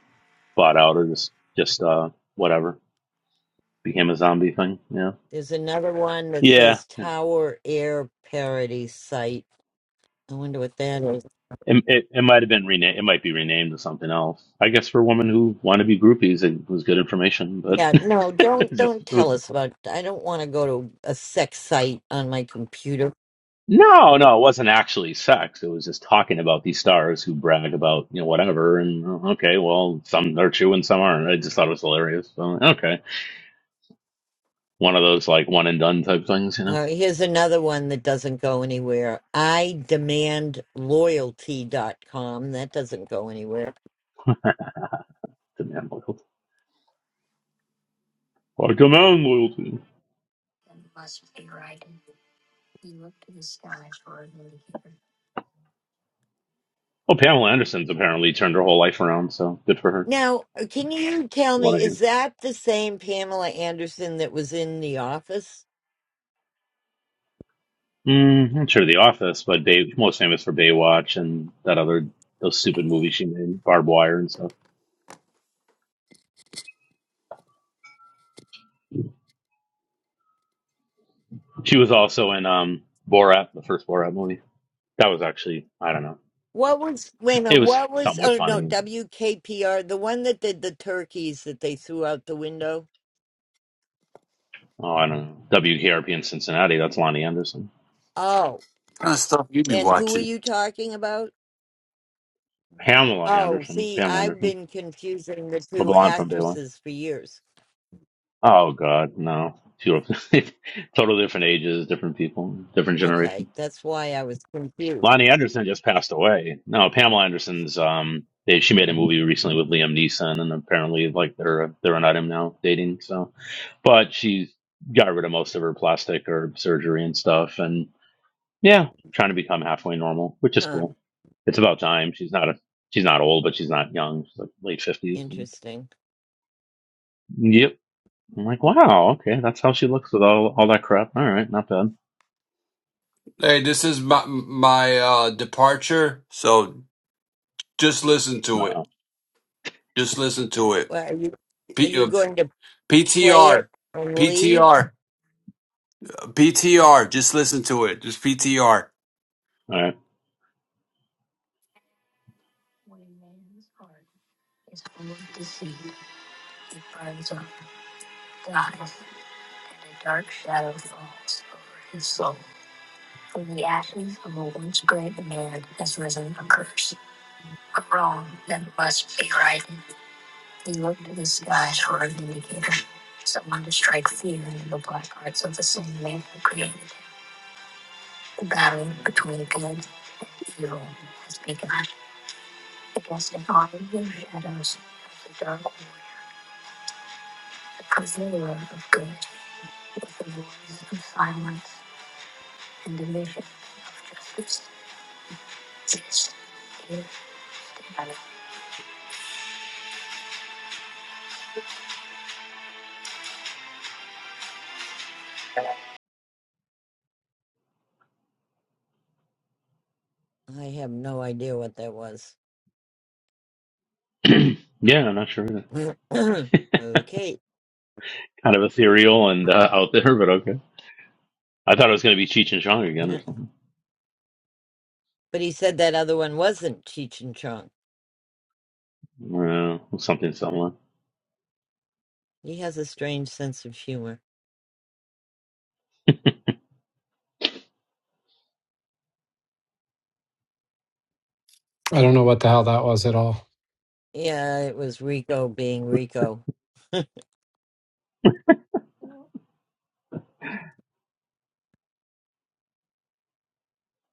bought out or just just uh, whatever became a zombie thing. Yeah.
There's another one that
Yeah.
says Tower Air Parody Site. I wonder what that is.
It it, it might have been renamed. It might be renamed to something else. I guess for women who want to be groupies, it was good information, but
Yeah, no,
*laughs* it
don't
was just
don't
it
tell
was.
us about. I don't want to go to a sex site on my computer.
No, no, it wasn't actually sex. It was just talking about these stars who brag about, you know, whatever. And uh, okay, well, some are true and some aren't. I just thought it was hilarious. So, okay. One of those, like, one and done type things, you know?
Uh, here's another one that doesn't go anywhere. I demand Loyalty dot com. That doesn't go anywhere.
Demand loyalty. I demand loyalty. Well, Pamela Anderson's apparently turned her whole life around, so good for her.
Now, uh, can you tell
What
me,
I
is
hear.
that the same Pamela Anderson that was in The Office?
Mm, I'm sure The Office, but Bay, most famous for Baywatch and that other, those stupid movies she made, Barbed Wire and stuff. She was also in um Borat, the first Borat movie. That was actually, I don't know.
What was wait a minute,
It was
what was
somewhat
oh no,
funny.
WKPR, the one that did the turkeys that they threw out the window?
Oh, I don't know. WKRP in Cincinnati. That's Lonnie Anderson.
Oh,
kind of stuff you be
and who are
watching?
you talking about?
Pamela
Oh,
Anderson.
see,
Pam
I've
Anderson.
been confusing the
The
two
blonde from Baywatch.
actresses for years.
Oh, God. No. Two of- *laughs* total different ages, different people, different generation.
Okay, that's why I was confused.
Lonnie Anderson just passed away. No, Pamela Anderson's, um, they, she made a movie recently with Liam Neeson, and apparently, like, they're, they're an item now, dating. So, but she's got rid of most of her plastic or surgery and stuff. and. Yeah, trying to become halfway normal, which is
Huh.
cool. It's about time. She's not a she's not old, but she's not young. She's like late fifties.
Interesting.
Yep. I'm like, wow, okay, that's how she looks with all all that crap. All right, not bad.
Hey, this is my my uh, departure. So just listen
No,
to it.
all
Just listen to it.
Well, are you are
P-
you
uh,
going to play it
PTR,
and leave?
PTR, PTR. Just listen to it. Just PTR.
right.
I have no idea what that was.
*clears throat* yeah, I'm not sure. Either.
*clears throat* okay. *laughs*
Kind of ethereal and uh, out there, but okay. I thought it was going to be Cheech and Chong again or
But he said that other one wasn't Cheech and Chong.
something. Uh, something similar.
He has a strange sense of humor.
I don't know what the hell that was at all.
Yeah, it was Rico being Rico.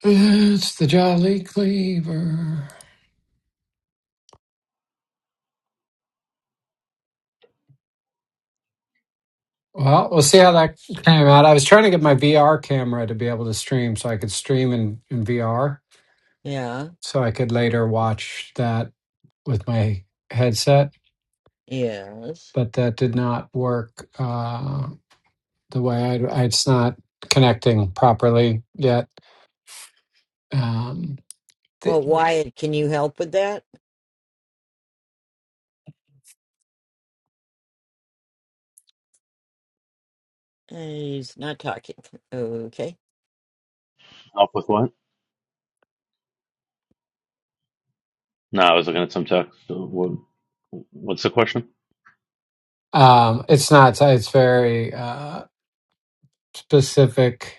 It's the Jolly Cleaver. Well, we'll see how that came out. I was trying to get my VR camera to be able to stream so I could stream in, in VR
Yeah,
so I could later watch that with my headset,
yes.
but that did not work uh, the way I'd, it's not connecting properly yet. Um,
Well,
th-
Wyatt, can you help with that? Uh, He's not talking. Okay.
Help with what? No, I was looking at some text. So What, what's the question?
um, it's not, it's very uh, specific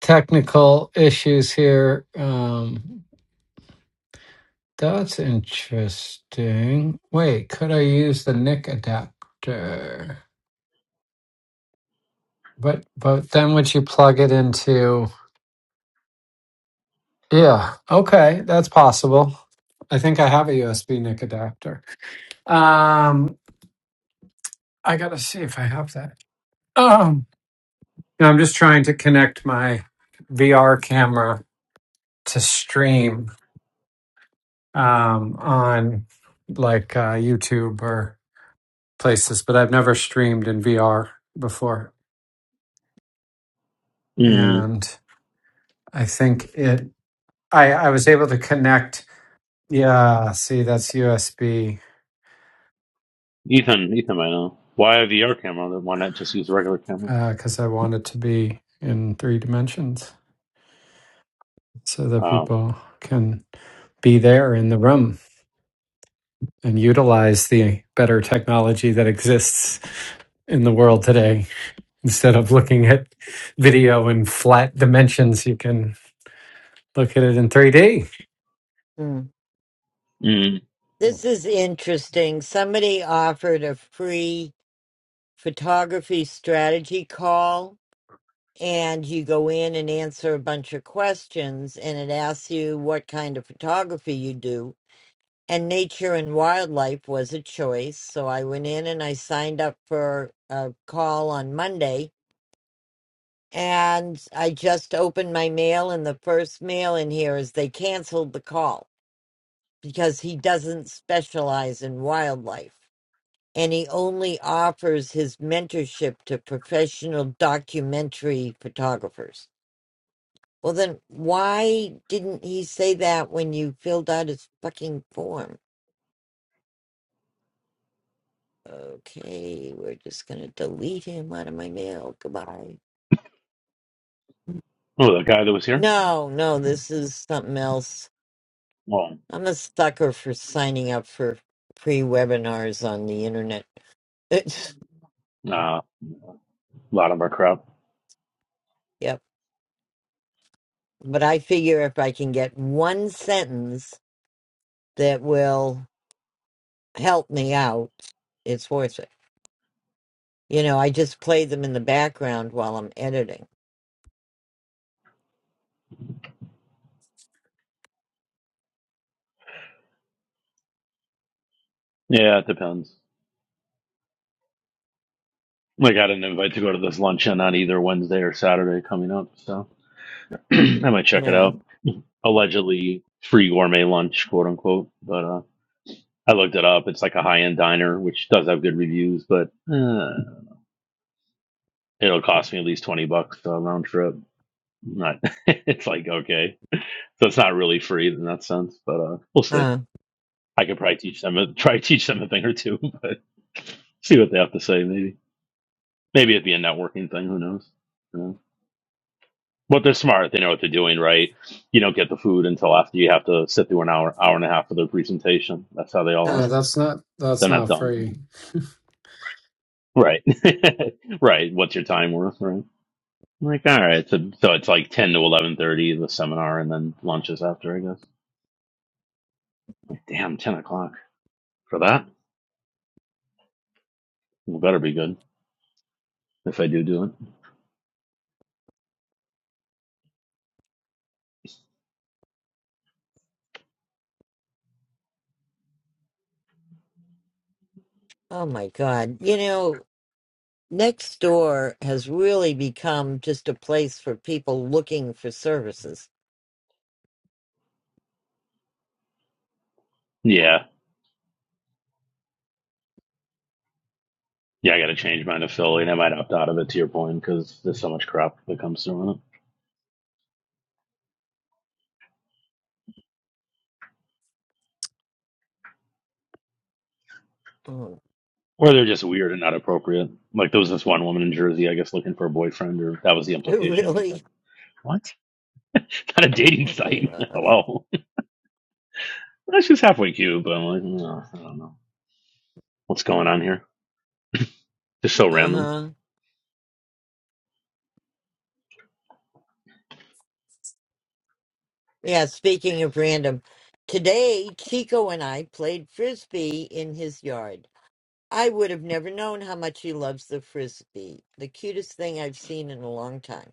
technical issues here. Um, That's interesting. Wait, could I use the NIC adapter? But but then would you plug it into? Yeah, okay, that's possible. I think I have a USB NIC adapter. Um, I gotta see if I have that. Um, no, I'm just trying to connect my VR camera to stream um, on like uh, YouTube or places, but I've never streamed in VR before,
Mm,
and I think it. I I was able to connect. Yeah, see, that's USB
Ethan, Ethan, I know. Why a VR camera? Then Why not just use a regular camera?
because I want it to be in three dimensions so that
Um,
people can be there in the room and utilize the better technology that exists in the world today. Instead of looking at video in flat dimensions, you can look at it in 3D.
Hmm.
mm,
Mm.
This is interesting. Somebody offered a free photography strategy call, and you go in and answer a bunch of questions, and it asks you what kind of photography you do and nature and wildlife was a choice. So I went in and I signed up for a call on Monday. And I just opened my mail, and the first mail in here is they canceled the call because he doesn't specialize in wildlife. And he only offers his mentorship to professional documentary photographers. Well, then why didn't he say that when you filled out his fucking form? Okay, we're just gonna delete him out of my mail. Goodbye.
oh, the guy that was here?
No, no, this is something else.
Well,
I'm a sucker for signing up for free webinars on the internet. *laughs* It's,
nah, a lot of our crap.
yep. But I figure if I can get one sentence that will help me out, it's worth it. You know, I just play them in the background while I'm editing.
Yeah, it depends. Like, I didn't invite to go to this luncheon on either Wednesday or Saturday coming up, so *clears throat* I might
You
check it
know,
out. Allegedly free gourmet lunch, quote unquote. But uh, I looked it up. It's like a high end diner, which does have good reviews, but uh, it'll cost me at least 20 bucks uh, round trip. Not, *laughs* it's like, okay. So it's not really free in that sense, but uh, we'll see.
huh,
I could probably teach them a, *laughs* try to teach them a thing or two, *laughs* but see what they have to say. Maybe maybe it'd be a networking thing. Who knows? You know? But they're smart. They know what they're doing, right? You don't get the food until after you have to sit through an hour hour and a half for their presentation. That's how they all are.
Yeah,
huh.
that's not that's
They're not
not
dumb,
free.
right? *laughs* right. What's your time worth, right? I'm like all right, so, so it's like ten to eleven thirty the seminar, and then lunch is after, I guess. Damn, ten o'clock for that. It better be good if I do do it.
Oh my God. You know, next door has really become just a place for people looking for services.
Yeah, Yeah, I got to change mine to Philly, and I might opt out of it. To your point, because there's so much crap that comes through on it,
Oh,
or they're just weird and not appropriate. Like there was this one woman in Jersey, I guess, looking for a boyfriend, or that was the
*laughs*
implication. It's
really?
like, what? *laughs* Not a dating site. *laughs*
Uh
Hello. *laughs* that's just halfway cute, but I'm like, no, I don't know what's going on here. Just so random.
huh. Yeah, speaking of random, today Chico and I played frisbee in his yard. I would have never known how much he loves the frisbee. The cutest thing I've seen in a long time.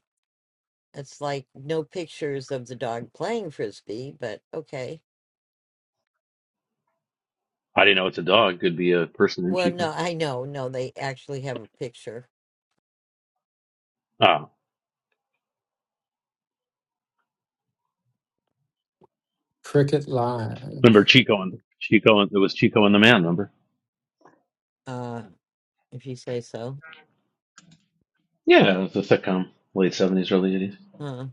It's like no pictures of the dog playing frisbee, but okay.
I didn't know it's a dog. Could be a person in
Well,
Chico.
no, I know, no, they actually have a picture,
Ah,
*laughs* Cricket
remember
Live.
Chico and Chico and it was Chico and the Man. Remember?
uh, if you say so.
Yeah, it was a sitcom, late seventies, early eighties.
Huh.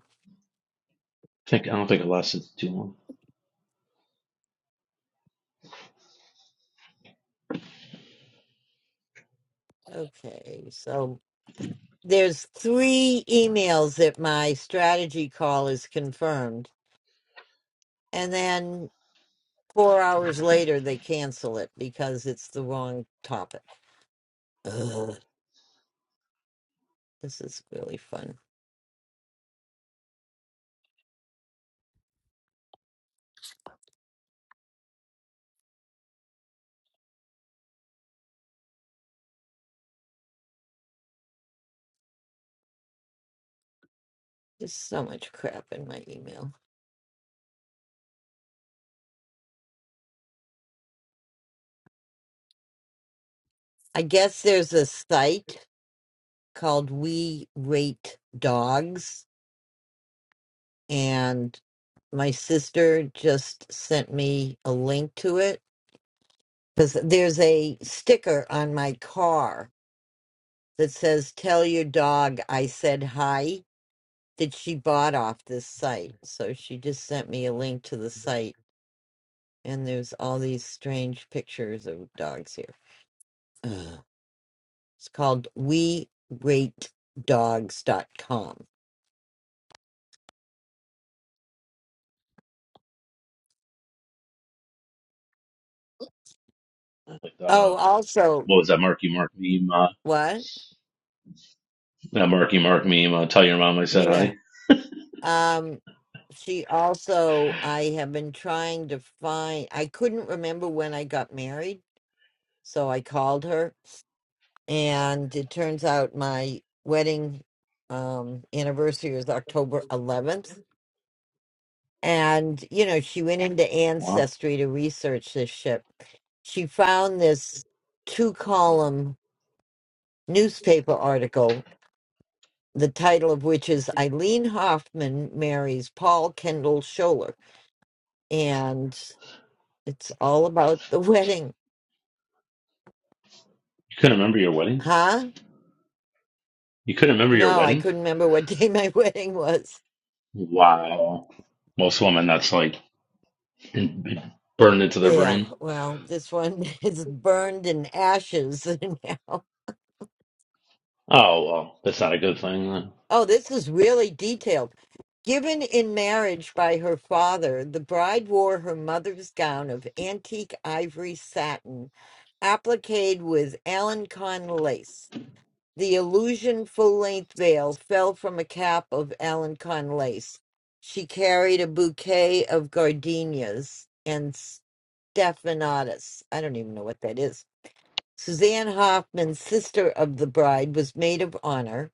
I think I don't think it lasted too long.
Okay, so there's three emails that my strategy call is confirmed, and then four hours later they cancel it because it's the wrong topic. Ugh, this is really fun. There's so much crap in my email. I guess there's a site called We Rate Dogs, and my sister just sent me a link to it because there's a sticker on my car that says, Tell your dog I said hi that she bought off this site. So she just sent me a link to the site, and there's all these strange pictures of dogs here. Ugh. It's called We Rate Dogs dot com.
Like that. Uh,
Oh, also,
what was that Marky Mark meme? Uh,
what?
that Marky Mark meme. Uh, tell your mom I said
Yeah.
hi.
Um, she also, I have been trying to find, I couldn't remember when I got married, so I called her. And it turns out my wedding um, anniversary is October 11th. And, you know, she went into
Wow.
Ancestry to research this shit. She found this two column newspaper article, the title of which is Eileen Hoffman Marries Paul Kendall Scholler It's all about the wedding.
You couldn't remember your wedding?
Huh?
You couldn't remember your
No, I
wedding?
couldn't remember what day *laughs* my wedding was.
Wow. Most women, that's like burned into their
Yeah,
brain.
well, this one *laughs* is burned in ashes *laughs* now.
Oh well, that's not a good thing.
Oh, this is really detailed. Given in marriage by her father, the bride wore her mother's gown of antique ivory satin, appliqued with Alencon lace. The illusion full length veil fell from a cap of Alencon lace. She carried a bouquet of gardenias and stephanotis. I don't even know what that is. Suzanne Hoffman, sister of the bride, was maid of honor.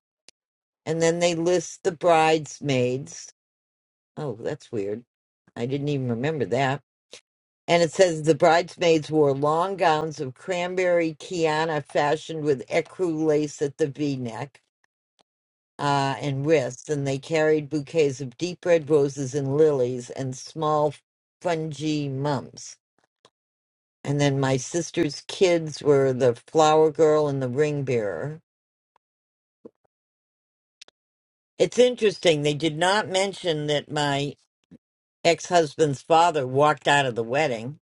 And then they list the bridesmaids. Oh, that's weird. I didn't even remember that. And it says the bridesmaids wore long gowns of cranberry Kiana fashioned with ecru lace at the v neck uh, and wrists, and they carried bouquets of deep red roses and lilies and small fungy mumps. And then my sister's kids were the flower girl and the ring bearer. It's interesting, they did not mention that my ex husband's father walked out of the wedding.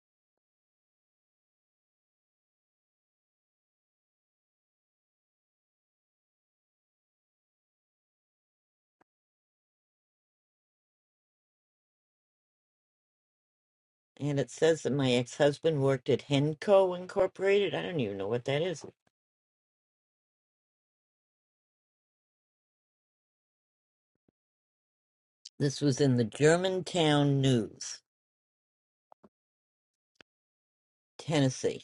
And it says that my ex husband worked at Henco Incorporated. I don't even know what that is. This was in the Germantown News, Tennessee.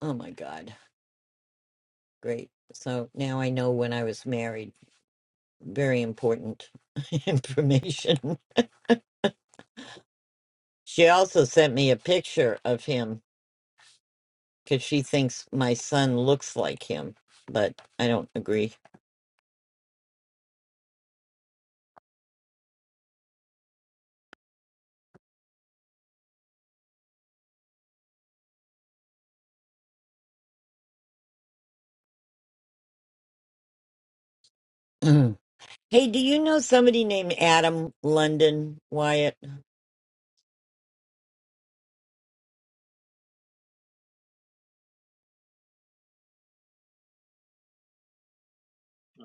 Oh my God. Great. So now I know when I was married. Very important *laughs* information. She also sent me a picture of him because she thinks my son looks like him, but I don't agree. *clears throat* hey, do you know somebody named Adam London Wyatt?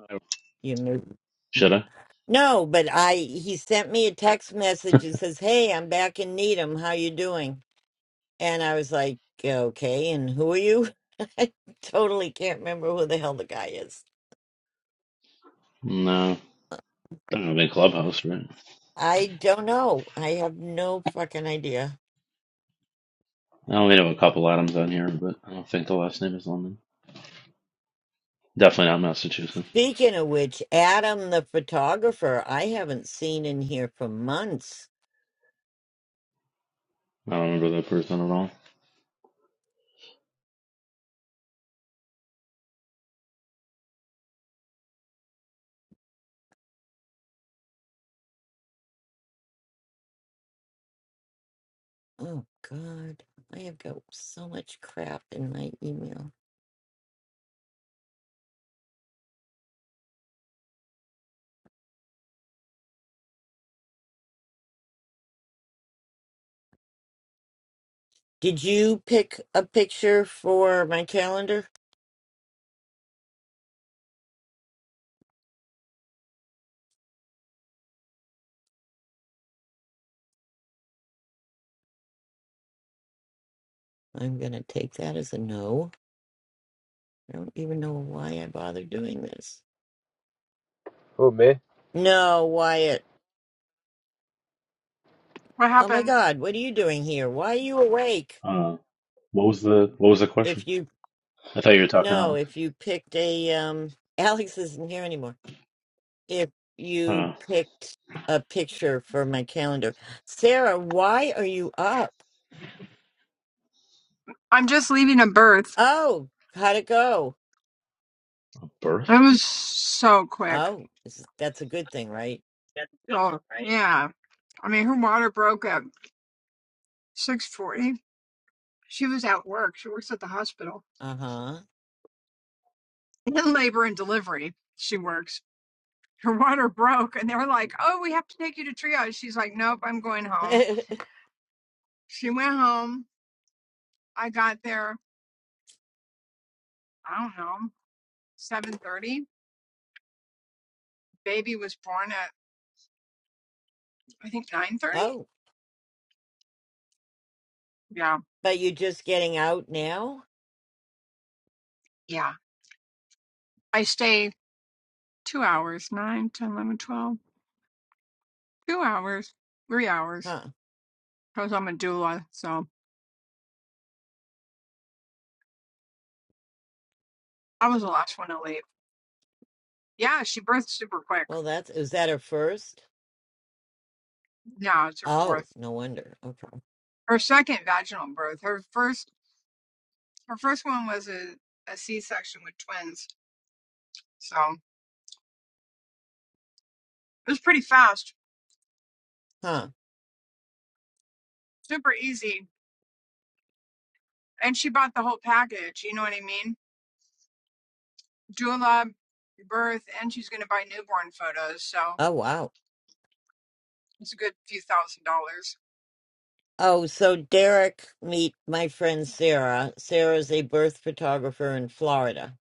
Then.
You know. you-
Should I?
No, but I he sent me a text message that says, "Hey, I'm back in Needham. How you doing?" And I was like, "Okay, and who are you?" *laughs* I totally can't remember who the hell the guy is.
No. I don't have a clubhouse, right?
I don't know. I have no fucking idea.
I only know a couple Adams on here, but I don't think the last name is London. Definitely not Massachusetts.
Speaking of which, Adam the photographer, I haven't seen in here for months.
I don't remember that person at all.
Oh God, I have got so much crap in my email. Did you pick a picture for my calendar? I'm gonna take that as a no. I don't even know why I bother doing this.
Who me?
No, Wyatt.
What
Oh my
happened?
God, what are you doing here? Why are you awake?
Uh, what was the What was the question?
If you
I thought you were talking
no,
Alex.
if you picked a um, *laughs* Alex isn't here anymore. if you
Uh,
picked a picture for my calendar. Sarah, why are you up?
I'm just leaving a birth.
Oh, how'd it go?
a birth.
It was so quick.
Oh, is- that's a good thing, right?
Oh, yeah. I mean, her water broke at 6:40. She was at work. She works at the hospital.
Uh huh.
In labor and delivery, she works. Her water broke, and they were like, "Oh, we have to take you to triage." She's like, "Nope, I'm going home."
*laughs*
She went home. I got there. I don't know, 7:30. Baby was born at I think 9:30.
oh,
Yeah,
but you just getting out now?
yeah. I stay two hours, 9, 10, 11, 12. two hours, three hours,
Huh.
because I'm a doula. So I was the last one to leave. Yeah, she birthed super quick.
Well, that's, is that her first?
Yeah, it's her
Oh,
fourth,
no wonder. Okay.
her second vaginal birth. Her first, her first one was a, a C-section with twins. So it was pretty fast,
Huh.
super easy. And she bought the whole package. You know what I mean? Doula, birth, and she's going to buy newborn photos. So
Oh, wow.
it's a good few thousand dollars.
Oh, so Derek, meet my friend Sarah. Sarah's a birth photographer in Florida,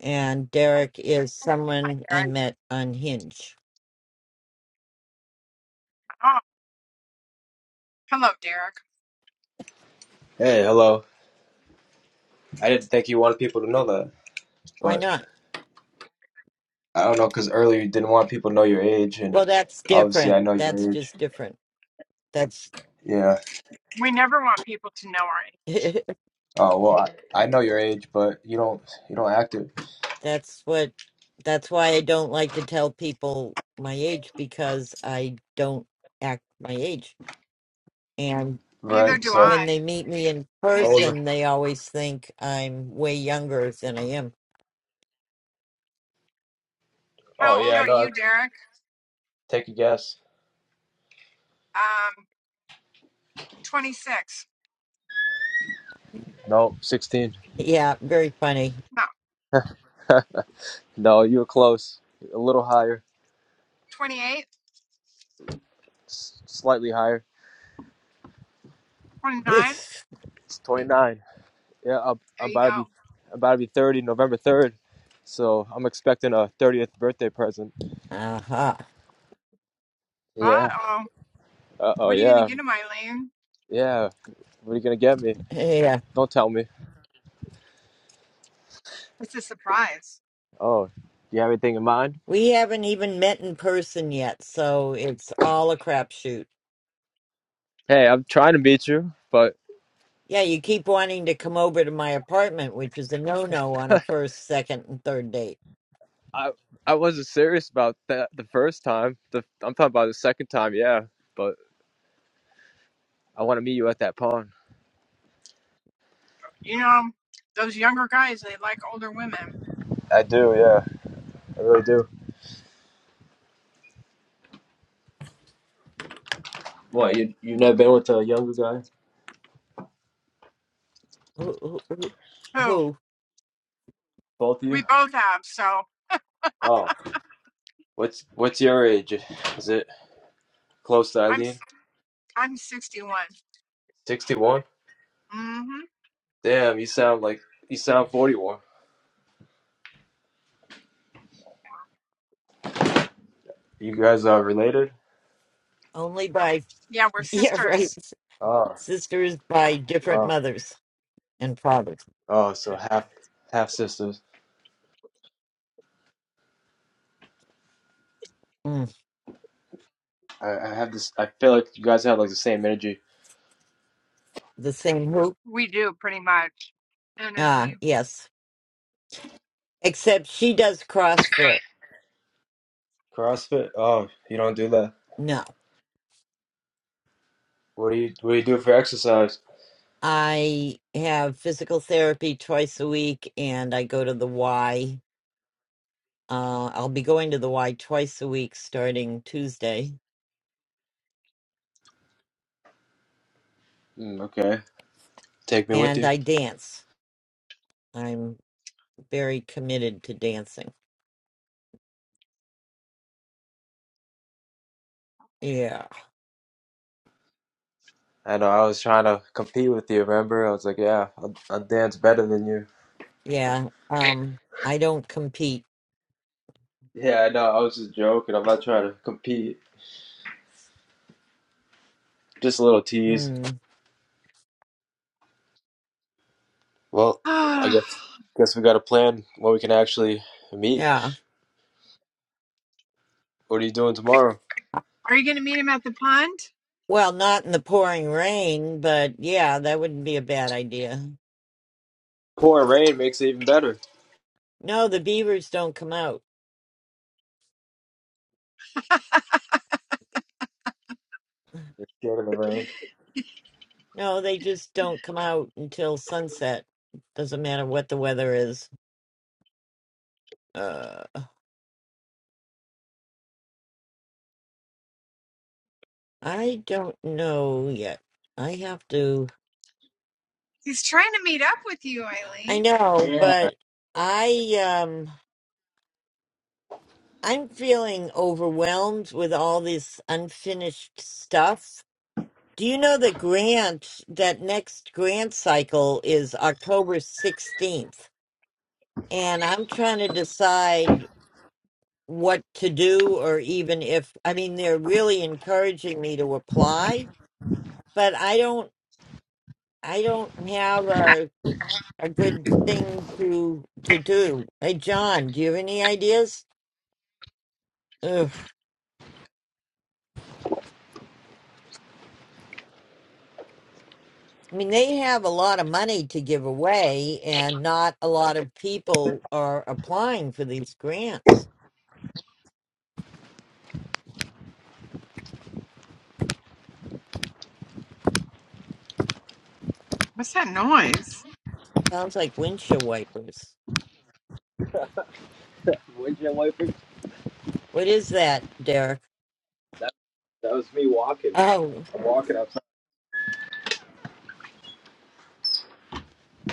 and Derek is
Hi,
someone I
Derek.
met on Hinge.
Oh, hello, Derek.
Hey, hello. I didn't think you wanted people to know that.
Why
but
not?
I don't know because earlier you didn't want people to know your age, and
Well, that's
obviously I
different.
know
That's
your age.
just different. That's
Yeah.
We never want people to know our age.
*laughs*
Oh well, I, I know your age, but you don't you don't act it,
that's what that's why I don't like to tell people my age because I don't act my age. And
Neither
right?
do
So.
when
I.
they meet me in
Neither.
Older.
person, they always think I'm way younger than I am.
Oh
How
yeah,
old
I
are
know.
you, Derek?
Take a guess.
Um, 26.
No, sixteen.
Yeah, very funny.
No,
*laughs* no, you were close. A little higher,
28,
S- slightly higher.
*laughs*
29.
It's twenty-nine. Yeah, I'm,
There
I'm
you go.
about to be I'm about to be thirty November third, so I'm expecting a thirtieth birthday present.
uh-huh.
Uh
Yeah.
oh.
Uh oh.
What are you going
Yeah.
to get him, Eileen?
Yeah. What are you gonna get me?
Yeah.
Don't tell me.
It's a surprise.
Oh, do you have anything in mind?
We haven't even met in person yet, so it's all a crapshoot.
Hey, I'm trying to beat you, but
Yeah, you keep wanting to come over to my apartment, which is a no no on a first, second, and third date.
I I wasn't serious about that the first time. The I'm talking about the second time, yeah. But I want to meet you at that pond.
You know, those younger guys, they like older women.
I do, yeah. I really do. What, you you've never been with a younger guy?
Who? who, who
Who?
who?
Both of
We
you?
both have. So
Oh. What's what's your age? Is it close to
I'm,
Eileen?
I'm I'm 61.
Sixty one?
hmm
Damn, you sound like you sound forty one. You guys are related?
Only by,
Yeah, we're
*laughs* yeah, right.
sisters.
Oh.
Sisters by different
Oh.
mothers and fathers.
Oh, so half half sisters.
Hmm.
I, I have this. I feel like you guys have like the same energy.
the same hoop.
We do pretty much.
Ah,
Energy.
yes. Except she does CrossFit.
CrossFit? Oh, you don't do that.
No.
What do you What do you do for exercise?
I have physical therapy twice a week and I go to the Y. Uh, I'll be going to the Y twice a week starting Tuesday.
Mm, okay, take me with
And
you.
I dance. I'm very committed to dancing. Yeah.
I know. I was trying to compete with you. Remember? I was like, yeah, I, I dance better than you.
Yeah. Um, I don't compete.
Yeah, I know. I was just joking. I'm not trying to compete. Just a little tease.
Mm,
Well,
*sighs*
I
are
guess guess we got a plan where we can actually meet.
yeah.
What are you doing tomorrow?
you going to meet him at the pond?
Well, not in the pouring rain, but yeah, that wouldn't be a bad idea.
Pouring rain makes it even better.
No, the beavers don't come out.
You're scared of the rain.
No, they just don't come out until sunset. Doesn't matter what the weather is. Uh, I don't know yet. I have to.
He's trying to meet up with you,
I
Eileen.
know,
Yeah.
but I um I'm feeling overwhelmed with all this unfinished stuff. Do you know that grant that next grant cycle is October 16th and I'm trying to decide what to do or even if I mean they're really encouraging me to apply, but I don't I don't have a a good thing to to do. Hey John, do you have any ideas? Ugh. I mean they have a lot of money to give away and not a lot of people are applying for these grants.
What's that noise?
Sounds like windshield wipers.
Windshield wiper.
What is that, Derek?
That, that was me walking.
Oh,
walking outside.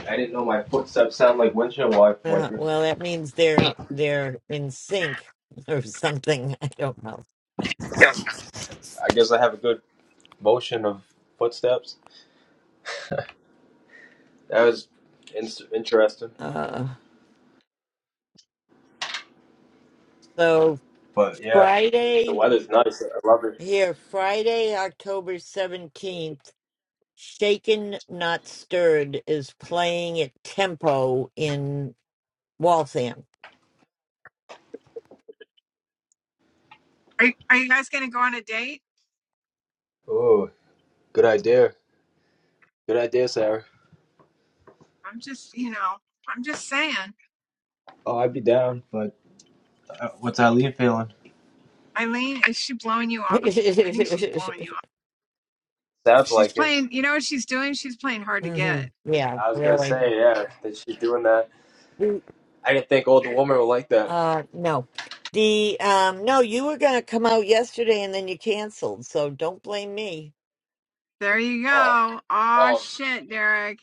I didn't know my footsteps sound like windshield
uh,
wipers.
well that means they're they're in sync or something. *laughs* I don't know.
I guess I have a good motion of footsteps. That was in- interesting.
Uh, so
But yeah, the
Friday
weather's nice. I love it.
here, Friday, October 17th, Shaken Not Stirred is playing at Tempo in Waltham.
Are, you, are you guys going to go on a date?
Oh, good idea. Good idea, Sarah.
I'm just, you know, I'm just saying.
Oh, I'd be down. But uh, what's Eileen feeling?
Eileen, is she blowing you
*laughs* hmm
off? I think she's blowing you off.
Sounds
She's
like it.
playing, you know what she's doing? She's playing hard to get.
Yeah,
I was gonna
really.
say, yeah, that she's doing that.
Mm,
I didn't think older woman would like that.
Uh, no. The um no, you were gonna come out yesterday and then you canceled, so don't blame me.
There you
Oh,
go. Oh
oh,
shit, Derek.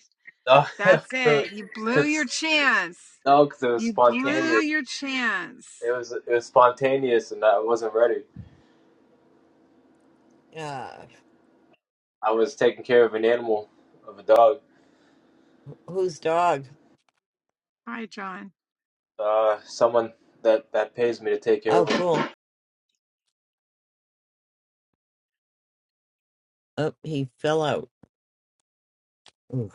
no,
That's
*laughs*
it. You blew your
because
chance.
no, because it was
You blew
spontaneous.
your chance.
It was it was spontaneous, and I wasn't ready.
Uh
I was taking care of an animal, of a dog.
whose dog?
Hi, John.
Uh, someone that that pays me to take care of
Oh
him.
cool. Oh, he fell out. Mm.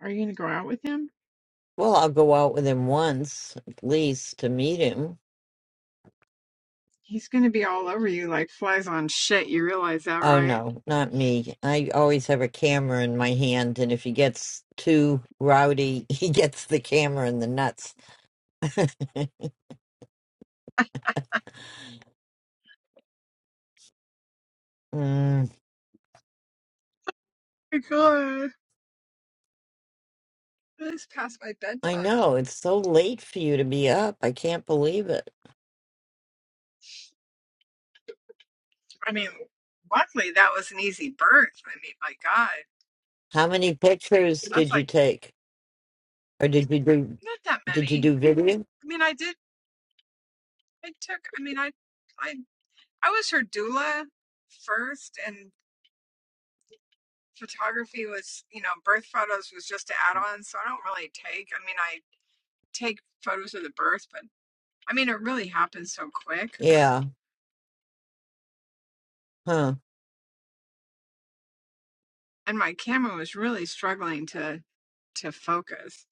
Are you gonna go out with him?
Well, I'll go out with him once at least to meet him.
He's gonna be all over you like flies on shit. You realize that,
Oh
right?
no, not me. I always have a camera in my hand, and if he gets too rowdy, *laughs* he gets the camera in the nuts. *laughs* Mm,
my god. It's past my
I
bedtime.
know, it's so late for you to be up. I can't believe it.
I mean, luckily that was an easy birth. I mean, my god.
How many pictures
that's
did you
like.
take? Or did you do
Not that
did you
many.
do video?
I mean, I did. I took. I mean, I, I, I was her doula first, and photography was, you know, birth photos was just to add on. So I don't really take. I mean, I take photos of the birth, but I mean, it really happened so quick,
Yeah. Huh.
and my camera was really struggling to to focus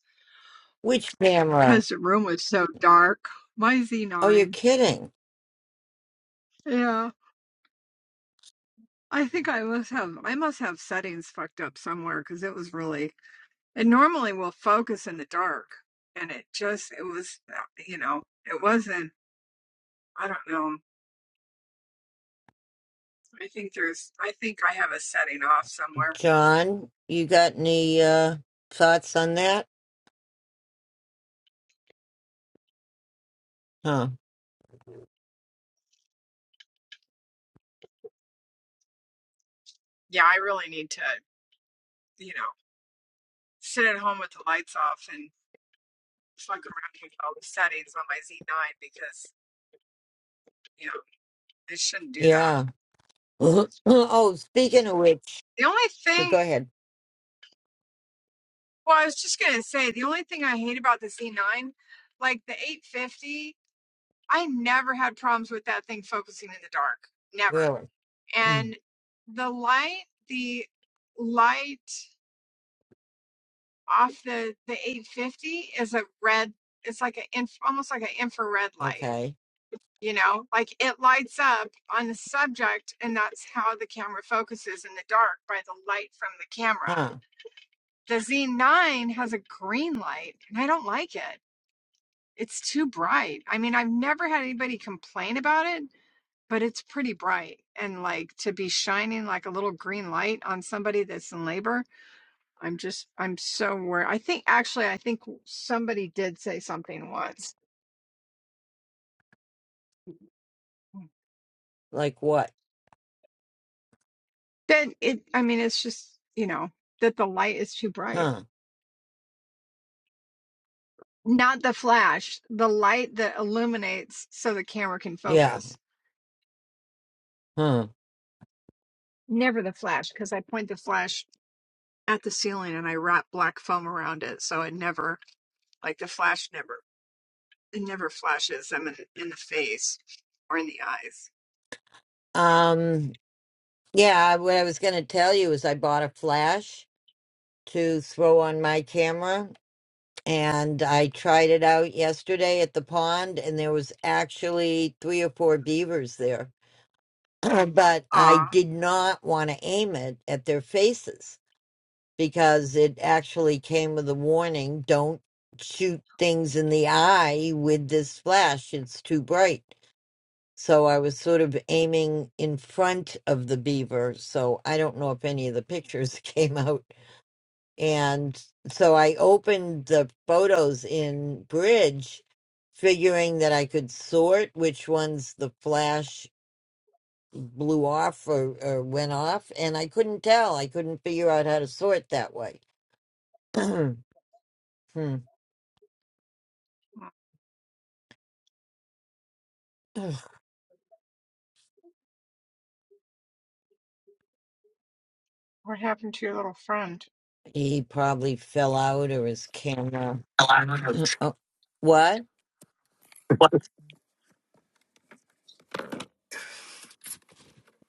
Which camera?
because the room was so dark. My
Oh, you're
Z9.
kidding.
Yeah. I think I must have I must have settings fucked up somewhere because it was really It normally will focus in the dark, and it just it was uh, you know it wasn't. I don't know. I think there's. I think I have a setting off somewhere.
John, you got any uh thoughts on that? Huh.
Yeah, I really need to you know sit at home with the lights off and fuck around with all the settings on my Z9 because you know I shouldn't do that.
Yeah. *laughs* *clears throat* oh, speaking of which,
The only
no,
thing.
go ahead.
Well, I was just gonna say the only thing I hate about the Z9, like the 850, I never had problems with that thing focusing in the dark. Never.
Really? *clears throat*
and the light the light off the the 850 is a red it's like an inf- almost like an infrared light
okay.
you know like it lights up on the subject and that's how the camera focuses in the dark by the light from the camera
Huh.
the z9 has a green light and i don't like it it's too bright i mean i've never had anybody complain about it but it's pretty bright and like to be shining like a little green light on somebody that's in labor I'm just, I'm so worried. I think actually, I think somebody did say something once
Like what?
that it, I mean, it's just, you know, that the light is too bright.
Huh.
Not the flash, the light that illuminates so the camera can
Yeah.
focus.
Huh.
Never the flash, because I point the flash at the ceiling and I wrap black foam around it. So it never, like the flash never, it never flashes them in, in the face or in the eyes.
Um, yeah, what I was going to tell you is I bought a flash to throw on my camera and I tried it out yesterday at the pond and there was actually three or four beavers there. *clears throat* but I
Aw,
did not want to aim it at their faces. because it actually came with a warning don't shoot things in the eye with this flash it's too bright so i was sort of aiming in front of the beaver so i don't know if any of the pictures *laughs* came out and so i opened the photos in bridge figuring that i could sort which ones the flash blew off or, or went off and i couldn't tell i couldn't figure out how to sort that way *clears throat* hmm *sighs*
what happened to your little friend?
He probably fell out or his camera.
No,
*clears throat* Oh, what?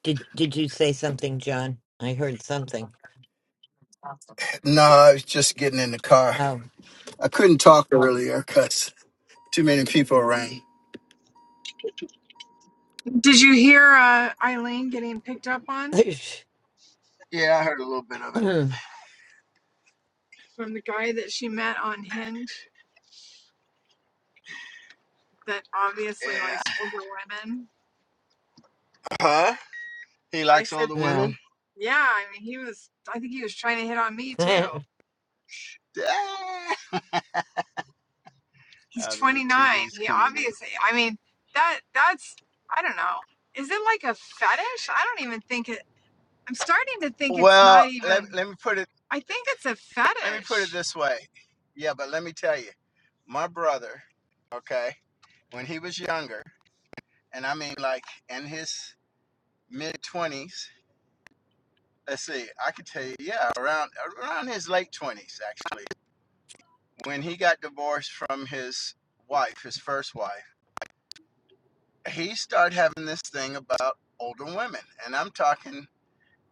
Did did you say something, John? I heard something.
I was just getting in the car.
Oh.
I couldn't talk earlier because too many people around.
Did you hear uh, Eileen getting picked up on
Yeah, I heard a little bit of it.
from the guy that she met on Hinge that obviously likes
Yeah.
older women?
Huh? He
I
likes
said,
*clears throat*
older
yeah.
women?
yeah. I mean, he was, I think he was trying to hit on me too.
*laughs*
Ah,
He's
Oh, the new
29.
TV's
He
coming in.
obviously, I mean, that, that's, I don't know. Is it like a fetish? I don't even think it, I'm starting to think it's
Well,
not
let,
even,
let me put it
I think it's a
let me put it
fetish.
this way. Yeah, but let me tell you, my brother, okay, when he was younger, and I mean like in his mid 20s, let's see, I could tell you, yeah, around around his late twenties actually, when he got divorced from his wife, his first wife, he started having this thing about older women, and I'm talking,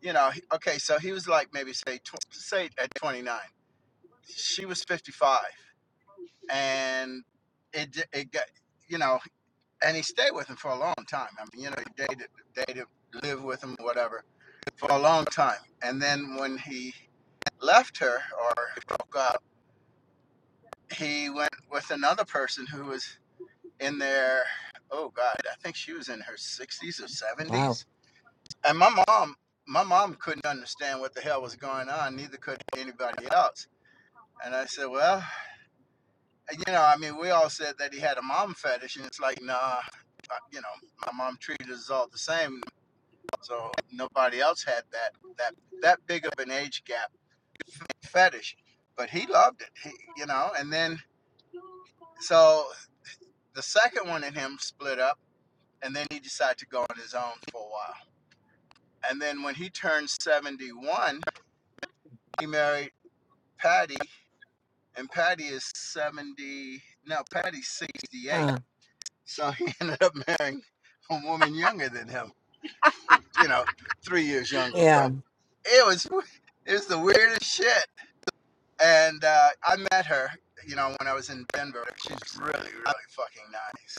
you know, okay, so he was like maybe say tw- say at 29, she was 55, and it it got you know, and he stayed with him for a long time. I mean, you know, he dated dated lived with him, whatever, for a long time, and then when he left her or broke up he went with another person who was in their oh god i think she was in her 60s or
wow.
70s and my mom my mom couldn't understand what the hell was going on neither could anybody else and i said well you know i mean we all said that he had a mom fetish and it's like nah uh, you know my mom treated us all the same so nobody else had that that that big of an age gap fetish but he loved it he, you know and then so the second one in him split up and then he decided to go on his own for a while. And then when he turned 71, he married Patty, and Patty is 70. No, Patty's 68.
Huh.
So he *laughs* ended up marrying a woman younger than him. You know, three years younger.
Yeah.
But it was it was the weirdest shit. And uh, I met her. You know, when I was in Denver, she's really, really fucking nice.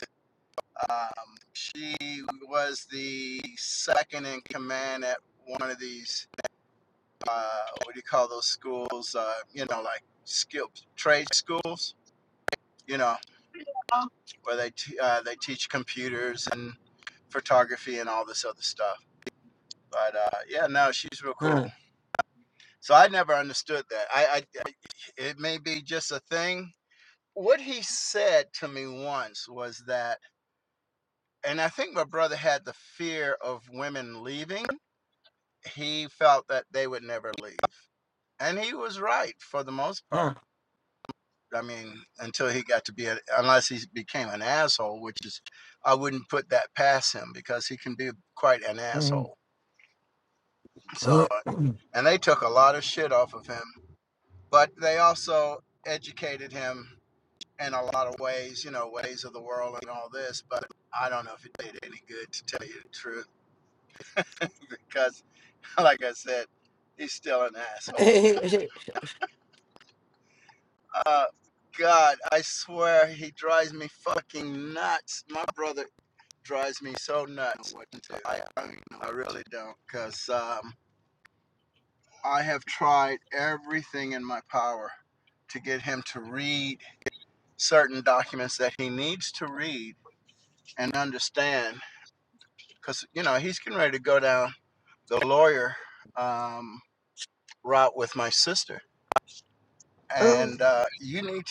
Um, she was the second in command at one of these uh, what do you call those schools? Uh, you know, like skill trade schools. You know,
Oh,
where they t- uh, they teach computers and photography and all this other stuff. But uh, yeah, no, she's real cool.
Huh.
So I never understood that. I, I it may be just a thing. What he said to me once was that, and I think my brother had the fear of women leaving. He felt that they would never leave. And he was right for the most part
Huh.
I mean, until he got to be, a, unless he became an asshole, which is, I wouldn't put that past him because he can be quite an
Mm.
asshole. So,
*laughs*
and they took a lot of shit off of him, but they also educated him in a lot of ways, you know, ways of the world and all this. But I don't know if it did any good to tell you the truth *laughs* because, like I said, he's still an asshole.
*clears throat*
Uh, God, I swear he drives me fucking nuts. My brother drives me so nuts. I, I, I really don't, because um, I have tried everything in my power to get him to read certain documents that he needs to read and understand, because you know he's getting ready to go down the lawyer um, route with my sister,
Oh
and uh, you need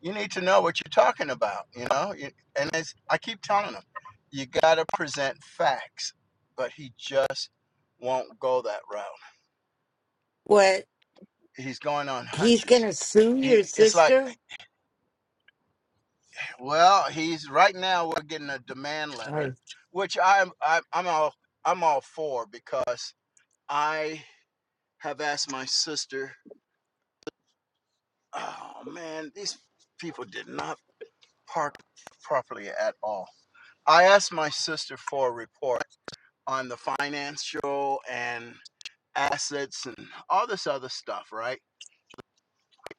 you need to know what you're talking about. You know, You- and it's, I keep telling him, you got to present facts, but he just won't go that route.
what?
He's going on
He's
hunches.
gonna sue your
He, it's like,
sister?
well, he's right now we're getting a demand
I,
letter, which I'm I'm, I'm all I'm all for because I have asked my sister. Oh man, these people did not park properly at all I asked my sister for a report on the financial and assets and all this other stuff, right?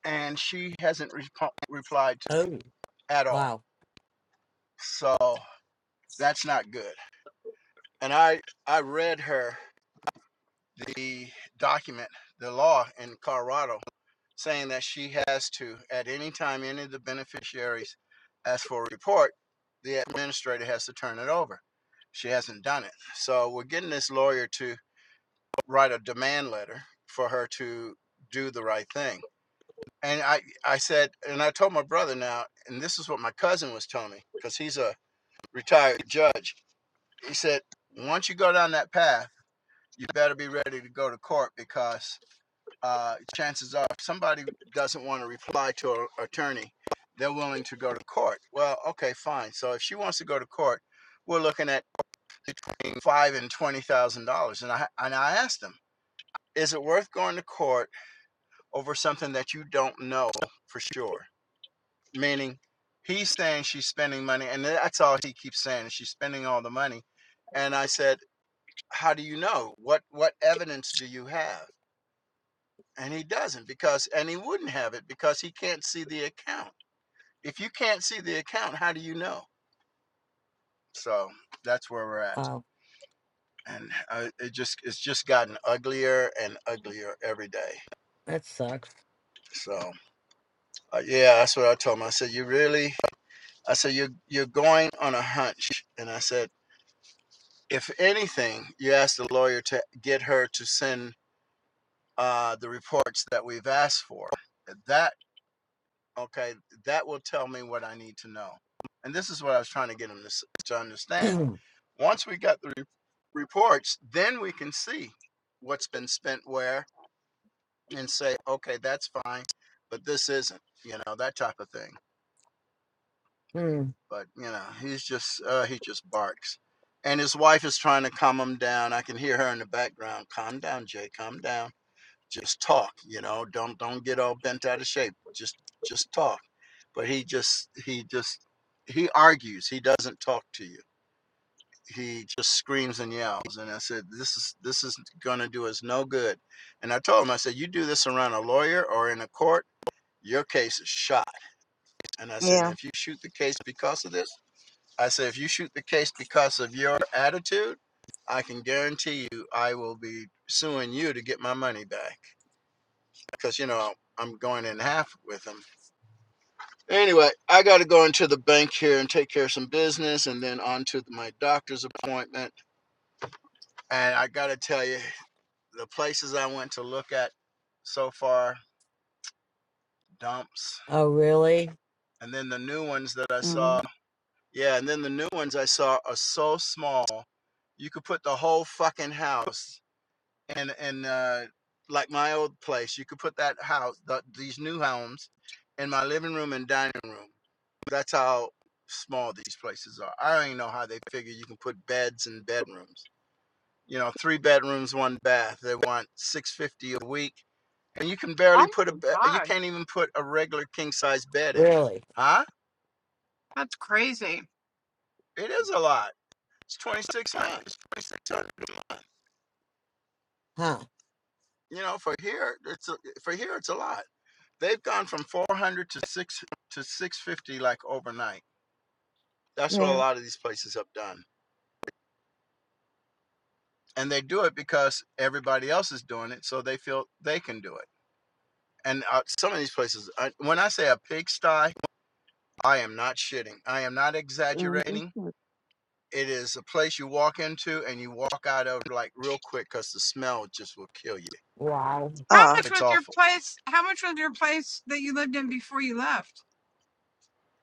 And she hasn't repo replied to me
oh.
at all.
Wow.
So that's not good. And I I read her the document, the law in Colorado saying that she has to at any time any of the beneficiaries ask for a report, the administrator has to turn it over. She hasn't done it. So we're getting this lawyer to write a demand letter for her to do the right thing. And I, I said, and I told my brother now, and this is what my cousin was telling me, because he's a retired judge. He said, once you go down that path, you better be ready to go to court because uh, chances are if somebody doesn't want to reply to an attorney, they're willing to go to court. Well, okay, fine. So if she wants to go to court, we're looking at between five and twenty thousand dollars. And I and I asked him, is it worth going to court over something that you don't know for sure. Meaning, he's saying she's spending money, and that's all he keeps saying. She's spending all the money, and I said, "How do you know? What what evidence do you have?" And he doesn't because, and he wouldn't have it because he can't see the account. If you can't see the account, how do you know? So that's where we're at,
Wow.
and uh, it just it's just gotten uglier and uglier every day.
That sucks.
So uh, yeah, that's what I told him. I said, "You really." I said, you're, you're going on a hunch. And I said, if anything, you ask the lawyer to get her to send uh, the reports that we've asked for. That, okay, that will tell me what I need to know. And this is what I was trying to get him to, to
*clears throat*
understand.
Mm.
Once we got the re- reports, then we can see what's been spent where and say, okay, that's fine, but this isn't, you know, that type of thing.
Oh,
but you know he's just uh, he just barks and his wife is trying to calm him down i can hear her in the background calm down jay calm down just talk you know don't don't get all bent out of shape just just talk but he just he just he argues he doesn't talk to you he just screams and yells and i said this is this is going to do us no good and i told him i said you do this around a lawyer or in a court your case is shot and i said
yeah,
if you shoot the case because of this I said, if you shoot the case because of your attitude, I can guarantee you I will be suing you to get my money back. Because, you know, I'm going in half with them. Anyway, I got to go into the bank here and take care of some business and then on to my doctor's appointment. And I got to tell you, the places I went to look at so far, dumps.
really?
And then the new ones that I saw,
mm,
yeah, and then the new ones I saw are so small, you could put the whole fucking house and and uh, like my old place, you could put that house, th- these new homes, in my living room and dining room. That's how small these places are. I don't even know how they figure you can put beds in bedrooms. You know, three bedrooms, one bath. They want six fifty a week, and you can barely
oh
put a
my
bed. You
God.
can't even put a regular king size bed in there,
Really?
huh?
That's crazy.
It is a lot. It's twenty six hundred. It's twenty six hundred a month.
Huh.
You know, for here, it's a, for here, it's a lot. They've gone from 400 to six to 650 like overnight. That's what a
yeah.
lot of these places have done, and they do it because everybody else is doing it, so they feel they can do it. And uh, some of these places, I, when I say a pigsty, I am not shitting. I am not
Um, that's
exaggerating.
not,
It is a place you walk into and you walk out of like real quick because the smell just will kill you.
Wow.
How
Ah,
much
It's
was your
awful
place? How much was your place that you lived in before you left?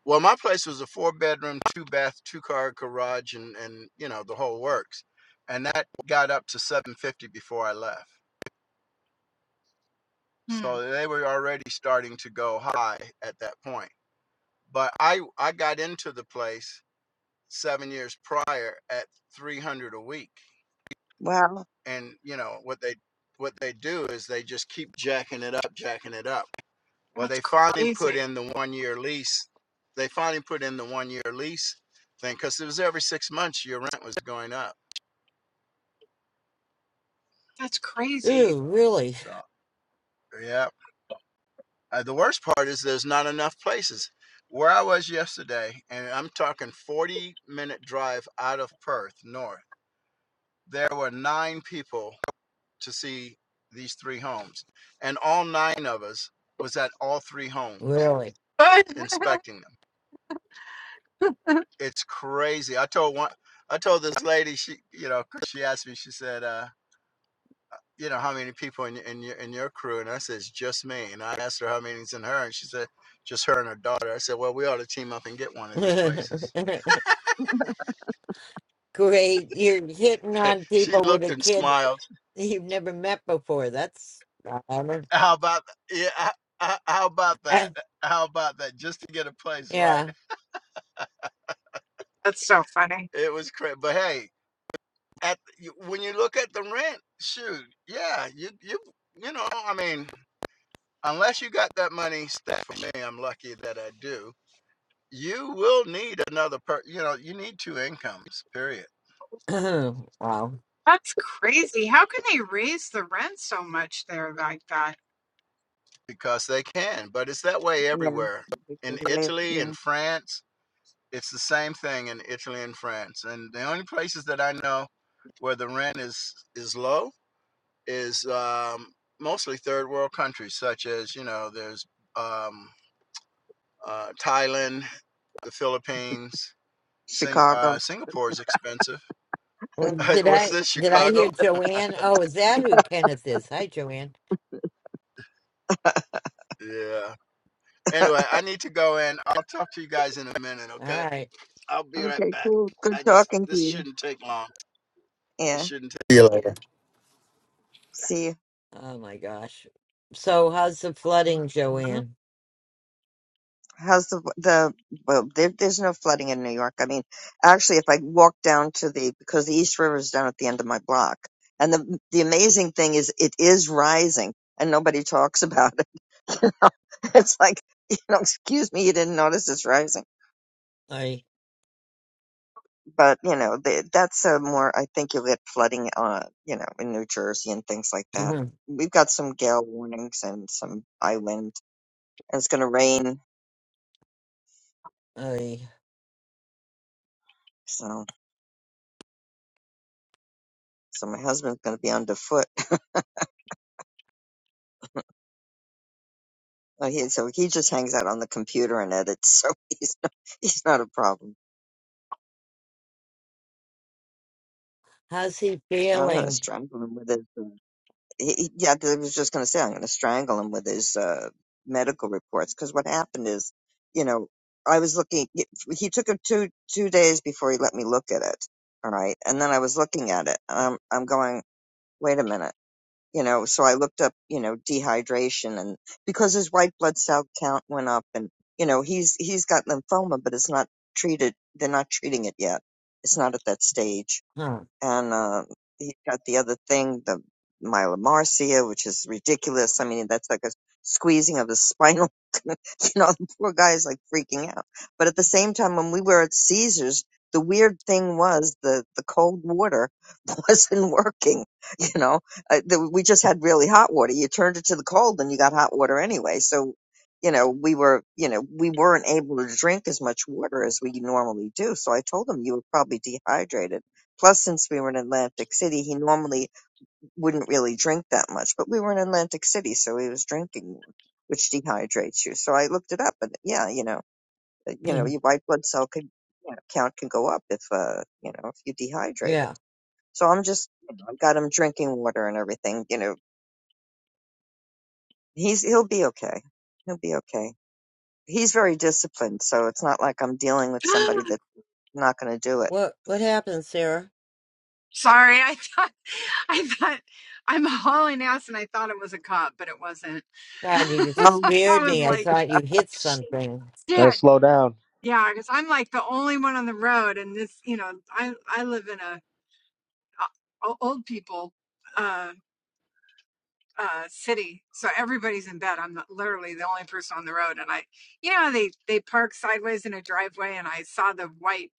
Well, my place was a four bedroom, two bath, two car garage, and and you know the whole works, and that got up to seven fifty before I left.
Hmm.
So they were already starting to go high at that point. But I I got into the place seven years prior at three hundred a week,
well,
and you know what they what they do is they just keep jacking it up, jacking it up. Well,
That's
they finally put
crazy.
in the one year lease. They finally put in the one year lease thing because it was every six months your rent was going up.
That's crazy.
Ooh, really?
So, yeah. Uh, the worst part is there's not enough places. Where I was yesterday, and I'm talking 40 minute drive out of Perth, north, there were nine people to see these three homes. And all nine of us was at all three homes
Really?
*laughs* But
inspecting them. it's crazy. I told one, I told this lady, she, you know, she asked me, she said, uh, you know, how many people in, y- in your in your crew? And I says, just me. And I asked her how many's in her, and she said, just her and her daughter. I said, well, we ought to team up and get one
*laughs*
of these
Great.
places.
You're hitting
*laughs*
on
she
people with
looked
a
and
kid
smiled.
you've never met before. That's not honor.
How about yeah? h- h- How about
Uh,
that? How about that? Just to get a place, right?
yeah.
That's so funny.
It was crazy. But hey, at you- when you look at the rent, shoot, yeah, you you you know, I mean. unless you got that money stacked for me, I'm lucky that I do. You will need another per you know, you need two incomes, period.
*clears throat* wow. Well,
That's crazy. How can they raise the rent so much there like that?
Because they can. But it's that way
yeah,
everywhere.
we
In
get away from
Italy
yeah.
and France, it's the same thing in Italy and France. And the only places that I know where the rent is is low is um, mostly third world countries such as, you know, there's um, uh, Thailand, the Philippines, Sing- uh,
Chicago.
Singapore is expensive *laughs*
Did
What's
I
this,
did I hear
Chicago?
Joanne? Oh, is that who Kenneth is? Hi, Joanne.
Yeah. Anyway, I need to go in. I'll talk to you guys in a minute,
All
okay?
right.
I'll be right
Okay,
back.
cool. Good
I just,
talking. to
this
you.
shouldn't take long. It
Yeah,
shouldn't take.
see you.
Oh my gosh. So how's the flooding,
uh
Joanne?
How's the the well? There, there's no flooding in New York. I mean, actually, if I walk down to the because the East River is down at the end of my block, and the the amazing thing is it is rising, and nobody *laughs* talks about it. *laughs* You know, it's like you know, excuse me, you didn't notice it's rising.
I
but you know th that's a more I think you'll get flooding uh you know in New Jersey and things like that.
*clears throat*
We've got some gale warnings and some island and it's going to rain
I
so so my husband's going to be underfoot. *laughs* Uh, he, so he just hangs out on the computer and edits so *laughs* he's not, he's not a problem.
how's he
I'm going to
feeling?
strangle him with it. he, he- yeah, 'cause I was just going to say, I'm going to strangle him with his uh, medical reports. Because what happened is, you know, I was looking. He he took him two two days before he let me look at it. All right, and then I was looking at it, and I'm I'm going, wait a minute, you know. So I looked up, you know, dehydration, and because his white blood cell count went up, and you know, he's he's got lymphoma, but it's not treated. They're not treating it yet. It's not at that stage
Huh.
and uh, he got the other thing, the myelomarcia, which is ridiculous. I mean, that's like a squeezing of the spinal. *laughs* you know, the poor guy is like freaking out. But at the same time, when we were at Caesars, the weird thing was the the cold water *laughs* wasn't working. You know, uh, the, we just had really hot water. You turned it to the cold, and you got hot water anyway. So. You know, we were, you know, we weren't able to drink as much water as we normally do. So I told him you were probably dehydrated Plus, since we were in Atlantic City, he normally wouldn't really drink that much, but we were in Atlantic City, so he was drinking more, which dehydrates you. So I looked it up, and yeah, you know, uh, you know,
*clears throat*
your white blood cell could you know, count can go up if uh, you know, if you dehydrate it.
yeah.
So I'm just, you know, I've got him drinking water and everything. You know, he's he'll be okay. He'll be okay. He's very disciplined, so it's not like I'm dealing with somebody
*gasps*
that's not going to do it.
What what happened, Sarah?
Sorry, I thought *laughs* I thought I'm hauling ass and I thought it was a cop, but it wasn't. *laughs*
God, you just
Um,
I
scared
was
me. I
like,
thought you hit something.
Gotta
Shit.
slow down.
Yeah, because I'm like the only one on the road, and this, you know, I I live in a a old people uh uh city, so everybody's in bed. I'm not- literally the only person on the road, and I, you know, they they park sideways in a driveway, and I saw the white,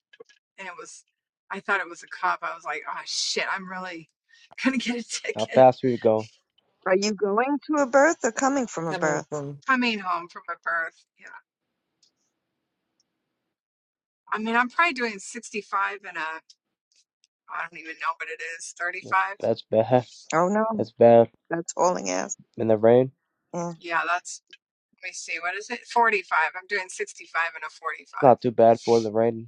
and it was, I thought it was a cop. I was like, oh shit, I'm really *laughs* gonna get a
How
ticket
fast we go?
are you going to a birth or coming from a
Coming
birth?
from
coming home from a birth. Yeah, I mean, I'm probably doing 65 and a, I don't even know what it is,
That's,
35.
that's bad.
Oh
*laughs*
no.
That's bad.
That's all I asked.
In the rain?
Yeah.
Yeah, that's. Let me see. What is it? 45. I'm doing 65 and a 45.
Not too bad for the rain.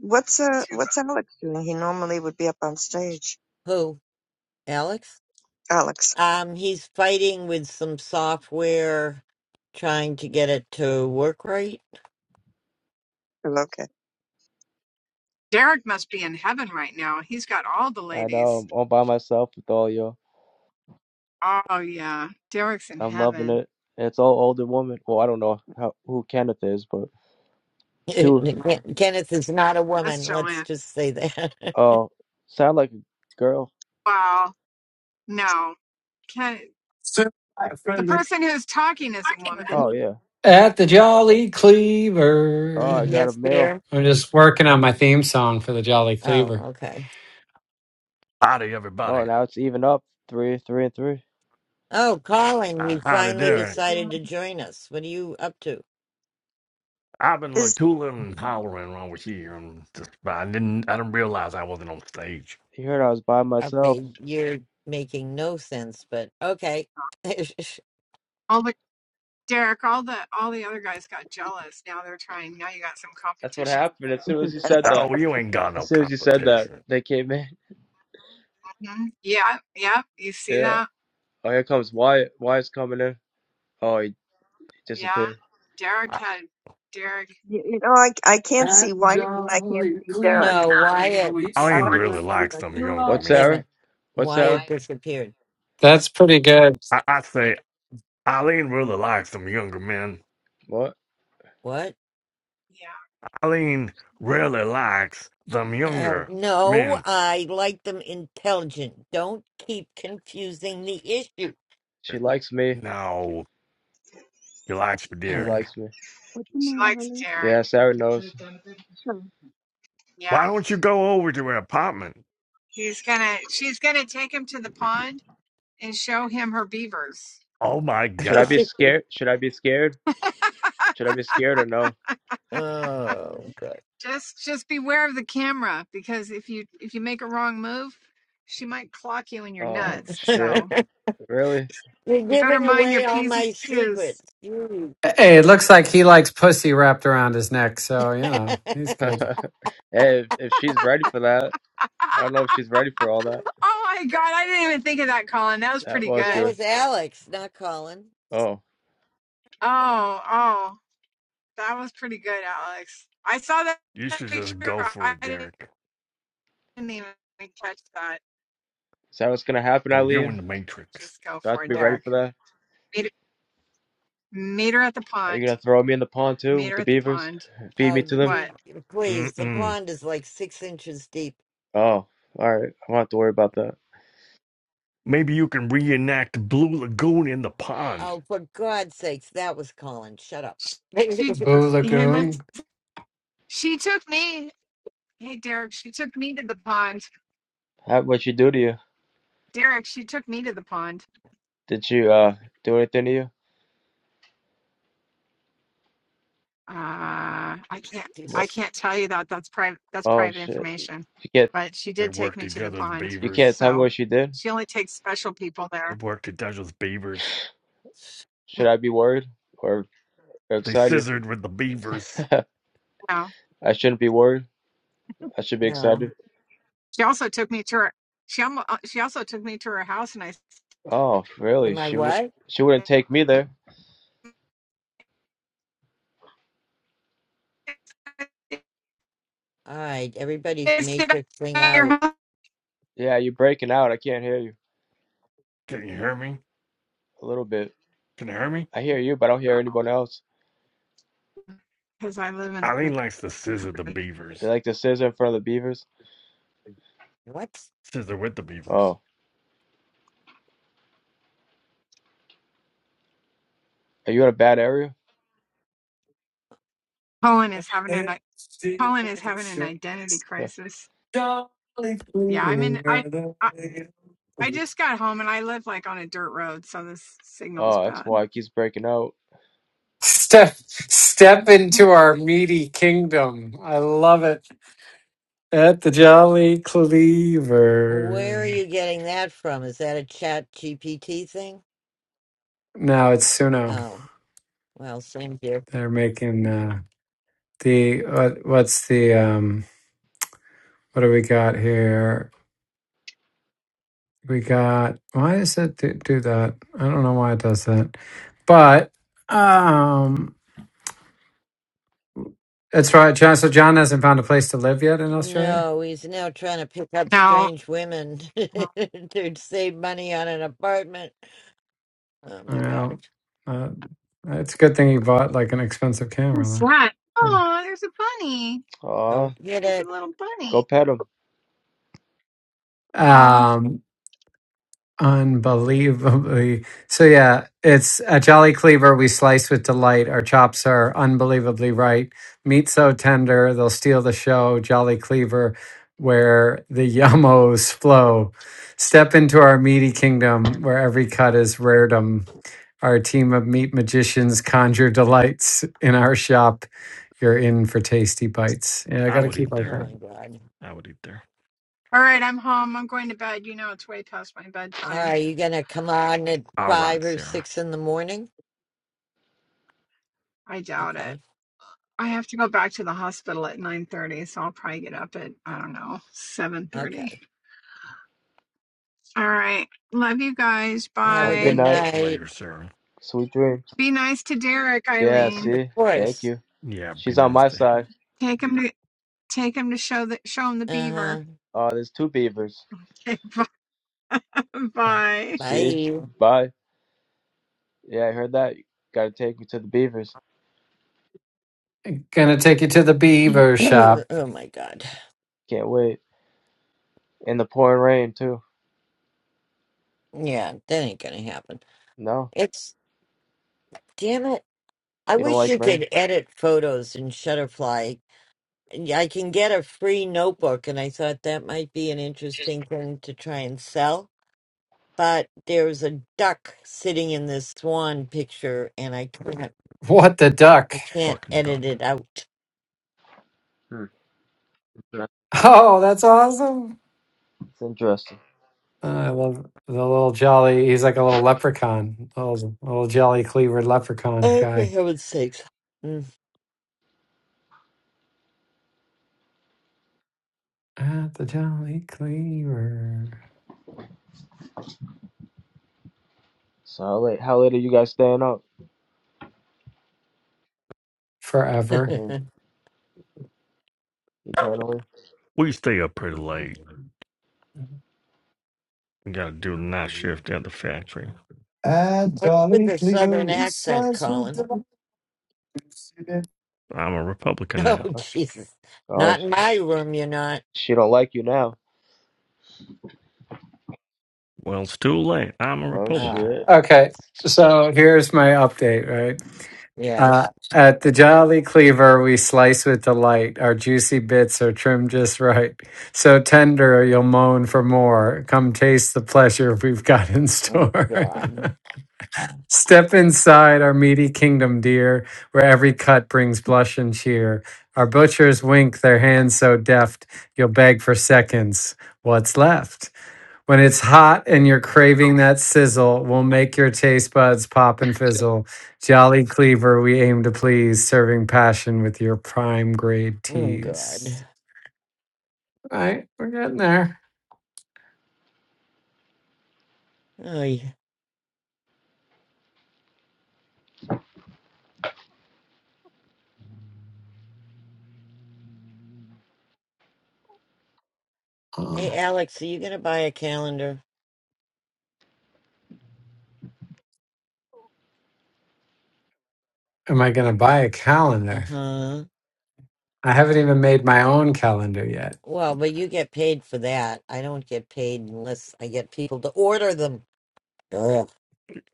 What's
The
uh
tuba.
what's Alex doing? He normally would be up on stage.
who? Alex?
Alex.
Um, he's fighting with some software, trying to get it to work right.
Oh, okay.
Derek must be in heaven right now. He's got all the
I know.
ladies.
I'm all by myself with all you. all
Oh, yeah. Derek's in
I'm loving
heaven.
it. And it's all older woman. Well, I don't know how who Kenneth is, but
*laughs*
two.
Ken- Kenneth is not a
That's
woman. Let's
Joanne.
just say that. *laughs*
Oh, sound like a girl.
Wow. No. Can,
Sir, my
the
friendly.
person who's talking is a
There
woman.
he
Oh
is.
yeah.
At the Jolly
Oh,
Cleaver.
I got a
yes,
male.
dear.
I'm just working on my theme song for the Jolly
Oh,
Cleaver.
okay.
Howdy,
Oh,
everybody.
now it's even up. Three, three, and three.
Oh, Colin,
Uh,
you
Howdy,
finally
Is,
Derek.
decided
um,
to
*laughs*
join us. What are you up to?
I've been like
is
tooling and hollering around with you, and just, I didn't, I didn't realize I wasn't on stage.
You heard I was by myself.
Okay, you're making no sense, but okay. *laughs*
Oh, but Derek, all the all the other guys got jealous. Now they're trying. Now you got some
That's what
competition.
happened as soon as you said that.
No, you ain't got no
As soon as you said that,
competition.
they came in. *laughs*
hmm Yeah. Yeah. You see
Yeah.
that?
Oh, here comes Wyatt. Wyatt's coming in. Oh, he
Yeah.
disappeared.
Derek
I,
had Derek.
you, you know I I can't see Wyatt and
That's
I can't see Derek.
no, Wyatt.
I
I'm
ain't
gonna go out
really
and come
like
back.
some younger
What,
Wait a
men.
Sarah?
minute.
What, Sarah?
Wyatt
Wyatt.
disappeared.
pretty good.
I, I say, Eileen really likes some younger men.
What?
What?
Yeah.
Eileen really likes some
Uh,
younger
no,
men.
I like them intelligent. Don't keep confusing the issue.
She likes me.
No, you likes
She
Uh,
Derek.
likes me.
What's the
She
matter,
likes
honey?
Derek.
Yeah, Sarah knows.
Sure.
Yeah.
Why don't you go over to her apartment?
He's gonna she's gonna take him to the pond and show him her beavers.
Oh my
Should I
God,
be
*laughs*
scared? Should I be scared? Should I be scared or no?
oh, God.
Just just beware of the camera because if you if you make a wrong move, she might clock you in your
Oh,
nuts.
shit.
So
*laughs*
Really?
You're
you better
giving
mind
away
your
all
P's
my
and Q's.
secrets. Jeez.
Hey, it looks like he likes pussy wrapped around his neck, so
*laughs*
you
well,
know he's
*laughs* hey,
good.
if, if she's ready for that,
*laughs*
I don't know if
oh
she's ready for all that.
my god, I didn't even think of that, Colin. That was
That
pretty
was
that
good.
good.
was Alex, not Colin.
Oh,
Oh, oh, that was pretty good, Alex. I saw that
you should just
picture.
go for
I
it,
didn't
Derek.
even catch that.
is that what's going to happen,
Oh, you're in
Eileen?
the Matrix.
Just go
Do I have
for
to
it,
be ready
What?
Derek.
for that?
Meet, meet her at the
Are
pond.
you going to throw me in the pond too
Meet
with
her
the
at the
beavers?
pond.
Feed
Oh,
me to them?
you,
What?
please. The
Mm-mm.
pond is like six inches deep.
Oh, all right. I don't have to worry about that.
Maybe you can reenact Blue Lagoon in the pond.
Oh, for God's sakes, that was Colin. Shut up. *laughs*
She
Boo
hey, let's-
Lagoon.
she took me. Hey Derek, she took me to the pond.
How what you do to you?
Derek, she took me to the pond.
Did you uh do anything to you?
Uh I can't I
What?
can't tell you that. That's private that's
Oh
private
shit.
information.
You can't
But she
They
did take
worked
me
each
to the
other's
pond.
you
beavers.
can't tell me
So
what she did.
she only takes special people
They
there.
worked each other's beavers.
Should
Mm,
I be worried or
They
excited?
scissored with the
*laughs*
beavers.
I
No.
shouldn't be worried. I should be
no.
excited.
She also took me to her she almo- uh, she also took me to her house and I
Oh, really?
Am I
She w-
what?
she wouldn't
said
take me there.
All right,
*laughs*
everybody's
is it
matrixing
at
out.
your house?
Yeah, you're breaking out. I can't hear you
Can you hear me?
a little bit.
Can you hear me?
I hear you, but I don't hear
Oh,
anyone else.
because I live in the
Eileen likes to scissor the
country.
beavers.
Like the scissor in front of the beavers.
What?
Scissor with the beavers.
Oh, are you in a bad area?
Colin is having an Colin is having an identity
*laughs*
crisis.
Step
Yeah, I'm in. I, I I just got home and I live like on a dirt road, so this signal's
oh, that's
bad.
why it keeps breaking out.
step into our meaty kingdom. I love it. At the Jolly
Where are
Cleaver.
you getting that from? Is that a chat GPT thing?
Now it's Suno.
Oh, well, same here.
They're making uh, the what, what's the um what do we got here? We got why does it do, do that? I don't know why it does that. But um That's right, John. So John hasn't found a place to live yet in Australia.
No, he's now trying to pick up
Now,
strange women *laughs* to save money on an apartment. Oh my God.
Well, uh, it's a good thing you bought like an expensive
what's
camera,
that?
though.
Oh, there's a bunny.
Don't
Aw,
get
There's
it.
a little
go
bunny.
pet him.
Aw.
Um, Unbelievably. So, yeah, it's a Jolly Cleaver we slice with delight. Our chops are unbelievably right. Meat so tender, they'll steal the show. Jolly Cleaver, where the *laughs* yummos flow. Step into our meaty kingdom where every cut is raredom. Our team of meat magicians conjure delights in our shop. You're in for tasty bites. Yeah, I
I
got to
would
keep
eat
like
Oh
there.
that.
my God.
I would eat there.
All right, I'm home. I'm going to bed. You know, it's way past my
All
bedtime.
right, you gonna come on at
All right,
five or
Sarah.
six in the morning?
I doubt it.
Okay.
I have to go back to the hospital at 9:30, so I'll probably get up at I don't know
Okay.
7:30. All right, love you guys.
Have
Have
a
a good
good
Bye.
night.
night.
Later, Sarah.
Sweet dreams.
Be nice to Derek,
Yeah,
Y-
Eileen.
Of
see? Thank
course.
you.
Yeah, be
She's on my
nasty.
side.
Take him to Take him to show the show him the
Uh huh.
beaver.
Uh, there's two beavers.
*laughs* Okay, bye.
See?
Bye.
Bye. Yeah, I heard that. Gotta take me to the beavers.
Gonna take you to the beaver
*clears throat*
shop.
oh my God.
Can't wait. In the pouring rain, too.
Yeah, that ain't gonna happen.
No?
It's damn it. I
You don't
wish
like
you
rain?
could edit photos in Shutterfly. And yeah, I can get a free notebook, and I thought that might be an interesting thing to try and sell. But there's a duck sitting in this swan picture, and I can't,
What the duck?
I can't
Fucking
edit
duck.
it out.
Hmm. It's
Oh, that's awesome.
interesting.
I love the little jolly. He's like a little leprechaun, a little, a little jolly cleaver leprechaun
Oh, for
guy.
heaven's sakes! Mm.
At the jolly cleaver
So how late, how late are you guys staying up? I
forever.
mean,
*laughs*
eternally?
We stay up pretty late. We gotta do the night shift at the factory.
And
What's with
jolly
the
Cleaver,
southern
we
accent,
slice with
Colin? *laughs*
the today.
I'm a Republican
Oh,
now.
Oh,
Jesus!
oh,
Not in
sh-
my room, you're not.
she don't like you now.
Well, it's too late. I'm a
Oh,
Republican.
Ah,
shit.
Okay, so here's my update, right? Uh,
yes.
at the Jolly Cleaver, we slice with delight. Our juicy bits are trimmed just right. So tender, you'll moan for more. Come taste the pleasure we've got in
Oh
store. *laughs*
God.
Step inside our meaty kingdom, dear, where every cut brings blush and cheer. Our butchers wink their hands so deft, you'll beg for seconds. What's left? When it's hot and you're craving that sizzle, we'll make your taste buds pop and fizzle. Jolly Cleaver, we aim to please, serving passion with your prime grade
Oh God.
teas. All right, we're getting there.
Oh, yeah.
Uh,
Hey, Alex, are you going to buy a calendar?
am I going to buy a calendar?
Uh-huh.
I haven't even made my own calendar yet.
Well, but you get paid for that. I don't get paid unless I get people to order them. Ugh. *laughs*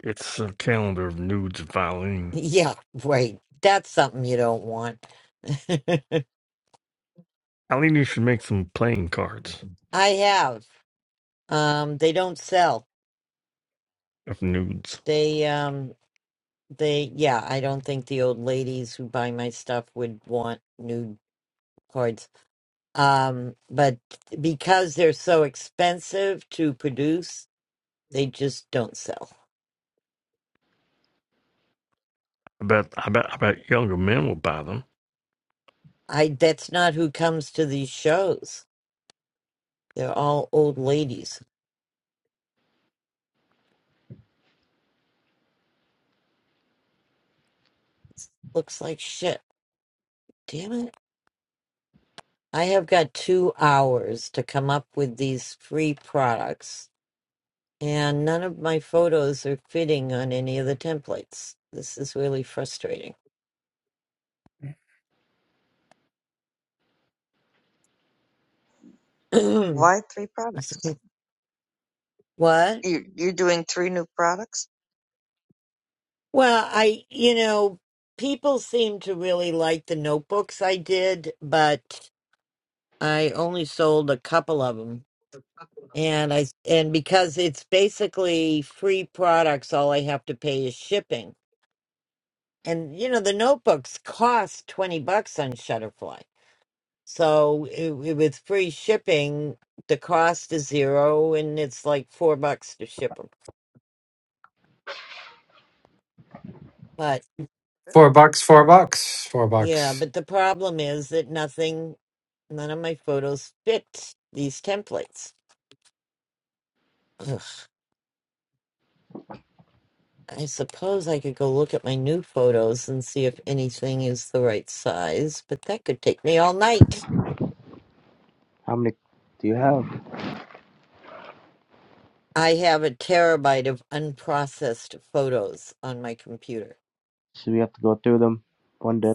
It's a calendar of nudes of Eileen.
Yeah, right. That's something you don't want. *laughs* I
Eileen, you should make some playing cards
have. Um, they don't sell.
of nudes.
They, um, they, yeah, I don't think the old ladies who buy my stuff would want new cards. Um, but because they're so expensive to produce, they just don't sell.
I bet, I bet, I bet younger men will buy them.
I that's not who comes to these shows. They're all old ladies. Looks like shit. Damn it. I have got 2 hours to come up with these free products and none of my photos are fitting on any of the templates. This is really frustrating.
Mm.
*clears throat*
Why three products?
what? Well,
You you're doing three new products?
I you know, people seem to really like the notebooks I did, but I only sold a couple of 'em. and I and because it's basically free products, all I have to pay is shipping. And you know the notebooks cost twenty bucks on Shutterfly, so it, it- with free shipping, the cost is zero, and it's like four bucks to ship them. But
Four bucks, four bucks, four
yeah,
bucks.
but the problem is that nothing, none of my photos fit these templates. Ugh. I suppose I could go look at my new photos and see if anything is the right size, but that could take me all night.
How many do you have?
I have a terabyte of unprocessed photos on my computer.
So we have to go through them one day.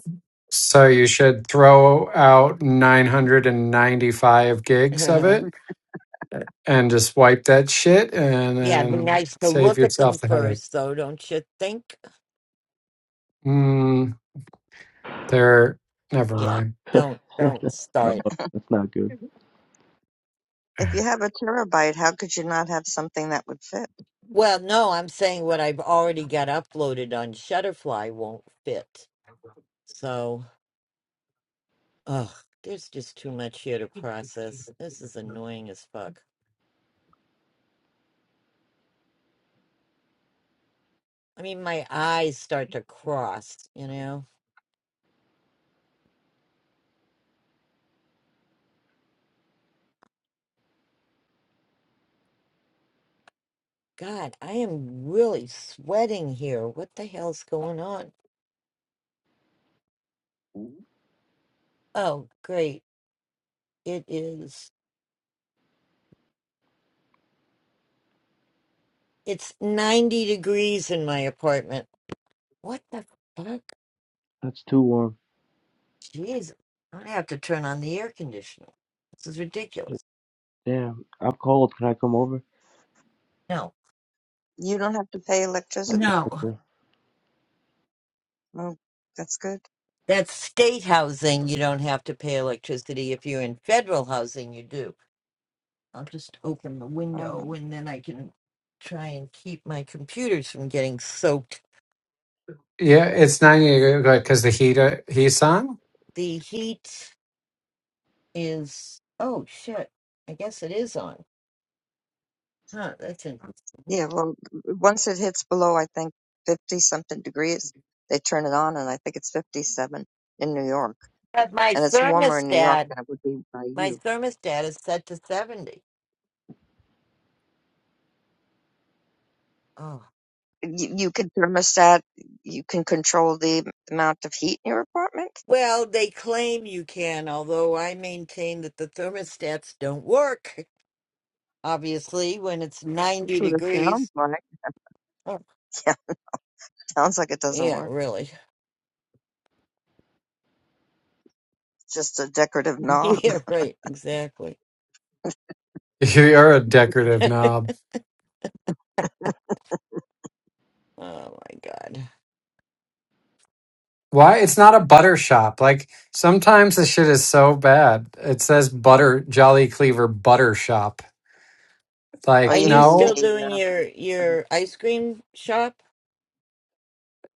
So you should throw out 995
*laughs*
gigs of
yeah,
it and just wipe that shit and
it'd be
then
nice to
save
look at them
yourself the headache.
first, though, don't you think?
Mm, there, never
Yeah,
mind.
*laughs* oh,
don't don't
*laughs*
start.
that's not good.
If you have a terabyte, how could you not have something that would fit?
Well, no, I'm saying what I've already got uploaded on Shutterfly won't fit. So, ugh, there's just too much here to process. This is annoying as fuck. I mean, my eyes start to cross, you know? God, I am really sweating here. What the hell's going on? Oh, great. It is. It's 90 degrees in my apartment. What the fuck?
That's too warm.
Jeez. I'm gonna have to turn on the air conditioner. This is ridiculous.
Damn, I'm cold. Can I come over?
No.
You don't have to pay electricity?
No.
Okay.
Oh, that's good.
That's state housing. You don't have to pay electricity. If you're in federal housing, you do. I'll just open the
Uh-huh.
window and then I can try and keep my computers from getting soaked.
Yeah, it's 90 because the heat, uh, heat's on.
The heat is. Oh, shit. I guess it is on. Huh, that's interesting.
Yeah, well, once it hits below, I think, 50 something degrees, they turn it on, and I think it's 57 in New York.
But my
And it's warmer in New York
thermostat,
than it would be by
my
you.
thermostat is set to 70. Oh.
You, you can thermostat, you can control the amount of heat in your apartment.
Well, they claim you can, although I maintain that the
*laughs*
thermostats don't work, obviously, when it's
That's
90
what it sounds
degrees.
like. *laughs*
Oh,
Yeah, sounds like it doesn't
yeah,
work.
really.
It's just a decorative
*laughs*
knob. *laughs*
yeah, right, exactly.
You are a
*laughs*
decorative
oh
knob.
my god.
Why? It's not a butter shop. Like sometimes the shit is so bad. It says butter Jolly Cleaver butter shop.
Oh,
Are
Like
you
you
mean
still
no,
the,
doing
uh,
your
uh,
your ice cream shop?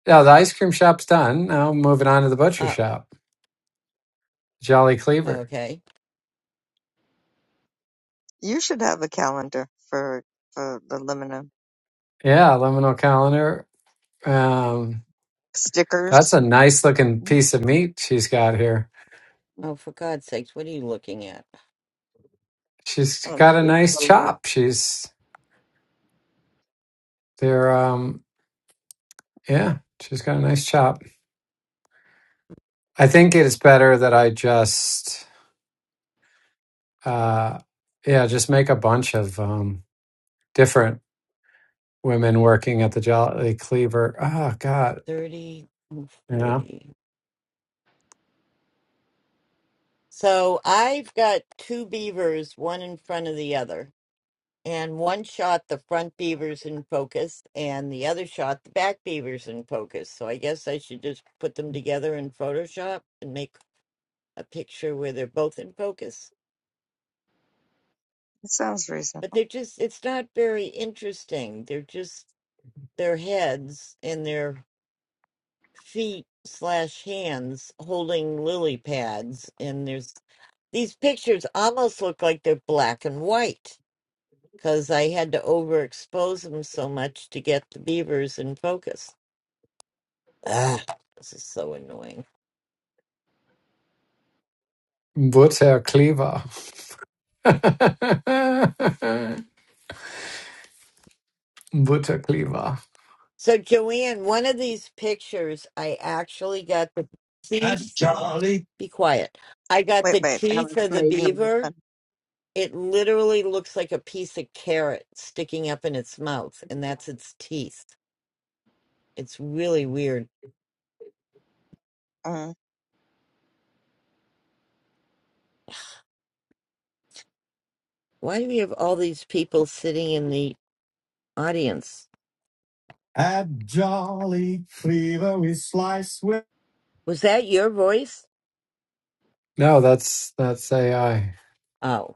no, the ice cream shop's done. Now moving on to the butcher
Oh,
shop, Jolly Cleaver.
okay.
you should have a calendar for, for the aluminum
Yeah, liminal calendar. Um, that's
stickers.
a nice looking
Mm.
piece of meat she's got here.
Oh, for God's sakes, what are you looking at?
She's
Uh,
got a
it's
nice
photo.
chop. She's there. Um, Yeah, she's got a nice chop. I think it's better that I just, uh, yeah, just make a bunch of um, different women working at the Jolly Cleaver. Oh God,
30, 40.
you know,
So I've got two beavers, one in front of the other. And one shot the front beavers in focus, and the other shot the back beavers in focus. So I guess I should just put them together in Photoshop and make a picture where they're both in focus.
It sounds reasonable.
But they're just, it's not very interesting. They're just their heads and their feet slash hands holding lily pads. And there's these pictures almost look like they're black and white because I had to overexpose them so much to get the beavers in focus. Ah, this is so annoying.
Butter Cleaver. *laughs* Butter Cleaver.
So, Joanne, one of these pictures, I actually got the
And
teeth.
Charlie *laughs*
Be quiet. I got
Wait,
the
wait.
teeth
Alice
of the
made noise.
beaver.
and,
It literally looks like a piece of carrot sticking up in its mouth, and that's its teeth. It's really weird.
Uh,
Why do we have all these people sitting in the audience?
Add jolly cleaver with slice with
Was that your voice?
No, that's that's AI.
Oh.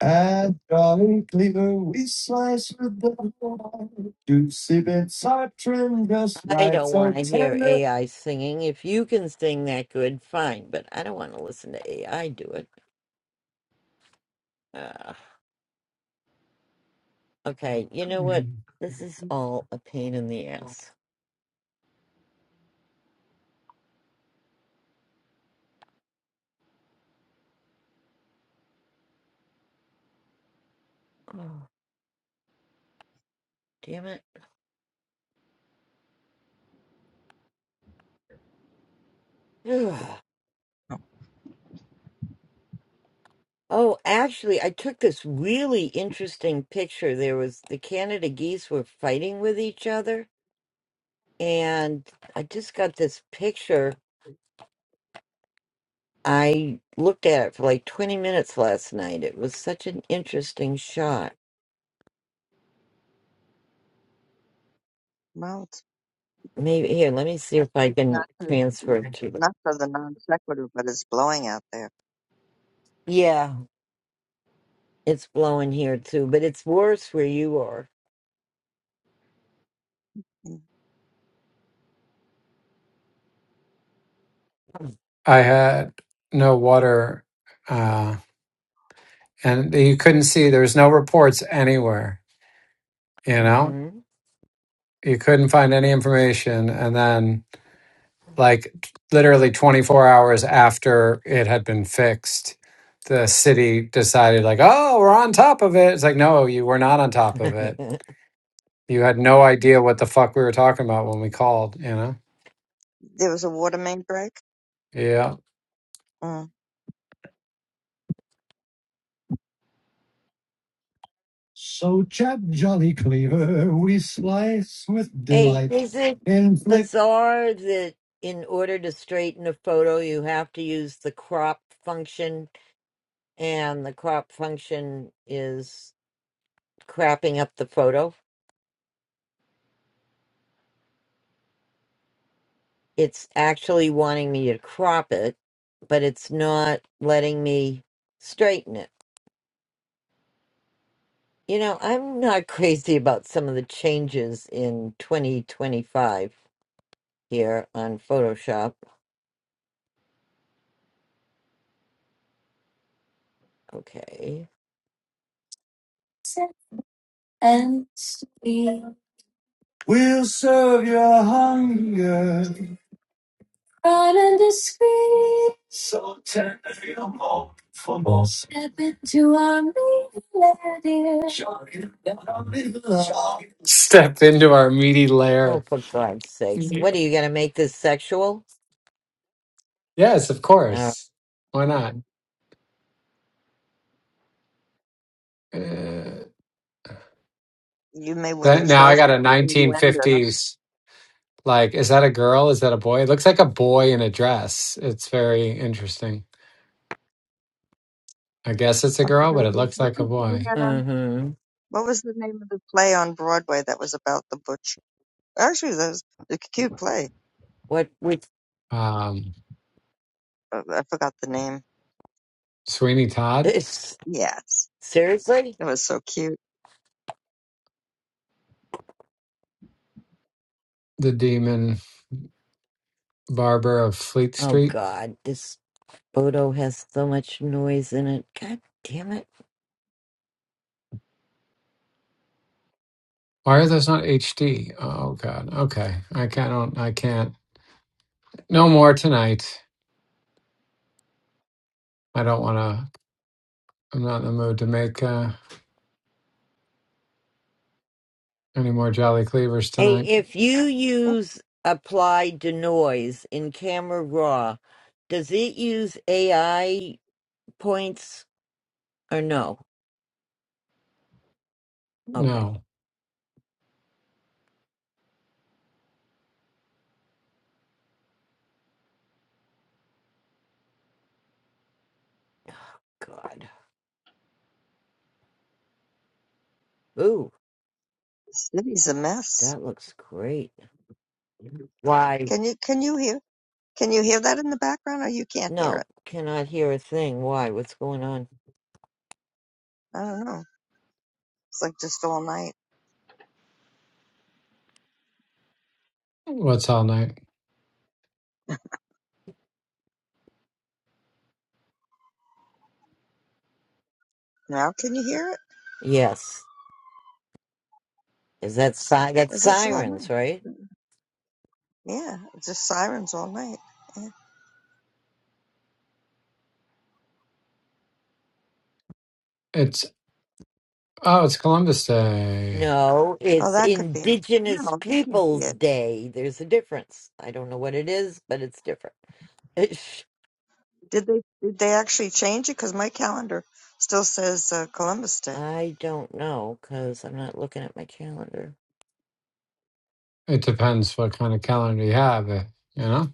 I draw a cleaver, we slice with the knife. Juicy bits are trimmed just
I
right,
don't want
so
to hear
tender.
AI singing. If you can sing that good, fine, but I don't want to listen to AI do it. Uh, okay, you know what?
Mm.
This is all a pain in the ass. Oh, damn it. Ugh. Oh, actually, I took this really interesting picture. There was the Canada geese were fighting with each other, and I just got this picture. I looked at it for like 20 minutes last night. It was such an interesting shot.
well, it's
Maybe here, let me see if I can
not to,
transfer it to the.
not for the non sequitur, but it's blowing out there.
Yeah, it's blowing here too, but it's worse where you are.
Mm.
I had no water, uh, and you couldn't see. There was no reports anywhere. You know,
hmm
you couldn't find any information. And then, like literally 24 hours after it had been fixed, the city decided, like, "Oh, we're on top of it." It's like, no, you were not on top
*laughs*
of it. You had no idea what the fuck we were talking about when we called, you know?
There was a water main break.
Yeah.
Mm.
So chop jolly cleaver, we slice with
hey,
delight.
is it
Inflict
bizarre that in order to straighten a photo, you have to use the crop function, and the crop function is crapping up the photo? It's actually wanting me to crop it, but it's not letting me straighten it. You know, I'm not *laughs* crazy about some of the changes in 2025 here on Photoshop. Okay.
and sweet. We'll serve your hunger. Right under screen. So tender your hope for more. Step into our meaty lair, Show you that I'm in love. Step into our meaty
Oh,
lair.
for God's sakes.
Mhm.
What are you going to make this sexual?
Yes, of
Uh,
course. Why not? Uh,
You may win a
that, now I got
trophy
a
for innuendos.
1950s. Like, is that a girl? Is that a boy? It looks like a boy in a dress. It's very interesting. I guess it's a
I
girl, but
forgot
it
what,
looks
what
like a
was
boy.
the uh,
mm-hmm.
what was the name of the play on Broadway that was about the butcher? Actually, that was a cute play.
What, which,
Um,
Uh, I forgot the name.
Sweeney
*laughs*
Todd,
this,
Yes,
seriously?
it was so cute.
the demon barber of Fleet
Oh,
Street.
God. This photo has so much noise in it. God damn it.
Why are those not HD? Oh God. Okay, I can't. I don't- I can't. No more tonight. I don't want to. I'm not in the mood to make uh, any more Jolly Cleavers
Hey,
tonight.
if you
Mm,
use Apply to noise in Camera Raw, does it use AI points or no? Okay.
No.
God. Ooh,
The city's a mess.
that looks great. Why?
Can you can you hear can you hear that in the background or you can't hear
No,
it?
cannot hear a thing. Why? What's going on?
I don't know. It's like just all night.
What's all night?
Now can you hear it?
Yes. Is that si- that's
Is it all
sirens,
night?
right?
Yeah, it's just sirens all night. Yeah.
It's oh, it's Columbus Day.
No,
Oh,
it's
that could be it.
Indigenous
No, that can't be
Peoples
it.
Day. There's a difference. I don't know what it is, but it's different. *laughs* Ish.
Did they did they actually change it? Because my calendar still says uh, Columbus Day.
I don't know because I'm not looking at my calendar.
It depends what kind of calendar you have, eh, you know.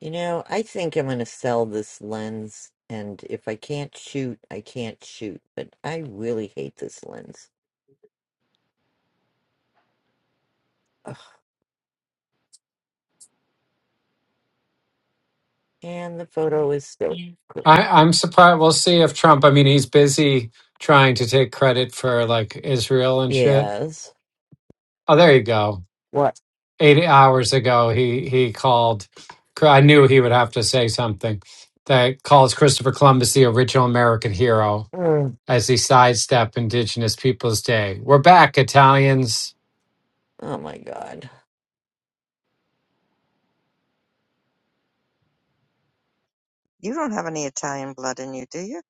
You know, I think I'm going to sell this lens, and if I can't shoot, I can't shoot. But I really hate this lens. Ugh. And the photo is still. crooked.
I, I'm surprised. We'll see if Trump. I mean, he's busy trying to take credit for like Israel and shit.
Yes.
Oh, there you go.
What?
Eighty hours ago, he he called. I knew he would have to say something that calls Christopher Columbus the original American hero.
Mm.
as they sidestep Indigenous Peoples Day. We're back, Italians.
Oh my God.
You don't have any Italian blood in you, do you?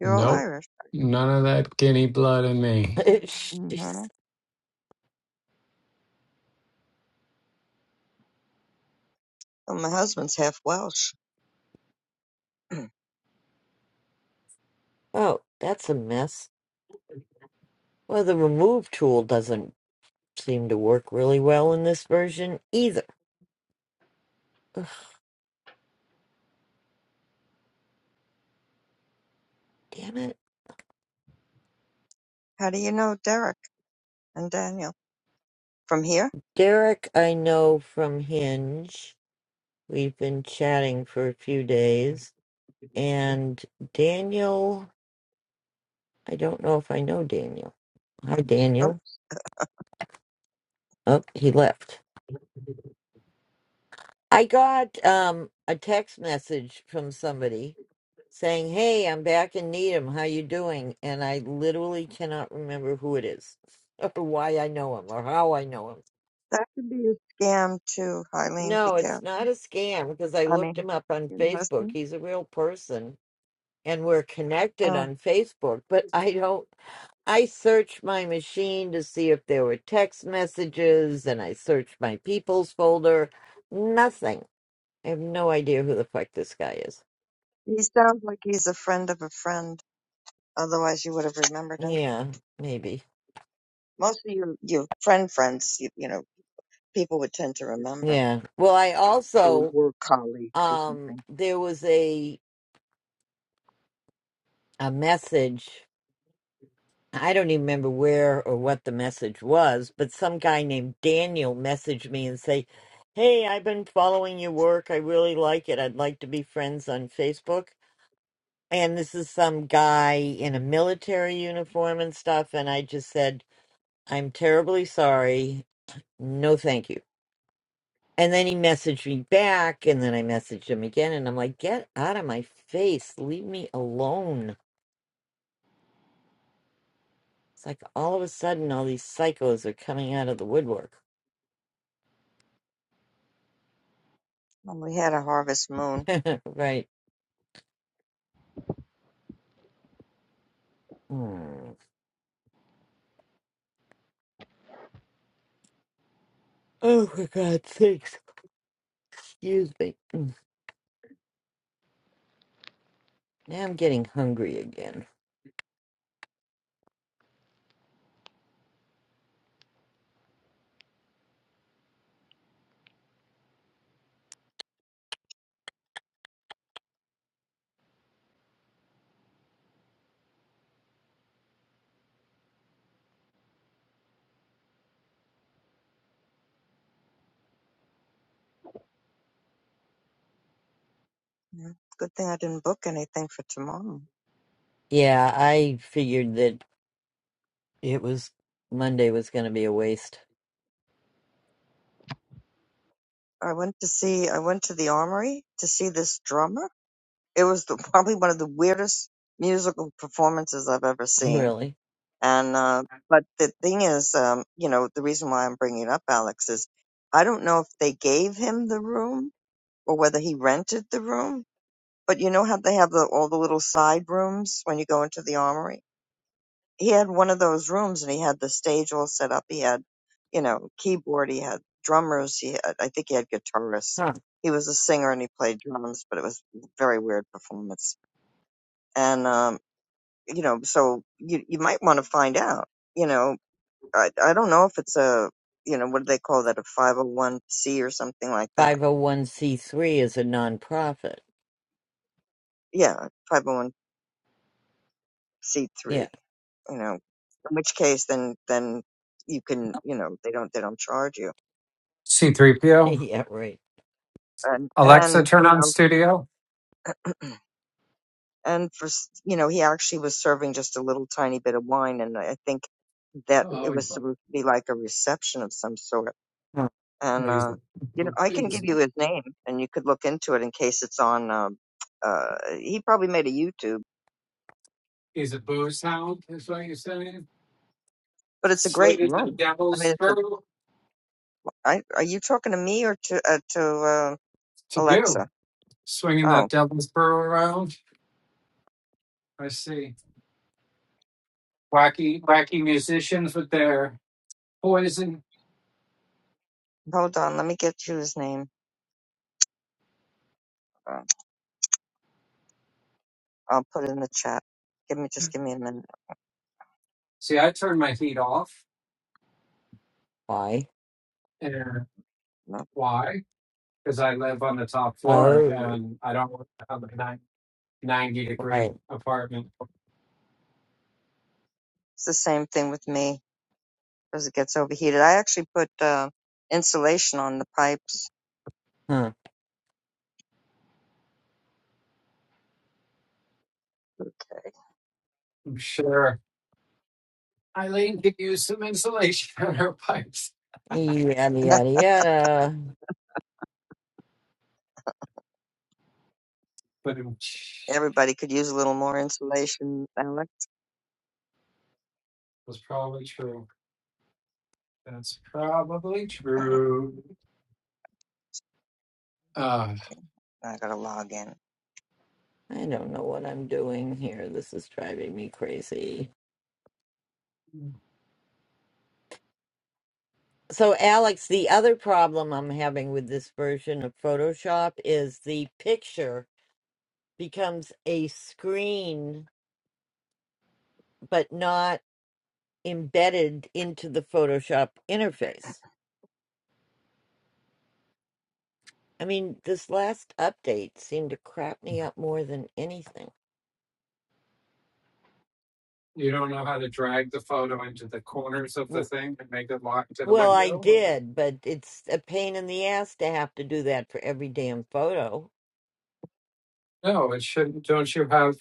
You're all
Nope,
Irish.
none of that guinea blood in
*laughs*
me.
hmm Well,
Jeez.
my husband's half Welsh.
Oh, that's a mess. Well, the remove tool doesn't seem to work really well in this version
*clears throat*
either. Ugh, damn it.
How do you know Derek and Daniel? From here?
Derek, I know from Hinge. We've been chatting for a few days. And Daniel, I don't know if I know Daniel. Hi,
Oh,
Daniel. Oh, he left. I got um a text message from somebody saying, "Hey, I'm back in Needham. How you doing?" And I literally cannot remember who it is *laughs* or why I know him or how I know him.
that could be a scam too, Eileen. Be
No, it's
careful.
not a scam because I
I
looked
mean,
him up on
you know, a
Facebook.
scam?
He's a real person and we're connected
oh,
on Facebook, but I don't I searched my machine to see if there were text messages and I searched my people's folder. Nothing. I have no idea who the fuck this guy is.
he sounds like he's a friend of a friend. Otherwise, you would have remembered him.
Yeah, maybe.
Most of your your friend friends, you, you know, people would tend to remember,
Yeah. Well, I
or
also
were colleagues or
um
something.
there was a a message. I don't even remember where or what the message was, but some guy named Daniel messaged me and say, "Hey, I've been following your work. I really like it. I'd like to be friends on Facebook." And this is some guy in a military uniform and stuff, and I just said, "I'm terribly sorry. No, thank you." And then he messaged me back, and then I messaged him again, and I'm like, get out of my face. Leave me alone. It's like all of a sudden, all these psychos are coming out of the woodwork.
Well, we had a harvest moon.
*laughs* right. Hmm. Oh, for God's sakes. Excuse me. Now I'm getting hungry again.
Yeah. Good thing I didn't book anything for tomorrow.
Yeah, I figured that it was Monday was going to be a waste. *laughs*
I went to see. I went to the armory to see this drummer it was the, probably one of the weirdest musical performances I've ever seen.
Really?
And uh, but the thing is, um, you know, the reason why I'm bringing it up Alex is I don't know if they gave him the room or whether he rented the room. But you know how they have the, all the little side rooms when you go into the armory. He had one of those rooms, and he had the stage all set up. He had, you know, keyboard. He had drummers. He had, I think he had guitarists.
Huh.
He was a singer and he played drums, but it was a very weird performance. And um, you know, so you you might want to find out. You know, I I don't know if it's a you know what do they call that a five hundred one c or something like that.
501c3 is a nonprofit.
Yeah, five hundred one c
Yeah.
three. You know, in which case then then you can you know they don't they don't charge you
*laughs*
C3PO,
yeah, right.
and
Alexa,
and
turn
you
on
know
studio.
and for s- you know he actually was serving just a little tiny bit of wine and I think that
Oh,
it was supposed to be like a reception of some sort
Huh.
and
he's a,
uh, you know I can give
he's,
you his name, and you could look into it in case it's on. Um, uh, he probably made a YouTube,
he's a booze hound, is what you're saying?
but it's a great
Slitting the
room. I mean,
devil's
it's a,
throat
I, are you talking to me or to uh, to uh,
to you.
Alexa?
swinging
Oh,
that devil's burrow around. I see wacky, wacky musicians with their poison.
hold on, let me get you his name. Uh, I'll put it in the chat. Give me just give me a minute.
See, I turn my heat off,
Why?
and
No,
why? Because I live on the top floor,
Oh,
and I don't want to have a nine- ninety degree
right.
apartment.
it's the same thing with me as it gets overheated. I actually put uh, insulation on the pipes.
Huh.
I'm sure Eileen could use some insulation *laughs* on her pipes,
Yada,
*laughs*
yada, yada.
but it
Everybody could use a little more insulation, Alex.
was probably true. That's probably
Uh,
true. Uh,
I gotta log in.
I don't know what I'm doing here. This is driving me crazy. So, Alex, the other problem I'm having with this version of Photoshop is the picture becomes a screen, but not embedded into the Photoshop interface. I mean, this last update seemed to crap me up more than anything.
You don't know how to drag the photo into the corners of the
W-
thing and make it lock to the
Well, I
window? Or...
did, but it's a pain in the ass to have to do that for every damn photo.
No, it shouldn't. Don't you have,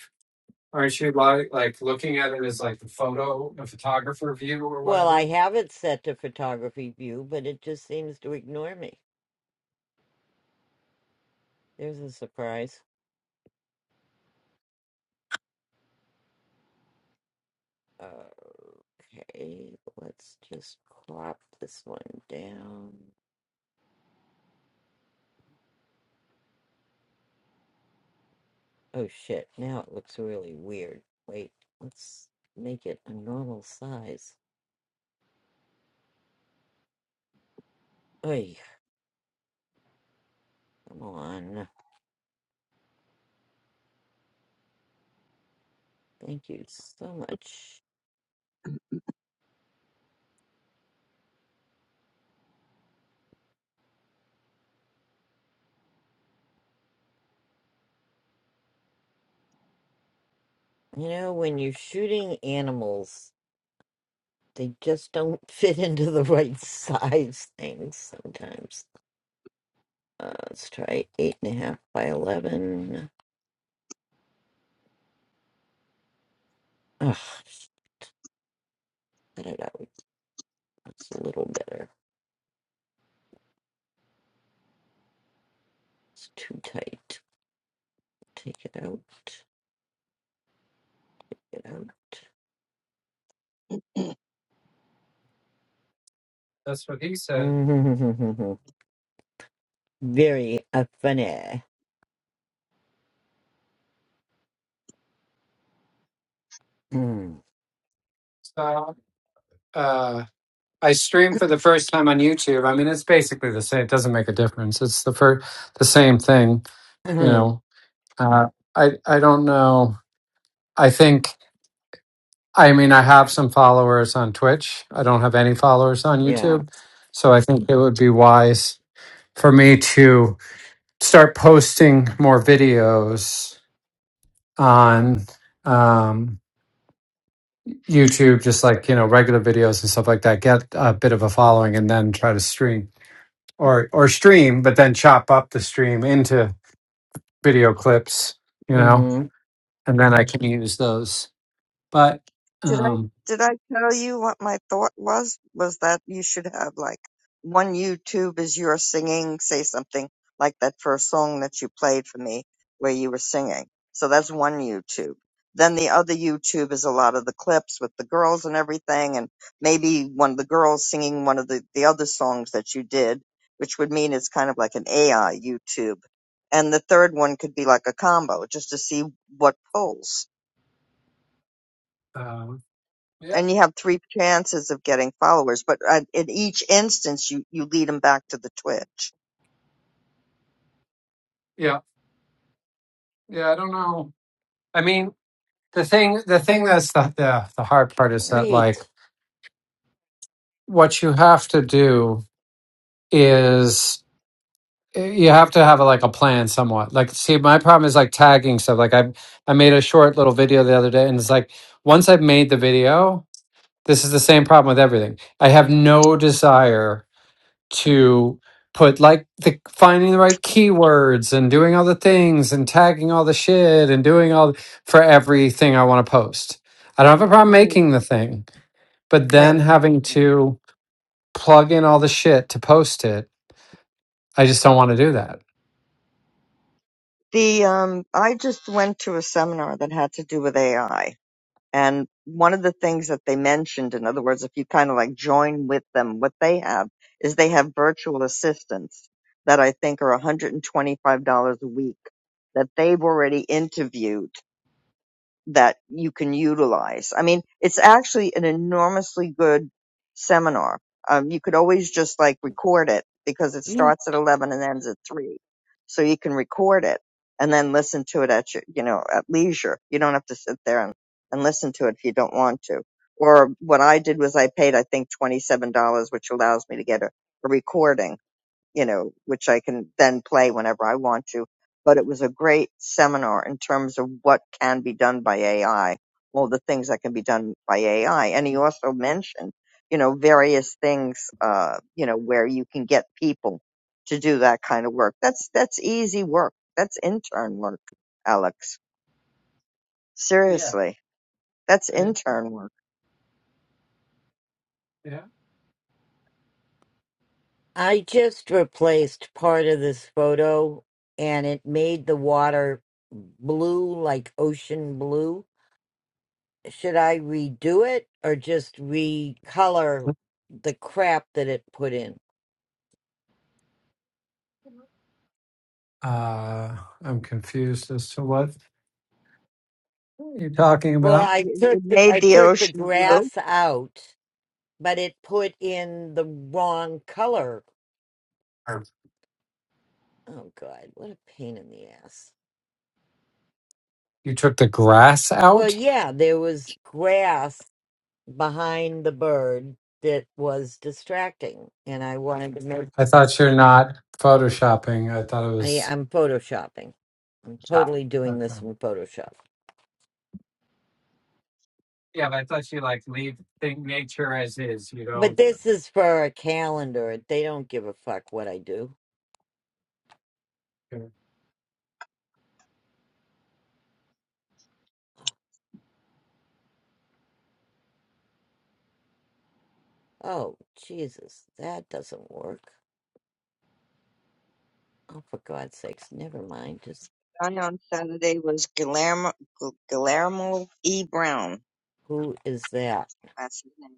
aren't you like, like looking at it as like the photo, the photographer view or
Well, I
whatever?
have it set to photography view, but it just seems to ignore me. There's a surprise. Okay, let's just crop this one down. Oh shit, now it looks really weird. Wait, let's make it a normal size. Oy, come on. Thank you so much. You know, when you're shooting animals, they just don't *laughs* fit into the right *laughs* size things sometimes. Uh, let's try eight and a half by eleven. Ugh, cut it out. That's a little better. It's too tight. Take it out. Get out.
That's what he said.
*laughs* Very uh, funny. Mm.
So, uh, I streamed for the first time on YouTube. I mean, it's basically the same. It doesn't make a difference. It's the first, the same thing, you
*clears throat*
know. Uh, I I don't know. I think. I mean, I have some followers on Twitch. I don't have any followers on
yeah.
YouTube. So I think it would be wise for me to start posting more videos on um, YouTube, just like, you know, regular videos and stuff like that. Get a bit of a following and then try to stream or, or stream, but then chop up the stream into video clips, you know,
Mm-hmm.
and then I can use those. But,
Did I
um,
did I tell you what my thought was? Was that you should have like one YouTube is your singing, say something like that first song that you played for me where you were singing. So that's one YouTube. Then the other YouTube is a lot of the clips with the girls and everything and maybe one of the girls singing one of the, the other songs that you did, which would mean it's kind of like an AI YouTube. And the third one could be like a combo just to see what pulls
uh, yeah,
and you have three chances of getting followers, but uh, in each instance, you you lead them back to the Twitch.
yeah, yeah, I don't know. I mean, the thing the thing that's the, the the hard part is that like
Great.
what you have to do is eh, you have to have a, like a plan somewhat like see my problem is like tagging stuff like i i made a short little video the other day and it's like once i've made the video this is the same problem with everything i have no desire to put like the finding the right keywords and doing all the things and tagging all the shit and doing all for everything i want to post i don't have a problem
Oh,
making the thing but
Wait,
then having to plug in all the shit to post it, I just don't want to do that.
the um, I just went to a seminar that had to do with AI, and one of the things that they mentioned, in other words, if you kind of like join with them, what they have is they have virtual assistants that I think are $125 a week that they've already interviewed that you can utilize. I mean, it's actually an enormously good seminar. Um, you could always just like record it because it
Mm.
starts at 11 and ends at 3. So you can record it and then listen to it at your, you know, at leisure. You don't have to sit there and, and listen to it if you don't want to. Or what I did was I paid, I think, $27, which allows me to get a, a recording you know, which I can then play whenever I want to. But it was a great seminar in terms of what can be done by AI, all the things that can be done by AI. And he also mentioned, you know, various things, uh, you know, where you can get people to do that kind of work. That's, that's easy work. That's intern work, Alex.
Yeah.
Seriously. That's
I-
intern work.
yeah.
I just replaced part of this photo and it made the water blue, like ocean blue. should I redo it or just recolor the crap that it put in?
Uh, I'm confused as to what you're talking
Well,
about.
I
It
took
it
the,
made
I
the
took the
ocean blue.
grass out, but it put in the wrong color.
Or
Oh god, what a pain in the ass.
You took the grass
Well,
out?
yeah, there was grass behind the bird that was distracting and I wanted to make
I thought you're not photoshopping. I thought it
I,
was
I'm photoshopping. I'm totally doing
okay.
this in Photoshop. But this is for a calendar. They don't give a fuck what I do. Oh, Jesus, that doesn't work. Oh, for God's sakes, never mind. Just
Guy on Saturday was Guillermo, Guillermo E. Brown
who is that?
That's his name.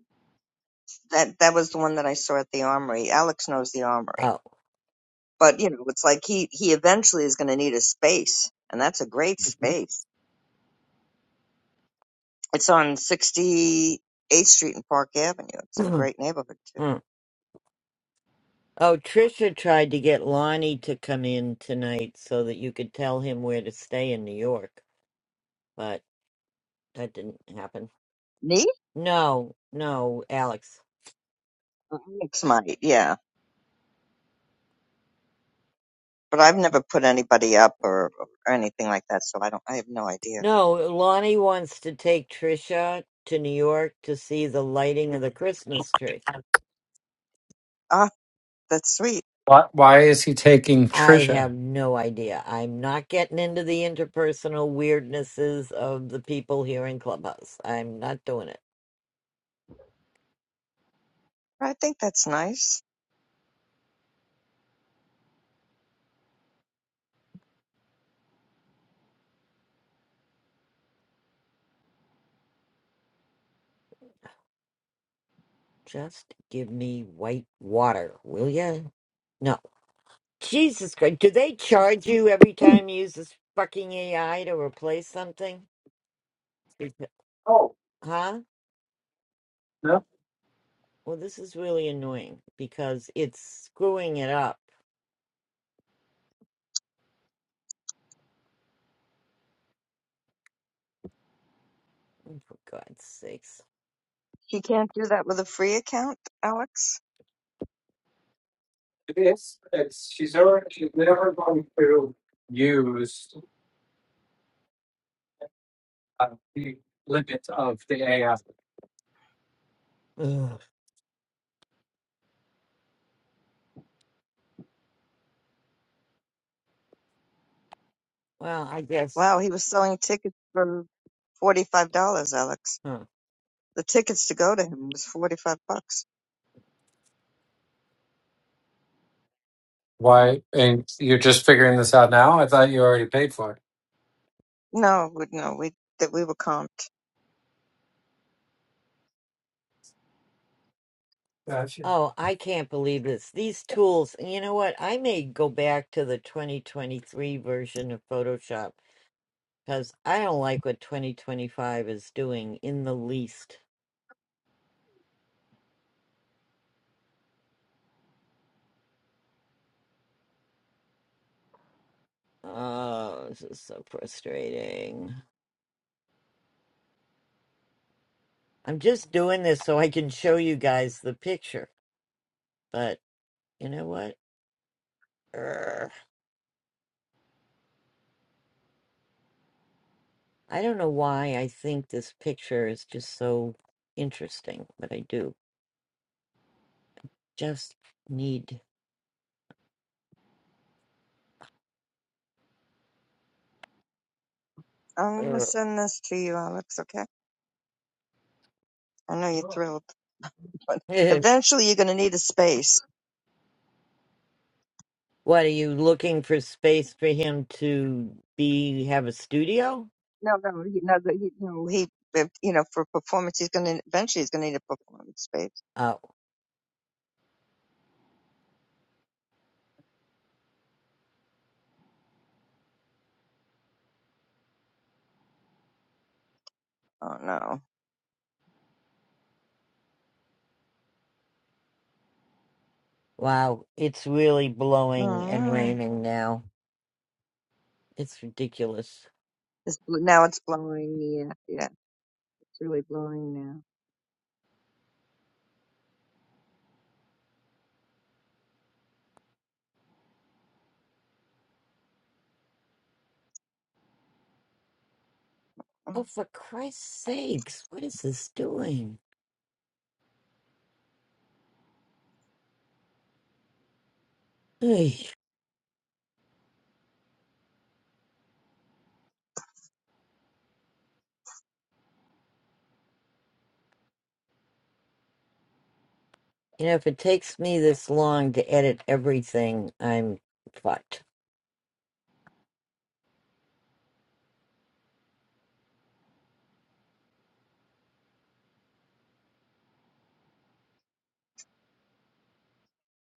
That that was the one that I saw at the armory. Alex knows the armory,
Oh.
but you know, it's like he he eventually is going to need a space, and that's a great space. It's on 68th Street and Park Avenue. It's in a
*clears throat*
great neighborhood too.
Hmm. Oh, Trisha tried to get Lonnie to come in tonight so that you could tell him where to stay in New York, but that didn't happen.
Me?
No, no, Alex.
Alex might, yeah. But I've never put anybody up or, or anything like that, so I don't. I have no idea.
No, Lonnie wants to take Trisha to New York to see the lighting of the Christmas tree.
Ah, that's sweet.
Why, why is he taking
I have
Trisha?
no idea. I'm not getting into the interpersonal weirdnesses of the people here in Clubhouse. I'm not doing it.
I think that's nice.
Just give me white water, will ya? No. Jesus Christ. Do they charge you every time you use this fucking AI to replace something? Becau- Huh? Well, this is really annoying because it's screwing it up. For God's sakes.
He can't do that with a free account, Alex.
Ugh. Well, I guess.
Wow, he was selling tickets for forty-five dollars, Alex.
huh.
the tickets to go to him was forty five bucks.
Why? And you're just figuring this out now? I thought you already paid for it.
No, we- no, we that we were comped.
Gotcha.
Oh, I can't believe this. These tools, and you know what? I may go back to the 2023 version of Photoshop because I don't like what 2025 is doing in the least. Oh, this is so frustrating. I'm just doing this so I can show you guys the picture, but you know what? Urgh. I don't know why I think this picture is just so interesting, but I do. Just need.
I'm gonna
Urgh.
send this to you, Alex. Okay. I know you're
Sure.
thrilled, *laughs* but
*laughs*
eventually you're gonna need a space.
What are you looking for space for him to be have a studio?
No, no, he, no, the- he, no, he, if, you know, for performance, he's gonna eventually he's gonna need a performance space.
Oh,
Oh no,
wow. It's really blowing
no,
and
no.
raining now. It's ridiculous.
It's, bl- now it's blowing. Yeah, yeah, it's really blowing now. Oh,
Oh, for Christ's sakes, what is this doing? Oy. You know, if it takes me this long to edit everything, I'm fucked.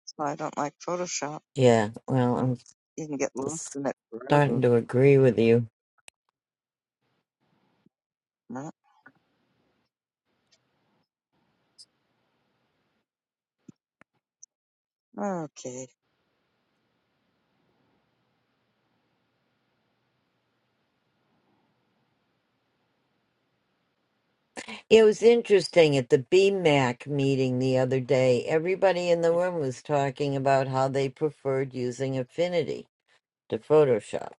That's why I don't like Photoshop.
Yeah, well, I'm
You can get lost
s-
in it
starting
forever.
to agree with you.
Right? Okay,
It was interesting at the BMAC meeting the other day. Everybody in the room was talking about how they preferred using Affinity to Photoshop.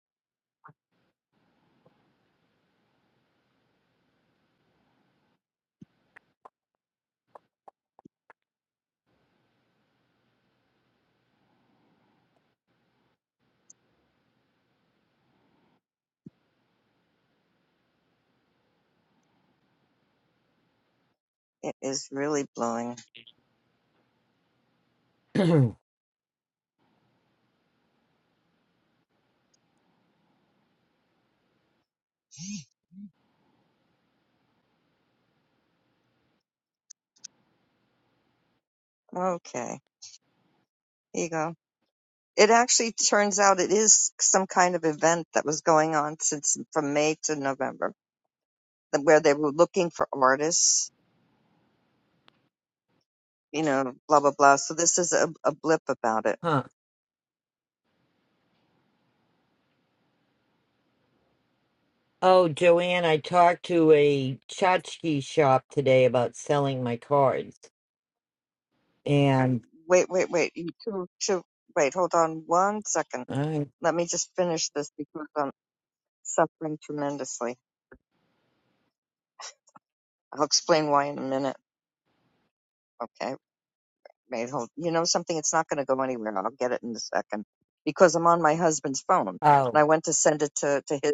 it is really blowing.
*clears throat*
Okay. There you go. It actually turns out it is some kind of event that was going on since from May to November, that- where they were looking for artists, you know, blah blah blah. So this is a, a blip about it.
huh. Oh, Joanne, I talked to a tchotchke shop today about selling my cards. And,
Wait, wait, wait. You two, two. Wait, hold on one second.
I
Let me just finish this because I'm suffering tremendously. I'll explain why in a minute. Okay, Wait, hold. You know something? It's not going to go anywhere. I'll get it in a second because I'm on my husband's phone, and
oh,
I went to send it to to his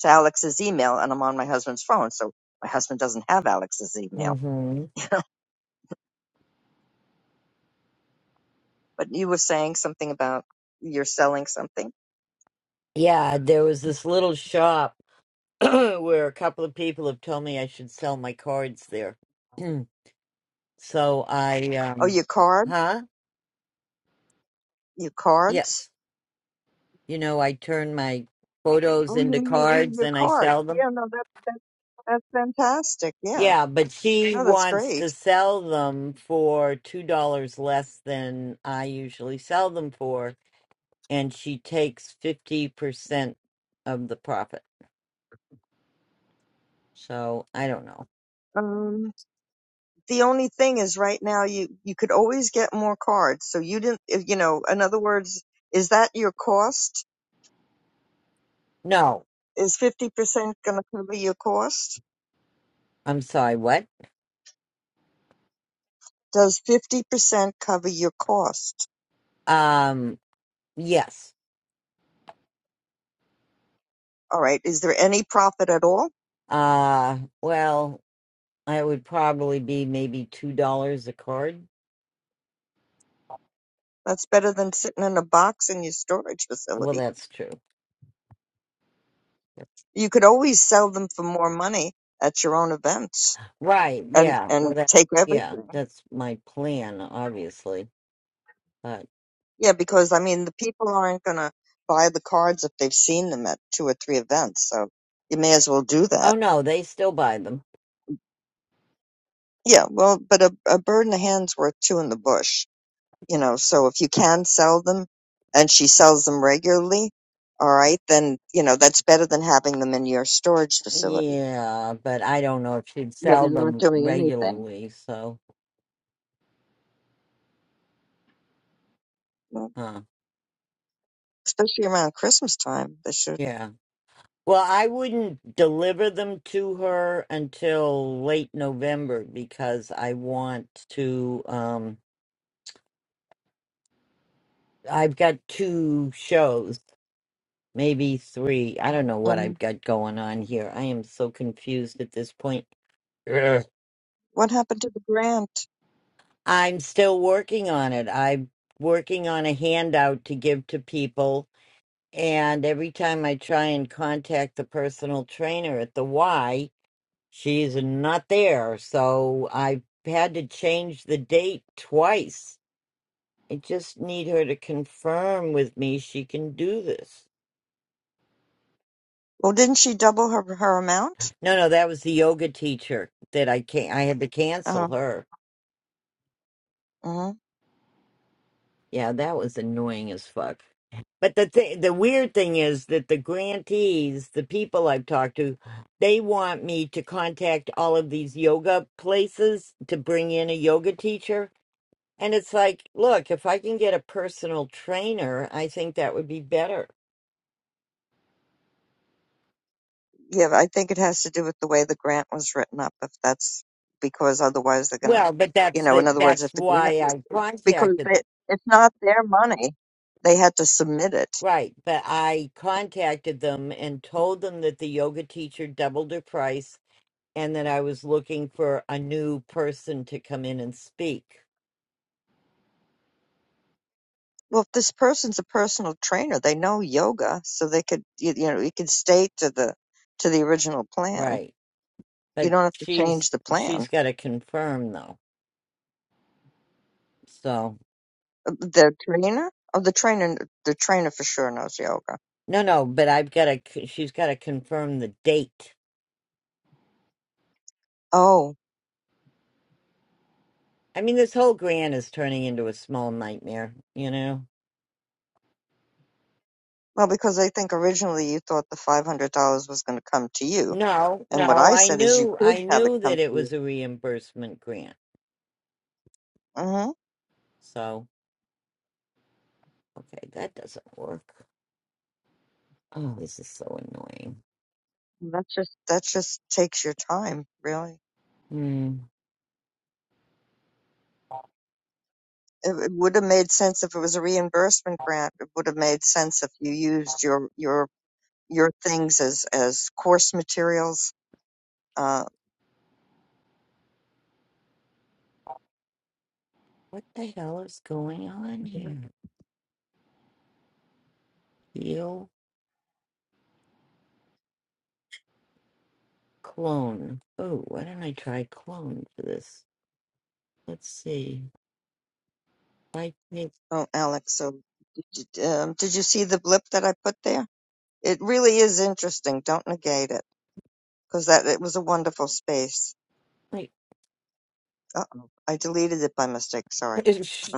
to Alex's email, and I'm on my husband's phone, so my husband doesn't have Alex's email.
hmm
But you were saying something about you're selling something.
yeah, there was this little shop *clears throat* where a couple of people have told me I should sell my cards there. *clears throat* so I,
Oh,
um,
your card,
huh?
your
Yes.
cards.
You know, I turn my photos
Oh, you
into
your your oh,
cards
your
and I
card?
sell them.
Yeah, no, that that that's fantastic. Yeah,
Yeah, but she
no, that's
wants
great.
to sell them for $2 less than I usually sell them for, and she takes 50% of the profit. So, I don't know.
Um, the only thing is right now you you could always get more cards so you didn't if- you know in other words is that your cost
No,
is 50% going to cover your cost
I'm sorry, what?
does 50% cover your cost
Um, yes.
all right is there any profit at all
Uh, well, I would probably be maybe $2 a card.
that's better than sitting in a box in your storage
Well,
facility
that's true.
you could always sell them for more money at your own events
Right,
and
yeah. Well,
and
that,
take
yeah,
everything
that's my plan, obviously. But
Yeah, because I mean, the people aren't going to buy the cards if they've seen them at two or three events, so you may as well do
oh
that.
no, they still buy them.
Yeah, well, but a, a bird in the hand's worth two in the bush, you know, so if you can sell them and she sells them regularly, all right, then, you know, that's better than having them in your storage facility
Yeah, but I don't know if she'd
where
sell
they're not
them
doing anything.
regularly, so
Well,
huh.
especially around Christmas time, they should.
Yeah. Well, I wouldn't deliver them to her until late November because I want to um I've got two shows, maybe three. I don't know what
hmm
I've got going on here. I am so confused at this point.
What happened to the grant?
I'm still working on it. I'm working on a handout to give to people. And every time I try and contact the personal trainer at the Y, she's not there. So I've had to change the date twice. I just need her to confirm with me she can do this.
Well, didn't she double her, her amount?
No, no, that was the yoga teacher that I can I had to cancel
Uh,
her.
mhm.
Yeah, that was annoying as fuck. But the thing, the weird thing is that the grantees, the people I've talked to, they want me to contact all of these yoga places to bring in a yoga teacher. And it's like, look, if I can get a personal trainer, I think that would be better.
Yeah, I think it has to do with the way the grant was written up. If that's because otherwise they're gonna,
Well, but
you
that's
know,
the
in other words,
that's
if the grant
why
was
I
because
contacted
they,
them.
it's not their money, they had to submit it.
Right, but I contacted them and told them that the yoga teacher doubled her price and that I was looking for a new person to come in and speak.
Well, if this person's a personal trainer, they know yoga, so they could, you, you know, you could stay to the to the original plan.
Right.
You
But
don't have to change
she's
the
she's
plan.
got to confirm though. So
Uh, The trainer, oh, the trainer, the trainer for sure knows yoga.
no, no. But I've got to. She's got to confirm the date.
Oh,
I mean, this whole grant is turning into a small nightmare. You know.
well, because I think originally you thought the five hundred dollars was going to come to you
No,
And what
no.
I
I
said is you
knew. I
could have it
knew
come
that it
to you.
was a reimbursement grant.
hmm
So okay, that doesn't work. Oh, this is so annoying.
That's just that just takes your time, really.
Hmm.
It, it would have made sense if it was a reimbursement grant. It would have made sense if you used your your your things as as course materials. Uh,
What the hell is going on here? Heal clone. Oh, why don't I try clone for this? Let's see. If I take
oh, Alex, so did, did, um, did you see the blip that I put there? It really is interesting. Don't negate it because that it was a wonderful space.
Wait.
Uh oh, I deleted it by mistake. Sorry,
It- sh-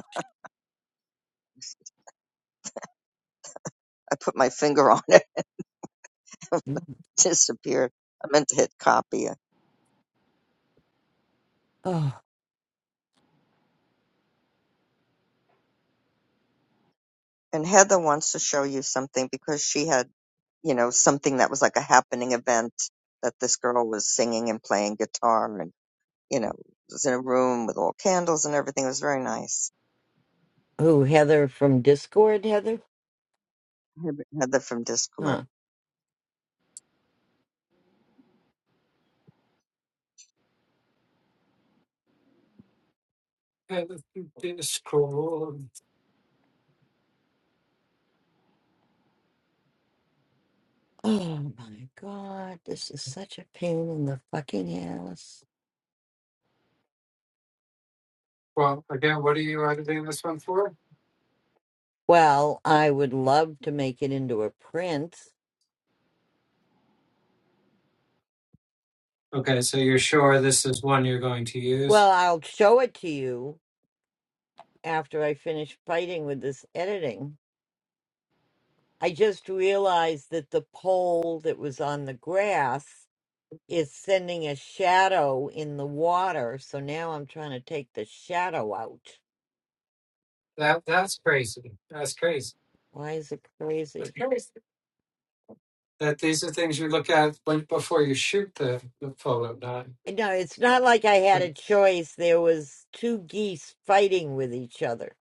I put my finger on it. *laughs* it disappeared. I meant to hit copy
Oh,
and Heather wants to show you something because she had, you know, something that was like a happening event that this girl was singing and playing guitar and, you know, it was in a room with all candles and everything. It was very nice.
oh, Heather from Discord, Heather?
Heather Heather from Discord.
Huh.
Yeah, the- the- the scroll.
Oh my God, this is such a pain in the fucking ass.
Well, again, what are you editing this one for?
Well, I would love to make it into a print.
Okay, so you're sure this is one you're going to
Well,
use?
I'll show it to you after I finish fighting with this editing. I just realized that the pole that was on the grass is sending a shadow in the water, so now I'm trying to take the shadow out.
That that's crazy. That's crazy.
Why is it
That's
crazy?
crazy. That these are things you look at when, before you shoot the, the photo, not
No, it's not like I had a choice. There was two geese fighting with each other.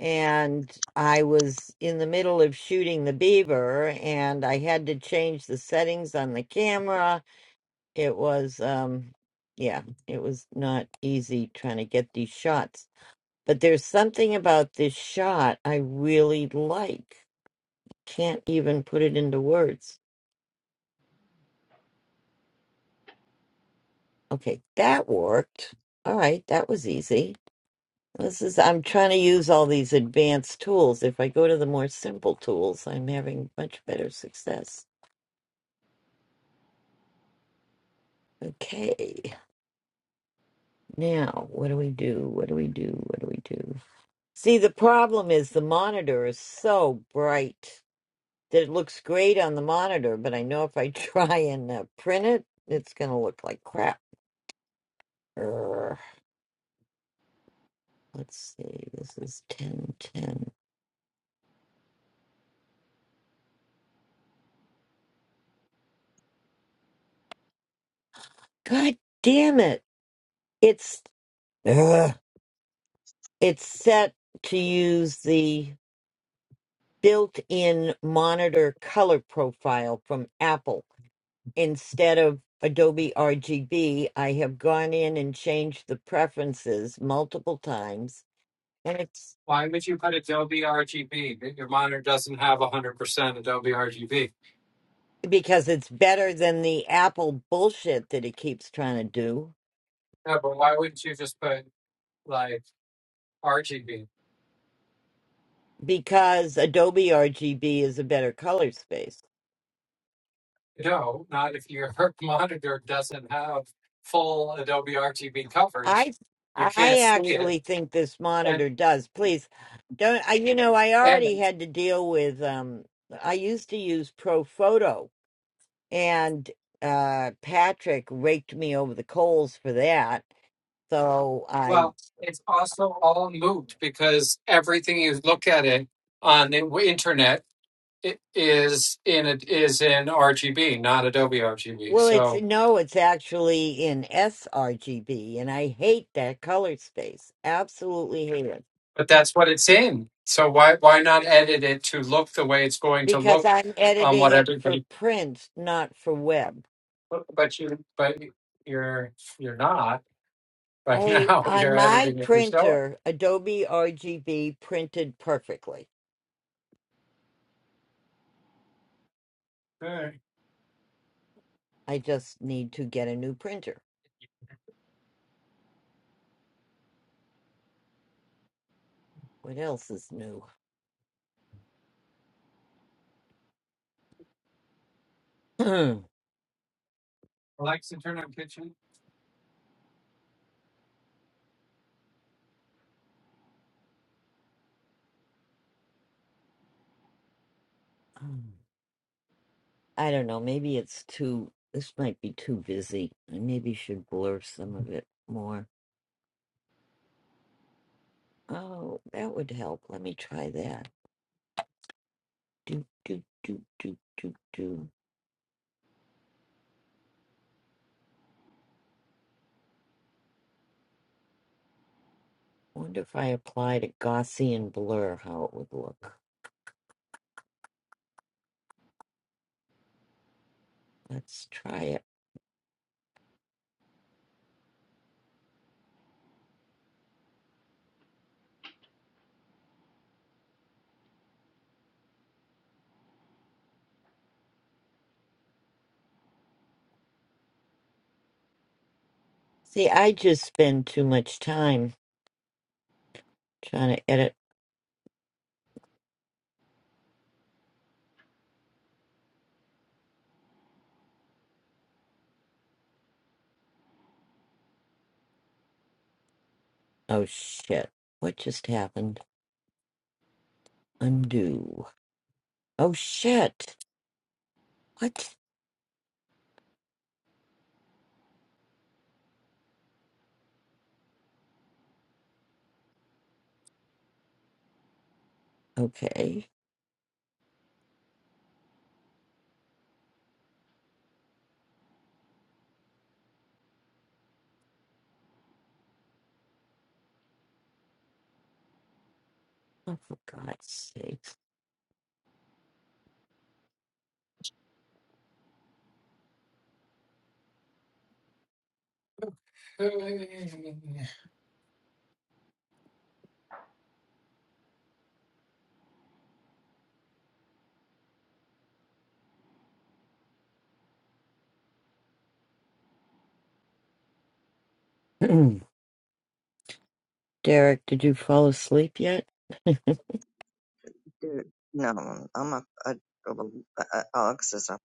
And I was in the middle of shooting the beaver and I had to change the settings on the camera. It was um yeah, it was not easy trying to get these shots. But there's something about this shot I really like. Can't even put it into words. Okay, that worked. All right, that was easy. This is, I'm trying to use all these advanced tools. If I go to the more simple tools, I'm having much better success. Okay, now what do we do? What do we do? What do we do? See, the problem is the monitor is so bright that it looks great on the monitor, but I know if I *laughs* try and uh, print it, it's going to look like crap. Err, let's see, this is 1010. God damn it! It's, Ugh. it's set to use the built in monitor color profile from Apple. Instead of Adobe RGB, I have gone in and changed the preferences multiple times. And it's
why would you put Adobe RGB? Your monitor doesn't have hundred percent Adobe RGB.
because it's better than the Apple bullshit that it keeps trying to do
No, but why wouldn't you just put like RGB?
because Adobe RGB is a better color space.
No, not if your *laughs* monitor doesn't have full Adobe RGB
I
coverage. You
I
can't see it.
actually think this
And
monitor does. Please don't I you know I already
and
had to deal with um I used to use Profoto and uh Patrick raked me over the coals for that. So I
Well, it's also all moot because everything you look at it on the w- internet i- is in it is in RGB, not Adobe RGB.
well it's
So,
no, it's actually in sRGB and I hate that color space. Absolutely hate it.
but that's what it's in. So why why not edit it to look the way it's going to
Because
look
I'm
on
editing
what
it for
everybody?
print, not for web.
But you but you're you're not right
I
now. *laughs*
on
You're
my
editing it yourself.
printer, Adobe RGB printed perfectly.
All right.
I just need to get a new printer. What else is new? *clears throat*
Alexa, turn on kitchen.
I don't know. Maybe it's too. This might be too busy. I maybe should blur some of it more. Oh, that would help. Let me try that. Do do do do do do. Wonder if I applied a Gaussian blur, how it would look. Let's try it. See, I just spend too much time trying to edit. Oh shit! What just happened? Undo. Oh shit! What? Okay. Oh, for God's sake.
They
*clears throat* Derek, did you fall asleep yet? *laughs*
Dude, no, I'm up. Uh, uh, uh, Alex is up.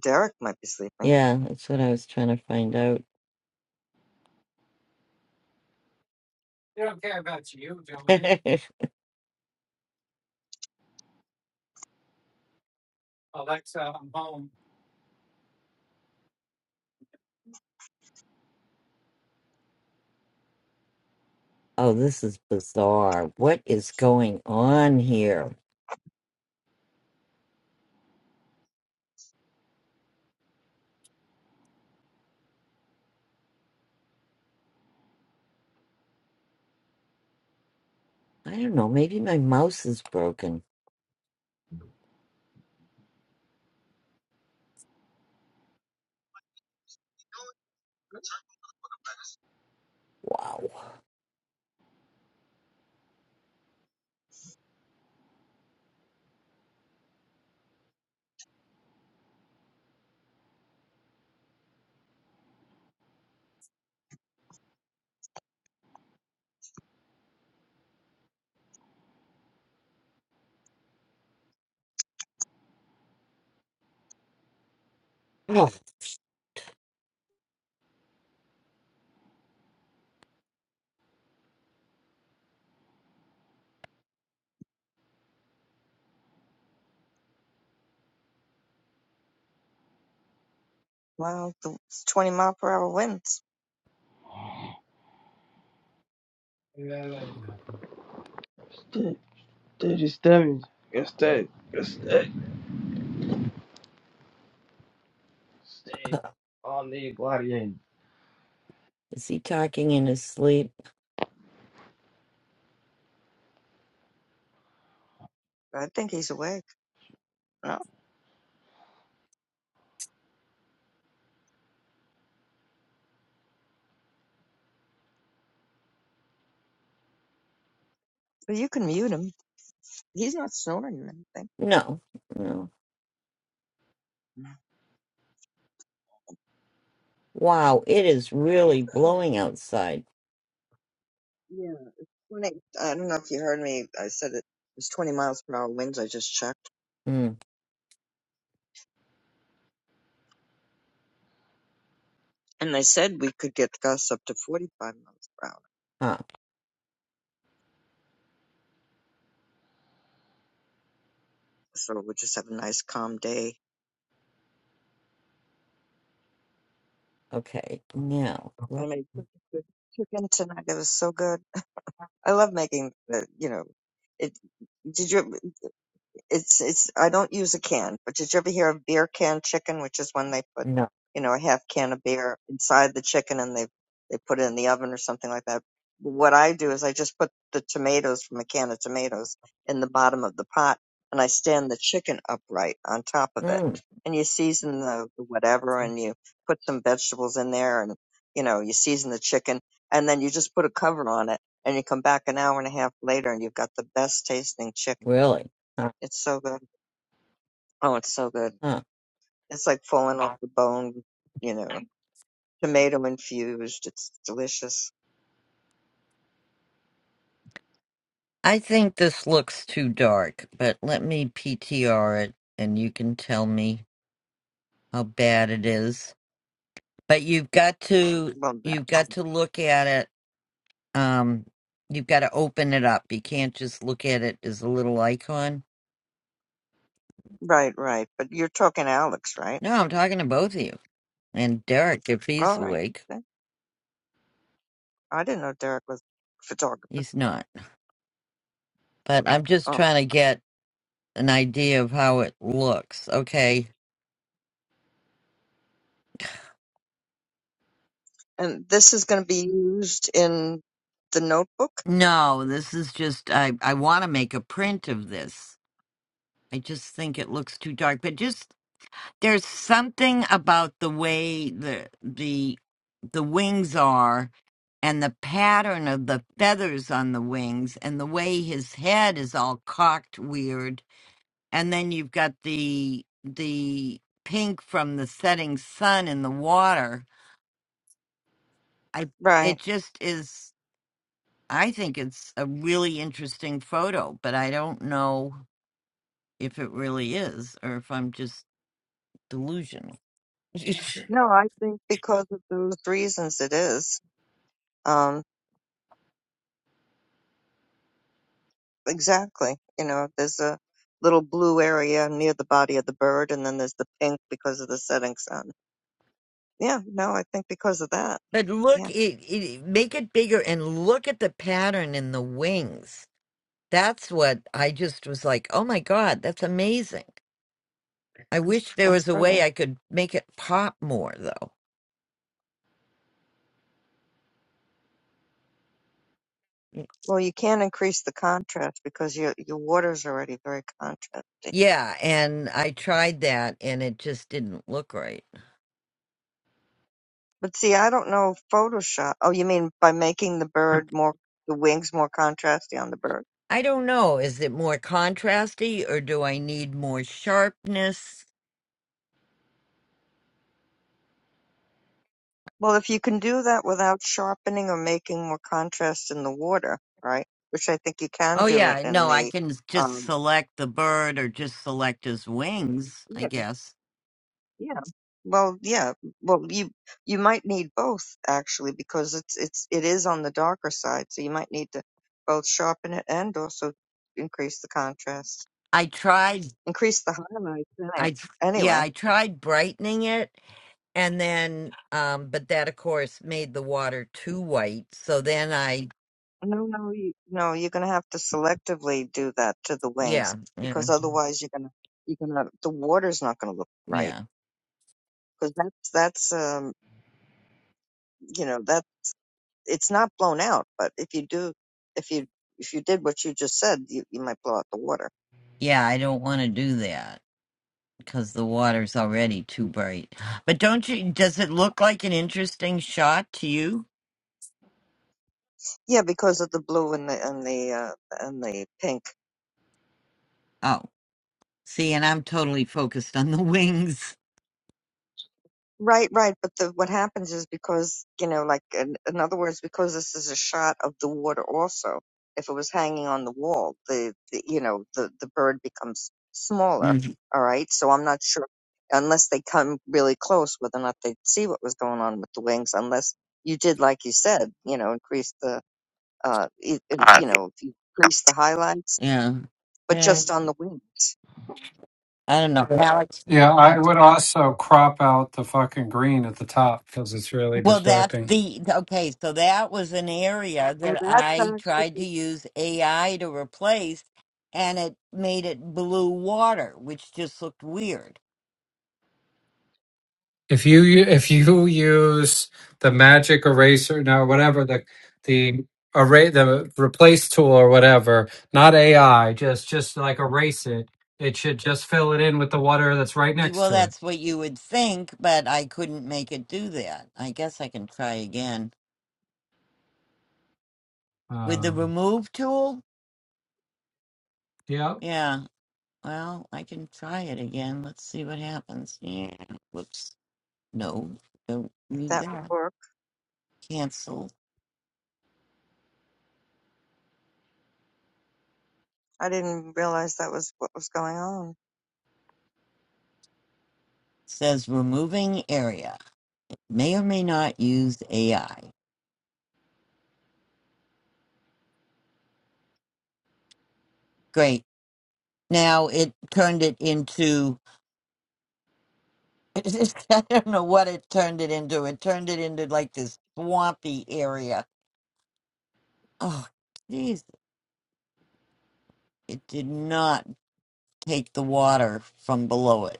Derek might be sleeping.
yeah, that's what I was trying to find out.
don't care about you, Joanne.
*laughs*
Alexa, I'm Uh,
oh, this is bizarre. What is going on here? I don't know. Maybe my mouse is broken. Wow. Oh,
Well, the it's 20 mile per hour winds.
Yeah, that ain't nothing.
Stay, stay, just stay. Just stay. Just stay.
*laughs*
Stay
*coughs*
all day, Gladiator.
is he talking in his sleep?
I think he's awake. No, but you can mute him. He's not snoring or anything.
No. No. Wow, it is really blowing outside.
Yeah. When I, I don't know if you heard me. I said it was 20 miles per hour winds. I just checked,
Hmm.
and I said we could get gusts up to 45 miles per hour.
Huh.
So we'll just have a nice calm day.
Okay. Now.
I
what-
made such a good chicken tonight. It was so good. I love making the. You know, it. Did you? it's it's I don't use a can, but did you ever hear of beer can chicken, which is when they put,
No.
you know, a half can of beer inside the chicken and they they put it in the oven or something like that. What I do is I just put the tomatoes from a can of tomatoes in the bottom of the pot and I stand the chicken upright on top of it.
Mm,
And you season the the whatever and you put some vegetables in there and you know, you season the chicken and then you just put a cover on it and you come back an hour and a half later and you've got the best tasting chicken.
really? Huh.
It's so good. Oh, it's so good.
huh.
It's like falling off the bone, you know, tomato infused. It's delicious.
I think this looks too dark, but let me PTR it and you can tell me how bad it is. But you've got to
Love that.
you've got to look at it um you've got to open it up. You can't just look at it as a little icon.
Right, right. But you're talking Alex, right?
No, I'm talking to both of you. And Derek, if he's
All right.
awake,
Okay. I didn't know Derek was a photographer.
he's not. But I'm just
Oh,
trying to get an idea of how it looks. Okay.
and this is going to be used in the notebook?
No, this is just I I want to make a print of this I just think it looks too dark. But just there's something about the way the the the wings are and the pattern of the feathers on the wings and the way his head is all cocked weird. And then you've got the the pink from the setting sun in the water. I it
Right.
just is I think it's a really interesting photo, but I don't know if it really is or if I'm just delusional. *laughs*
No, I think because of those reasons it is. Um, exactly. You know, there's a little blue area near the body of the bird, and then there's the pink because of the setting sun. Yeah, no, I think because of that.
But look,
Yeah,
it, it, make it bigger and look at the pattern in the wings. That's what I just was like, oh my God, that's amazing. I wish there
that's
was a
pretty.
way I could make it pop more, though. Y-
Well, you can't increase the contrast because your your water's already very contrast.
Yeah, and I tried that and it just didn't look right.
But see, I don't know Photoshop. Oh, you mean by making the bird more the wings more contrasty on the bird?
I don't know. Is it more contrasty or do I need more sharpness?
Well, if you can do that without sharpening or making more contrast in the water, right? Which I think you can
Oh,
do it
yeah,
in
no, I
the
can just
um
select the bird or just select his wings, I guess.
Yeah. Well, yeah. Well, you you might need both actually because it's it's it is on the darker side, so you might need to both sharpen it and also increase the contrast,
I tried
increase the highlights.
I
Anyway,
yeah,
Anyway,
I tried brightening it and then um but that of course made the water too white. So then I
no, no, you, no. You're gonna have to selectively do that to the
yeah,
wings
yeah.
because otherwise you're gonna you're gonna the water's not gonna look right
Yeah.
because that's that's um you know that it's not blown out, but if you do if you if you did what you just said, you, you might blow out the water.
Yeah, I don't want to do that cuz the water's already too bright. But don't you does it look like an interesting shot to you?
Yeah, because of the blue and the and the uh, and the pink.
Oh, see, and I'm totally focused on the *laughs* wings.
Right, right. But the, what happens is because you know, like in, in other words, because this is a shot of the water. Also, if it was hanging on the wall, the, the you know the the bird becomes smaller.
Mhm.
All right, so I'm not sure unless they come really close whether or not they'd see what was going on with the wings. Unless you did, like you said, you know, increase the uh, e-
I
you
think-
know, if you increase the highlights,
Yeah.
but
Yeah.
just on the wings.
I don't know. Alex
Yeah, I would also crop out the fucking green at the top because it's really
Well, that's
distracting.
the okay. So that was an area
Oh,
that
that's
I
actually.
tried to use AI to replace, and it made it blue water, which just looked weird.
If you u- if you use the magic eraser now whatever the the array the replace tool or whatever, not AI, just just like erase it. It should just fill it in with the water that's right
Eh,
next
Well,
to it.
that's what you would think, but I couldn't make it do that. I guess I can try again with the
Um,
remove tool.
yeah,
Yeah, well, I can try it again. Let's see what happens. Yeah, whoops. No, don't do
That would
that.
work.
Cancel.
I didn't realize that was what was going on.
Says removing area. may or may not use AI. Great. Now it turned it into, *laughs* I don't know what it turned it into. It turned it into like this swampy area. Oh, geez. It did not take the water from below it.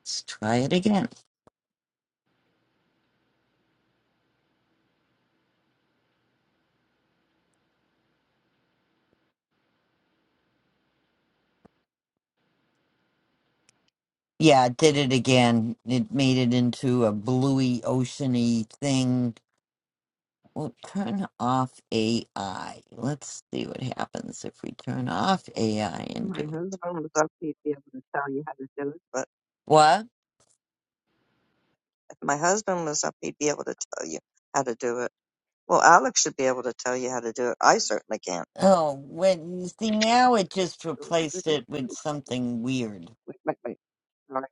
Let's try it again. Yeah, it did it again. It made it into a bluey, oceany thing. Well, turn off AI. Let's see what happens if we turn off AI and
My
do it.
husband was up, he'd be able to tell you how to do it. But
What?
if my husband was up, he'd be able to tell you how to do it. Well, Alex should be able to tell you how to do it. I certainly can't.
Oh, when you see now it
Wait,
just
wait,
replaced
wait,
it with something weird.
wait, wait. All right.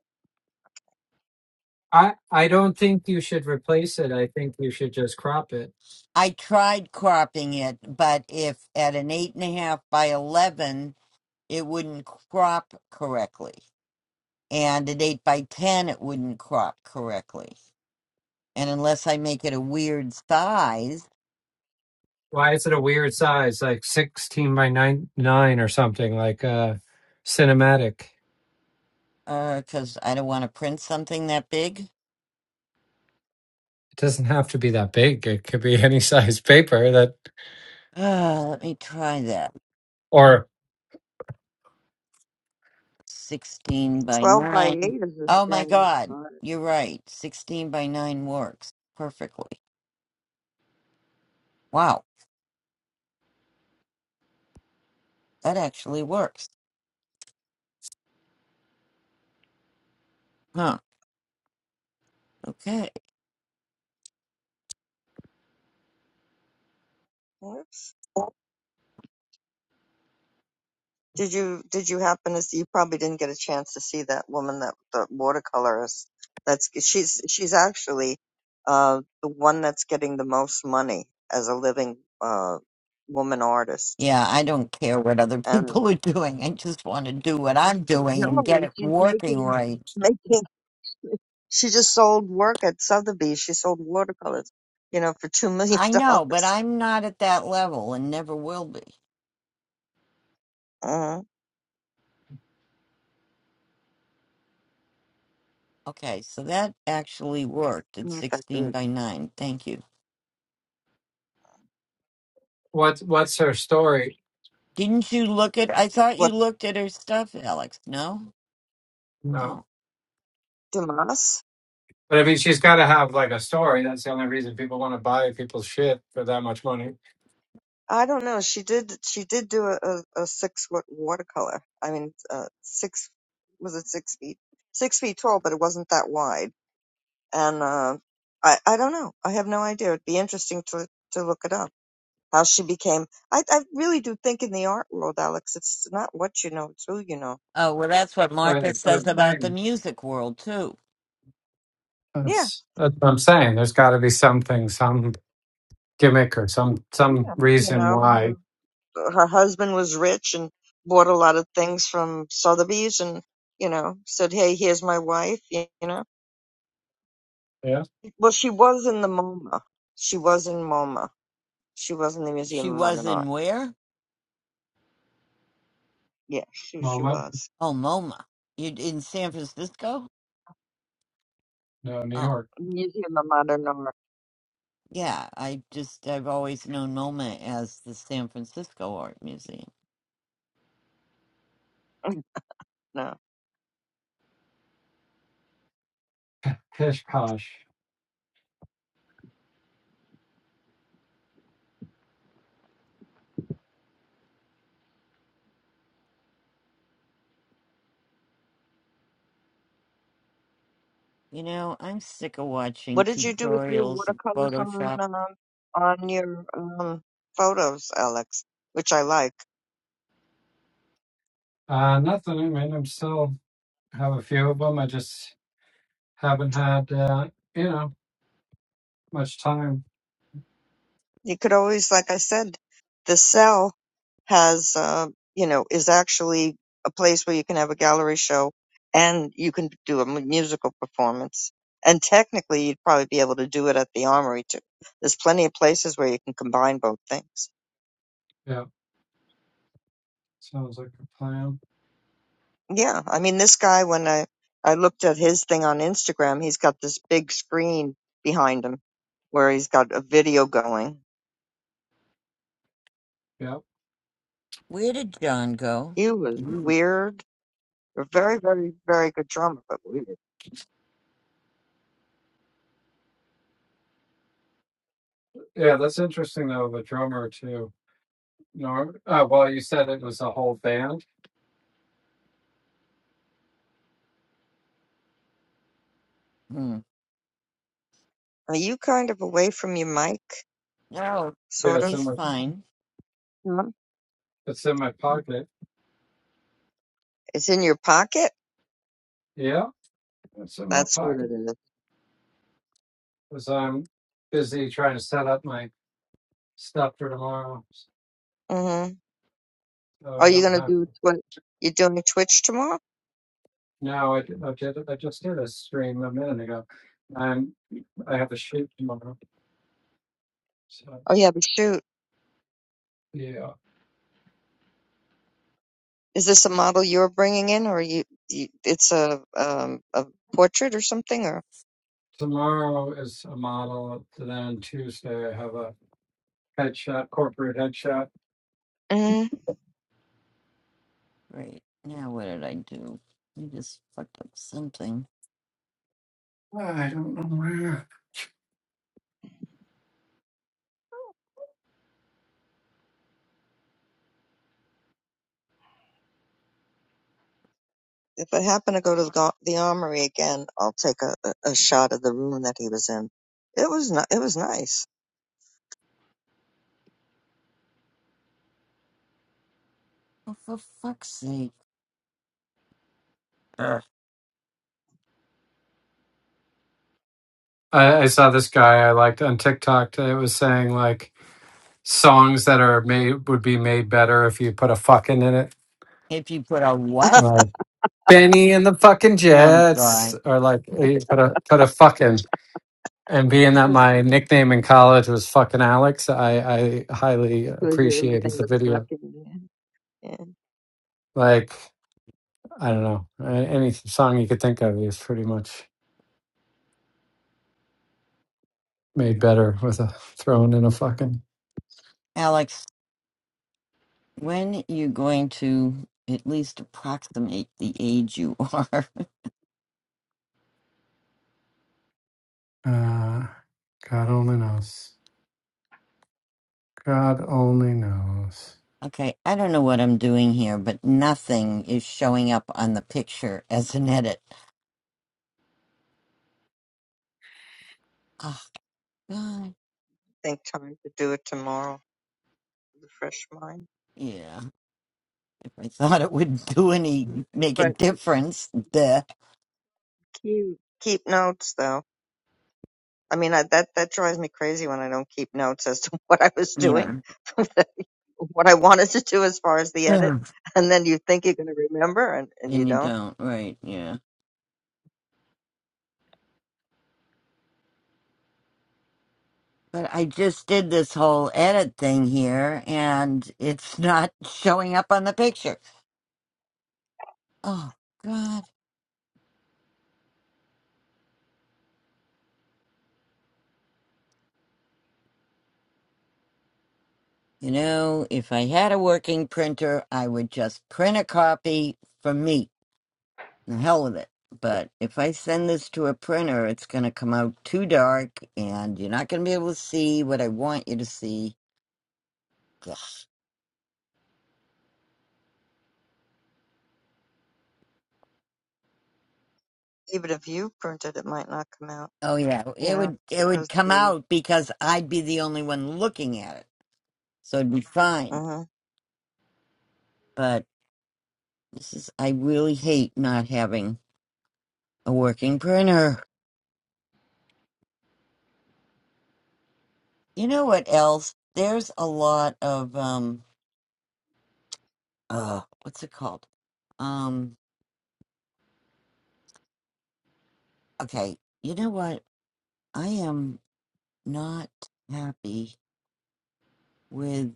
I I don't think you should replace it. I think you should just crop it.
I tried cropping it, but if at an eight and a half by eleven, it wouldn't crop correctly, and at eight by ten, it wouldn't crop correctly. And unless I make it a weird size,
Why is it a weird size, like sixteen by nine nine or something like uh cinematic?
because I don't want to print something that big.
It doesn't have to be that big. It could be any *laughs* size paper that
Uh, let me try that.
or
Sixteen by
12 by 8
nine.
is is
Oh my
standard.
God,
size.
you're right. Sixteen by nine works perfectly. Wow, that actually works. Huh. Okay.
Did you did you happen to see? You probably didn't get a chance to see that woman that the watercolorist. That's she's she's actually uh, the one that's getting the most money as a living uh, woman artist.
Yeah, I don't care what other *laughs*
And
people are doing. I just want to do what I'm doing and get
no,
it
she's
working
making
right.
making. *laughs* She just sold work at Sotheby's. She sold watercolors, you know, for two million
I know, but
dollars.
I'm not at that level and never will be.
Uh,
Okay, so that actually worked at
not that
16
good.
by 9. Thank you.
What's what's her story?
Didn't you look at I thought you
What
looked at her stuff, Alex. No?
No,
Oh.
Demas?
but I mean, she's got to have like a story. That's the only reason people want to buy people's shit for that much money.
I don't know. She did. She did do a, a, a six foot watercolor. I mean, uh, six was it six feet? Six feet tall, but it wasn't that wide. And uh, I I don't know. I have no idea. It'd be interesting to to look it up. How she became. I I really do think in the art world, Alex, it's not what you know, it's who you know.
Oh, well that's what
Right. That's
Martha
what
says
I'm
Mhm.
about the
saying.
music world too.
Yeah,
That's that's what I'm saying. There's got to be something, some gimmick, or some some
yeah. You
reason
know,
why.
her, her husband was rich and bought a lot of things from Sotheby's, and you know, said, "Hey, here's my wife." You you know
Yeah,
Well, she was in the MoMA. She was in MoMA. She was in the Museum
She
of
was
Modern
in
Art.
where?
Yeah, she she
MoMA,
was
Oh, MoMA. You in San Francisco?
no, New
Oh.
York,
Museum of Modern Art.
Yeah, I just I've always known MoMA as the San Francisco Art Museum.
*laughs* *clears throat* no,
Pish posh.
You know, I'm sick of watching
what did you do with your
tutorials of
watercolors on
Photoshop.
um, on your um, photos, Alex? Which I like.
Uh, nothing. I mean, I'm still have a few of them. I just haven't had uh, you know much time.
you could always, like I said, the cell has, uh, you know, is actually a place where you can have a gallery show and you can do a mu- musical performance. And technically, you'd probably be able to do it at the armory too. There's plenty of places where you can combine both things.
Yeah, sounds like a plan.
Yeah, I mean, this guy, when I I looked at his thing on Instagram, he's got this big screen behind him where he's got a video going.
Yeah,
Where did John go?
He was
Did you?
weird, a very, very, very good drummer, but weird.
yeah. That's interesting though. The drummer too. No, uh, well, you said it was a whole band.
Hmm.
Are you kind of away from your mic?
No,
Yeah,
Sort
it's
of.
in
he's
my
fine.
No.
it's in my pocket.
It's in your pocket?
Yeah, it's in my
That's what
pocket
it is.
because I'm busy trying to set up my stuff for tomorrow,
Mm-hmm.
so
Are
I
you
don't
going to
have.
do what? You're doing Twitch tomorrow?
No, I, did- I did. I just did a stream a minute ago. I'm I have a shoot tomorrow, so
Oh, yeah, but shoot.
yeah.
Is this a model you're bringing in, or you, you it's a um a portrait or something? Or
Tomorrow is a model. Then Tuesday I have a headshot, corporate headshot.
mm
Great. Now what did I do? I just fucked up something.
I don't know where.
if I happen to go to the, go- the armory again, I'll take a, a, a shot of the room that he was in. It was ni- it was nice.
Oh, for fuck's sake! Ugh.
I, I saw this guy I liked on TikTok that was saying like songs that are made would be made better if you put a fucking in it.
If you put a what?
Like Benny and the fucking
Oh
Jets,
God.
or like eh, put a put a fucking. And being that my nickname in college was fucking Alex, I I highly appreciated the video.
Lucky man. Yeah.
Like I don't know A- any song you could think of is pretty much. made better with a throne and a fucking.
Alex When you going to at least approximate the age you are? *laughs*
Uh, God only knows. God only knows.
Okay, I don't know what I'm doing here, but nothing is showing up on the picture as an edit. Oh, God.
Think time to do it tomorrow with a fresh mind.
Yeah, if I thought it would do any, make a
But
difference, duh.
Cute. Keep notes though. I mean, I, that that drives me crazy when I don't keep notes as to *laughs* what I was doing,
Yeah.
*laughs* what I wanted to do as far as
*sighs*
the edit,
Ugh,
and then you think you're going to remember and and you
and you
don't.
don't, right, yeah. But I just did this whole edit thing here, and it's *laughs* not showing up on the picture. Oh, God. You know, if I had a working printer, I would just print a copy for me. The hell with it. But if I send this to a printer, it's going to come out too dark and you're not going to be able to see what I want you to see. Ugh.
Even if you print it, it might not come out,
Oh yeah,
you
it
know,
would it would
because
come
the
out because I'd be the only one looking at it. So it'd be fine.
uh
But this is I really hate not having a working printer. You know what else? There's a lot of um uh what's it called um okay you know what i am not happy with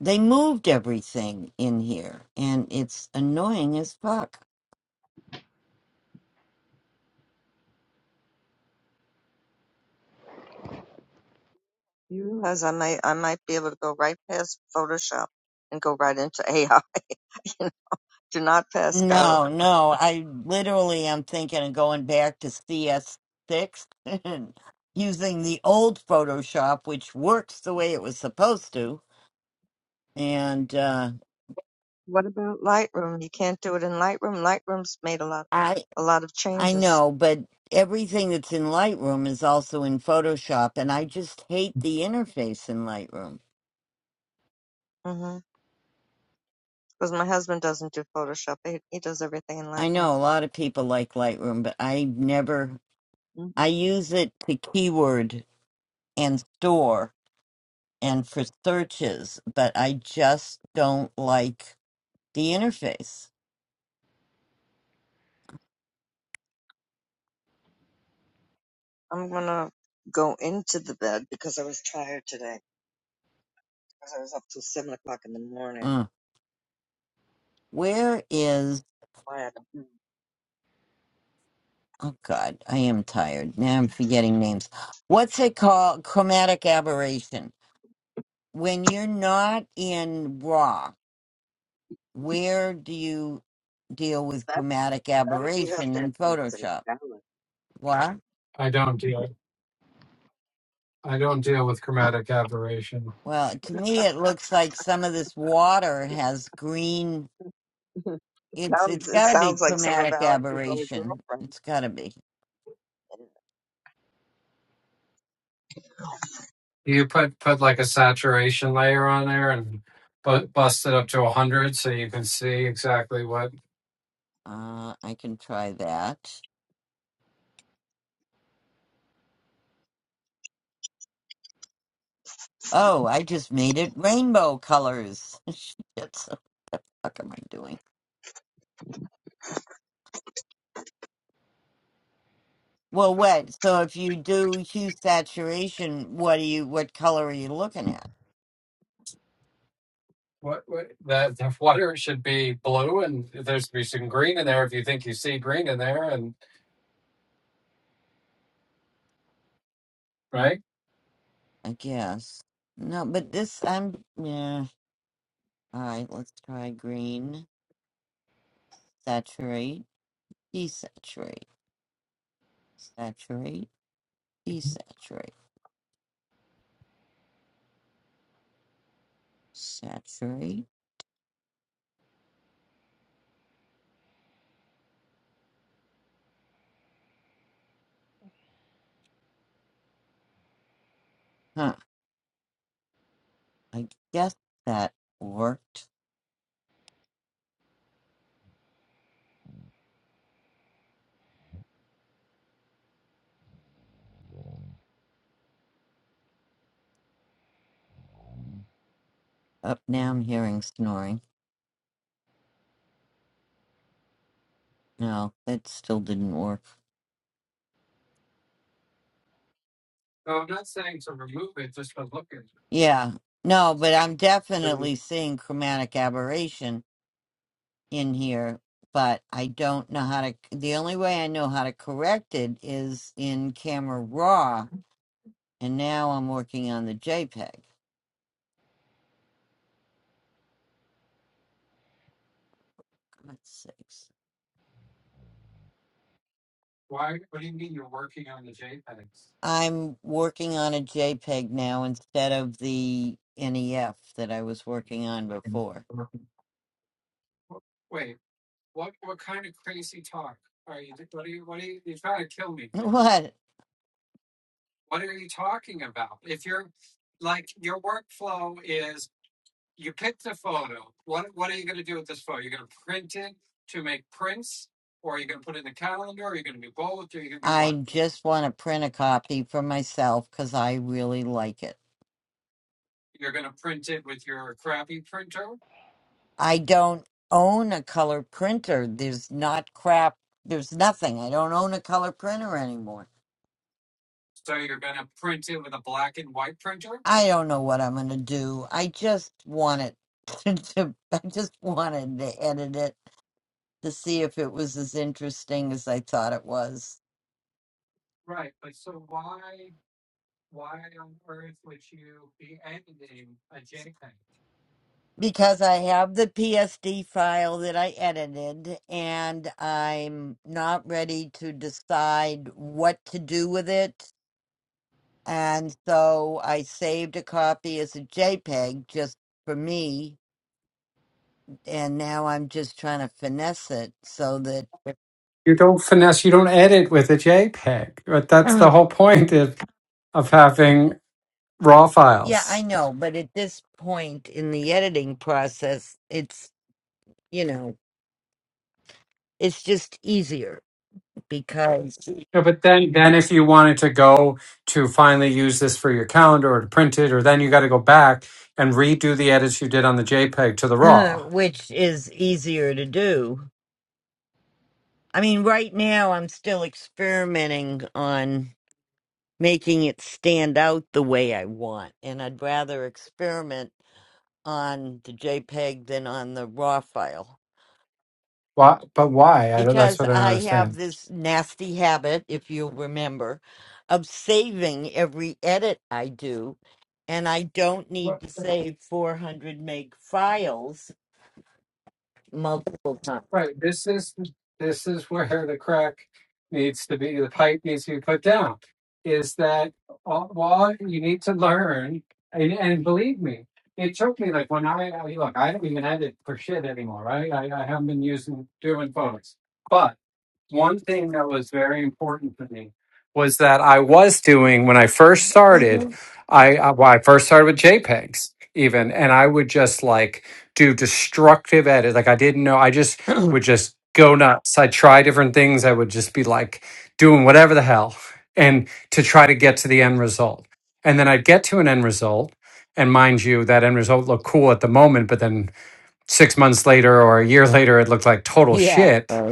they moved everything in here and it's annoying as fuck
you realize I might I might be able to go right past Photoshop and go right into *laughs* AI. do not pass go.
no no i literally am thinking of going back to cs6 *laughs* and using the old photoshop which works the way it was supposed to and uh
What about Lightroom? You can't do it in Lightroom. Lightroom's made a lot a lot of
I
changes.
know, but everything that's in Lightroom is also in Photoshop, and I just hate the interface in Lightroom.
Mm-hmm. Because my husband doesn't do Photoshop. He, he does everything in
I
Lightroom.
know a lot of people like Lightroom, but I never,
hmm
I use it to keyword and store and for searches, but I just don't like the interface.
I'm gonna go into the bed because I was tired today. Because I was up till seven o'clock in the morning.
Mm. Where is,
My Adam, mm,
oh God, I am tired. Now I'm forgetting names. What's it called? Chromatic aberration. When you're not in RAW where do you deal with
that
chromatic
that you have
aberration
to have
in
some
Photoshop?
balance.
What?
I don't deal. I don't deal with chromatic aberration.
Well, to me, it looks like some of this water has green.
*laughs*
It's it's
sounds it
got to be
sounds like some of
chromatic
Alex's old
aberration.
girlfriends.
It's got to be.
You put put like a saturation layer on there and bu- bust it up to a hundred, so you can see exactly what
Uh, I can try that. Oh, I just made it rainbow colors. *laughs* Shit, so what the fuck am I doing? Well, what? So if you do hue saturation, what do you? What color are you looking at?
What, what the, the water should be blue, and there should be some green in there if you think you see green in there, and right.
I guess. No, but this, I'm, yeah. All right, let's try green. Saturate, desaturate, saturate, desaturate, saturate. Huh, I guess that worked. Up now I'm hearing snoring. No, that still didn't work.
No, I'm not saying to remove it, just to look at it.
Yeah, no, but I'm
But you-
definitely seeing chromatic aberration in here, but I don't know how to, the only way I know how to correct it is in Camera Raw and now I'm working on the JPEG. God's sakes.
why? What do you mean you're working on the JPEGs?
I'm working on a JPEG now instead of the NEF that I was working on before. *laughs*
Wait, what? What kind of crazy talk are you? What are you? What are you? You're trying to kill me here.
What?
What are you talking about? If you're like your workflow is you picked a photo. What what are you going to do with this photo? You're going to print it to make prints, or are you going to put it in the calendar? Or are you going to do both? Or are you going to do what?
I just want to print a copy for myself because I really like it.
You're going to print it with your crappy printer.
I don't own a color printer. There's not crap. There's nothing. I don't own a color printer anymore.
So you're going to print it with a black and white printer.
I don't know what I'm going to do. I just want it *laughs* to, to I just wanted to edit it to see if it was as interesting as I thought it was.
Right. But so why? why on earth would you be editing a JPEG?
Because I have the PSD file that I edited, and I'm not ready to decide what to do with it. And so I saved a copy as a JPEG just for me, and now I'm just trying to finesse it so that.
You don't finesse, you don't edit with a JPEG. But that's the
Mhm. *clears throat*
whole point of, of having raw
Yeah, I
files.
know, but at this point in the editing process, it's, you know, it's just easier because
Yeah, but then, then if you wanted to go to finally use this for your calendar or to print it, or then you got to go back and redo the edits you did on the JPEG to the
*laughs* uh,
raw.
which is easier to do. I mean, right now I'm still experimenting on making it stand out the way I want, and I'd rather experiment on the JPEG than on the RAW file
Why, but why? I don't, that's
because
what I don't
I have
understand.
this nasty habit, if you'll remember, of saving every edit I do, and I don't need
What?
to save 400 meg files multiple times.
Right. This is this is where the crack needs to be. The pipe needs to be put down. Is that all, well? You need to learn, and, and believe me, it took me like when I I- look. I don't even edit for shit anymore. Right. I, I haven't been using doing photos, but one thing that was very important to me was that I was doing when I first started.
Mhm.
I uh, well, I first started with JPEGs even, and I would just like do destructive edits. Like I didn't know. I just would
*clears throat*
just go nuts. I try different things. I would just be like doing whatever the hell, and to try to get to the end result. And then I'd get to an end result. And mind you, that end result looked cool at the moment, but then six months later or a year later, it looked like total shit
yeah.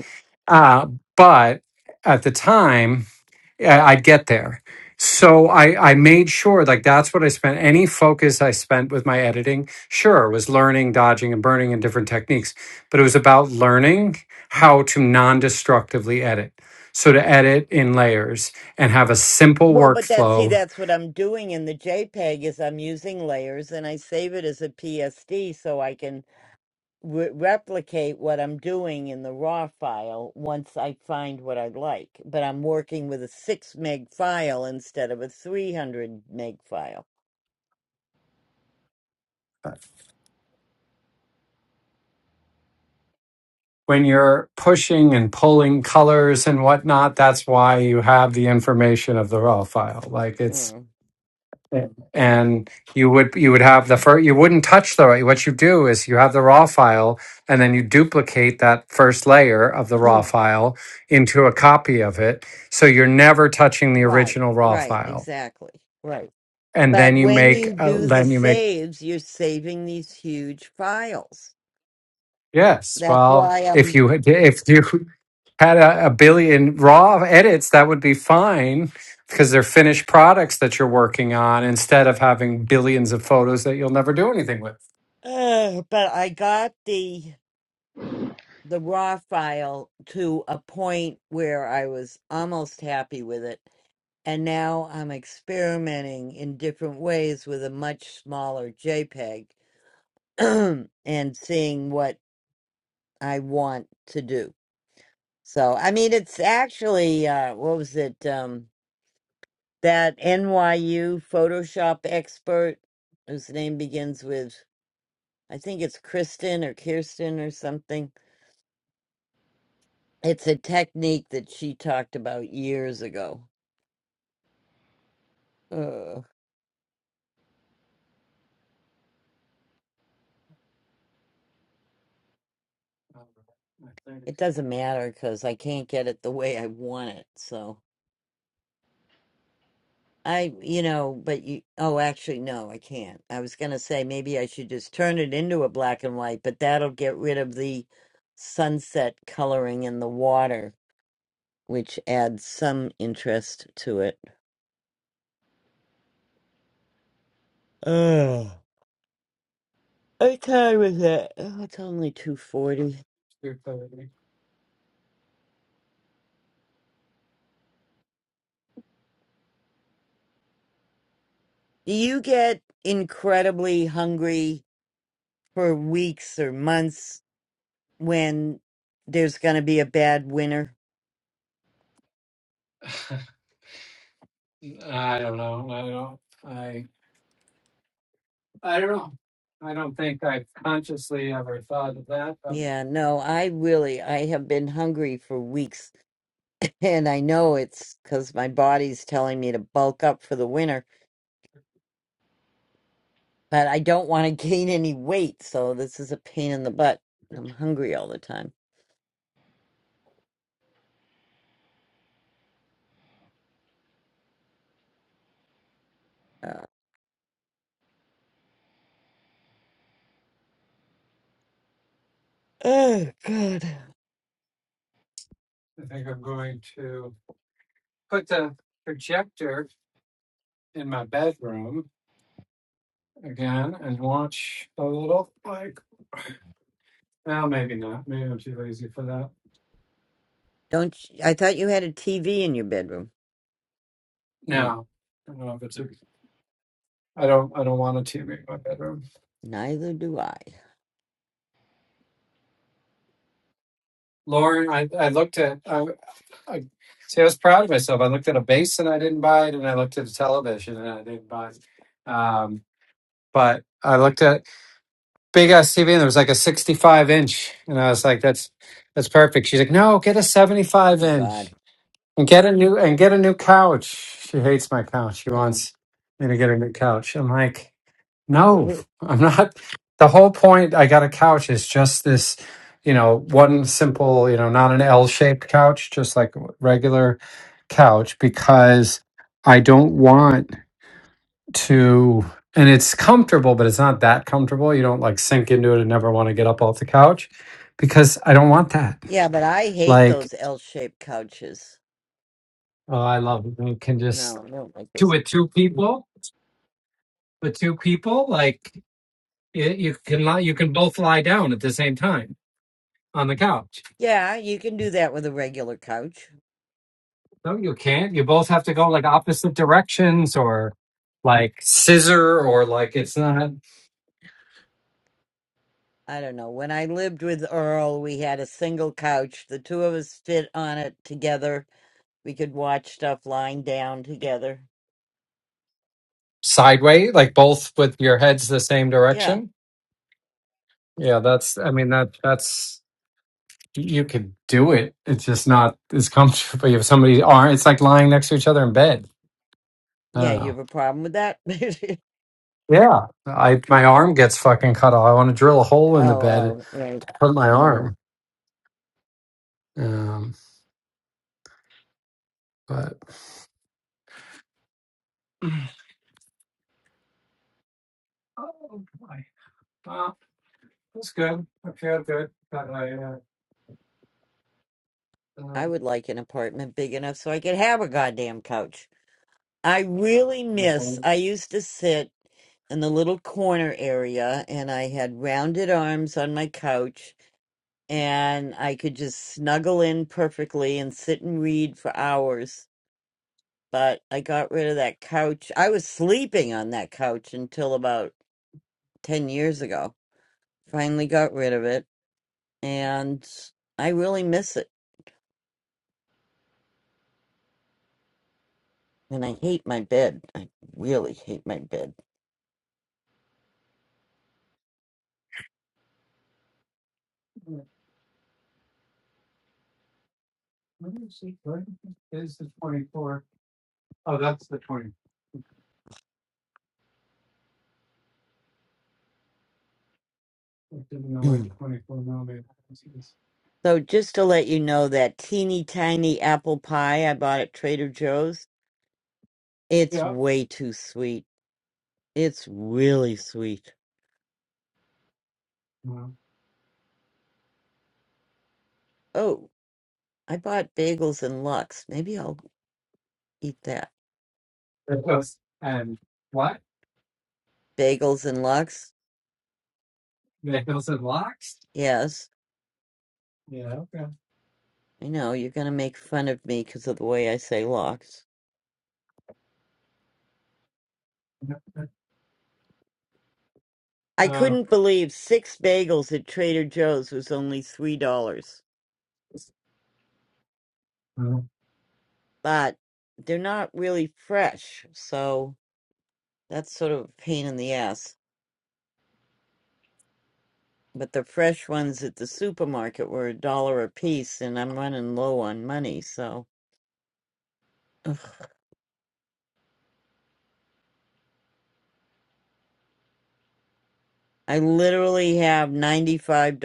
uh, but at the time, I- I'd get there. So I, I made sure, like, that's what I spent. Any focus I spent with my editing, sure, was learning, dodging, and burning and different techniques, but it was about learning how to non destructively edit. So to edit in layers and have a simple
Well, but that see,
workflow
that's what I'm doing in the JPEG is I'm using layers and I save it as a PSD so I can re- replicate what I'm doing in the raw file once I find what I like. But I'm working with a six meg file instead of a 300 meg file.
when you're pushing and pulling colors and whatnot, that's why you have the information of the raw file. Like it's
Mm.
and you would you would have the first you wouldn't touch the raw what you do is you have the raw file and then you duplicate that first layer of the raw
*clears throat*
file into a copy of it so you're never touching the
right,
original raw
right,
file
exactly, right.
and then
But
you
when
make
you
uh,
do the
then you make
saves, you're saving these huge files.
yes
That's
well
why
if
I'm. *sighs*
you had- if you had a, a billion raw edits that would be fine because they're finished products that you're working on instead of having billions of photos that you'll never do anything with
Uh, but I got the the raw file to a point where I was almost happy with it. And now I'm experimenting in different ways with a much smaller JPEG *clears throat* and seeing what I want to do. So, I mean, it's actually, uh, what was it? Um, that NYU Photoshop expert whose name begins with, I think it's Kristen or Kirsten or something. It's a technique that she talked about years ago Ugh, it doesn't matter because I can't get it the way I want it. So I, you know, but you, oh, actually, no, I can't. I was going to say maybe I should just turn it into a black and white, but that'll get rid of the sunset coloring in the water, which adds some interest to it. Ugh. I tired with that. Oh, it's only 240. Do you get incredibly hungry for weeks or months when there's going to be a bad winter.
so i i
Yeah, no, I really I have been hungry for weeks *laughs* and I know it's cuz my body's telling me to bulk up for the winter, but I don't want to *laughs* gain any weight, so this is a pain in the butt. I'm hungry all the time. Uh, oh god.
don't put the projector in my bedroom again and watch a little like well maybe not maybe i'm too lazy for that
Don't you, I thought you had a TV in your bedroom. Oh,
now i don't know if it's a, i don't i don't want a tv in my bedroom
neither do I.
lauren i i looked at I, I see i was proud of myself i looked at a basin i didn't buy it and i looked at a television and i didn't buy it um but i looked at big ass tv and there was like a 65 inch and i was like that's that's perfect she's like no get a 75
Oh
inch
god.
And get a new and get a new couch. She hates my couch. She
Oh.
wants me to get a new couch. I'm like, no,
*laughs*
I'm not. The whole point I got a couch is just this, you know, one simple, you know, not an L-shaped couch, just like a regular couch, because I don't want to. And it's comfortable, but it's not that comfortable. You don't like sink into it and never want to get up off the couch, because I don't want that
Yeah, but I hate
like
those L-shaped couches.
oh i love it you can just
No, I don't like those.
on the couch.
Yeah, you can do that with a regular couch.
No, you can't. You both have to go like opposite directions or like scissor or like it's not
I don't know. When I lived with Earl, we had a single couch. The two of us fit on it together. We could watch stuff lying down together.
sideways, like both with your heads the same
Yeah.
direction. Yeah, that's I mean that that's you could do it. It's just not as comfortable if somebody's arm it's like lying next to each other in bed. I
Yeah,
don't
you
know.
have a problem with that? *laughs*
Yeah. I my arm gets fucking cut off. I want to drill a hole
oh,
in the bed
oh, right.
to hurt my
Mm.
arm. Um but
I would like an apartment big enough so I could have a goddamn couch. I really miss, I used to sit in the little corner area and I had rounded arms on my couch and I could just snuggle in perfectly and sit and read for hours. But I got rid of that couch. I was sleeping on that couch until about 10 years ago. Finally got rid of it, and I really miss it. And I hate my bed. I really hate my bed. *clears throat* so, just to let you know, that teeny tiny apple pie I bought at Trader Joe's, it's way too sweet. It's really sweet.
Well,
Oh. I bought bagels and Lux. Maybe I'll eat that.
the hills and what?
Bagels and Lux?
The hills and locks?
Yes.
Yeah, okay.
I know, you're going to make fun of me because of the way I say Lux. I couldn't believe six bagels at Trader Joe's was only $3,
Well,
but they're not really fresh, so that's sort of a pain in the ass. But the fresh ones at the supermarket were a dollar a piece, and I'm running low on money, so. Ugh. I literally have $95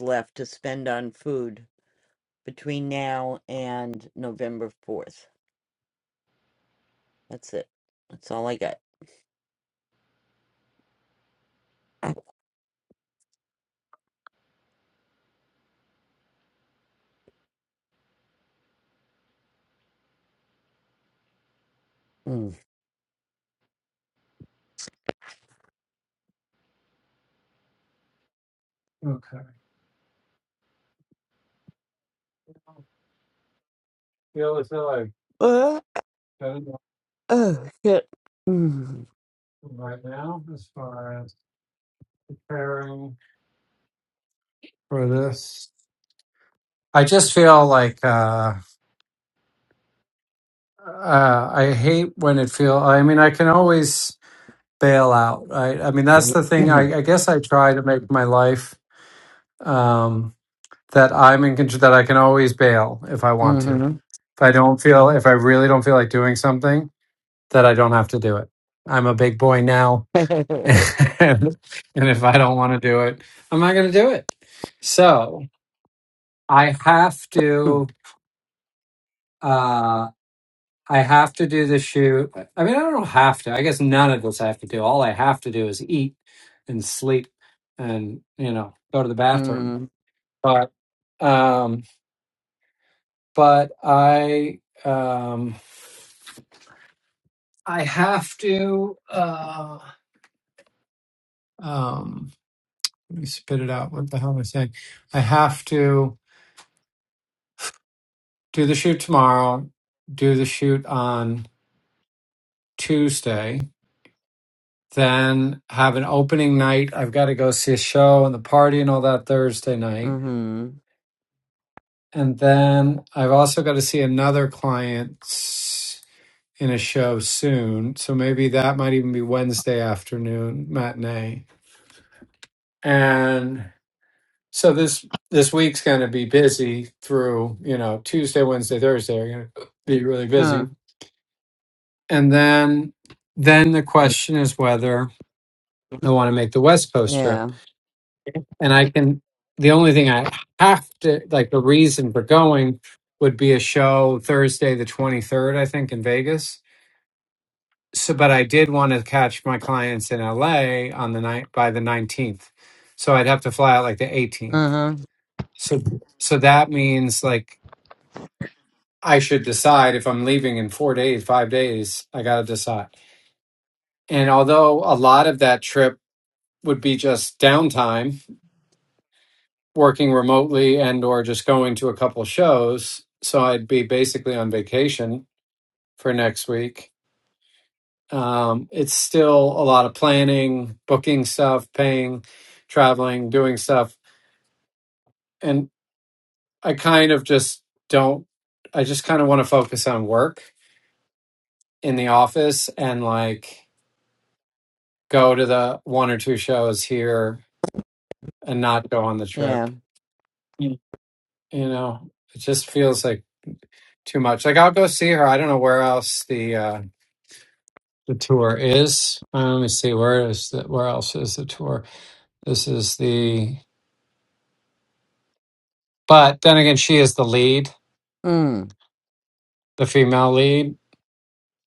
left to spend on food. between now and November 4th. That's it. That's all I got. Mm.
Okay. I Feel as though I've
Uh,
done enough
oh, shit. Mm.
right now as far as preparing for this. I just feel like uh, uh, I hate when it feel. I mean, I can always bail out. Right? I mean, that's the thing.
*clears throat*
I, I guess I try to make my life um, that I'm in control. That I can always bail if I want to.
Mhm.
If I don't feel, if I really don't feel like doing something, that I don't have to do it. I'm a big boy now
*laughs*
*laughs*
Mm.
and and if I don't want to do it, I'm not going to do it. So I have to, uh, I have to do the shoot. I mean, I don't have to. I guess none of this I have to do. All I have to do is eat and sleep, and you know, go to the bathroom.
Mhm.
But, um, but I, um, I have to. Uh, um, let me spit it out. What the hell am I saying? I have to. do the shoot tomorrow, do the shoot on Tuesday, then have an opening night. I've got to go see a show and the party and all that Thursday night.
Mhm.
And then I've also got to see another client s- in a show soon. So maybe that might even be Wednesday afternoon matinee. And so this this week's going to be busy through, you know, Tuesday, Wednesday, Thursday are going to be really
Huh.
busy. And then then the question is whether I want to make the West Coast
Yeah.
trip. And I can, the only thing I have to, like, the reason for going would be a show Thursday, the 23rd, I think, in Vegas. So, but I did want to catch my clients in LA on the night by the 19th. So I'd have to fly out like the 18th.
Uh-huh.
So, so that means like I should decide if I'm leaving in four days, five days, I got to decide. And although a lot of that trip would be just downtime, working remotely and or just going to a couple shows so i'd be basically on vacation for next week um, it's still a lot of planning booking stuff paying traveling doing stuff and i kind of just don't i just kind of want to focus on work in the office and like go to the one or two shows here and not go on the
Yeah.
trip you know it just feels like too much like i'll go see her i don't know where else the uh the tour is. Um, let me see where is the, where else is the tour? This is the. But then again, she is the lead,
Mm.
the female lead,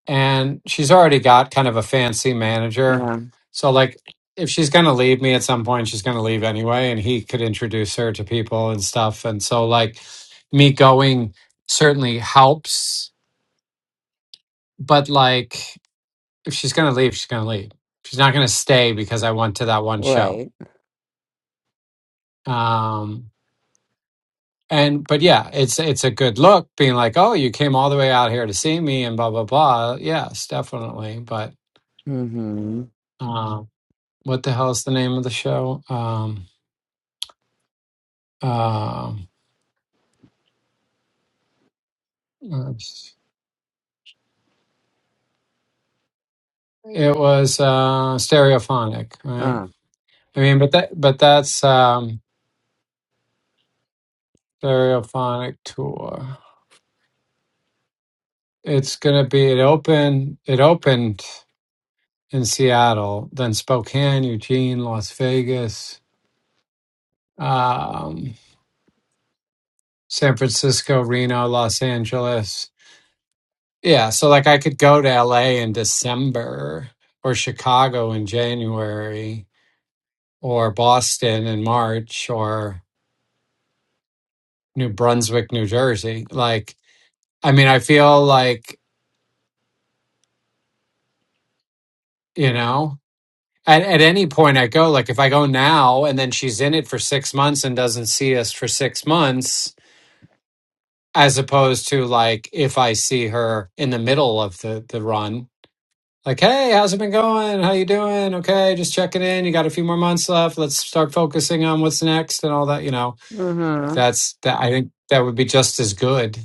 and she's already got kind of a fancy manager.
Yeah.
So like, if she's going to leave me at some point, she's going to leave anyway, and he could introduce her to people and stuff. And so like, me going certainly helps, but like, if she's going to leave, she's going to leave. She's not going to stay because I went to that one show.
Right.
Um, And but yeah, it's it's a good look being like, oh, you came all the way out here to see me and blah blah blah. Yes, definitely. But
Mm-hmm.
um, what the hell is the name of the show? Um, um, oops. it was uh, Stereophonic, right?
Uh.
I mean, but that but that's um, Stereophonic tour. It's gonna be it opened it opened in Seattle, then Spokane, Eugene, Las Vegas. Um, San Francisco, Reno, Los Angeles. Yeah, so like I could go to LA in December or Chicago in January or Boston in March or New Brunswick, New Jersey. Like, I mean, I feel like, you know, at, at any point I go, like if I go now and then she's in it for six months and doesn't see us for six months, as opposed to like if I see her in the middle of the, the run Like, hey, how's it been going? How you doing? Okay, just checking in. You got a few more months left. Let's start focusing on what's next and all that. You know,
Mm-hmm.
that's that. I think that would be just as good,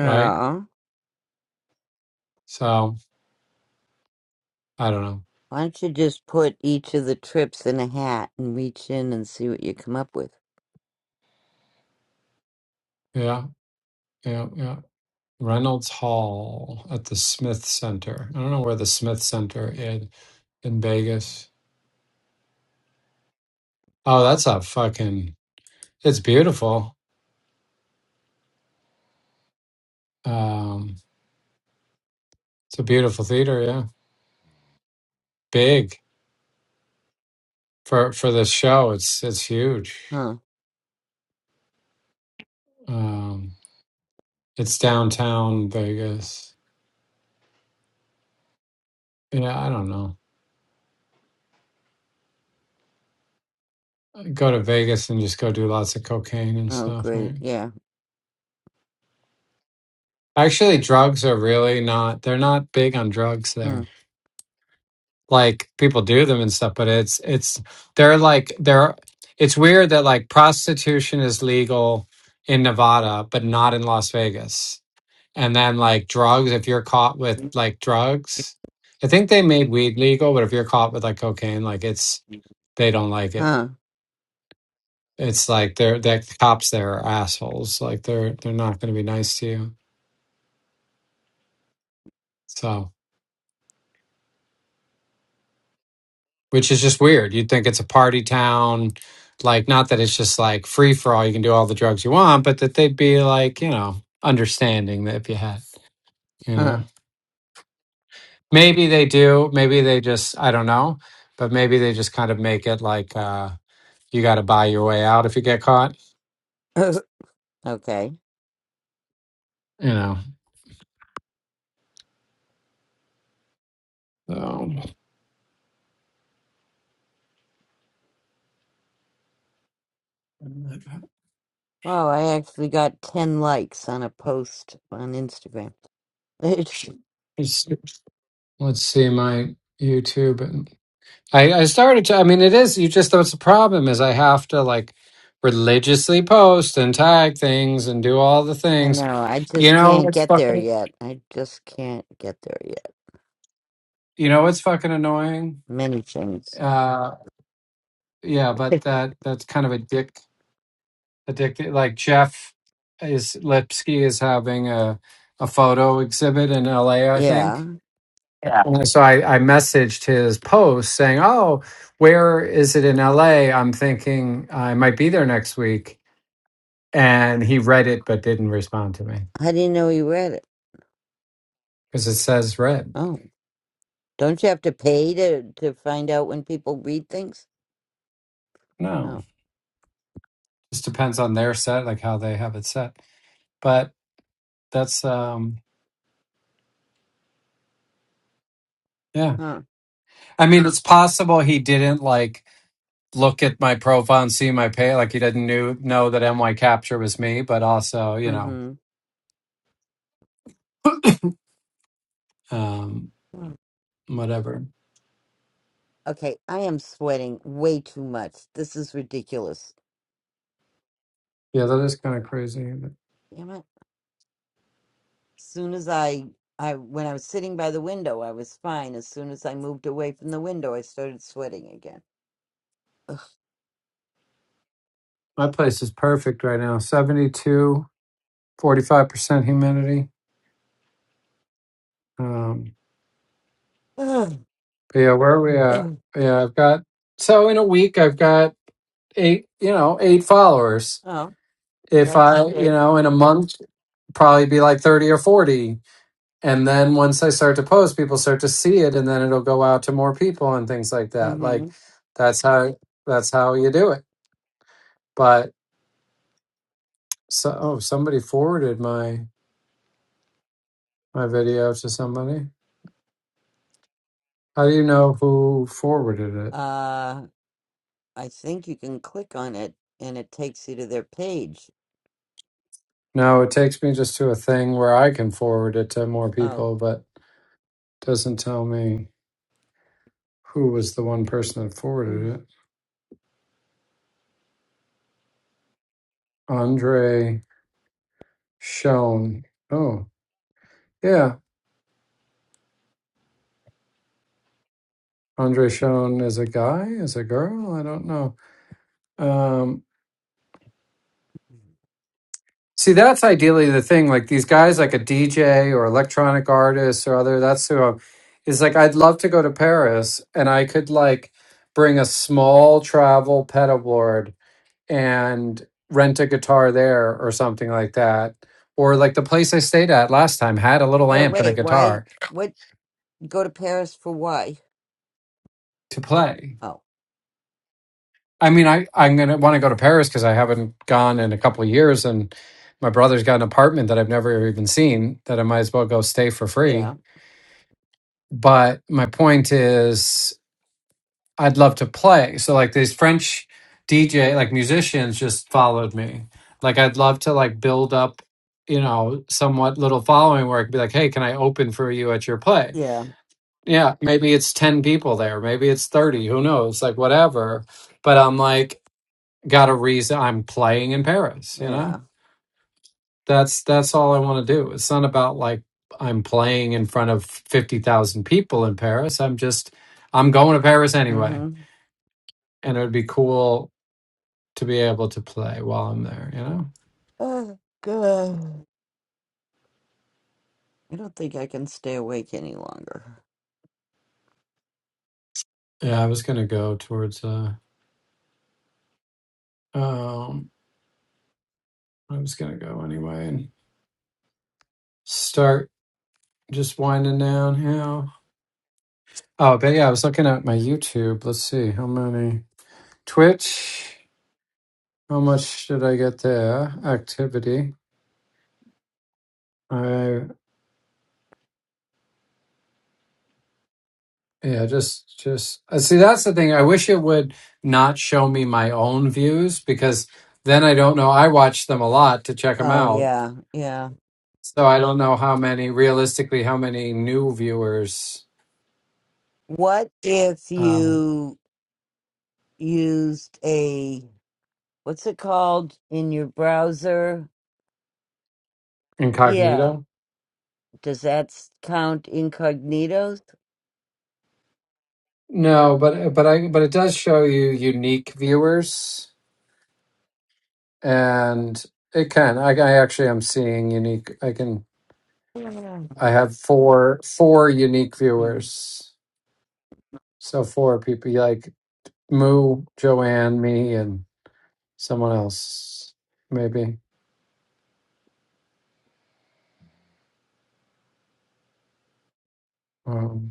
right? So I don't know.
Why don't you just put each of the trips in a hat and reach in and see what you come up with?
Yeah, yeah, yeah. Reynolds Hall at the Smith Center. I don't know where the Smith Center is in Vegas. Oh, that's a fucking. It's beautiful. Um, it's a beautiful theater. Yeah, big for for this show. It's it's huge.
Huh.
Um, It's downtown Vegas. Yeah, I don't know. Go to Vegas and just go do lots of cocaine and
Oh,
stuff,
great.
right?
Yeah.
Actually, drugs are really not, they're not big on drugs there.
Mm.
Like people do them and stuff, but it's, it's, they're like, they're, it's weird that like prostitution is legal in Nevada, but not in Las Vegas. And then like drugs, if you're caught with like drugs, I think they made weed legal, but if you're caught with like cocaine, like it's, they don't like it.
Huh.
it's like they're that cops there are assholes. Like they're they're not going to be nice to you. So, which is just weird. You'd think it's a party town, like not that it's just like free for all. You can do all the drugs you want, but that they'd be like you know understanding that if you had, you know, maybe they do. Maybe they just I don't know, but maybe they just kind of make it like uh you got to buy your way out if you get caught,
*laughs* okay.
you know. So,
Wow, I actually got 10 likes on a post on Instagram. *laughs* I
let's let's see my YouTube. I, I started to. I mean, it is. You just. That's the problem. Is I have to like religiously post and tag things and do all the things.
know, I
You
just
know,
can't
it's
get there
fucking.
yet. I just can't get there yet.
You know, it's fucking annoying.
Many things.
Uh, yeah,
*laughs*
but that that's kind of addict addicted. Like Jeff is Lipsky is having a a photo exhibit in L.A. I
Yeah.
think. Yeah. And so I, I messaged his post saying, "Oh, where is it in L.A.? I'm thinking I might be there next week." and he read it but didn't respond to me
How do you know you read it?
because it says read.
Oh, don't you have to pay to to find out when people read things?
No,
Oh,
just depends on their set, like how they have it set. But that's um yeah.
huh.
I mean, it's possible he didn't like look at my profile and see my pay, like he didn't knew know that my Capture was me, but also you know
Mm-hmm.
*coughs* um whatever.
Okay, I am sweating way too much. This is ridiculous.
Yeah, that is kind of crazy.
Damn it. soon as I I when I was sitting by the window, I was fine. As soon as I moved away from the window, I started sweating again.
My place is perfect right now. Seventy-two, forty-five percent humidity. Um
Ugh.
But Yeah, where are we
*clears throat*
at? Yeah, I've got so in a week I've got eight, you know, eight followers.
oh,
If
that's
I, you
good.
know, in a month probably be like 30 or 40 and then once I start to post people start to see it and then it'll go out to more people and things like that.
Mm-hmm.
Like that's how that's how you do it. But so oh, somebody forwarded my my video to somebody. How do you know who forwarded it?
Uh, I think you can click on it and it takes you to their page.
No, it takes me just to a thing where I can forward it to more
Oh,
people, but Doesn't tell me who was the one person that
mm.
forwarded it. Andre Schoen. Oh, yeah. Andre Schoen is a guy, is a girl? I don't know. Um, see, that's ideally the thing. Like these guys, like a DJ or electronic artists or other, that's who I'm, is like, I'd love to go to Paris and I could like bring a small travel pedal board and rent a guitar there or something like that. Or like the place I stayed at last time had a little
well,
amp and a
wait. Why?
guitar
What? Go to Paris for why?
to play.
Oh,
I mean, I, I'm going to want to go to Paris because I haven't gone in a couple of years. And my brother's got an apartment that I've never even seen that I might as well go stay for free.
yeah,
But my point is I'd love to play. So like these French DJ like musicians just followed me. Like I'd love to like build up, you know, somewhat little following where I could be like, hey, can I open for you at your play?
yeah,
Yeah, maybe it's ten people there, maybe it's thirty, who knows? Like whatever. But I'm like, got a reason I'm playing in Paris, you know?
yeah.
That's that's all I want to do. It's not about like I'm playing in front of fifty thousand people in Paris. I'm just I'm going to Paris anyway
Mm-hmm.
and it would be cool to be able to play while I'm there, you know?
Oh, good. I don't think I can stay awake any longer.
Yeah, I was gonna go towards uh um I was gonna go anyway and start just winding down how Oh, but yeah, I was looking at my YouTube. Let's see how many Twitch. How much did I get there? Activity. I yeah, just just uh, see that's the thing. I wish it would not show me my own views because then I don't know. I watch them a lot to check them
Oh
out
yeah, yeah.
So I don't know how many, realistically, how many new viewers
What if
um,
you used a what's it called in your browser? Yeah,
incognito.
does that s- count incognito?
No, but but I but it does show you unique viewers, and it can. I, I actually am seeing unique. I can.
Yeah.
I have four four unique
Mm,
viewers. So four people like Moo, Joanne, me, and someone else, maybe. um,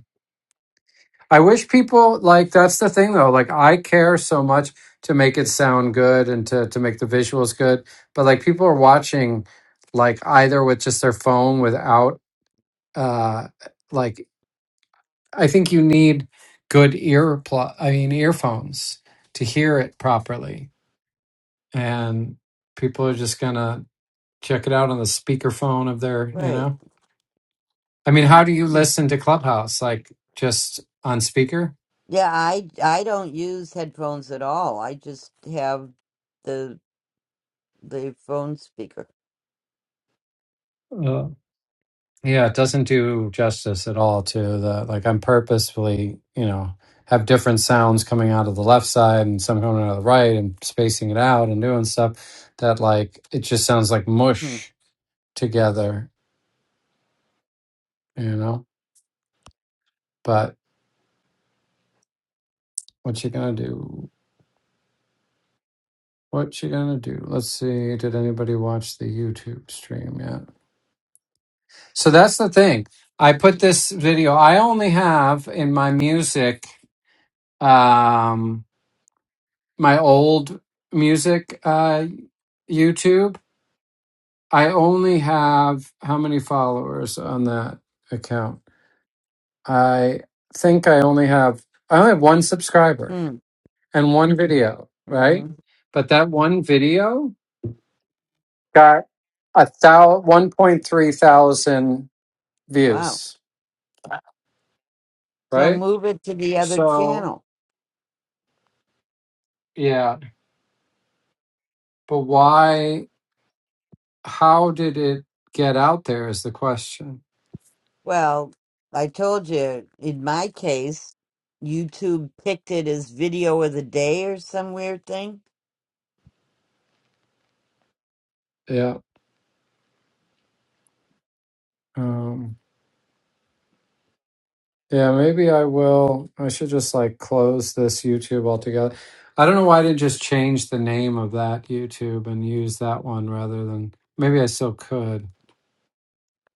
I wish people like that's the thing though. Like I care so much to make it sound good and to to make the visuals good, but like people are watching like either with just their phone without uh like I think you need good ear pl- I mean earphones to hear it properly. And people are just going to check it out on the speakerphone of their, you
Right.
know. I mean, how do you
Mm.
listen to Clubhouse? Like just on speaker?
Yeah, I I don't use headphones at all. I just have the the phone speaker.
Yeah, it doesn't do justice at all to the like I'm purposefully, you know, have different sounds coming out of the left side and some coming out of the right and spacing it out and doing stuff that like it just sounds like
Hmm.
mush together, you know? But what you gonna do? What you gonna do? Let's see, did anybody watch the YouTube stream yet? So that's the thing. I put this video, I only have in my music, um, my old music uh, YouTube. I only have how many followers on that account? I think I only have I only have one subscriber and one video, right?
Mm-hmm.
But that one video got a thousand one point three thousand
Wow.
views,
So
right?
move it to the other
So
channel.
yeah, but why? How did it get out there? Is the question?
Well, I told you, in my case, YouTube picked it as video of the day or some weird thing.
Yeah. Um, Yeah, maybe I will. I should just like close this YouTube altogether. I don't know why I didn't just change the name of that YouTube and use that one rather than maybe I still could.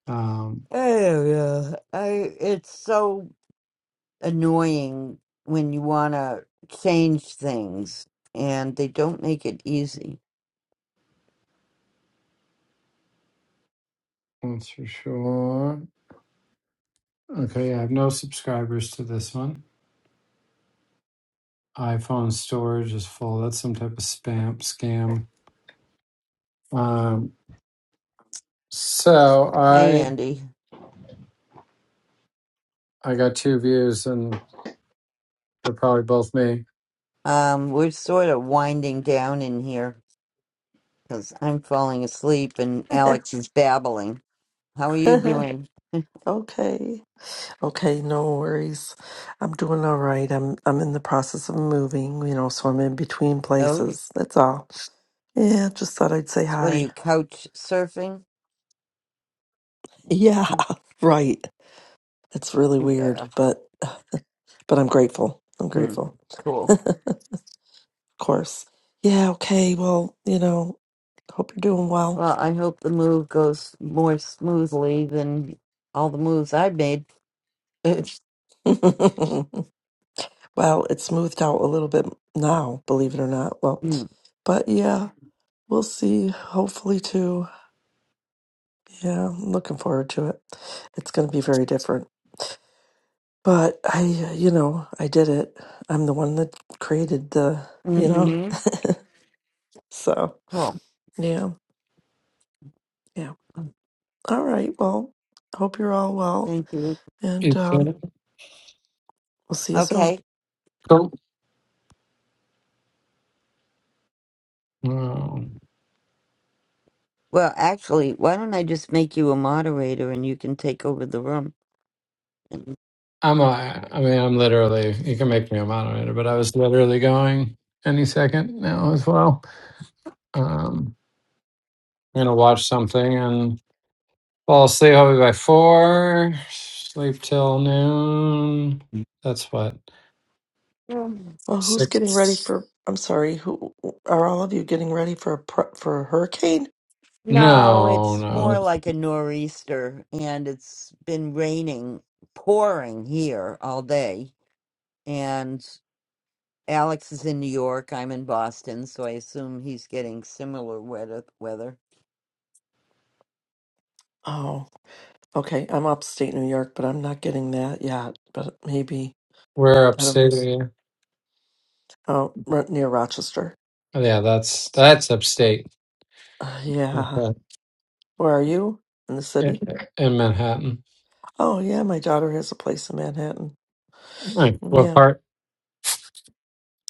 Um,
I don't know. I it's so annoying when you want to change things and they don't make it easy.
that's for sure. Okay, yeah, I have no subscribers to this one. iPhone storage is full. That's some type of spam scam. Um, so
Hi,
I
Andy.
I got two views and they're probably both me.
Um, we're sort of winding down in here because I'm falling asleep and
*laughs*
Alex is babbling. How are you doing?
okay. Okay, no worries. I'm doing all right. I'm I'm in the process of moving, you know, so I'm in between
Oh,
places. That's all. Yeah, just thought I'd say
so what are you
hi.
couch surfing?
Yeah, *laughs* right. It's really
Yeah.
weird, but but I'm grateful. I'm
Hmm.
grateful. *laughs*
Cool.
of course. Yeah, okay. Well, you know, Hope you're doing well.
Well, I hope the move goes more smoothly than all the moves I've made. *laughs*
*laughs* well, it's smoothed out a little bit now, believe it or not. Well,
mm-hmm.
but yeah. We'll see. Hopefully, too. Yeah, I'm looking forward to it. It's going to be very different. But I, uh, you know, I did it. I'm the one that created the, you know, so
Cool.
yeah, yeah. All right. Well, hope you're all well,
Thank you.
and
You
um,
kidding?
we'll see you soon.
Okay.
Cool.
Well, actually, why don't I just make you a moderator and you can take over the room? And-
I'm a, I mean, I'm literally, you can make me a moderator, but I was literally going any second now as well. Um, I'm going to watch something and fall asleep hopefully by four, sleep till noon. That's what,
Um,
Well, who's getting ready
six?
for? I'm sorry. Who are all of you getting ready for a pr- for a hurricane?
No,
No,
it's
no,
more
it's-
like a nor'easter, and it's been raining, pouring here all day. and. Alex is in New York. I'm in Boston, so I assume he's getting similar weather. Weather.
Oh, okay. I'm upstate New York, but I'm not getting that yet. But maybe
we're
I don't know.
upstate. here.
Oh, right near Rochester.
Oh, Yeah, that's, that's upstate
*sighs* Uh,
*laughs*
yeah.
Okay.
Where are you? In the
in
city?
in Manhattan.
Oh, yeah. My daughter has a place in Manhattan.
Right. What
Yeah.
part?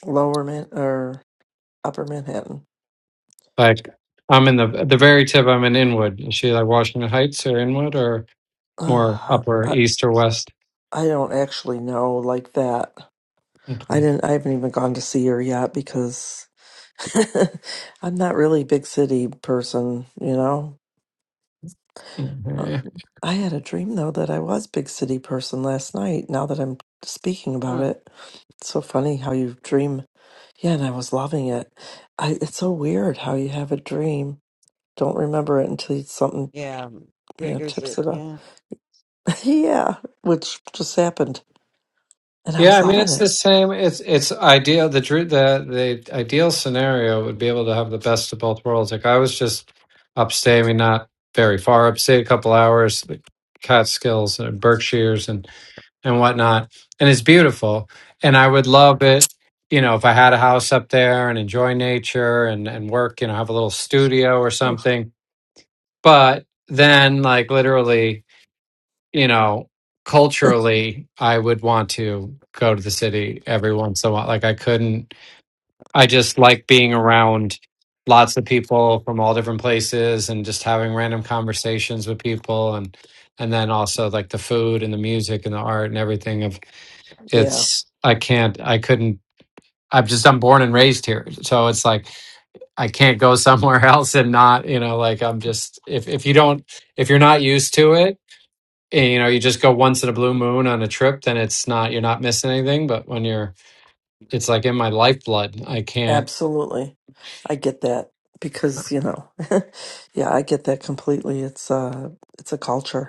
Lower Man or Upper Manhattan. *sighs*
Like, I'm in the, the very tip, I'm in Inwood. Is she like Washington Heights or Inwood or? more
Uh,
upper
I
east or west.
I don't actually know like that.
Okay.
I didn't. I haven't even gone to see her yet because *laughs* I'm not really a big city person. You know. Um,
Mhm.
I had a dream though that I was big city person last night. Now that I'm speaking about
Huh.
it, it's so funny how you dream. Yeah, and I was loving it. I it's so weird how you have a dream, don't remember it until you, something
Yeah,
you know
triggers
tips
it.
it up.
Yeah.
*laughs* yeah, which just happened, and I
Yeah,
was
I mean
loving
it's the
it.
same. It's it's ideal. The dr- the the ideal scenario would be able to have the best of both worlds. Like I was just upstate, I mean not very far upstate, a couple hours, the Catskills and Berkshires and and whatnot, and it's beautiful. And I would love it, you know, if I had a house up there and enjoy nature and and work, you know, have a little studio or
Oh,
something. But then, like literally. you know,
*laughs*
culturally, I would want to go to the city every once in a while. Like, I couldn't, I just like being around lots of people from all different places and just having random conversations with people. And, and then also like the food and the music and the art and everything of
Yeah,
it's, I can't, I couldn't, I'm just, I'm born and raised here. So it's like, I can't go somewhere *laughs* else and not, you know, like I'm just, if, if you don't, if you're not used to it, you know you just go once in a blue moon on a trip then it's not you're not missing anything but when you're it's like in my lifeblood i can't
absolutely. I get that because you know, *laughs* yeah, I get that completely. It's uh, it's a culture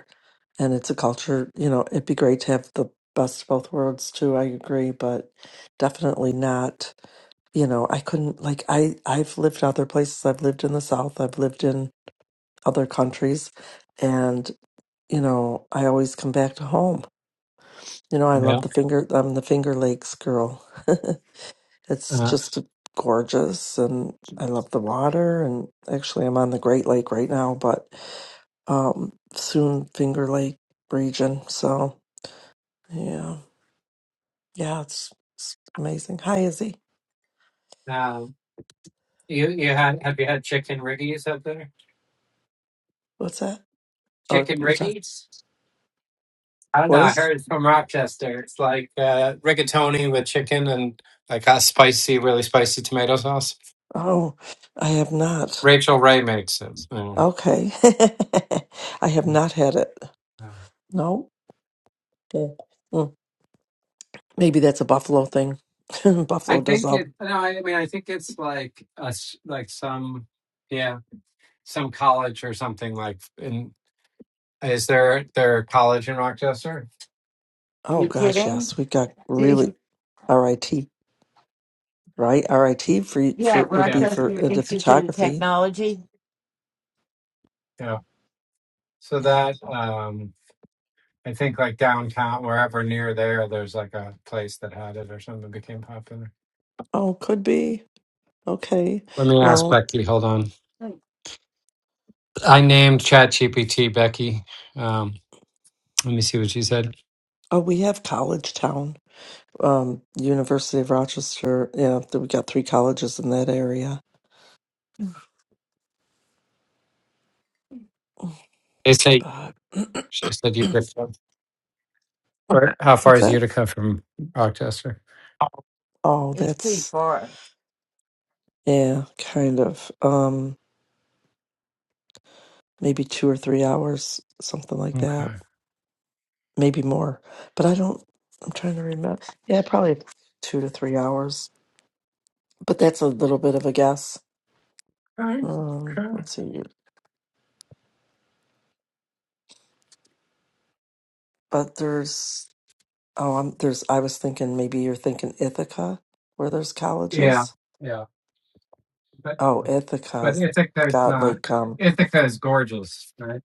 and it's a culture you know it'd be great to have the best of both worlds too i agree but definitely not you know i couldn't like i i've lived other places i've lived in the south i've lived in other countries and you know i always come back to home you know i love
yeah
the finger i'm the finger lakes girl *laughs* it's
uh,
just gorgeous and i love the water and actually i'm on the great lake right now but um soon finger lake region so yeah Yeah, it's, it's amazing. Hi, Izzy. What's that? Oh,
chicken
your time.
riggy i don't know
What
i
is it?
heard it's from rochester it's like uh, rigatoni with chicken and like a spicy really spicy tomato sauce
Oh, I have not.
rachel ray makes it uh,
Okay. *laughs* I have
yeah.
not had it. No. Okay. Mm, Maybe that's a Buffalo thing. *laughs* Buffalo
i
does
think
all.
it no i mean i think it's like a s like some yeah some college or something like in is there there a college in rochester
are
Oh
you
gosh,
kidding?
yes. We got
*laughs*
really
yeah,
RIT, right? RIT for for would
yeah
be for
Rochester
uh, the
Institute of
photography.
Technology.
So
Yeah.
that um I think like downtown, wherever near there, there's like a place that had it or something that became popular.
Oh, could be. Okay.
Let me ask
Well,
Becky. Hold on.
Hmm,
I named ChatGPT Becky. Um, let me see what she said.
oh, we have College Town. um, University of Rochester. Yeah, th- we got three colleges in that area.
They say you.
But
She said Utica. Or how far
what's
is
that?
Utica from Rochester?
Oh,
It's pretty
that's
far.
yeah, kind of. Um, maybe two or three hours, something like that.
Okay.
Maybe more, but I don't. I'm trying to remember. Yeah, probably two to three hours. But that's a little bit of a guess.
Okay.
Um,
Sure.
let's see. But there's oh, I'm there's. I was thinking maybe you're thinking Ithaca, where there's
Yeah.
colleges.
Yeah. But
Oh,
but
Ithaca's
Ithaca is
got
not.
like um
Ithaca is gorgeous, right?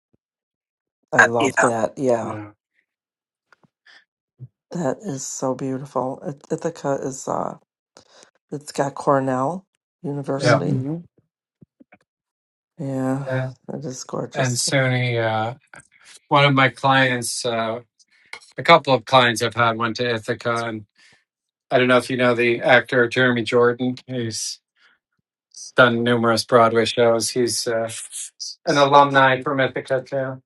I
Uh,
love
yeah.
that. Yeah,
Yeah.
that is so beautiful. It- Ithaca is uh, it's got Cornell
Yeah.
University.
Mm-hmm.
Yeah,
And
it is
and
gorgeous.
SUNY. uh, one of my clients, uh, a couple of clients I've had went to Ithaca, and I don't know if you know the actor Jeremy Jordan. He's done numerous Broadway shows. He's uh, an alumni from Ithaca too.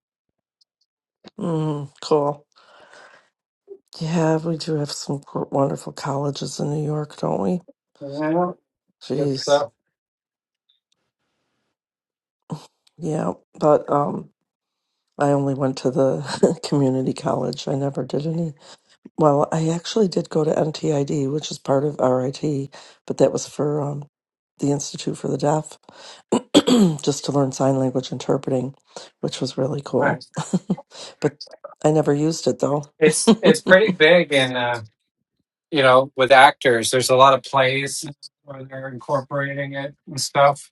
Mm, cool. Yeah, we do have some gr- wonderful colleges in New York, don't we?
Yeah, good
Jeez.
stuff.
Yeah, but um, I only went to the *laughs* community college. I never did any. Well, I actually did go to NTID, which is part of RIT, but that was for um, the Institute for the Deaf *clears throat* just to learn sign language interpreting, which was really cool.
Nice.
*laughs* but I never used it though.
It's it's pretty
*laughs*
big, and uh, you know, with actors, there's a lot of plays where they're incorporating it and stuff.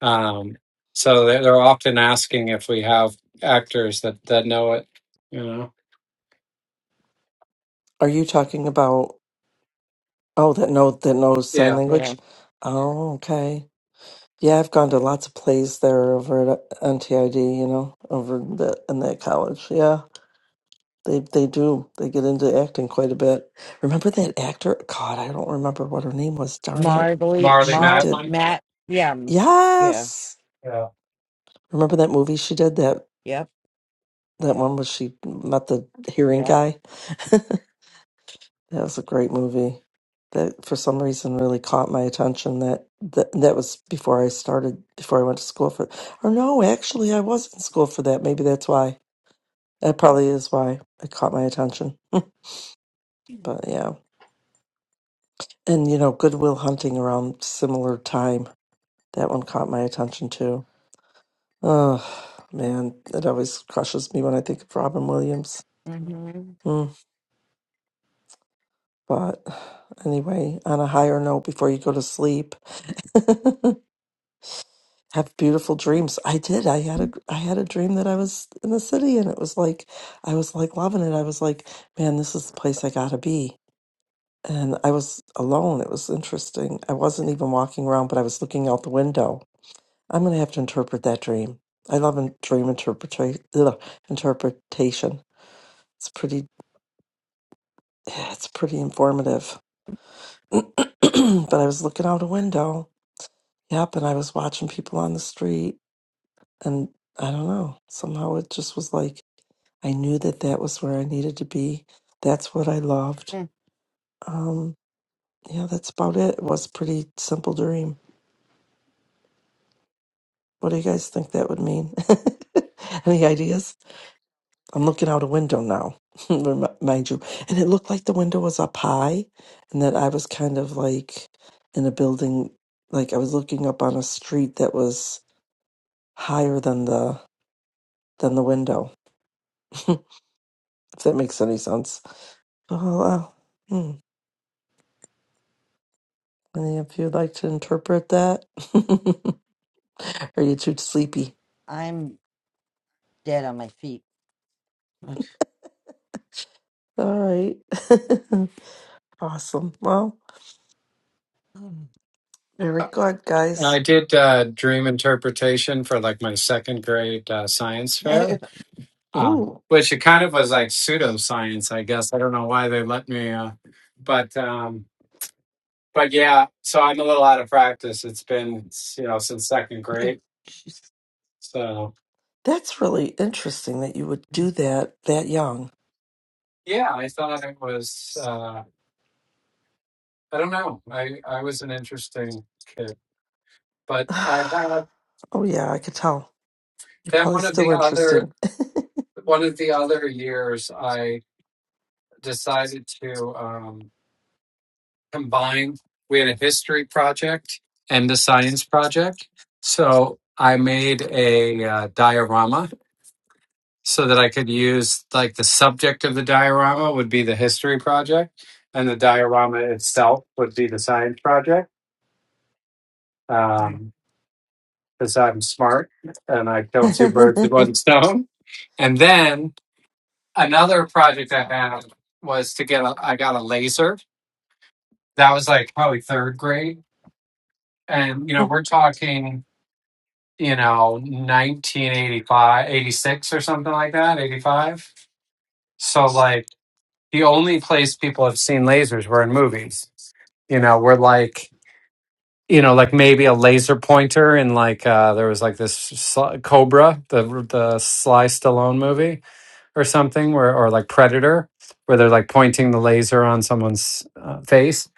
Um, so they're, they're often asking if we have actors that, that know it, you know?
Are you talking about oh that note that knows sign
Yeah.
Yeah.
language? Oh, okay. Yeah, I've gone to lots of plays there over at NTID, you know, over the in that college. Yeah. They they do. They get into acting quite a bit. Remember that actor? God, I don't remember what her name was, darn it.
Marbley,
Marley
She
Mar,
did
Matlin.
Matt. Yeah. mm, Yeah.
Yes.
Yeah.
Remember that movie she did that
Yep.
That one was she met the hearing
Yep.
guy. *laughs* That was a great movie that for some reason really caught my attention that that, that was before I started before I went to school for or no actually I was in school for that maybe that's why that probably is why it caught my attention *laughs* but yeah and you know Goodwill Hunting around similar time that one caught my attention too oh man it always crushes me when I think of Robin Williams
hmm
Hmm. But anyway, on a higher note, before you go to sleep, *laughs* have beautiful dreams. I did. I had a I had a dream that I was in the city, and it was like I was like loving it. I was like, man, this is the place I gotta be. And I was alone. It was interesting. I wasn't even walking around, but I was looking out the window. I'm gonna have to interpret that dream. I love in- dream interpretation. Interpretation. It's pretty. *sighs* It's pretty informative. *clears throat* but I was looking out a window Yep. And I was watching people on the street, and I don't know. Somehow it just was like I knew that that was where I needed to be. That's what I loved. Um, yeah, that's about it. It was a pretty simple dream. What do you guys think that would mean? *laughs* Any ideas? I'm looking out a window now, *laughs* remi- mind you. And it looked like the window was up high and that I was kind of like in a building, like I was looking up on a street that was higher than the than the window. *laughs* if that makes any sense. Oh, uh, hmm, any of you would like to interpret that? *laughs* Are you too sleepy?
I'm dead on my feet.
All right. *laughs* awesome. Well, very
Uh,
good,
And
guys.
I did uh, dream interpretation for like my second grade uh, science fair, um,
Ooh,
which it kind of was like pseudoscience, I guess. I don't know why they let me, uh, but um, but yeah. So I'm a little out of practice. It's been you know since second grade,
*laughs* *laughs*
so.
that's really interesting that you would do that that young.
Yeah, I thought it was. Uh, I don't know. I I was an interesting kid,
*sighs*
but I had
oh, yeah, I could tell. You're
then
probably
one of
still
the
interesting.
other one of the other years I decided to um, combine. We had a history project and a science project, so I made a uh, diorama so that I could use like the subject of the diorama would be the history project, and the diorama itself would be the science project.
*laughs* yeah.
Um, because I'm smart and I kill two birds with
*laughs*
one stone. And then another project I had was to get a, I got a laser. That was like probably third grade. And, you know, we're talking, you know, 1985, 86, or something like that, 85. So, like, the only place people have seen lasers were in movies. You know, we're like, you know, like maybe a laser pointer, in like uh, there was like this Sly- Cobra, the the Sly Stallone movie, or something, where or like Predator, where they're like pointing the laser on someone's uh, face.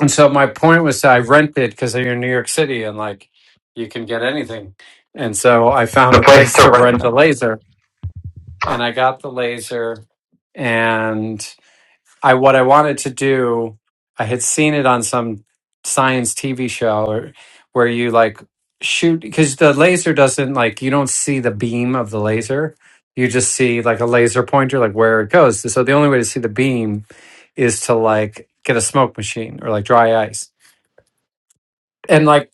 And so my point was, I rented because you're in New York City and like you can get anything. And so I found
The
a
place
place
to
to
rent a
rent
Yeah.
a laser, and I got the laser, and I what I wanted to do, I had seen it on some science TV show or where you like shoot because the laser doesn't like you don't see the beam of the laser. You just see like a laser pointer, like where it goes. So the only way to see the beam is to like get a smoke machine or like dry ice. And like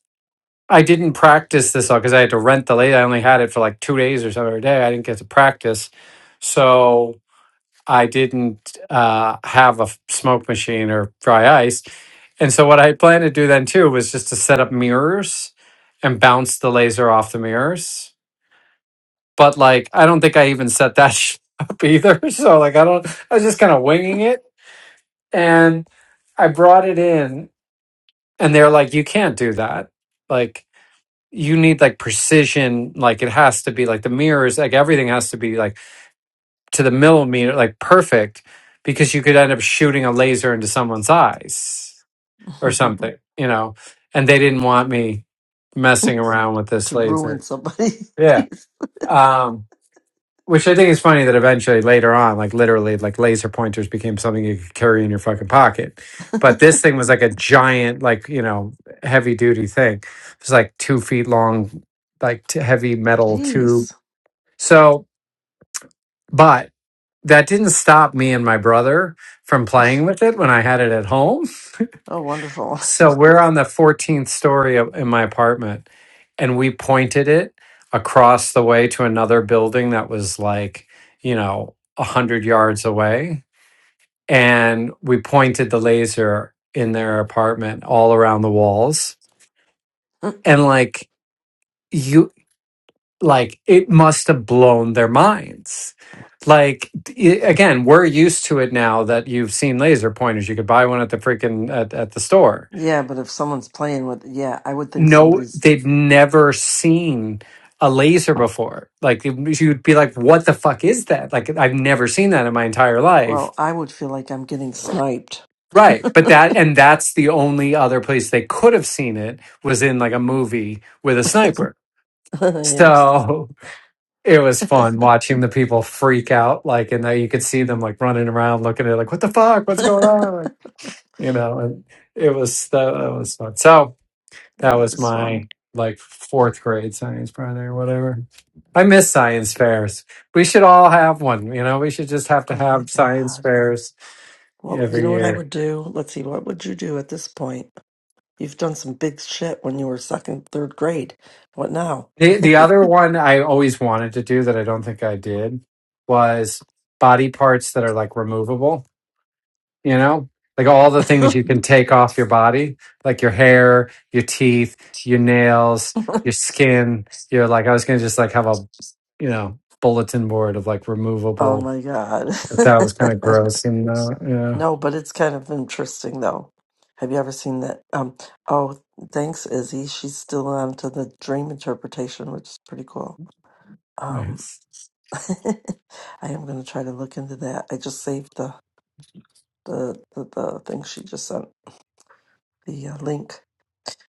I didn't practice this all because I had to rent the laser. I only had it for like two days or so every day. I didn't get to practice. So I didn't uh, have a f- smoke machine or dry ice. And so what I planned to do then too was just to set up mirrors and bounce the laser off the mirrors. But like, I don't think I even set that *laughs* sh- up either. *laughs* So like, I don't, I was just kind of winging it. And I brought it in and they're like, you can't do that. Like, you need like precision. Like, it has to be like the mirrors, like everything has to be like to the millimeter, like perfect, because you could end up shooting a laser into someone's eyes or
*laughs*
something, you know. And they didn't want me messing around with this
to ruin
laser.
somebody.
Yeah.
*laughs*
Um, which I think is funny that eventually later on, like literally, like laser pointers became something you could carry in your fucking pocket. But this thing was like a giant, like, you know, heavy duty thing. It was like two feet long, like t- heavy metal tube.
Jeez.
So, but that didn't stop me and my brother from playing with it when I had it at home.
Oh, wonderful.
So we're on the 14th story of, in my apartment, and we pointed it across the way to another building that was like, you know, 100 yards away. And we pointed the laser in their apartment all around the walls.
*laughs*
And like, you like it must have blown their minds like i- again we're used to it now that you've seen laser pointers you could buy one at the freaking at, at the store
Yeah, but if someone's playing with, yeah, I would think
no
somebody's.
they've never seen a laser before like it- you'd be like what the fuck is that like i've never seen that in my entire life
Well, I would feel like I'm getting sniped. *laughs*
right but that and that's the only other place they could have seen it was in like a movie with a sniper
yes, *laughs*
so it was
Yeah,
fun watching the people freak out like and then you could see them like running around looking at it like what the fuck what's going
that
on like, you know and it was that, that was fun so that
was
was
fun.
my like fourth grade science project or whatever i miss science fairs we should all have one you know we should just have to
Oh my
have science
god.
fairs
Well, you
every
know what I
year
would do? Let's see. What would you do at this point? You've done some big shit when you were second, third grade. What now?
the, the other one i always wanted to do that i don't think i did was body parts that are like removable you know like all the
*laughs*
things
oh
you can take off your body like your hair your teeth your nails your skin you're like i was gonna just like have a you know bulletin board of like removable
my god.
but that was kind of
*laughs*
gross and uh, yeah
No, but it's kind of interesting though. Have you ever seen that? Um, oh, thanks, Izzy. She's still on to the dream interpretation, which is pretty cool. Um,
Nice.
*laughs* I am going to try to look into that. I just saved the the the, the thing she just sent, the uh, link.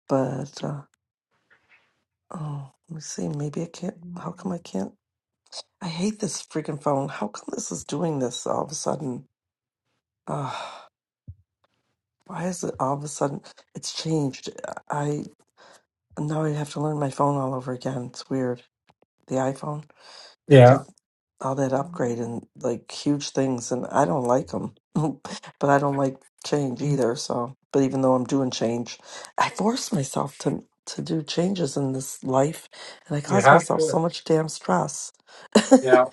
But uh, oh, let me see. Maybe I can't. How come I can't? I hate this freaking phone. How come this is doing this all of a sudden? Uh, why is it all of a sudden? It's changed. Now I have to learn my phone all over again. It's weird. The iPhone, they
yeah
did all that upgrade and like huge things, and I don't like them. *laughs* but I don't like change either. So, but even though I'm doing change, I force myself to to do changes in this life, and I
you
cause
have
myself so
to
much damn stress.
yeah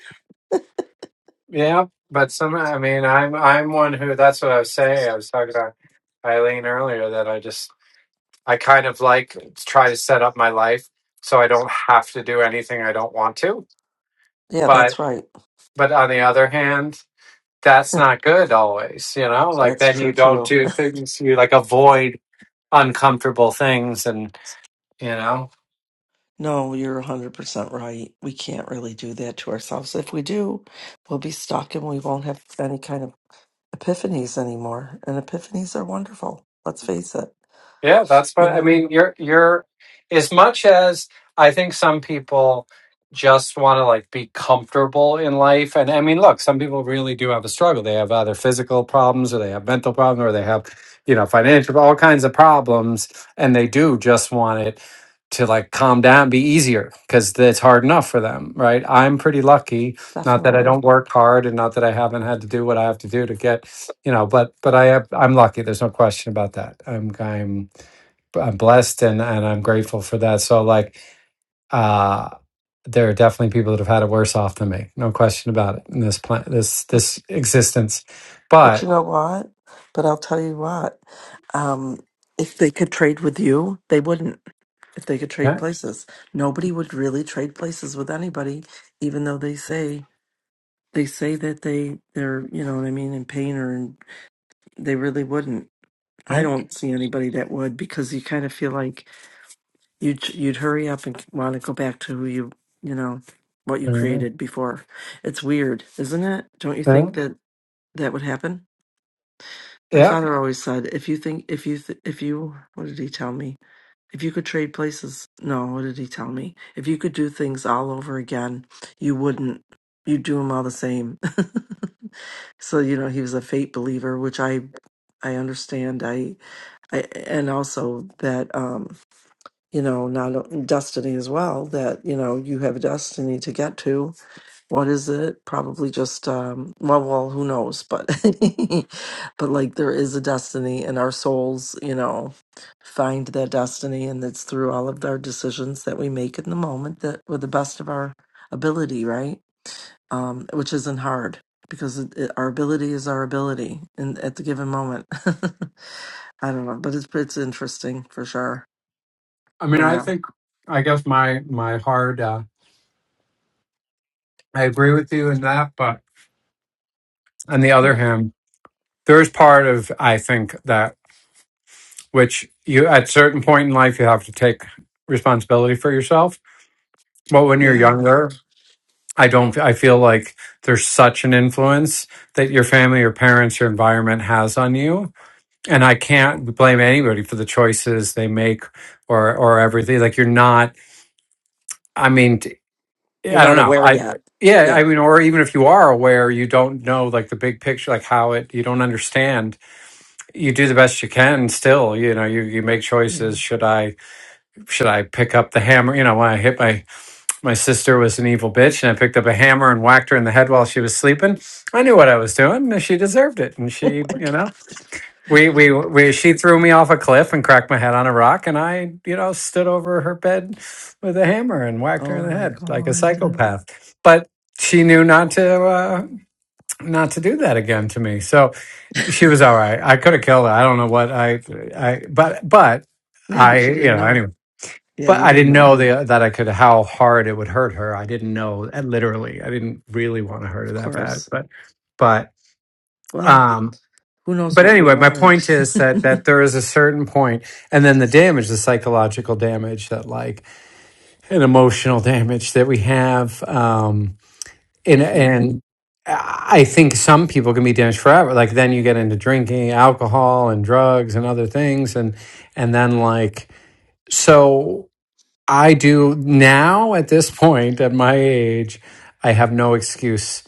yeah but some i mean i'm i'm one who that's what i was saying i was talking about eileen earlier that i just i kind of like try to set up my life so i don't have to do anything i don't want to
Yeah,
but
that's right.
but on the other hand, that's not good always, you know? Like
That's
then
true
you don't
too.
do things, you like avoid uncomfortable things and, you know?
No, you're 100% right. We can't really do that to ourselves. If we do, we'll be stuck and we won't have any kind of epiphanies anymore. And epiphanies are wonderful. Let's face it,
Yeah, that's
you
what I
know,
mean. You're you're as much as I think some people just want to like be comfortable in life. And I mean, look, some people really do have a struggle. They have either physical problems or they have mental problems or they have, you know, financial, all kinds of problems. And they do just want it to like calm down, be easier because it's hard enough for them, right? I'm pretty lucky not that I
definitely.
don't work hard and not that I haven't had to do what I have to do to get, you know, but but I have, I'm lucky. There's no question about that. I'm I'm I'm blessed and and I'm grateful for that. So like uh there are definitely people that have had it worse off than me. No question about it in this plan this
But
this existence.
but you
But
know what? But I'll tell you what. Um, if they could trade with you, they wouldn't. If they could trade
yeah,
places, nobody would really trade places with anybody, even though they say they say that they they're you know what I mean in pain or in, they really wouldn't. I
yeah,
don't see anybody that would because you kind of feel like You'd you'd hurry up and want to go back to who you you know what you
yeah,
created before. It's weird, isn't it? Don't you
yeah.
think that that would happen? My
yeah.
father always said, if you think if you th- if you what did he tell me? If you could trade places, no, what did he tell me? If you could do things all over again, you wouldn't. You'd do them all the same. *laughs* so you know he was a fate believer, which I I understand. I, I and also that. um you know, not o- destiny as well, that, you know, you have a destiny to get to. What is it? Probably just, um, well, well, who knows? But, *laughs* but like there is a destiny and our souls, you know, find that destiny. And it's through all of our decisions that we make in the moment that with the best of our ability, right? Um, which isn't hard because it, it, our ability is our ability in, at the given moment. *laughs* I don't know, but it's, it's interesting for sure.
I mean I
Wow.
think I guess my my hard uh I agree with you in that, but on the other hand, there's part of I think that which you at certain point in life you have to take responsibility for yourself but when you're
Yeah.
younger i don't i feel like there's such an influence that your family your parents your environment has on you and i can't blame anybody for the choices they make or or everything like you're not i mean t-
You're
i don't
not
know
aware
i
yet.
yeah i
Yeah.
mean or even if you are aware you don't know like the big picture like how it you don't understand you do the best you can still you know you you make
Yeah.
choices should i should I pick up the hammer? You know, when I hit my my sister was an evil bitch, and I picked up a hammer and whacked her in the head while she was sleeping. I knew what I was doing, and she deserved it. And
*laughs*
she, you know, we we, we she threw me off a cliff and cracked my head on a rock, and I, you know, stood over her bed with a hammer and whacked her
Oh my, oh
in the
my
head like a
God. Uh,
psychopath. But she knew not to uh, not to do that again to me. So she was all right. I could have killed her. I don't know what I I but but
yeah,
I
but you
you
didn't
know
know.
anyway
Yeah,
but
you
I
didn't
didn't
know.
know the, that I could how hard it would hurt her. I didn't know uh, literally. I didn't really want to hurt her
Of
that bad,
course.
but but
Well,
um
who knows
but
what we
anyway, my
wanted *laughs*
point is
for
that that there is a certain point and then the damage, the psychological damage that like an emotional damage that we have um in
sure.
and I think some people can be damaged forever. Like then you get into drinking, alcohol and drugs and other things and and then like so I do now at this point at my age, I have no excuse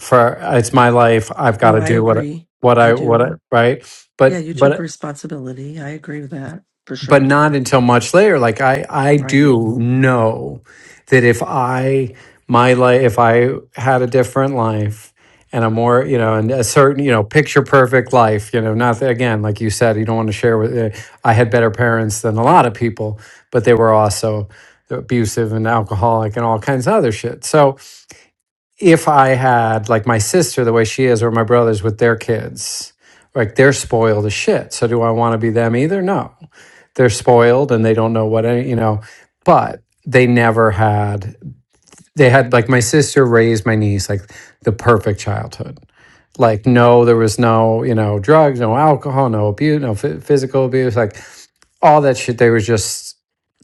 for it's my life. I've got
No,
to
I
do what
agree.
what
I
I what I
do.
right.
Yeah,
But
you took
but
responsibility. I agree with that for
but
sure.
not until much later like i i
Right.
do know that if i my life if i had a different life and a more you know and a certain you know picture perfect life you know not that- again like you said you don't want to share with uh, i had better parents than a lot of people but they were also abusive and alcoholic and all kinds of other shit so if I had like my sister the way she is, or my brothers with their kids, like they're spoiled as shit. So do I want to be them either? No, they're spoiled and they don't know what any, you know. But they never had. They had like my sister raised my niece like the perfect childhood. Like no, there was no you know drugs, no alcohol, no abuse, no phy- physical abuse. Like all that shit. They were just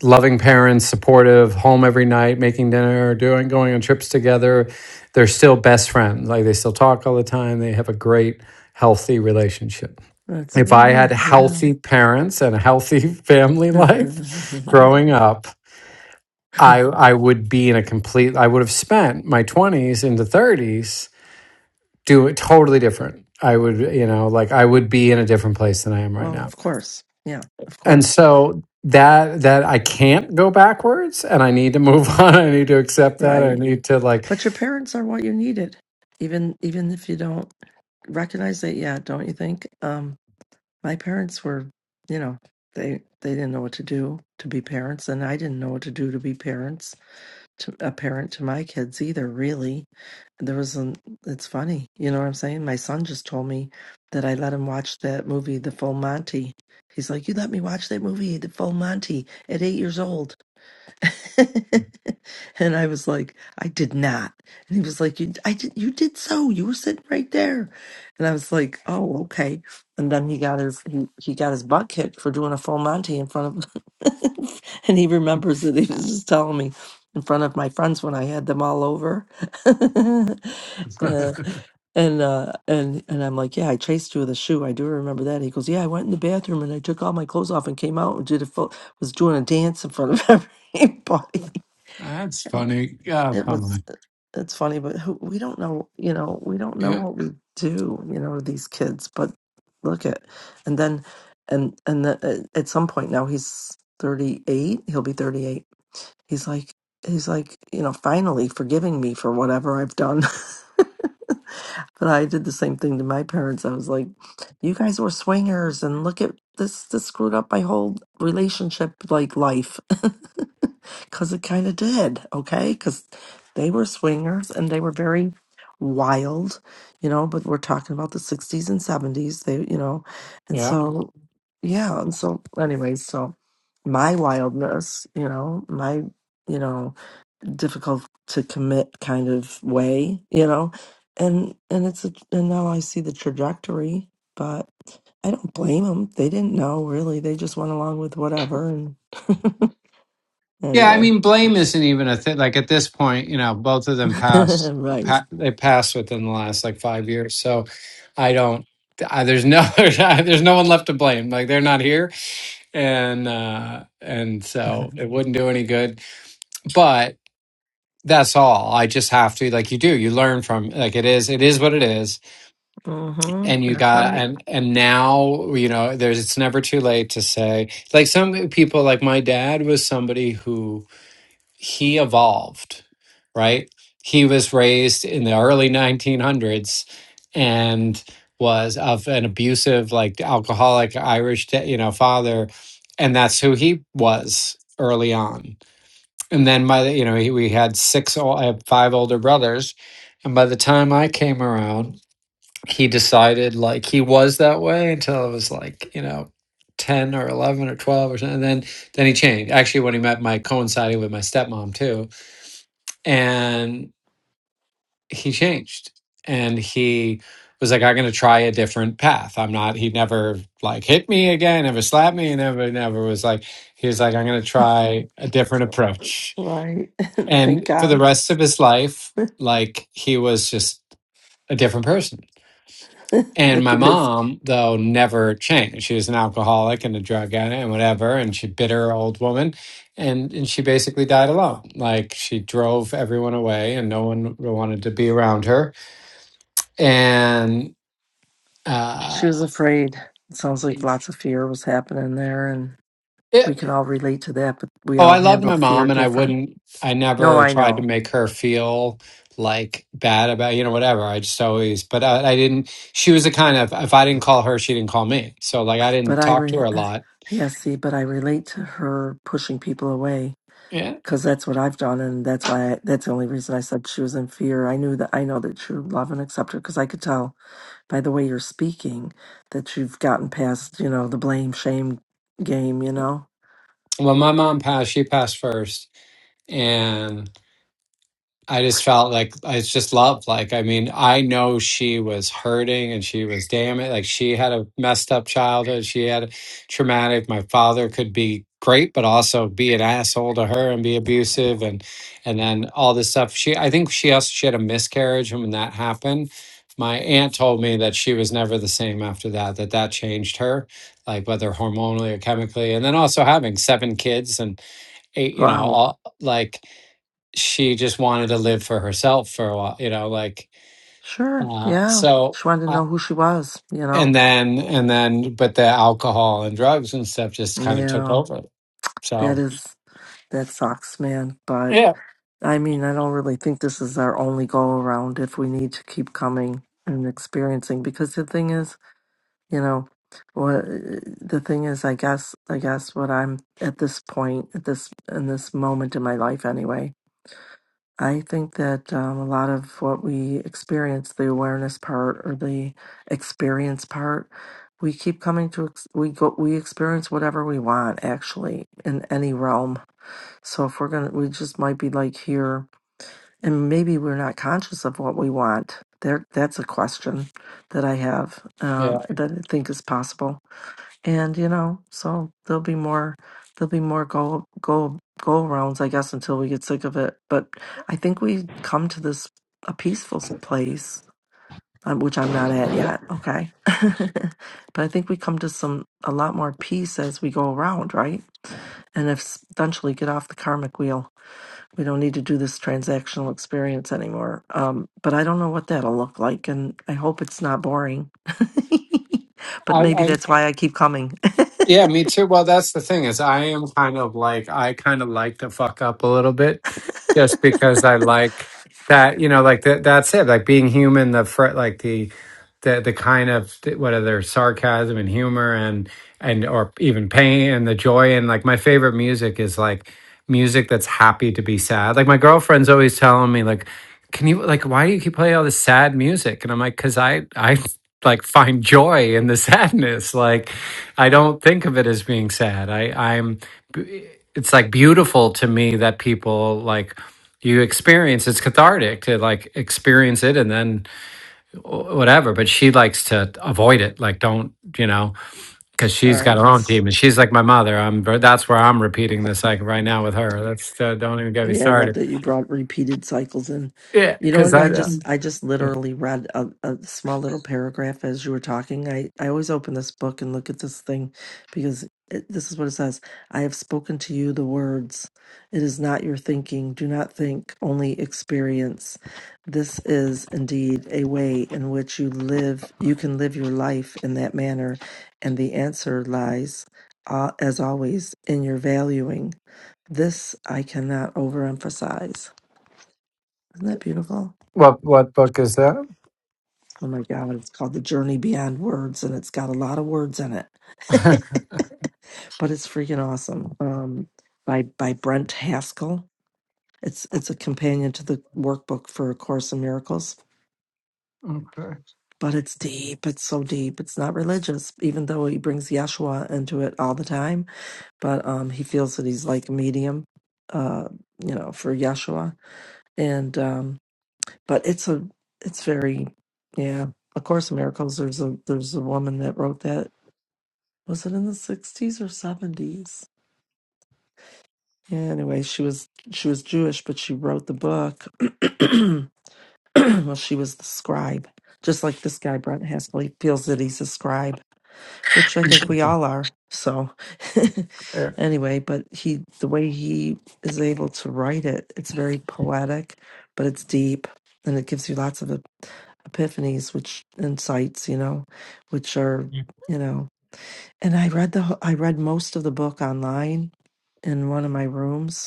loving parents, supportive, home every night, making dinner, doing going on trips together. They're still best friends. Like they still talk all the time. They have a great, healthy relationship.
That's
If I had
really, yeah.
healthy parents and a healthy family life *laughs* growing up, I I would be in a complete I would have spent my 20s into 30s doing totally different. I would, you know, like I would be in a different place than I am
*laughs*
right
well,
now.
of course. Yeah, of
and
course.
so that that I can't go backwards and I need to move *laughs* on. I need to accept that. I
Right.
need to like
But your parents are what you needed. Even even if you don't recognize that yet, don't you think? Um, my parents were, you know, they they didn't know what to do to be parents, and I didn't know what to do to be parents to a parent to my kids either. Really, there was an. It's funny, you know what I'm saying. My son just told me that I let him watch that movie, The Full Monty. He's like, "You let me watch that movie, The Full Monty, at eight years old." *laughs* and I was like, I did not. And he was like, you, I did, you did so. You were sitting right there. And I was like, oh, okay. And then he got his he, he got his butt kicked for doing a full Monty in front of, *laughs* and he remembers that he was just telling me in front of my friends when I had them all over. *laughs*
*laughs*
Uh, and uh and and I'm like, yeah, I chased you with a shoe. I do remember that. He goes, yeah, I went in the bathroom and I took all my clothes off and came out and did a full, was doing a dance in front of *laughs* everybody.
That's
Uh,
funny. Oh,
It
come
was
on.
uh, it's funny, but who, we don't know, you know, we don't know
Yeah.
what we do, you know, to these kids. But look at, and then, and and the, at at some point now he's 38. He'll be 38. He's like, he's like, you know, finally forgiving me for whatever I've done. *laughs* But I did the same thing to my parents. I was like, "You guys were swingers, and look at this. This screwed up my whole relationship, like life, *laughs* because it kind of did. Okay, because they were swingers and they were very wild, you know. But we're talking about the '60s and '70s. They, you know, and
yeah.
so yeah. And so, anyways, so my wildness, you know, my, you know." difficult to commit kind of way, you know. And and it's a, and now I see the trajectory, but I don't blame them. They didn't know really. They just went along with whatever. And
Yeah, I
anyway,
mean, blame isn't even a thing. Like at this point, you know, both of them
*laughs*
passed.
right.
Pa- they passed within the last like five years, so I don't. I, there's no, *laughs* there's no one left to blame. Like they're not here, and uh and so it wouldn't do any good. But that's all. I just have to like you do. You learn from like it is. It is what it is,
hmm
and you
That's
got
right.
and and now you know. There's it's never too late to say like some people like my dad was somebody who he evolved, right? He was raised in the early 1900s and was of an abusive, like alcoholic Irish, da- you know, father, and that's who he was early on. And then by the, you know, he, we had six, ol- I have five older brothers, and by the time I came around, he decided like he was that way until it was like you know. 10 or 11 or 12 or something and then then he changed actually when he met my coinciding with my stepmom too and he changed and he was like i'm going to try a different path i'm not he never like hit me again never slapped me never never was like he was like i'm going to try a different approach
Right. *laughs* Thank
and for the
God.
rest of his life like he was just a different person
*laughs*
and
Look
my
at this.
mom though never changed she was an alcoholic and a drug addict and whatever and she bitter old woman and and she basically died alone like she drove everyone away and no one wanted to be around her and
She
uh
was afraid. It sounds like lots of fear was happening there, and
it,
we can all relate to that. But we
oh i
all
loved my
handled fear
mom and i
different.
wouldn't i
No,
never
I
tried to
know.
make her feel like bad about you know whatever i just always but I, I didn't she was the kind of if i didn't call her she didn't call me so like i
But
didn't
I,
talk to
re-
her a
uh,
lot
yeah, see, but I relate to her pushing people away
yeah
because that's what I've done, and that's why I, that's the only reason I said she was in fear. I knew that I know that you love and accept her because I could tell by the way you're speaking that you've gotten past, you know, the blame shame game. You know,
well my mom passed she passed first and. I just felt like it's just love. Like, I mean, I know she was hurting and she was damn it. Like, she had a messed up childhood. She had a traumatic. My father could be great, but also be an asshole to her and be abusive and, and then all this stuff. She, I think she also, she had a miscarriage. And when that happened, my aunt told me that she was never the same after that, that that changed her, like whether hormonally or chemically. And then also having seven kids and eight, you know,
wow,
all like, she just wanted to live for herself for a while, you know, like
sure,
uh
yeah.
so
She wanted to
uh,
know who she was. You
and
know,
then and then but the alcohol and drugs and stuff just kind of took
yeah,
over.
that
So
is that sucks, man. But
yeah,
I mean, I don't really think this is our only go around if we need to keep coming and experiencing because the thing is, you know, what the thing is, I guess, I guess what I'm at this point, at this, in this moment in my life anyway, I think that um, a lot of what we experience, the awareness part or the experience part, we keep coming to, ex- we go, we experience whatever we want actually in any realm. So if we're going to, we just might be like here and maybe we're not conscious of what we want. There, that's a question that I have
yeah.
um, that I think is possible. And you know, so there'll be more, there'll be more go go go rounds, I guess, until we get sick of it. But I think we come to this a peaceful s- place, um, which I'm not at yet. Okay, *laughs* but I think we come to some a lot more peace as we go around, right? And eventually get off the karmic wheel we don't need to do this transactional experience anymore. Um, but I don't know what that'll look like, and I hope it's not boring. But maybe
i
that's why I keep coming.
Yeah, me too. Well, that's the thing is I am kind of like I kind of like to fuck up a little bit just because I like that, you know, like that that's it. Like being human, the fr- like the the the kind of what are their sarcasm and humor and and or even pain and the joy and like my favorite music is like music that's happy to be sad. Like my girlfriend's always telling me like can you like why do you keep playing all this sad music? And I'm like cuz I I like find joy in the sadness like I don't think of it as being sad. I, I'm, it's like beautiful to me that people like you experience. It's cathartic to like experience it and then wh- whatever. But she likes to avoid it. Like, don't you know? Because
*laughs* All
she's got her own
right.
demons. She's like my mother. I'm. That's where I'm repeating this like right now with her. That's uh, don't even get me
Yeah, I
started.
love that you brought repeated cycles in.
Yeah,
You know
because
what?
I
I
uh,
just I just
uh,
literally read a, a small little paragraph as you were talking. I I always open this book and look at this thing because it, this is what it says. I have spoken to
It's
you the words. It is not your thinking. Do not think, only experience. This is indeed a way in which you live. You can live your life in that manner, and the answer lies, uh, as always, in your valuing. This I cannot overemphasize. Isn't that beautiful?
what what book is that?
Oh my God, it's called The Journey Beyond Words and it's got a lot of words in it. *laughs*
*laughs*
but it's freaking awesome. Um, by by Brent Haskell. It's it's a companion to the workbook for A Course in Miracles.
okay.
But it's deep. It's so deep. It's not religious, even though he brings Yeshua into it all the time. But um, he feels that he's like a medium, uh, you know, for Yeshua. And um. but it's a it's very yeah a course of miracles there's a there's a woman that wrote that was it in the 60s or 70s yeah anyway she was she was jewish but she wrote the book *clears throat* well she was the scribe just like this guy brent haskell he feels that he's a scribe which I think we all are. So,
Yeah.
*laughs* anyway, but he, the way he is able to write it, it's very poetic, but it's deep and it gives you lots of epiphanies, which insights, you know, which are, you know, and I read the, wh- I read most of the book online in one of my rooms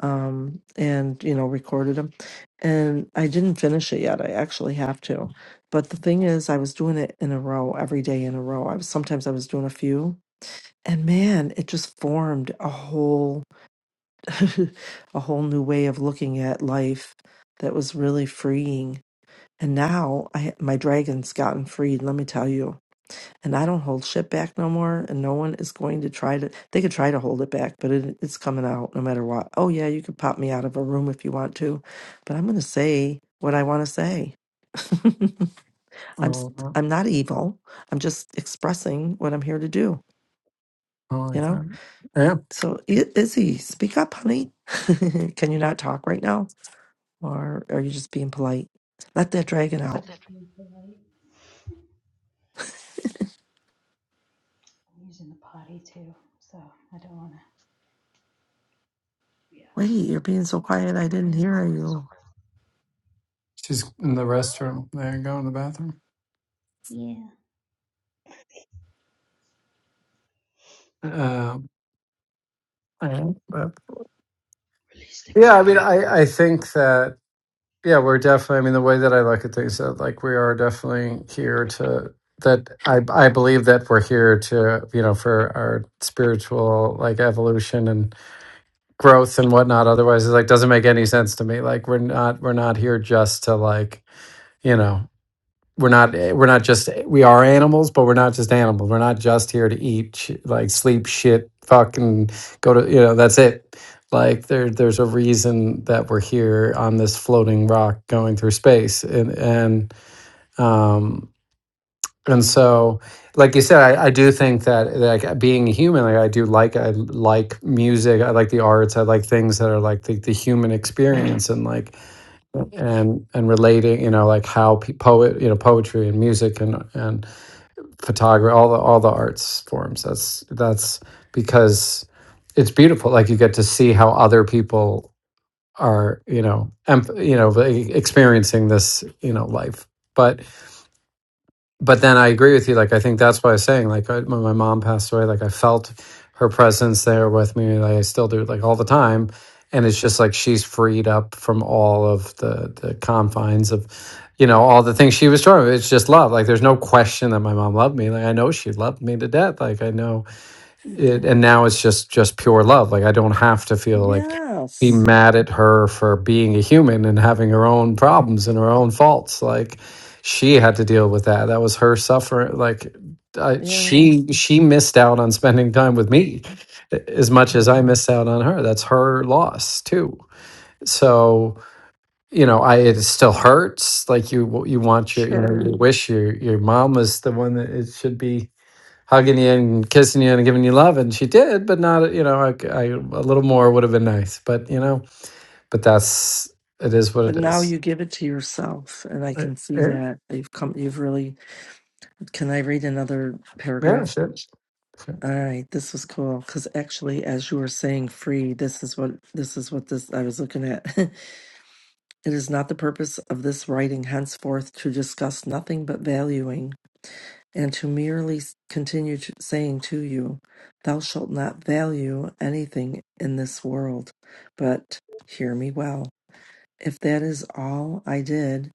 um, and you know recorded them and i didn't finish it yet i actually have to but the thing is i was doing it in a row every day in a row i was sometimes i was doing a few and man it just formed a whole *laughs* a whole new way of looking at life that was really freeing and now i my dragon's gotten freed let me tell you and I don't hold shit back no more. And no one is going to try to. They could try to hold it back, but it, it's coming out no matter what. Oh yeah, you could pop me out of a room if you want to, but I'm going to say what I want to say. *laughs* I'm
Oh,
st-
no,
I'm not evil. I'm just expressing what I'm here to do.
I
You
like
know.
that. Yeah.
So I- Izzy, speak up, honey. *laughs* Can you not talk right now, or are you just being polite? Let that dragon out.
What's Yeah.
Wait, you're being so quiet. I didn't hear you.
She's in the restroom. There you go in the bathroom. Um, yeah.
Wait, you okay
Yeah, I mean, I, I think that, yeah, we're definitely, I mean, the way that I look at things, that like we are definitely here to, that I, I believe that we're here to, you know, for our spiritual like evolution and growth and whatnot. Otherwise, it like doesn't make any sense to me. Like we're not, we're not here just to like, you know, we're not we're not just we are animals but we're not just animals we're not just here to eat sh- like sleep shit fucking go to you know that's it like there there's a reason that we're here on this floating rock going through space and and um and so like you said i, I do think that like being a human like i do like i like music i like the arts i like things that are like the, the human experience and like and and relating you know like how pe- poet you know poetry and music and and photography, all the all the arts forms. That's that's because it's beautiful. Like you get to see how other people are, you know, em- you know, e- experiencing this, you know, life. But but then I agree with you. Like I think that's why I was saying. Like I, when my mom passed away, like I felt her presence there with me. Like I still do, like all the time. And it's just like she's freed up from all of the the confines of you know, all the things she was talking about. It's just love. Like there's no question that my mom loved me. Like I know she loved me to death. Like I know it and now it's just just pure love. Like I don't have to feel like be
Yes.
mad at her for being a human and having her own problems and her own faults. Like she had to deal with that. That was her suffering. Like I,
Yeah.
she she missed out on spending time with me eh, as much as I missed out on her. That's her loss too. So you know, I it still hurts. Like you, you want your, you know,
Sure.
you wish your your mom was the one that it should be hugging you and kissing you and giving you love, and she did, but not, you know, I, I a little more would have been nice. But you know, but that's it is what
But
it
now
is.
you give it to yourself, and I
Uh,
can see
Yeah,
that you've come, you've really. Can I read another
yeah,
paragraph?
shit. shit.
All right, this was cool because actually, as you were saying, free. This is what this is what this I was looking at. *laughs* it is not the purpose of this writing henceforth to discuss nothing but valuing, and to merely s- continue to, saying to you, "Thou shalt not value anything in this world." But hear me well. If that is all I did,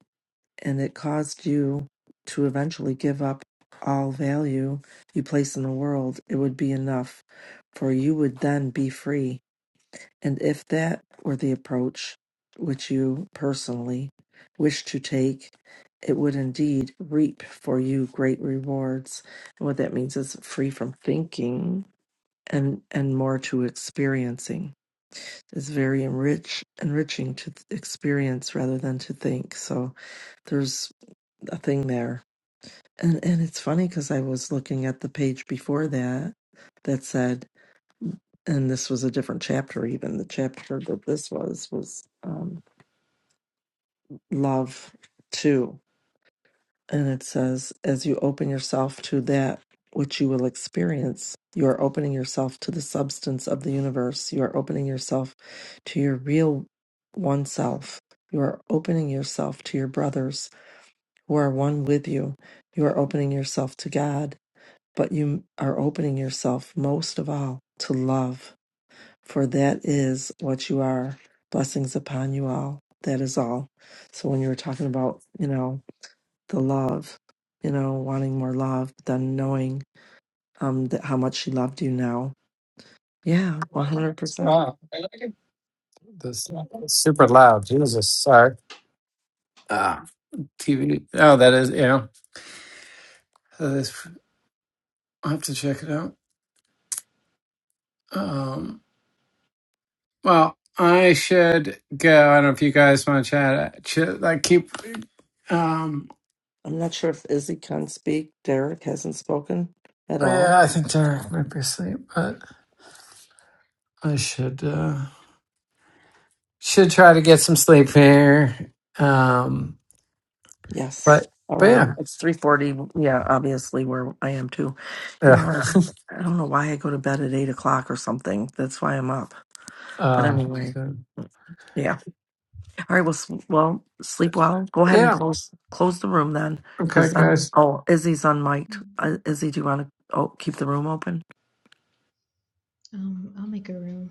and it caused you to eventually give up all value you place in the world, it would be enough, for you would then be free. And if that were the approach which you personally wish to take, it would indeed reap for you great rewards. And what that means is free from thinking and and more to experiencing. It's very enrich enriching to th- experience rather than to think. So a thing there. And and it's funny because I was looking at the page before that that said, and this was a different chapter. Even the chapter that this was was um, love two, and it says, as you open yourself to that which you will experience, you are opening yourself to the substance of the universe. You are opening yourself to your real oneself. You are opening yourself to your brothers who are one with you. You are opening yourself to God but you are opening yourself most of all to love, for that is what you are. Blessings upon you all. That is all. So when you were talking about, you know, the love, you know, wanting more love, but then knowing um that how much she loved you now. Yeah, one hundred percent.
Wow, this is super loud. Jesus, sorry. Ah, TV. Oh, that is, yeah. That is, I have to check it out. Um. Well, I should go. I don't know if you guys want to chat. Should I keep? Um,
I'm not sure if Izzy can speak. Derek hasn't spoken at all.
yeah, I think
at all?
Derek might be asleep, but I should uh, should try to get
Hello.
some sleep here. Um,
Yes.
but
All
but
right.
yeah,
It's three forty. Yeah, obviously where I am too. You know,
yeah.
what? I don't know why I go to bed at eight o'clock or something. That's why I'm up. But
uh,
anyway, yeah. All right. Well, s- well, sleep well. Go ahead and close close the room then, because oh, Izzy's unmiked. Uh, Izzy, do you want to oh keep the room open?
Um, I'll make a room.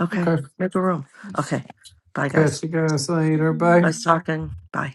Okay, make a room.
Yeah.
Okay. Bye, guys. Nice talking. Bye.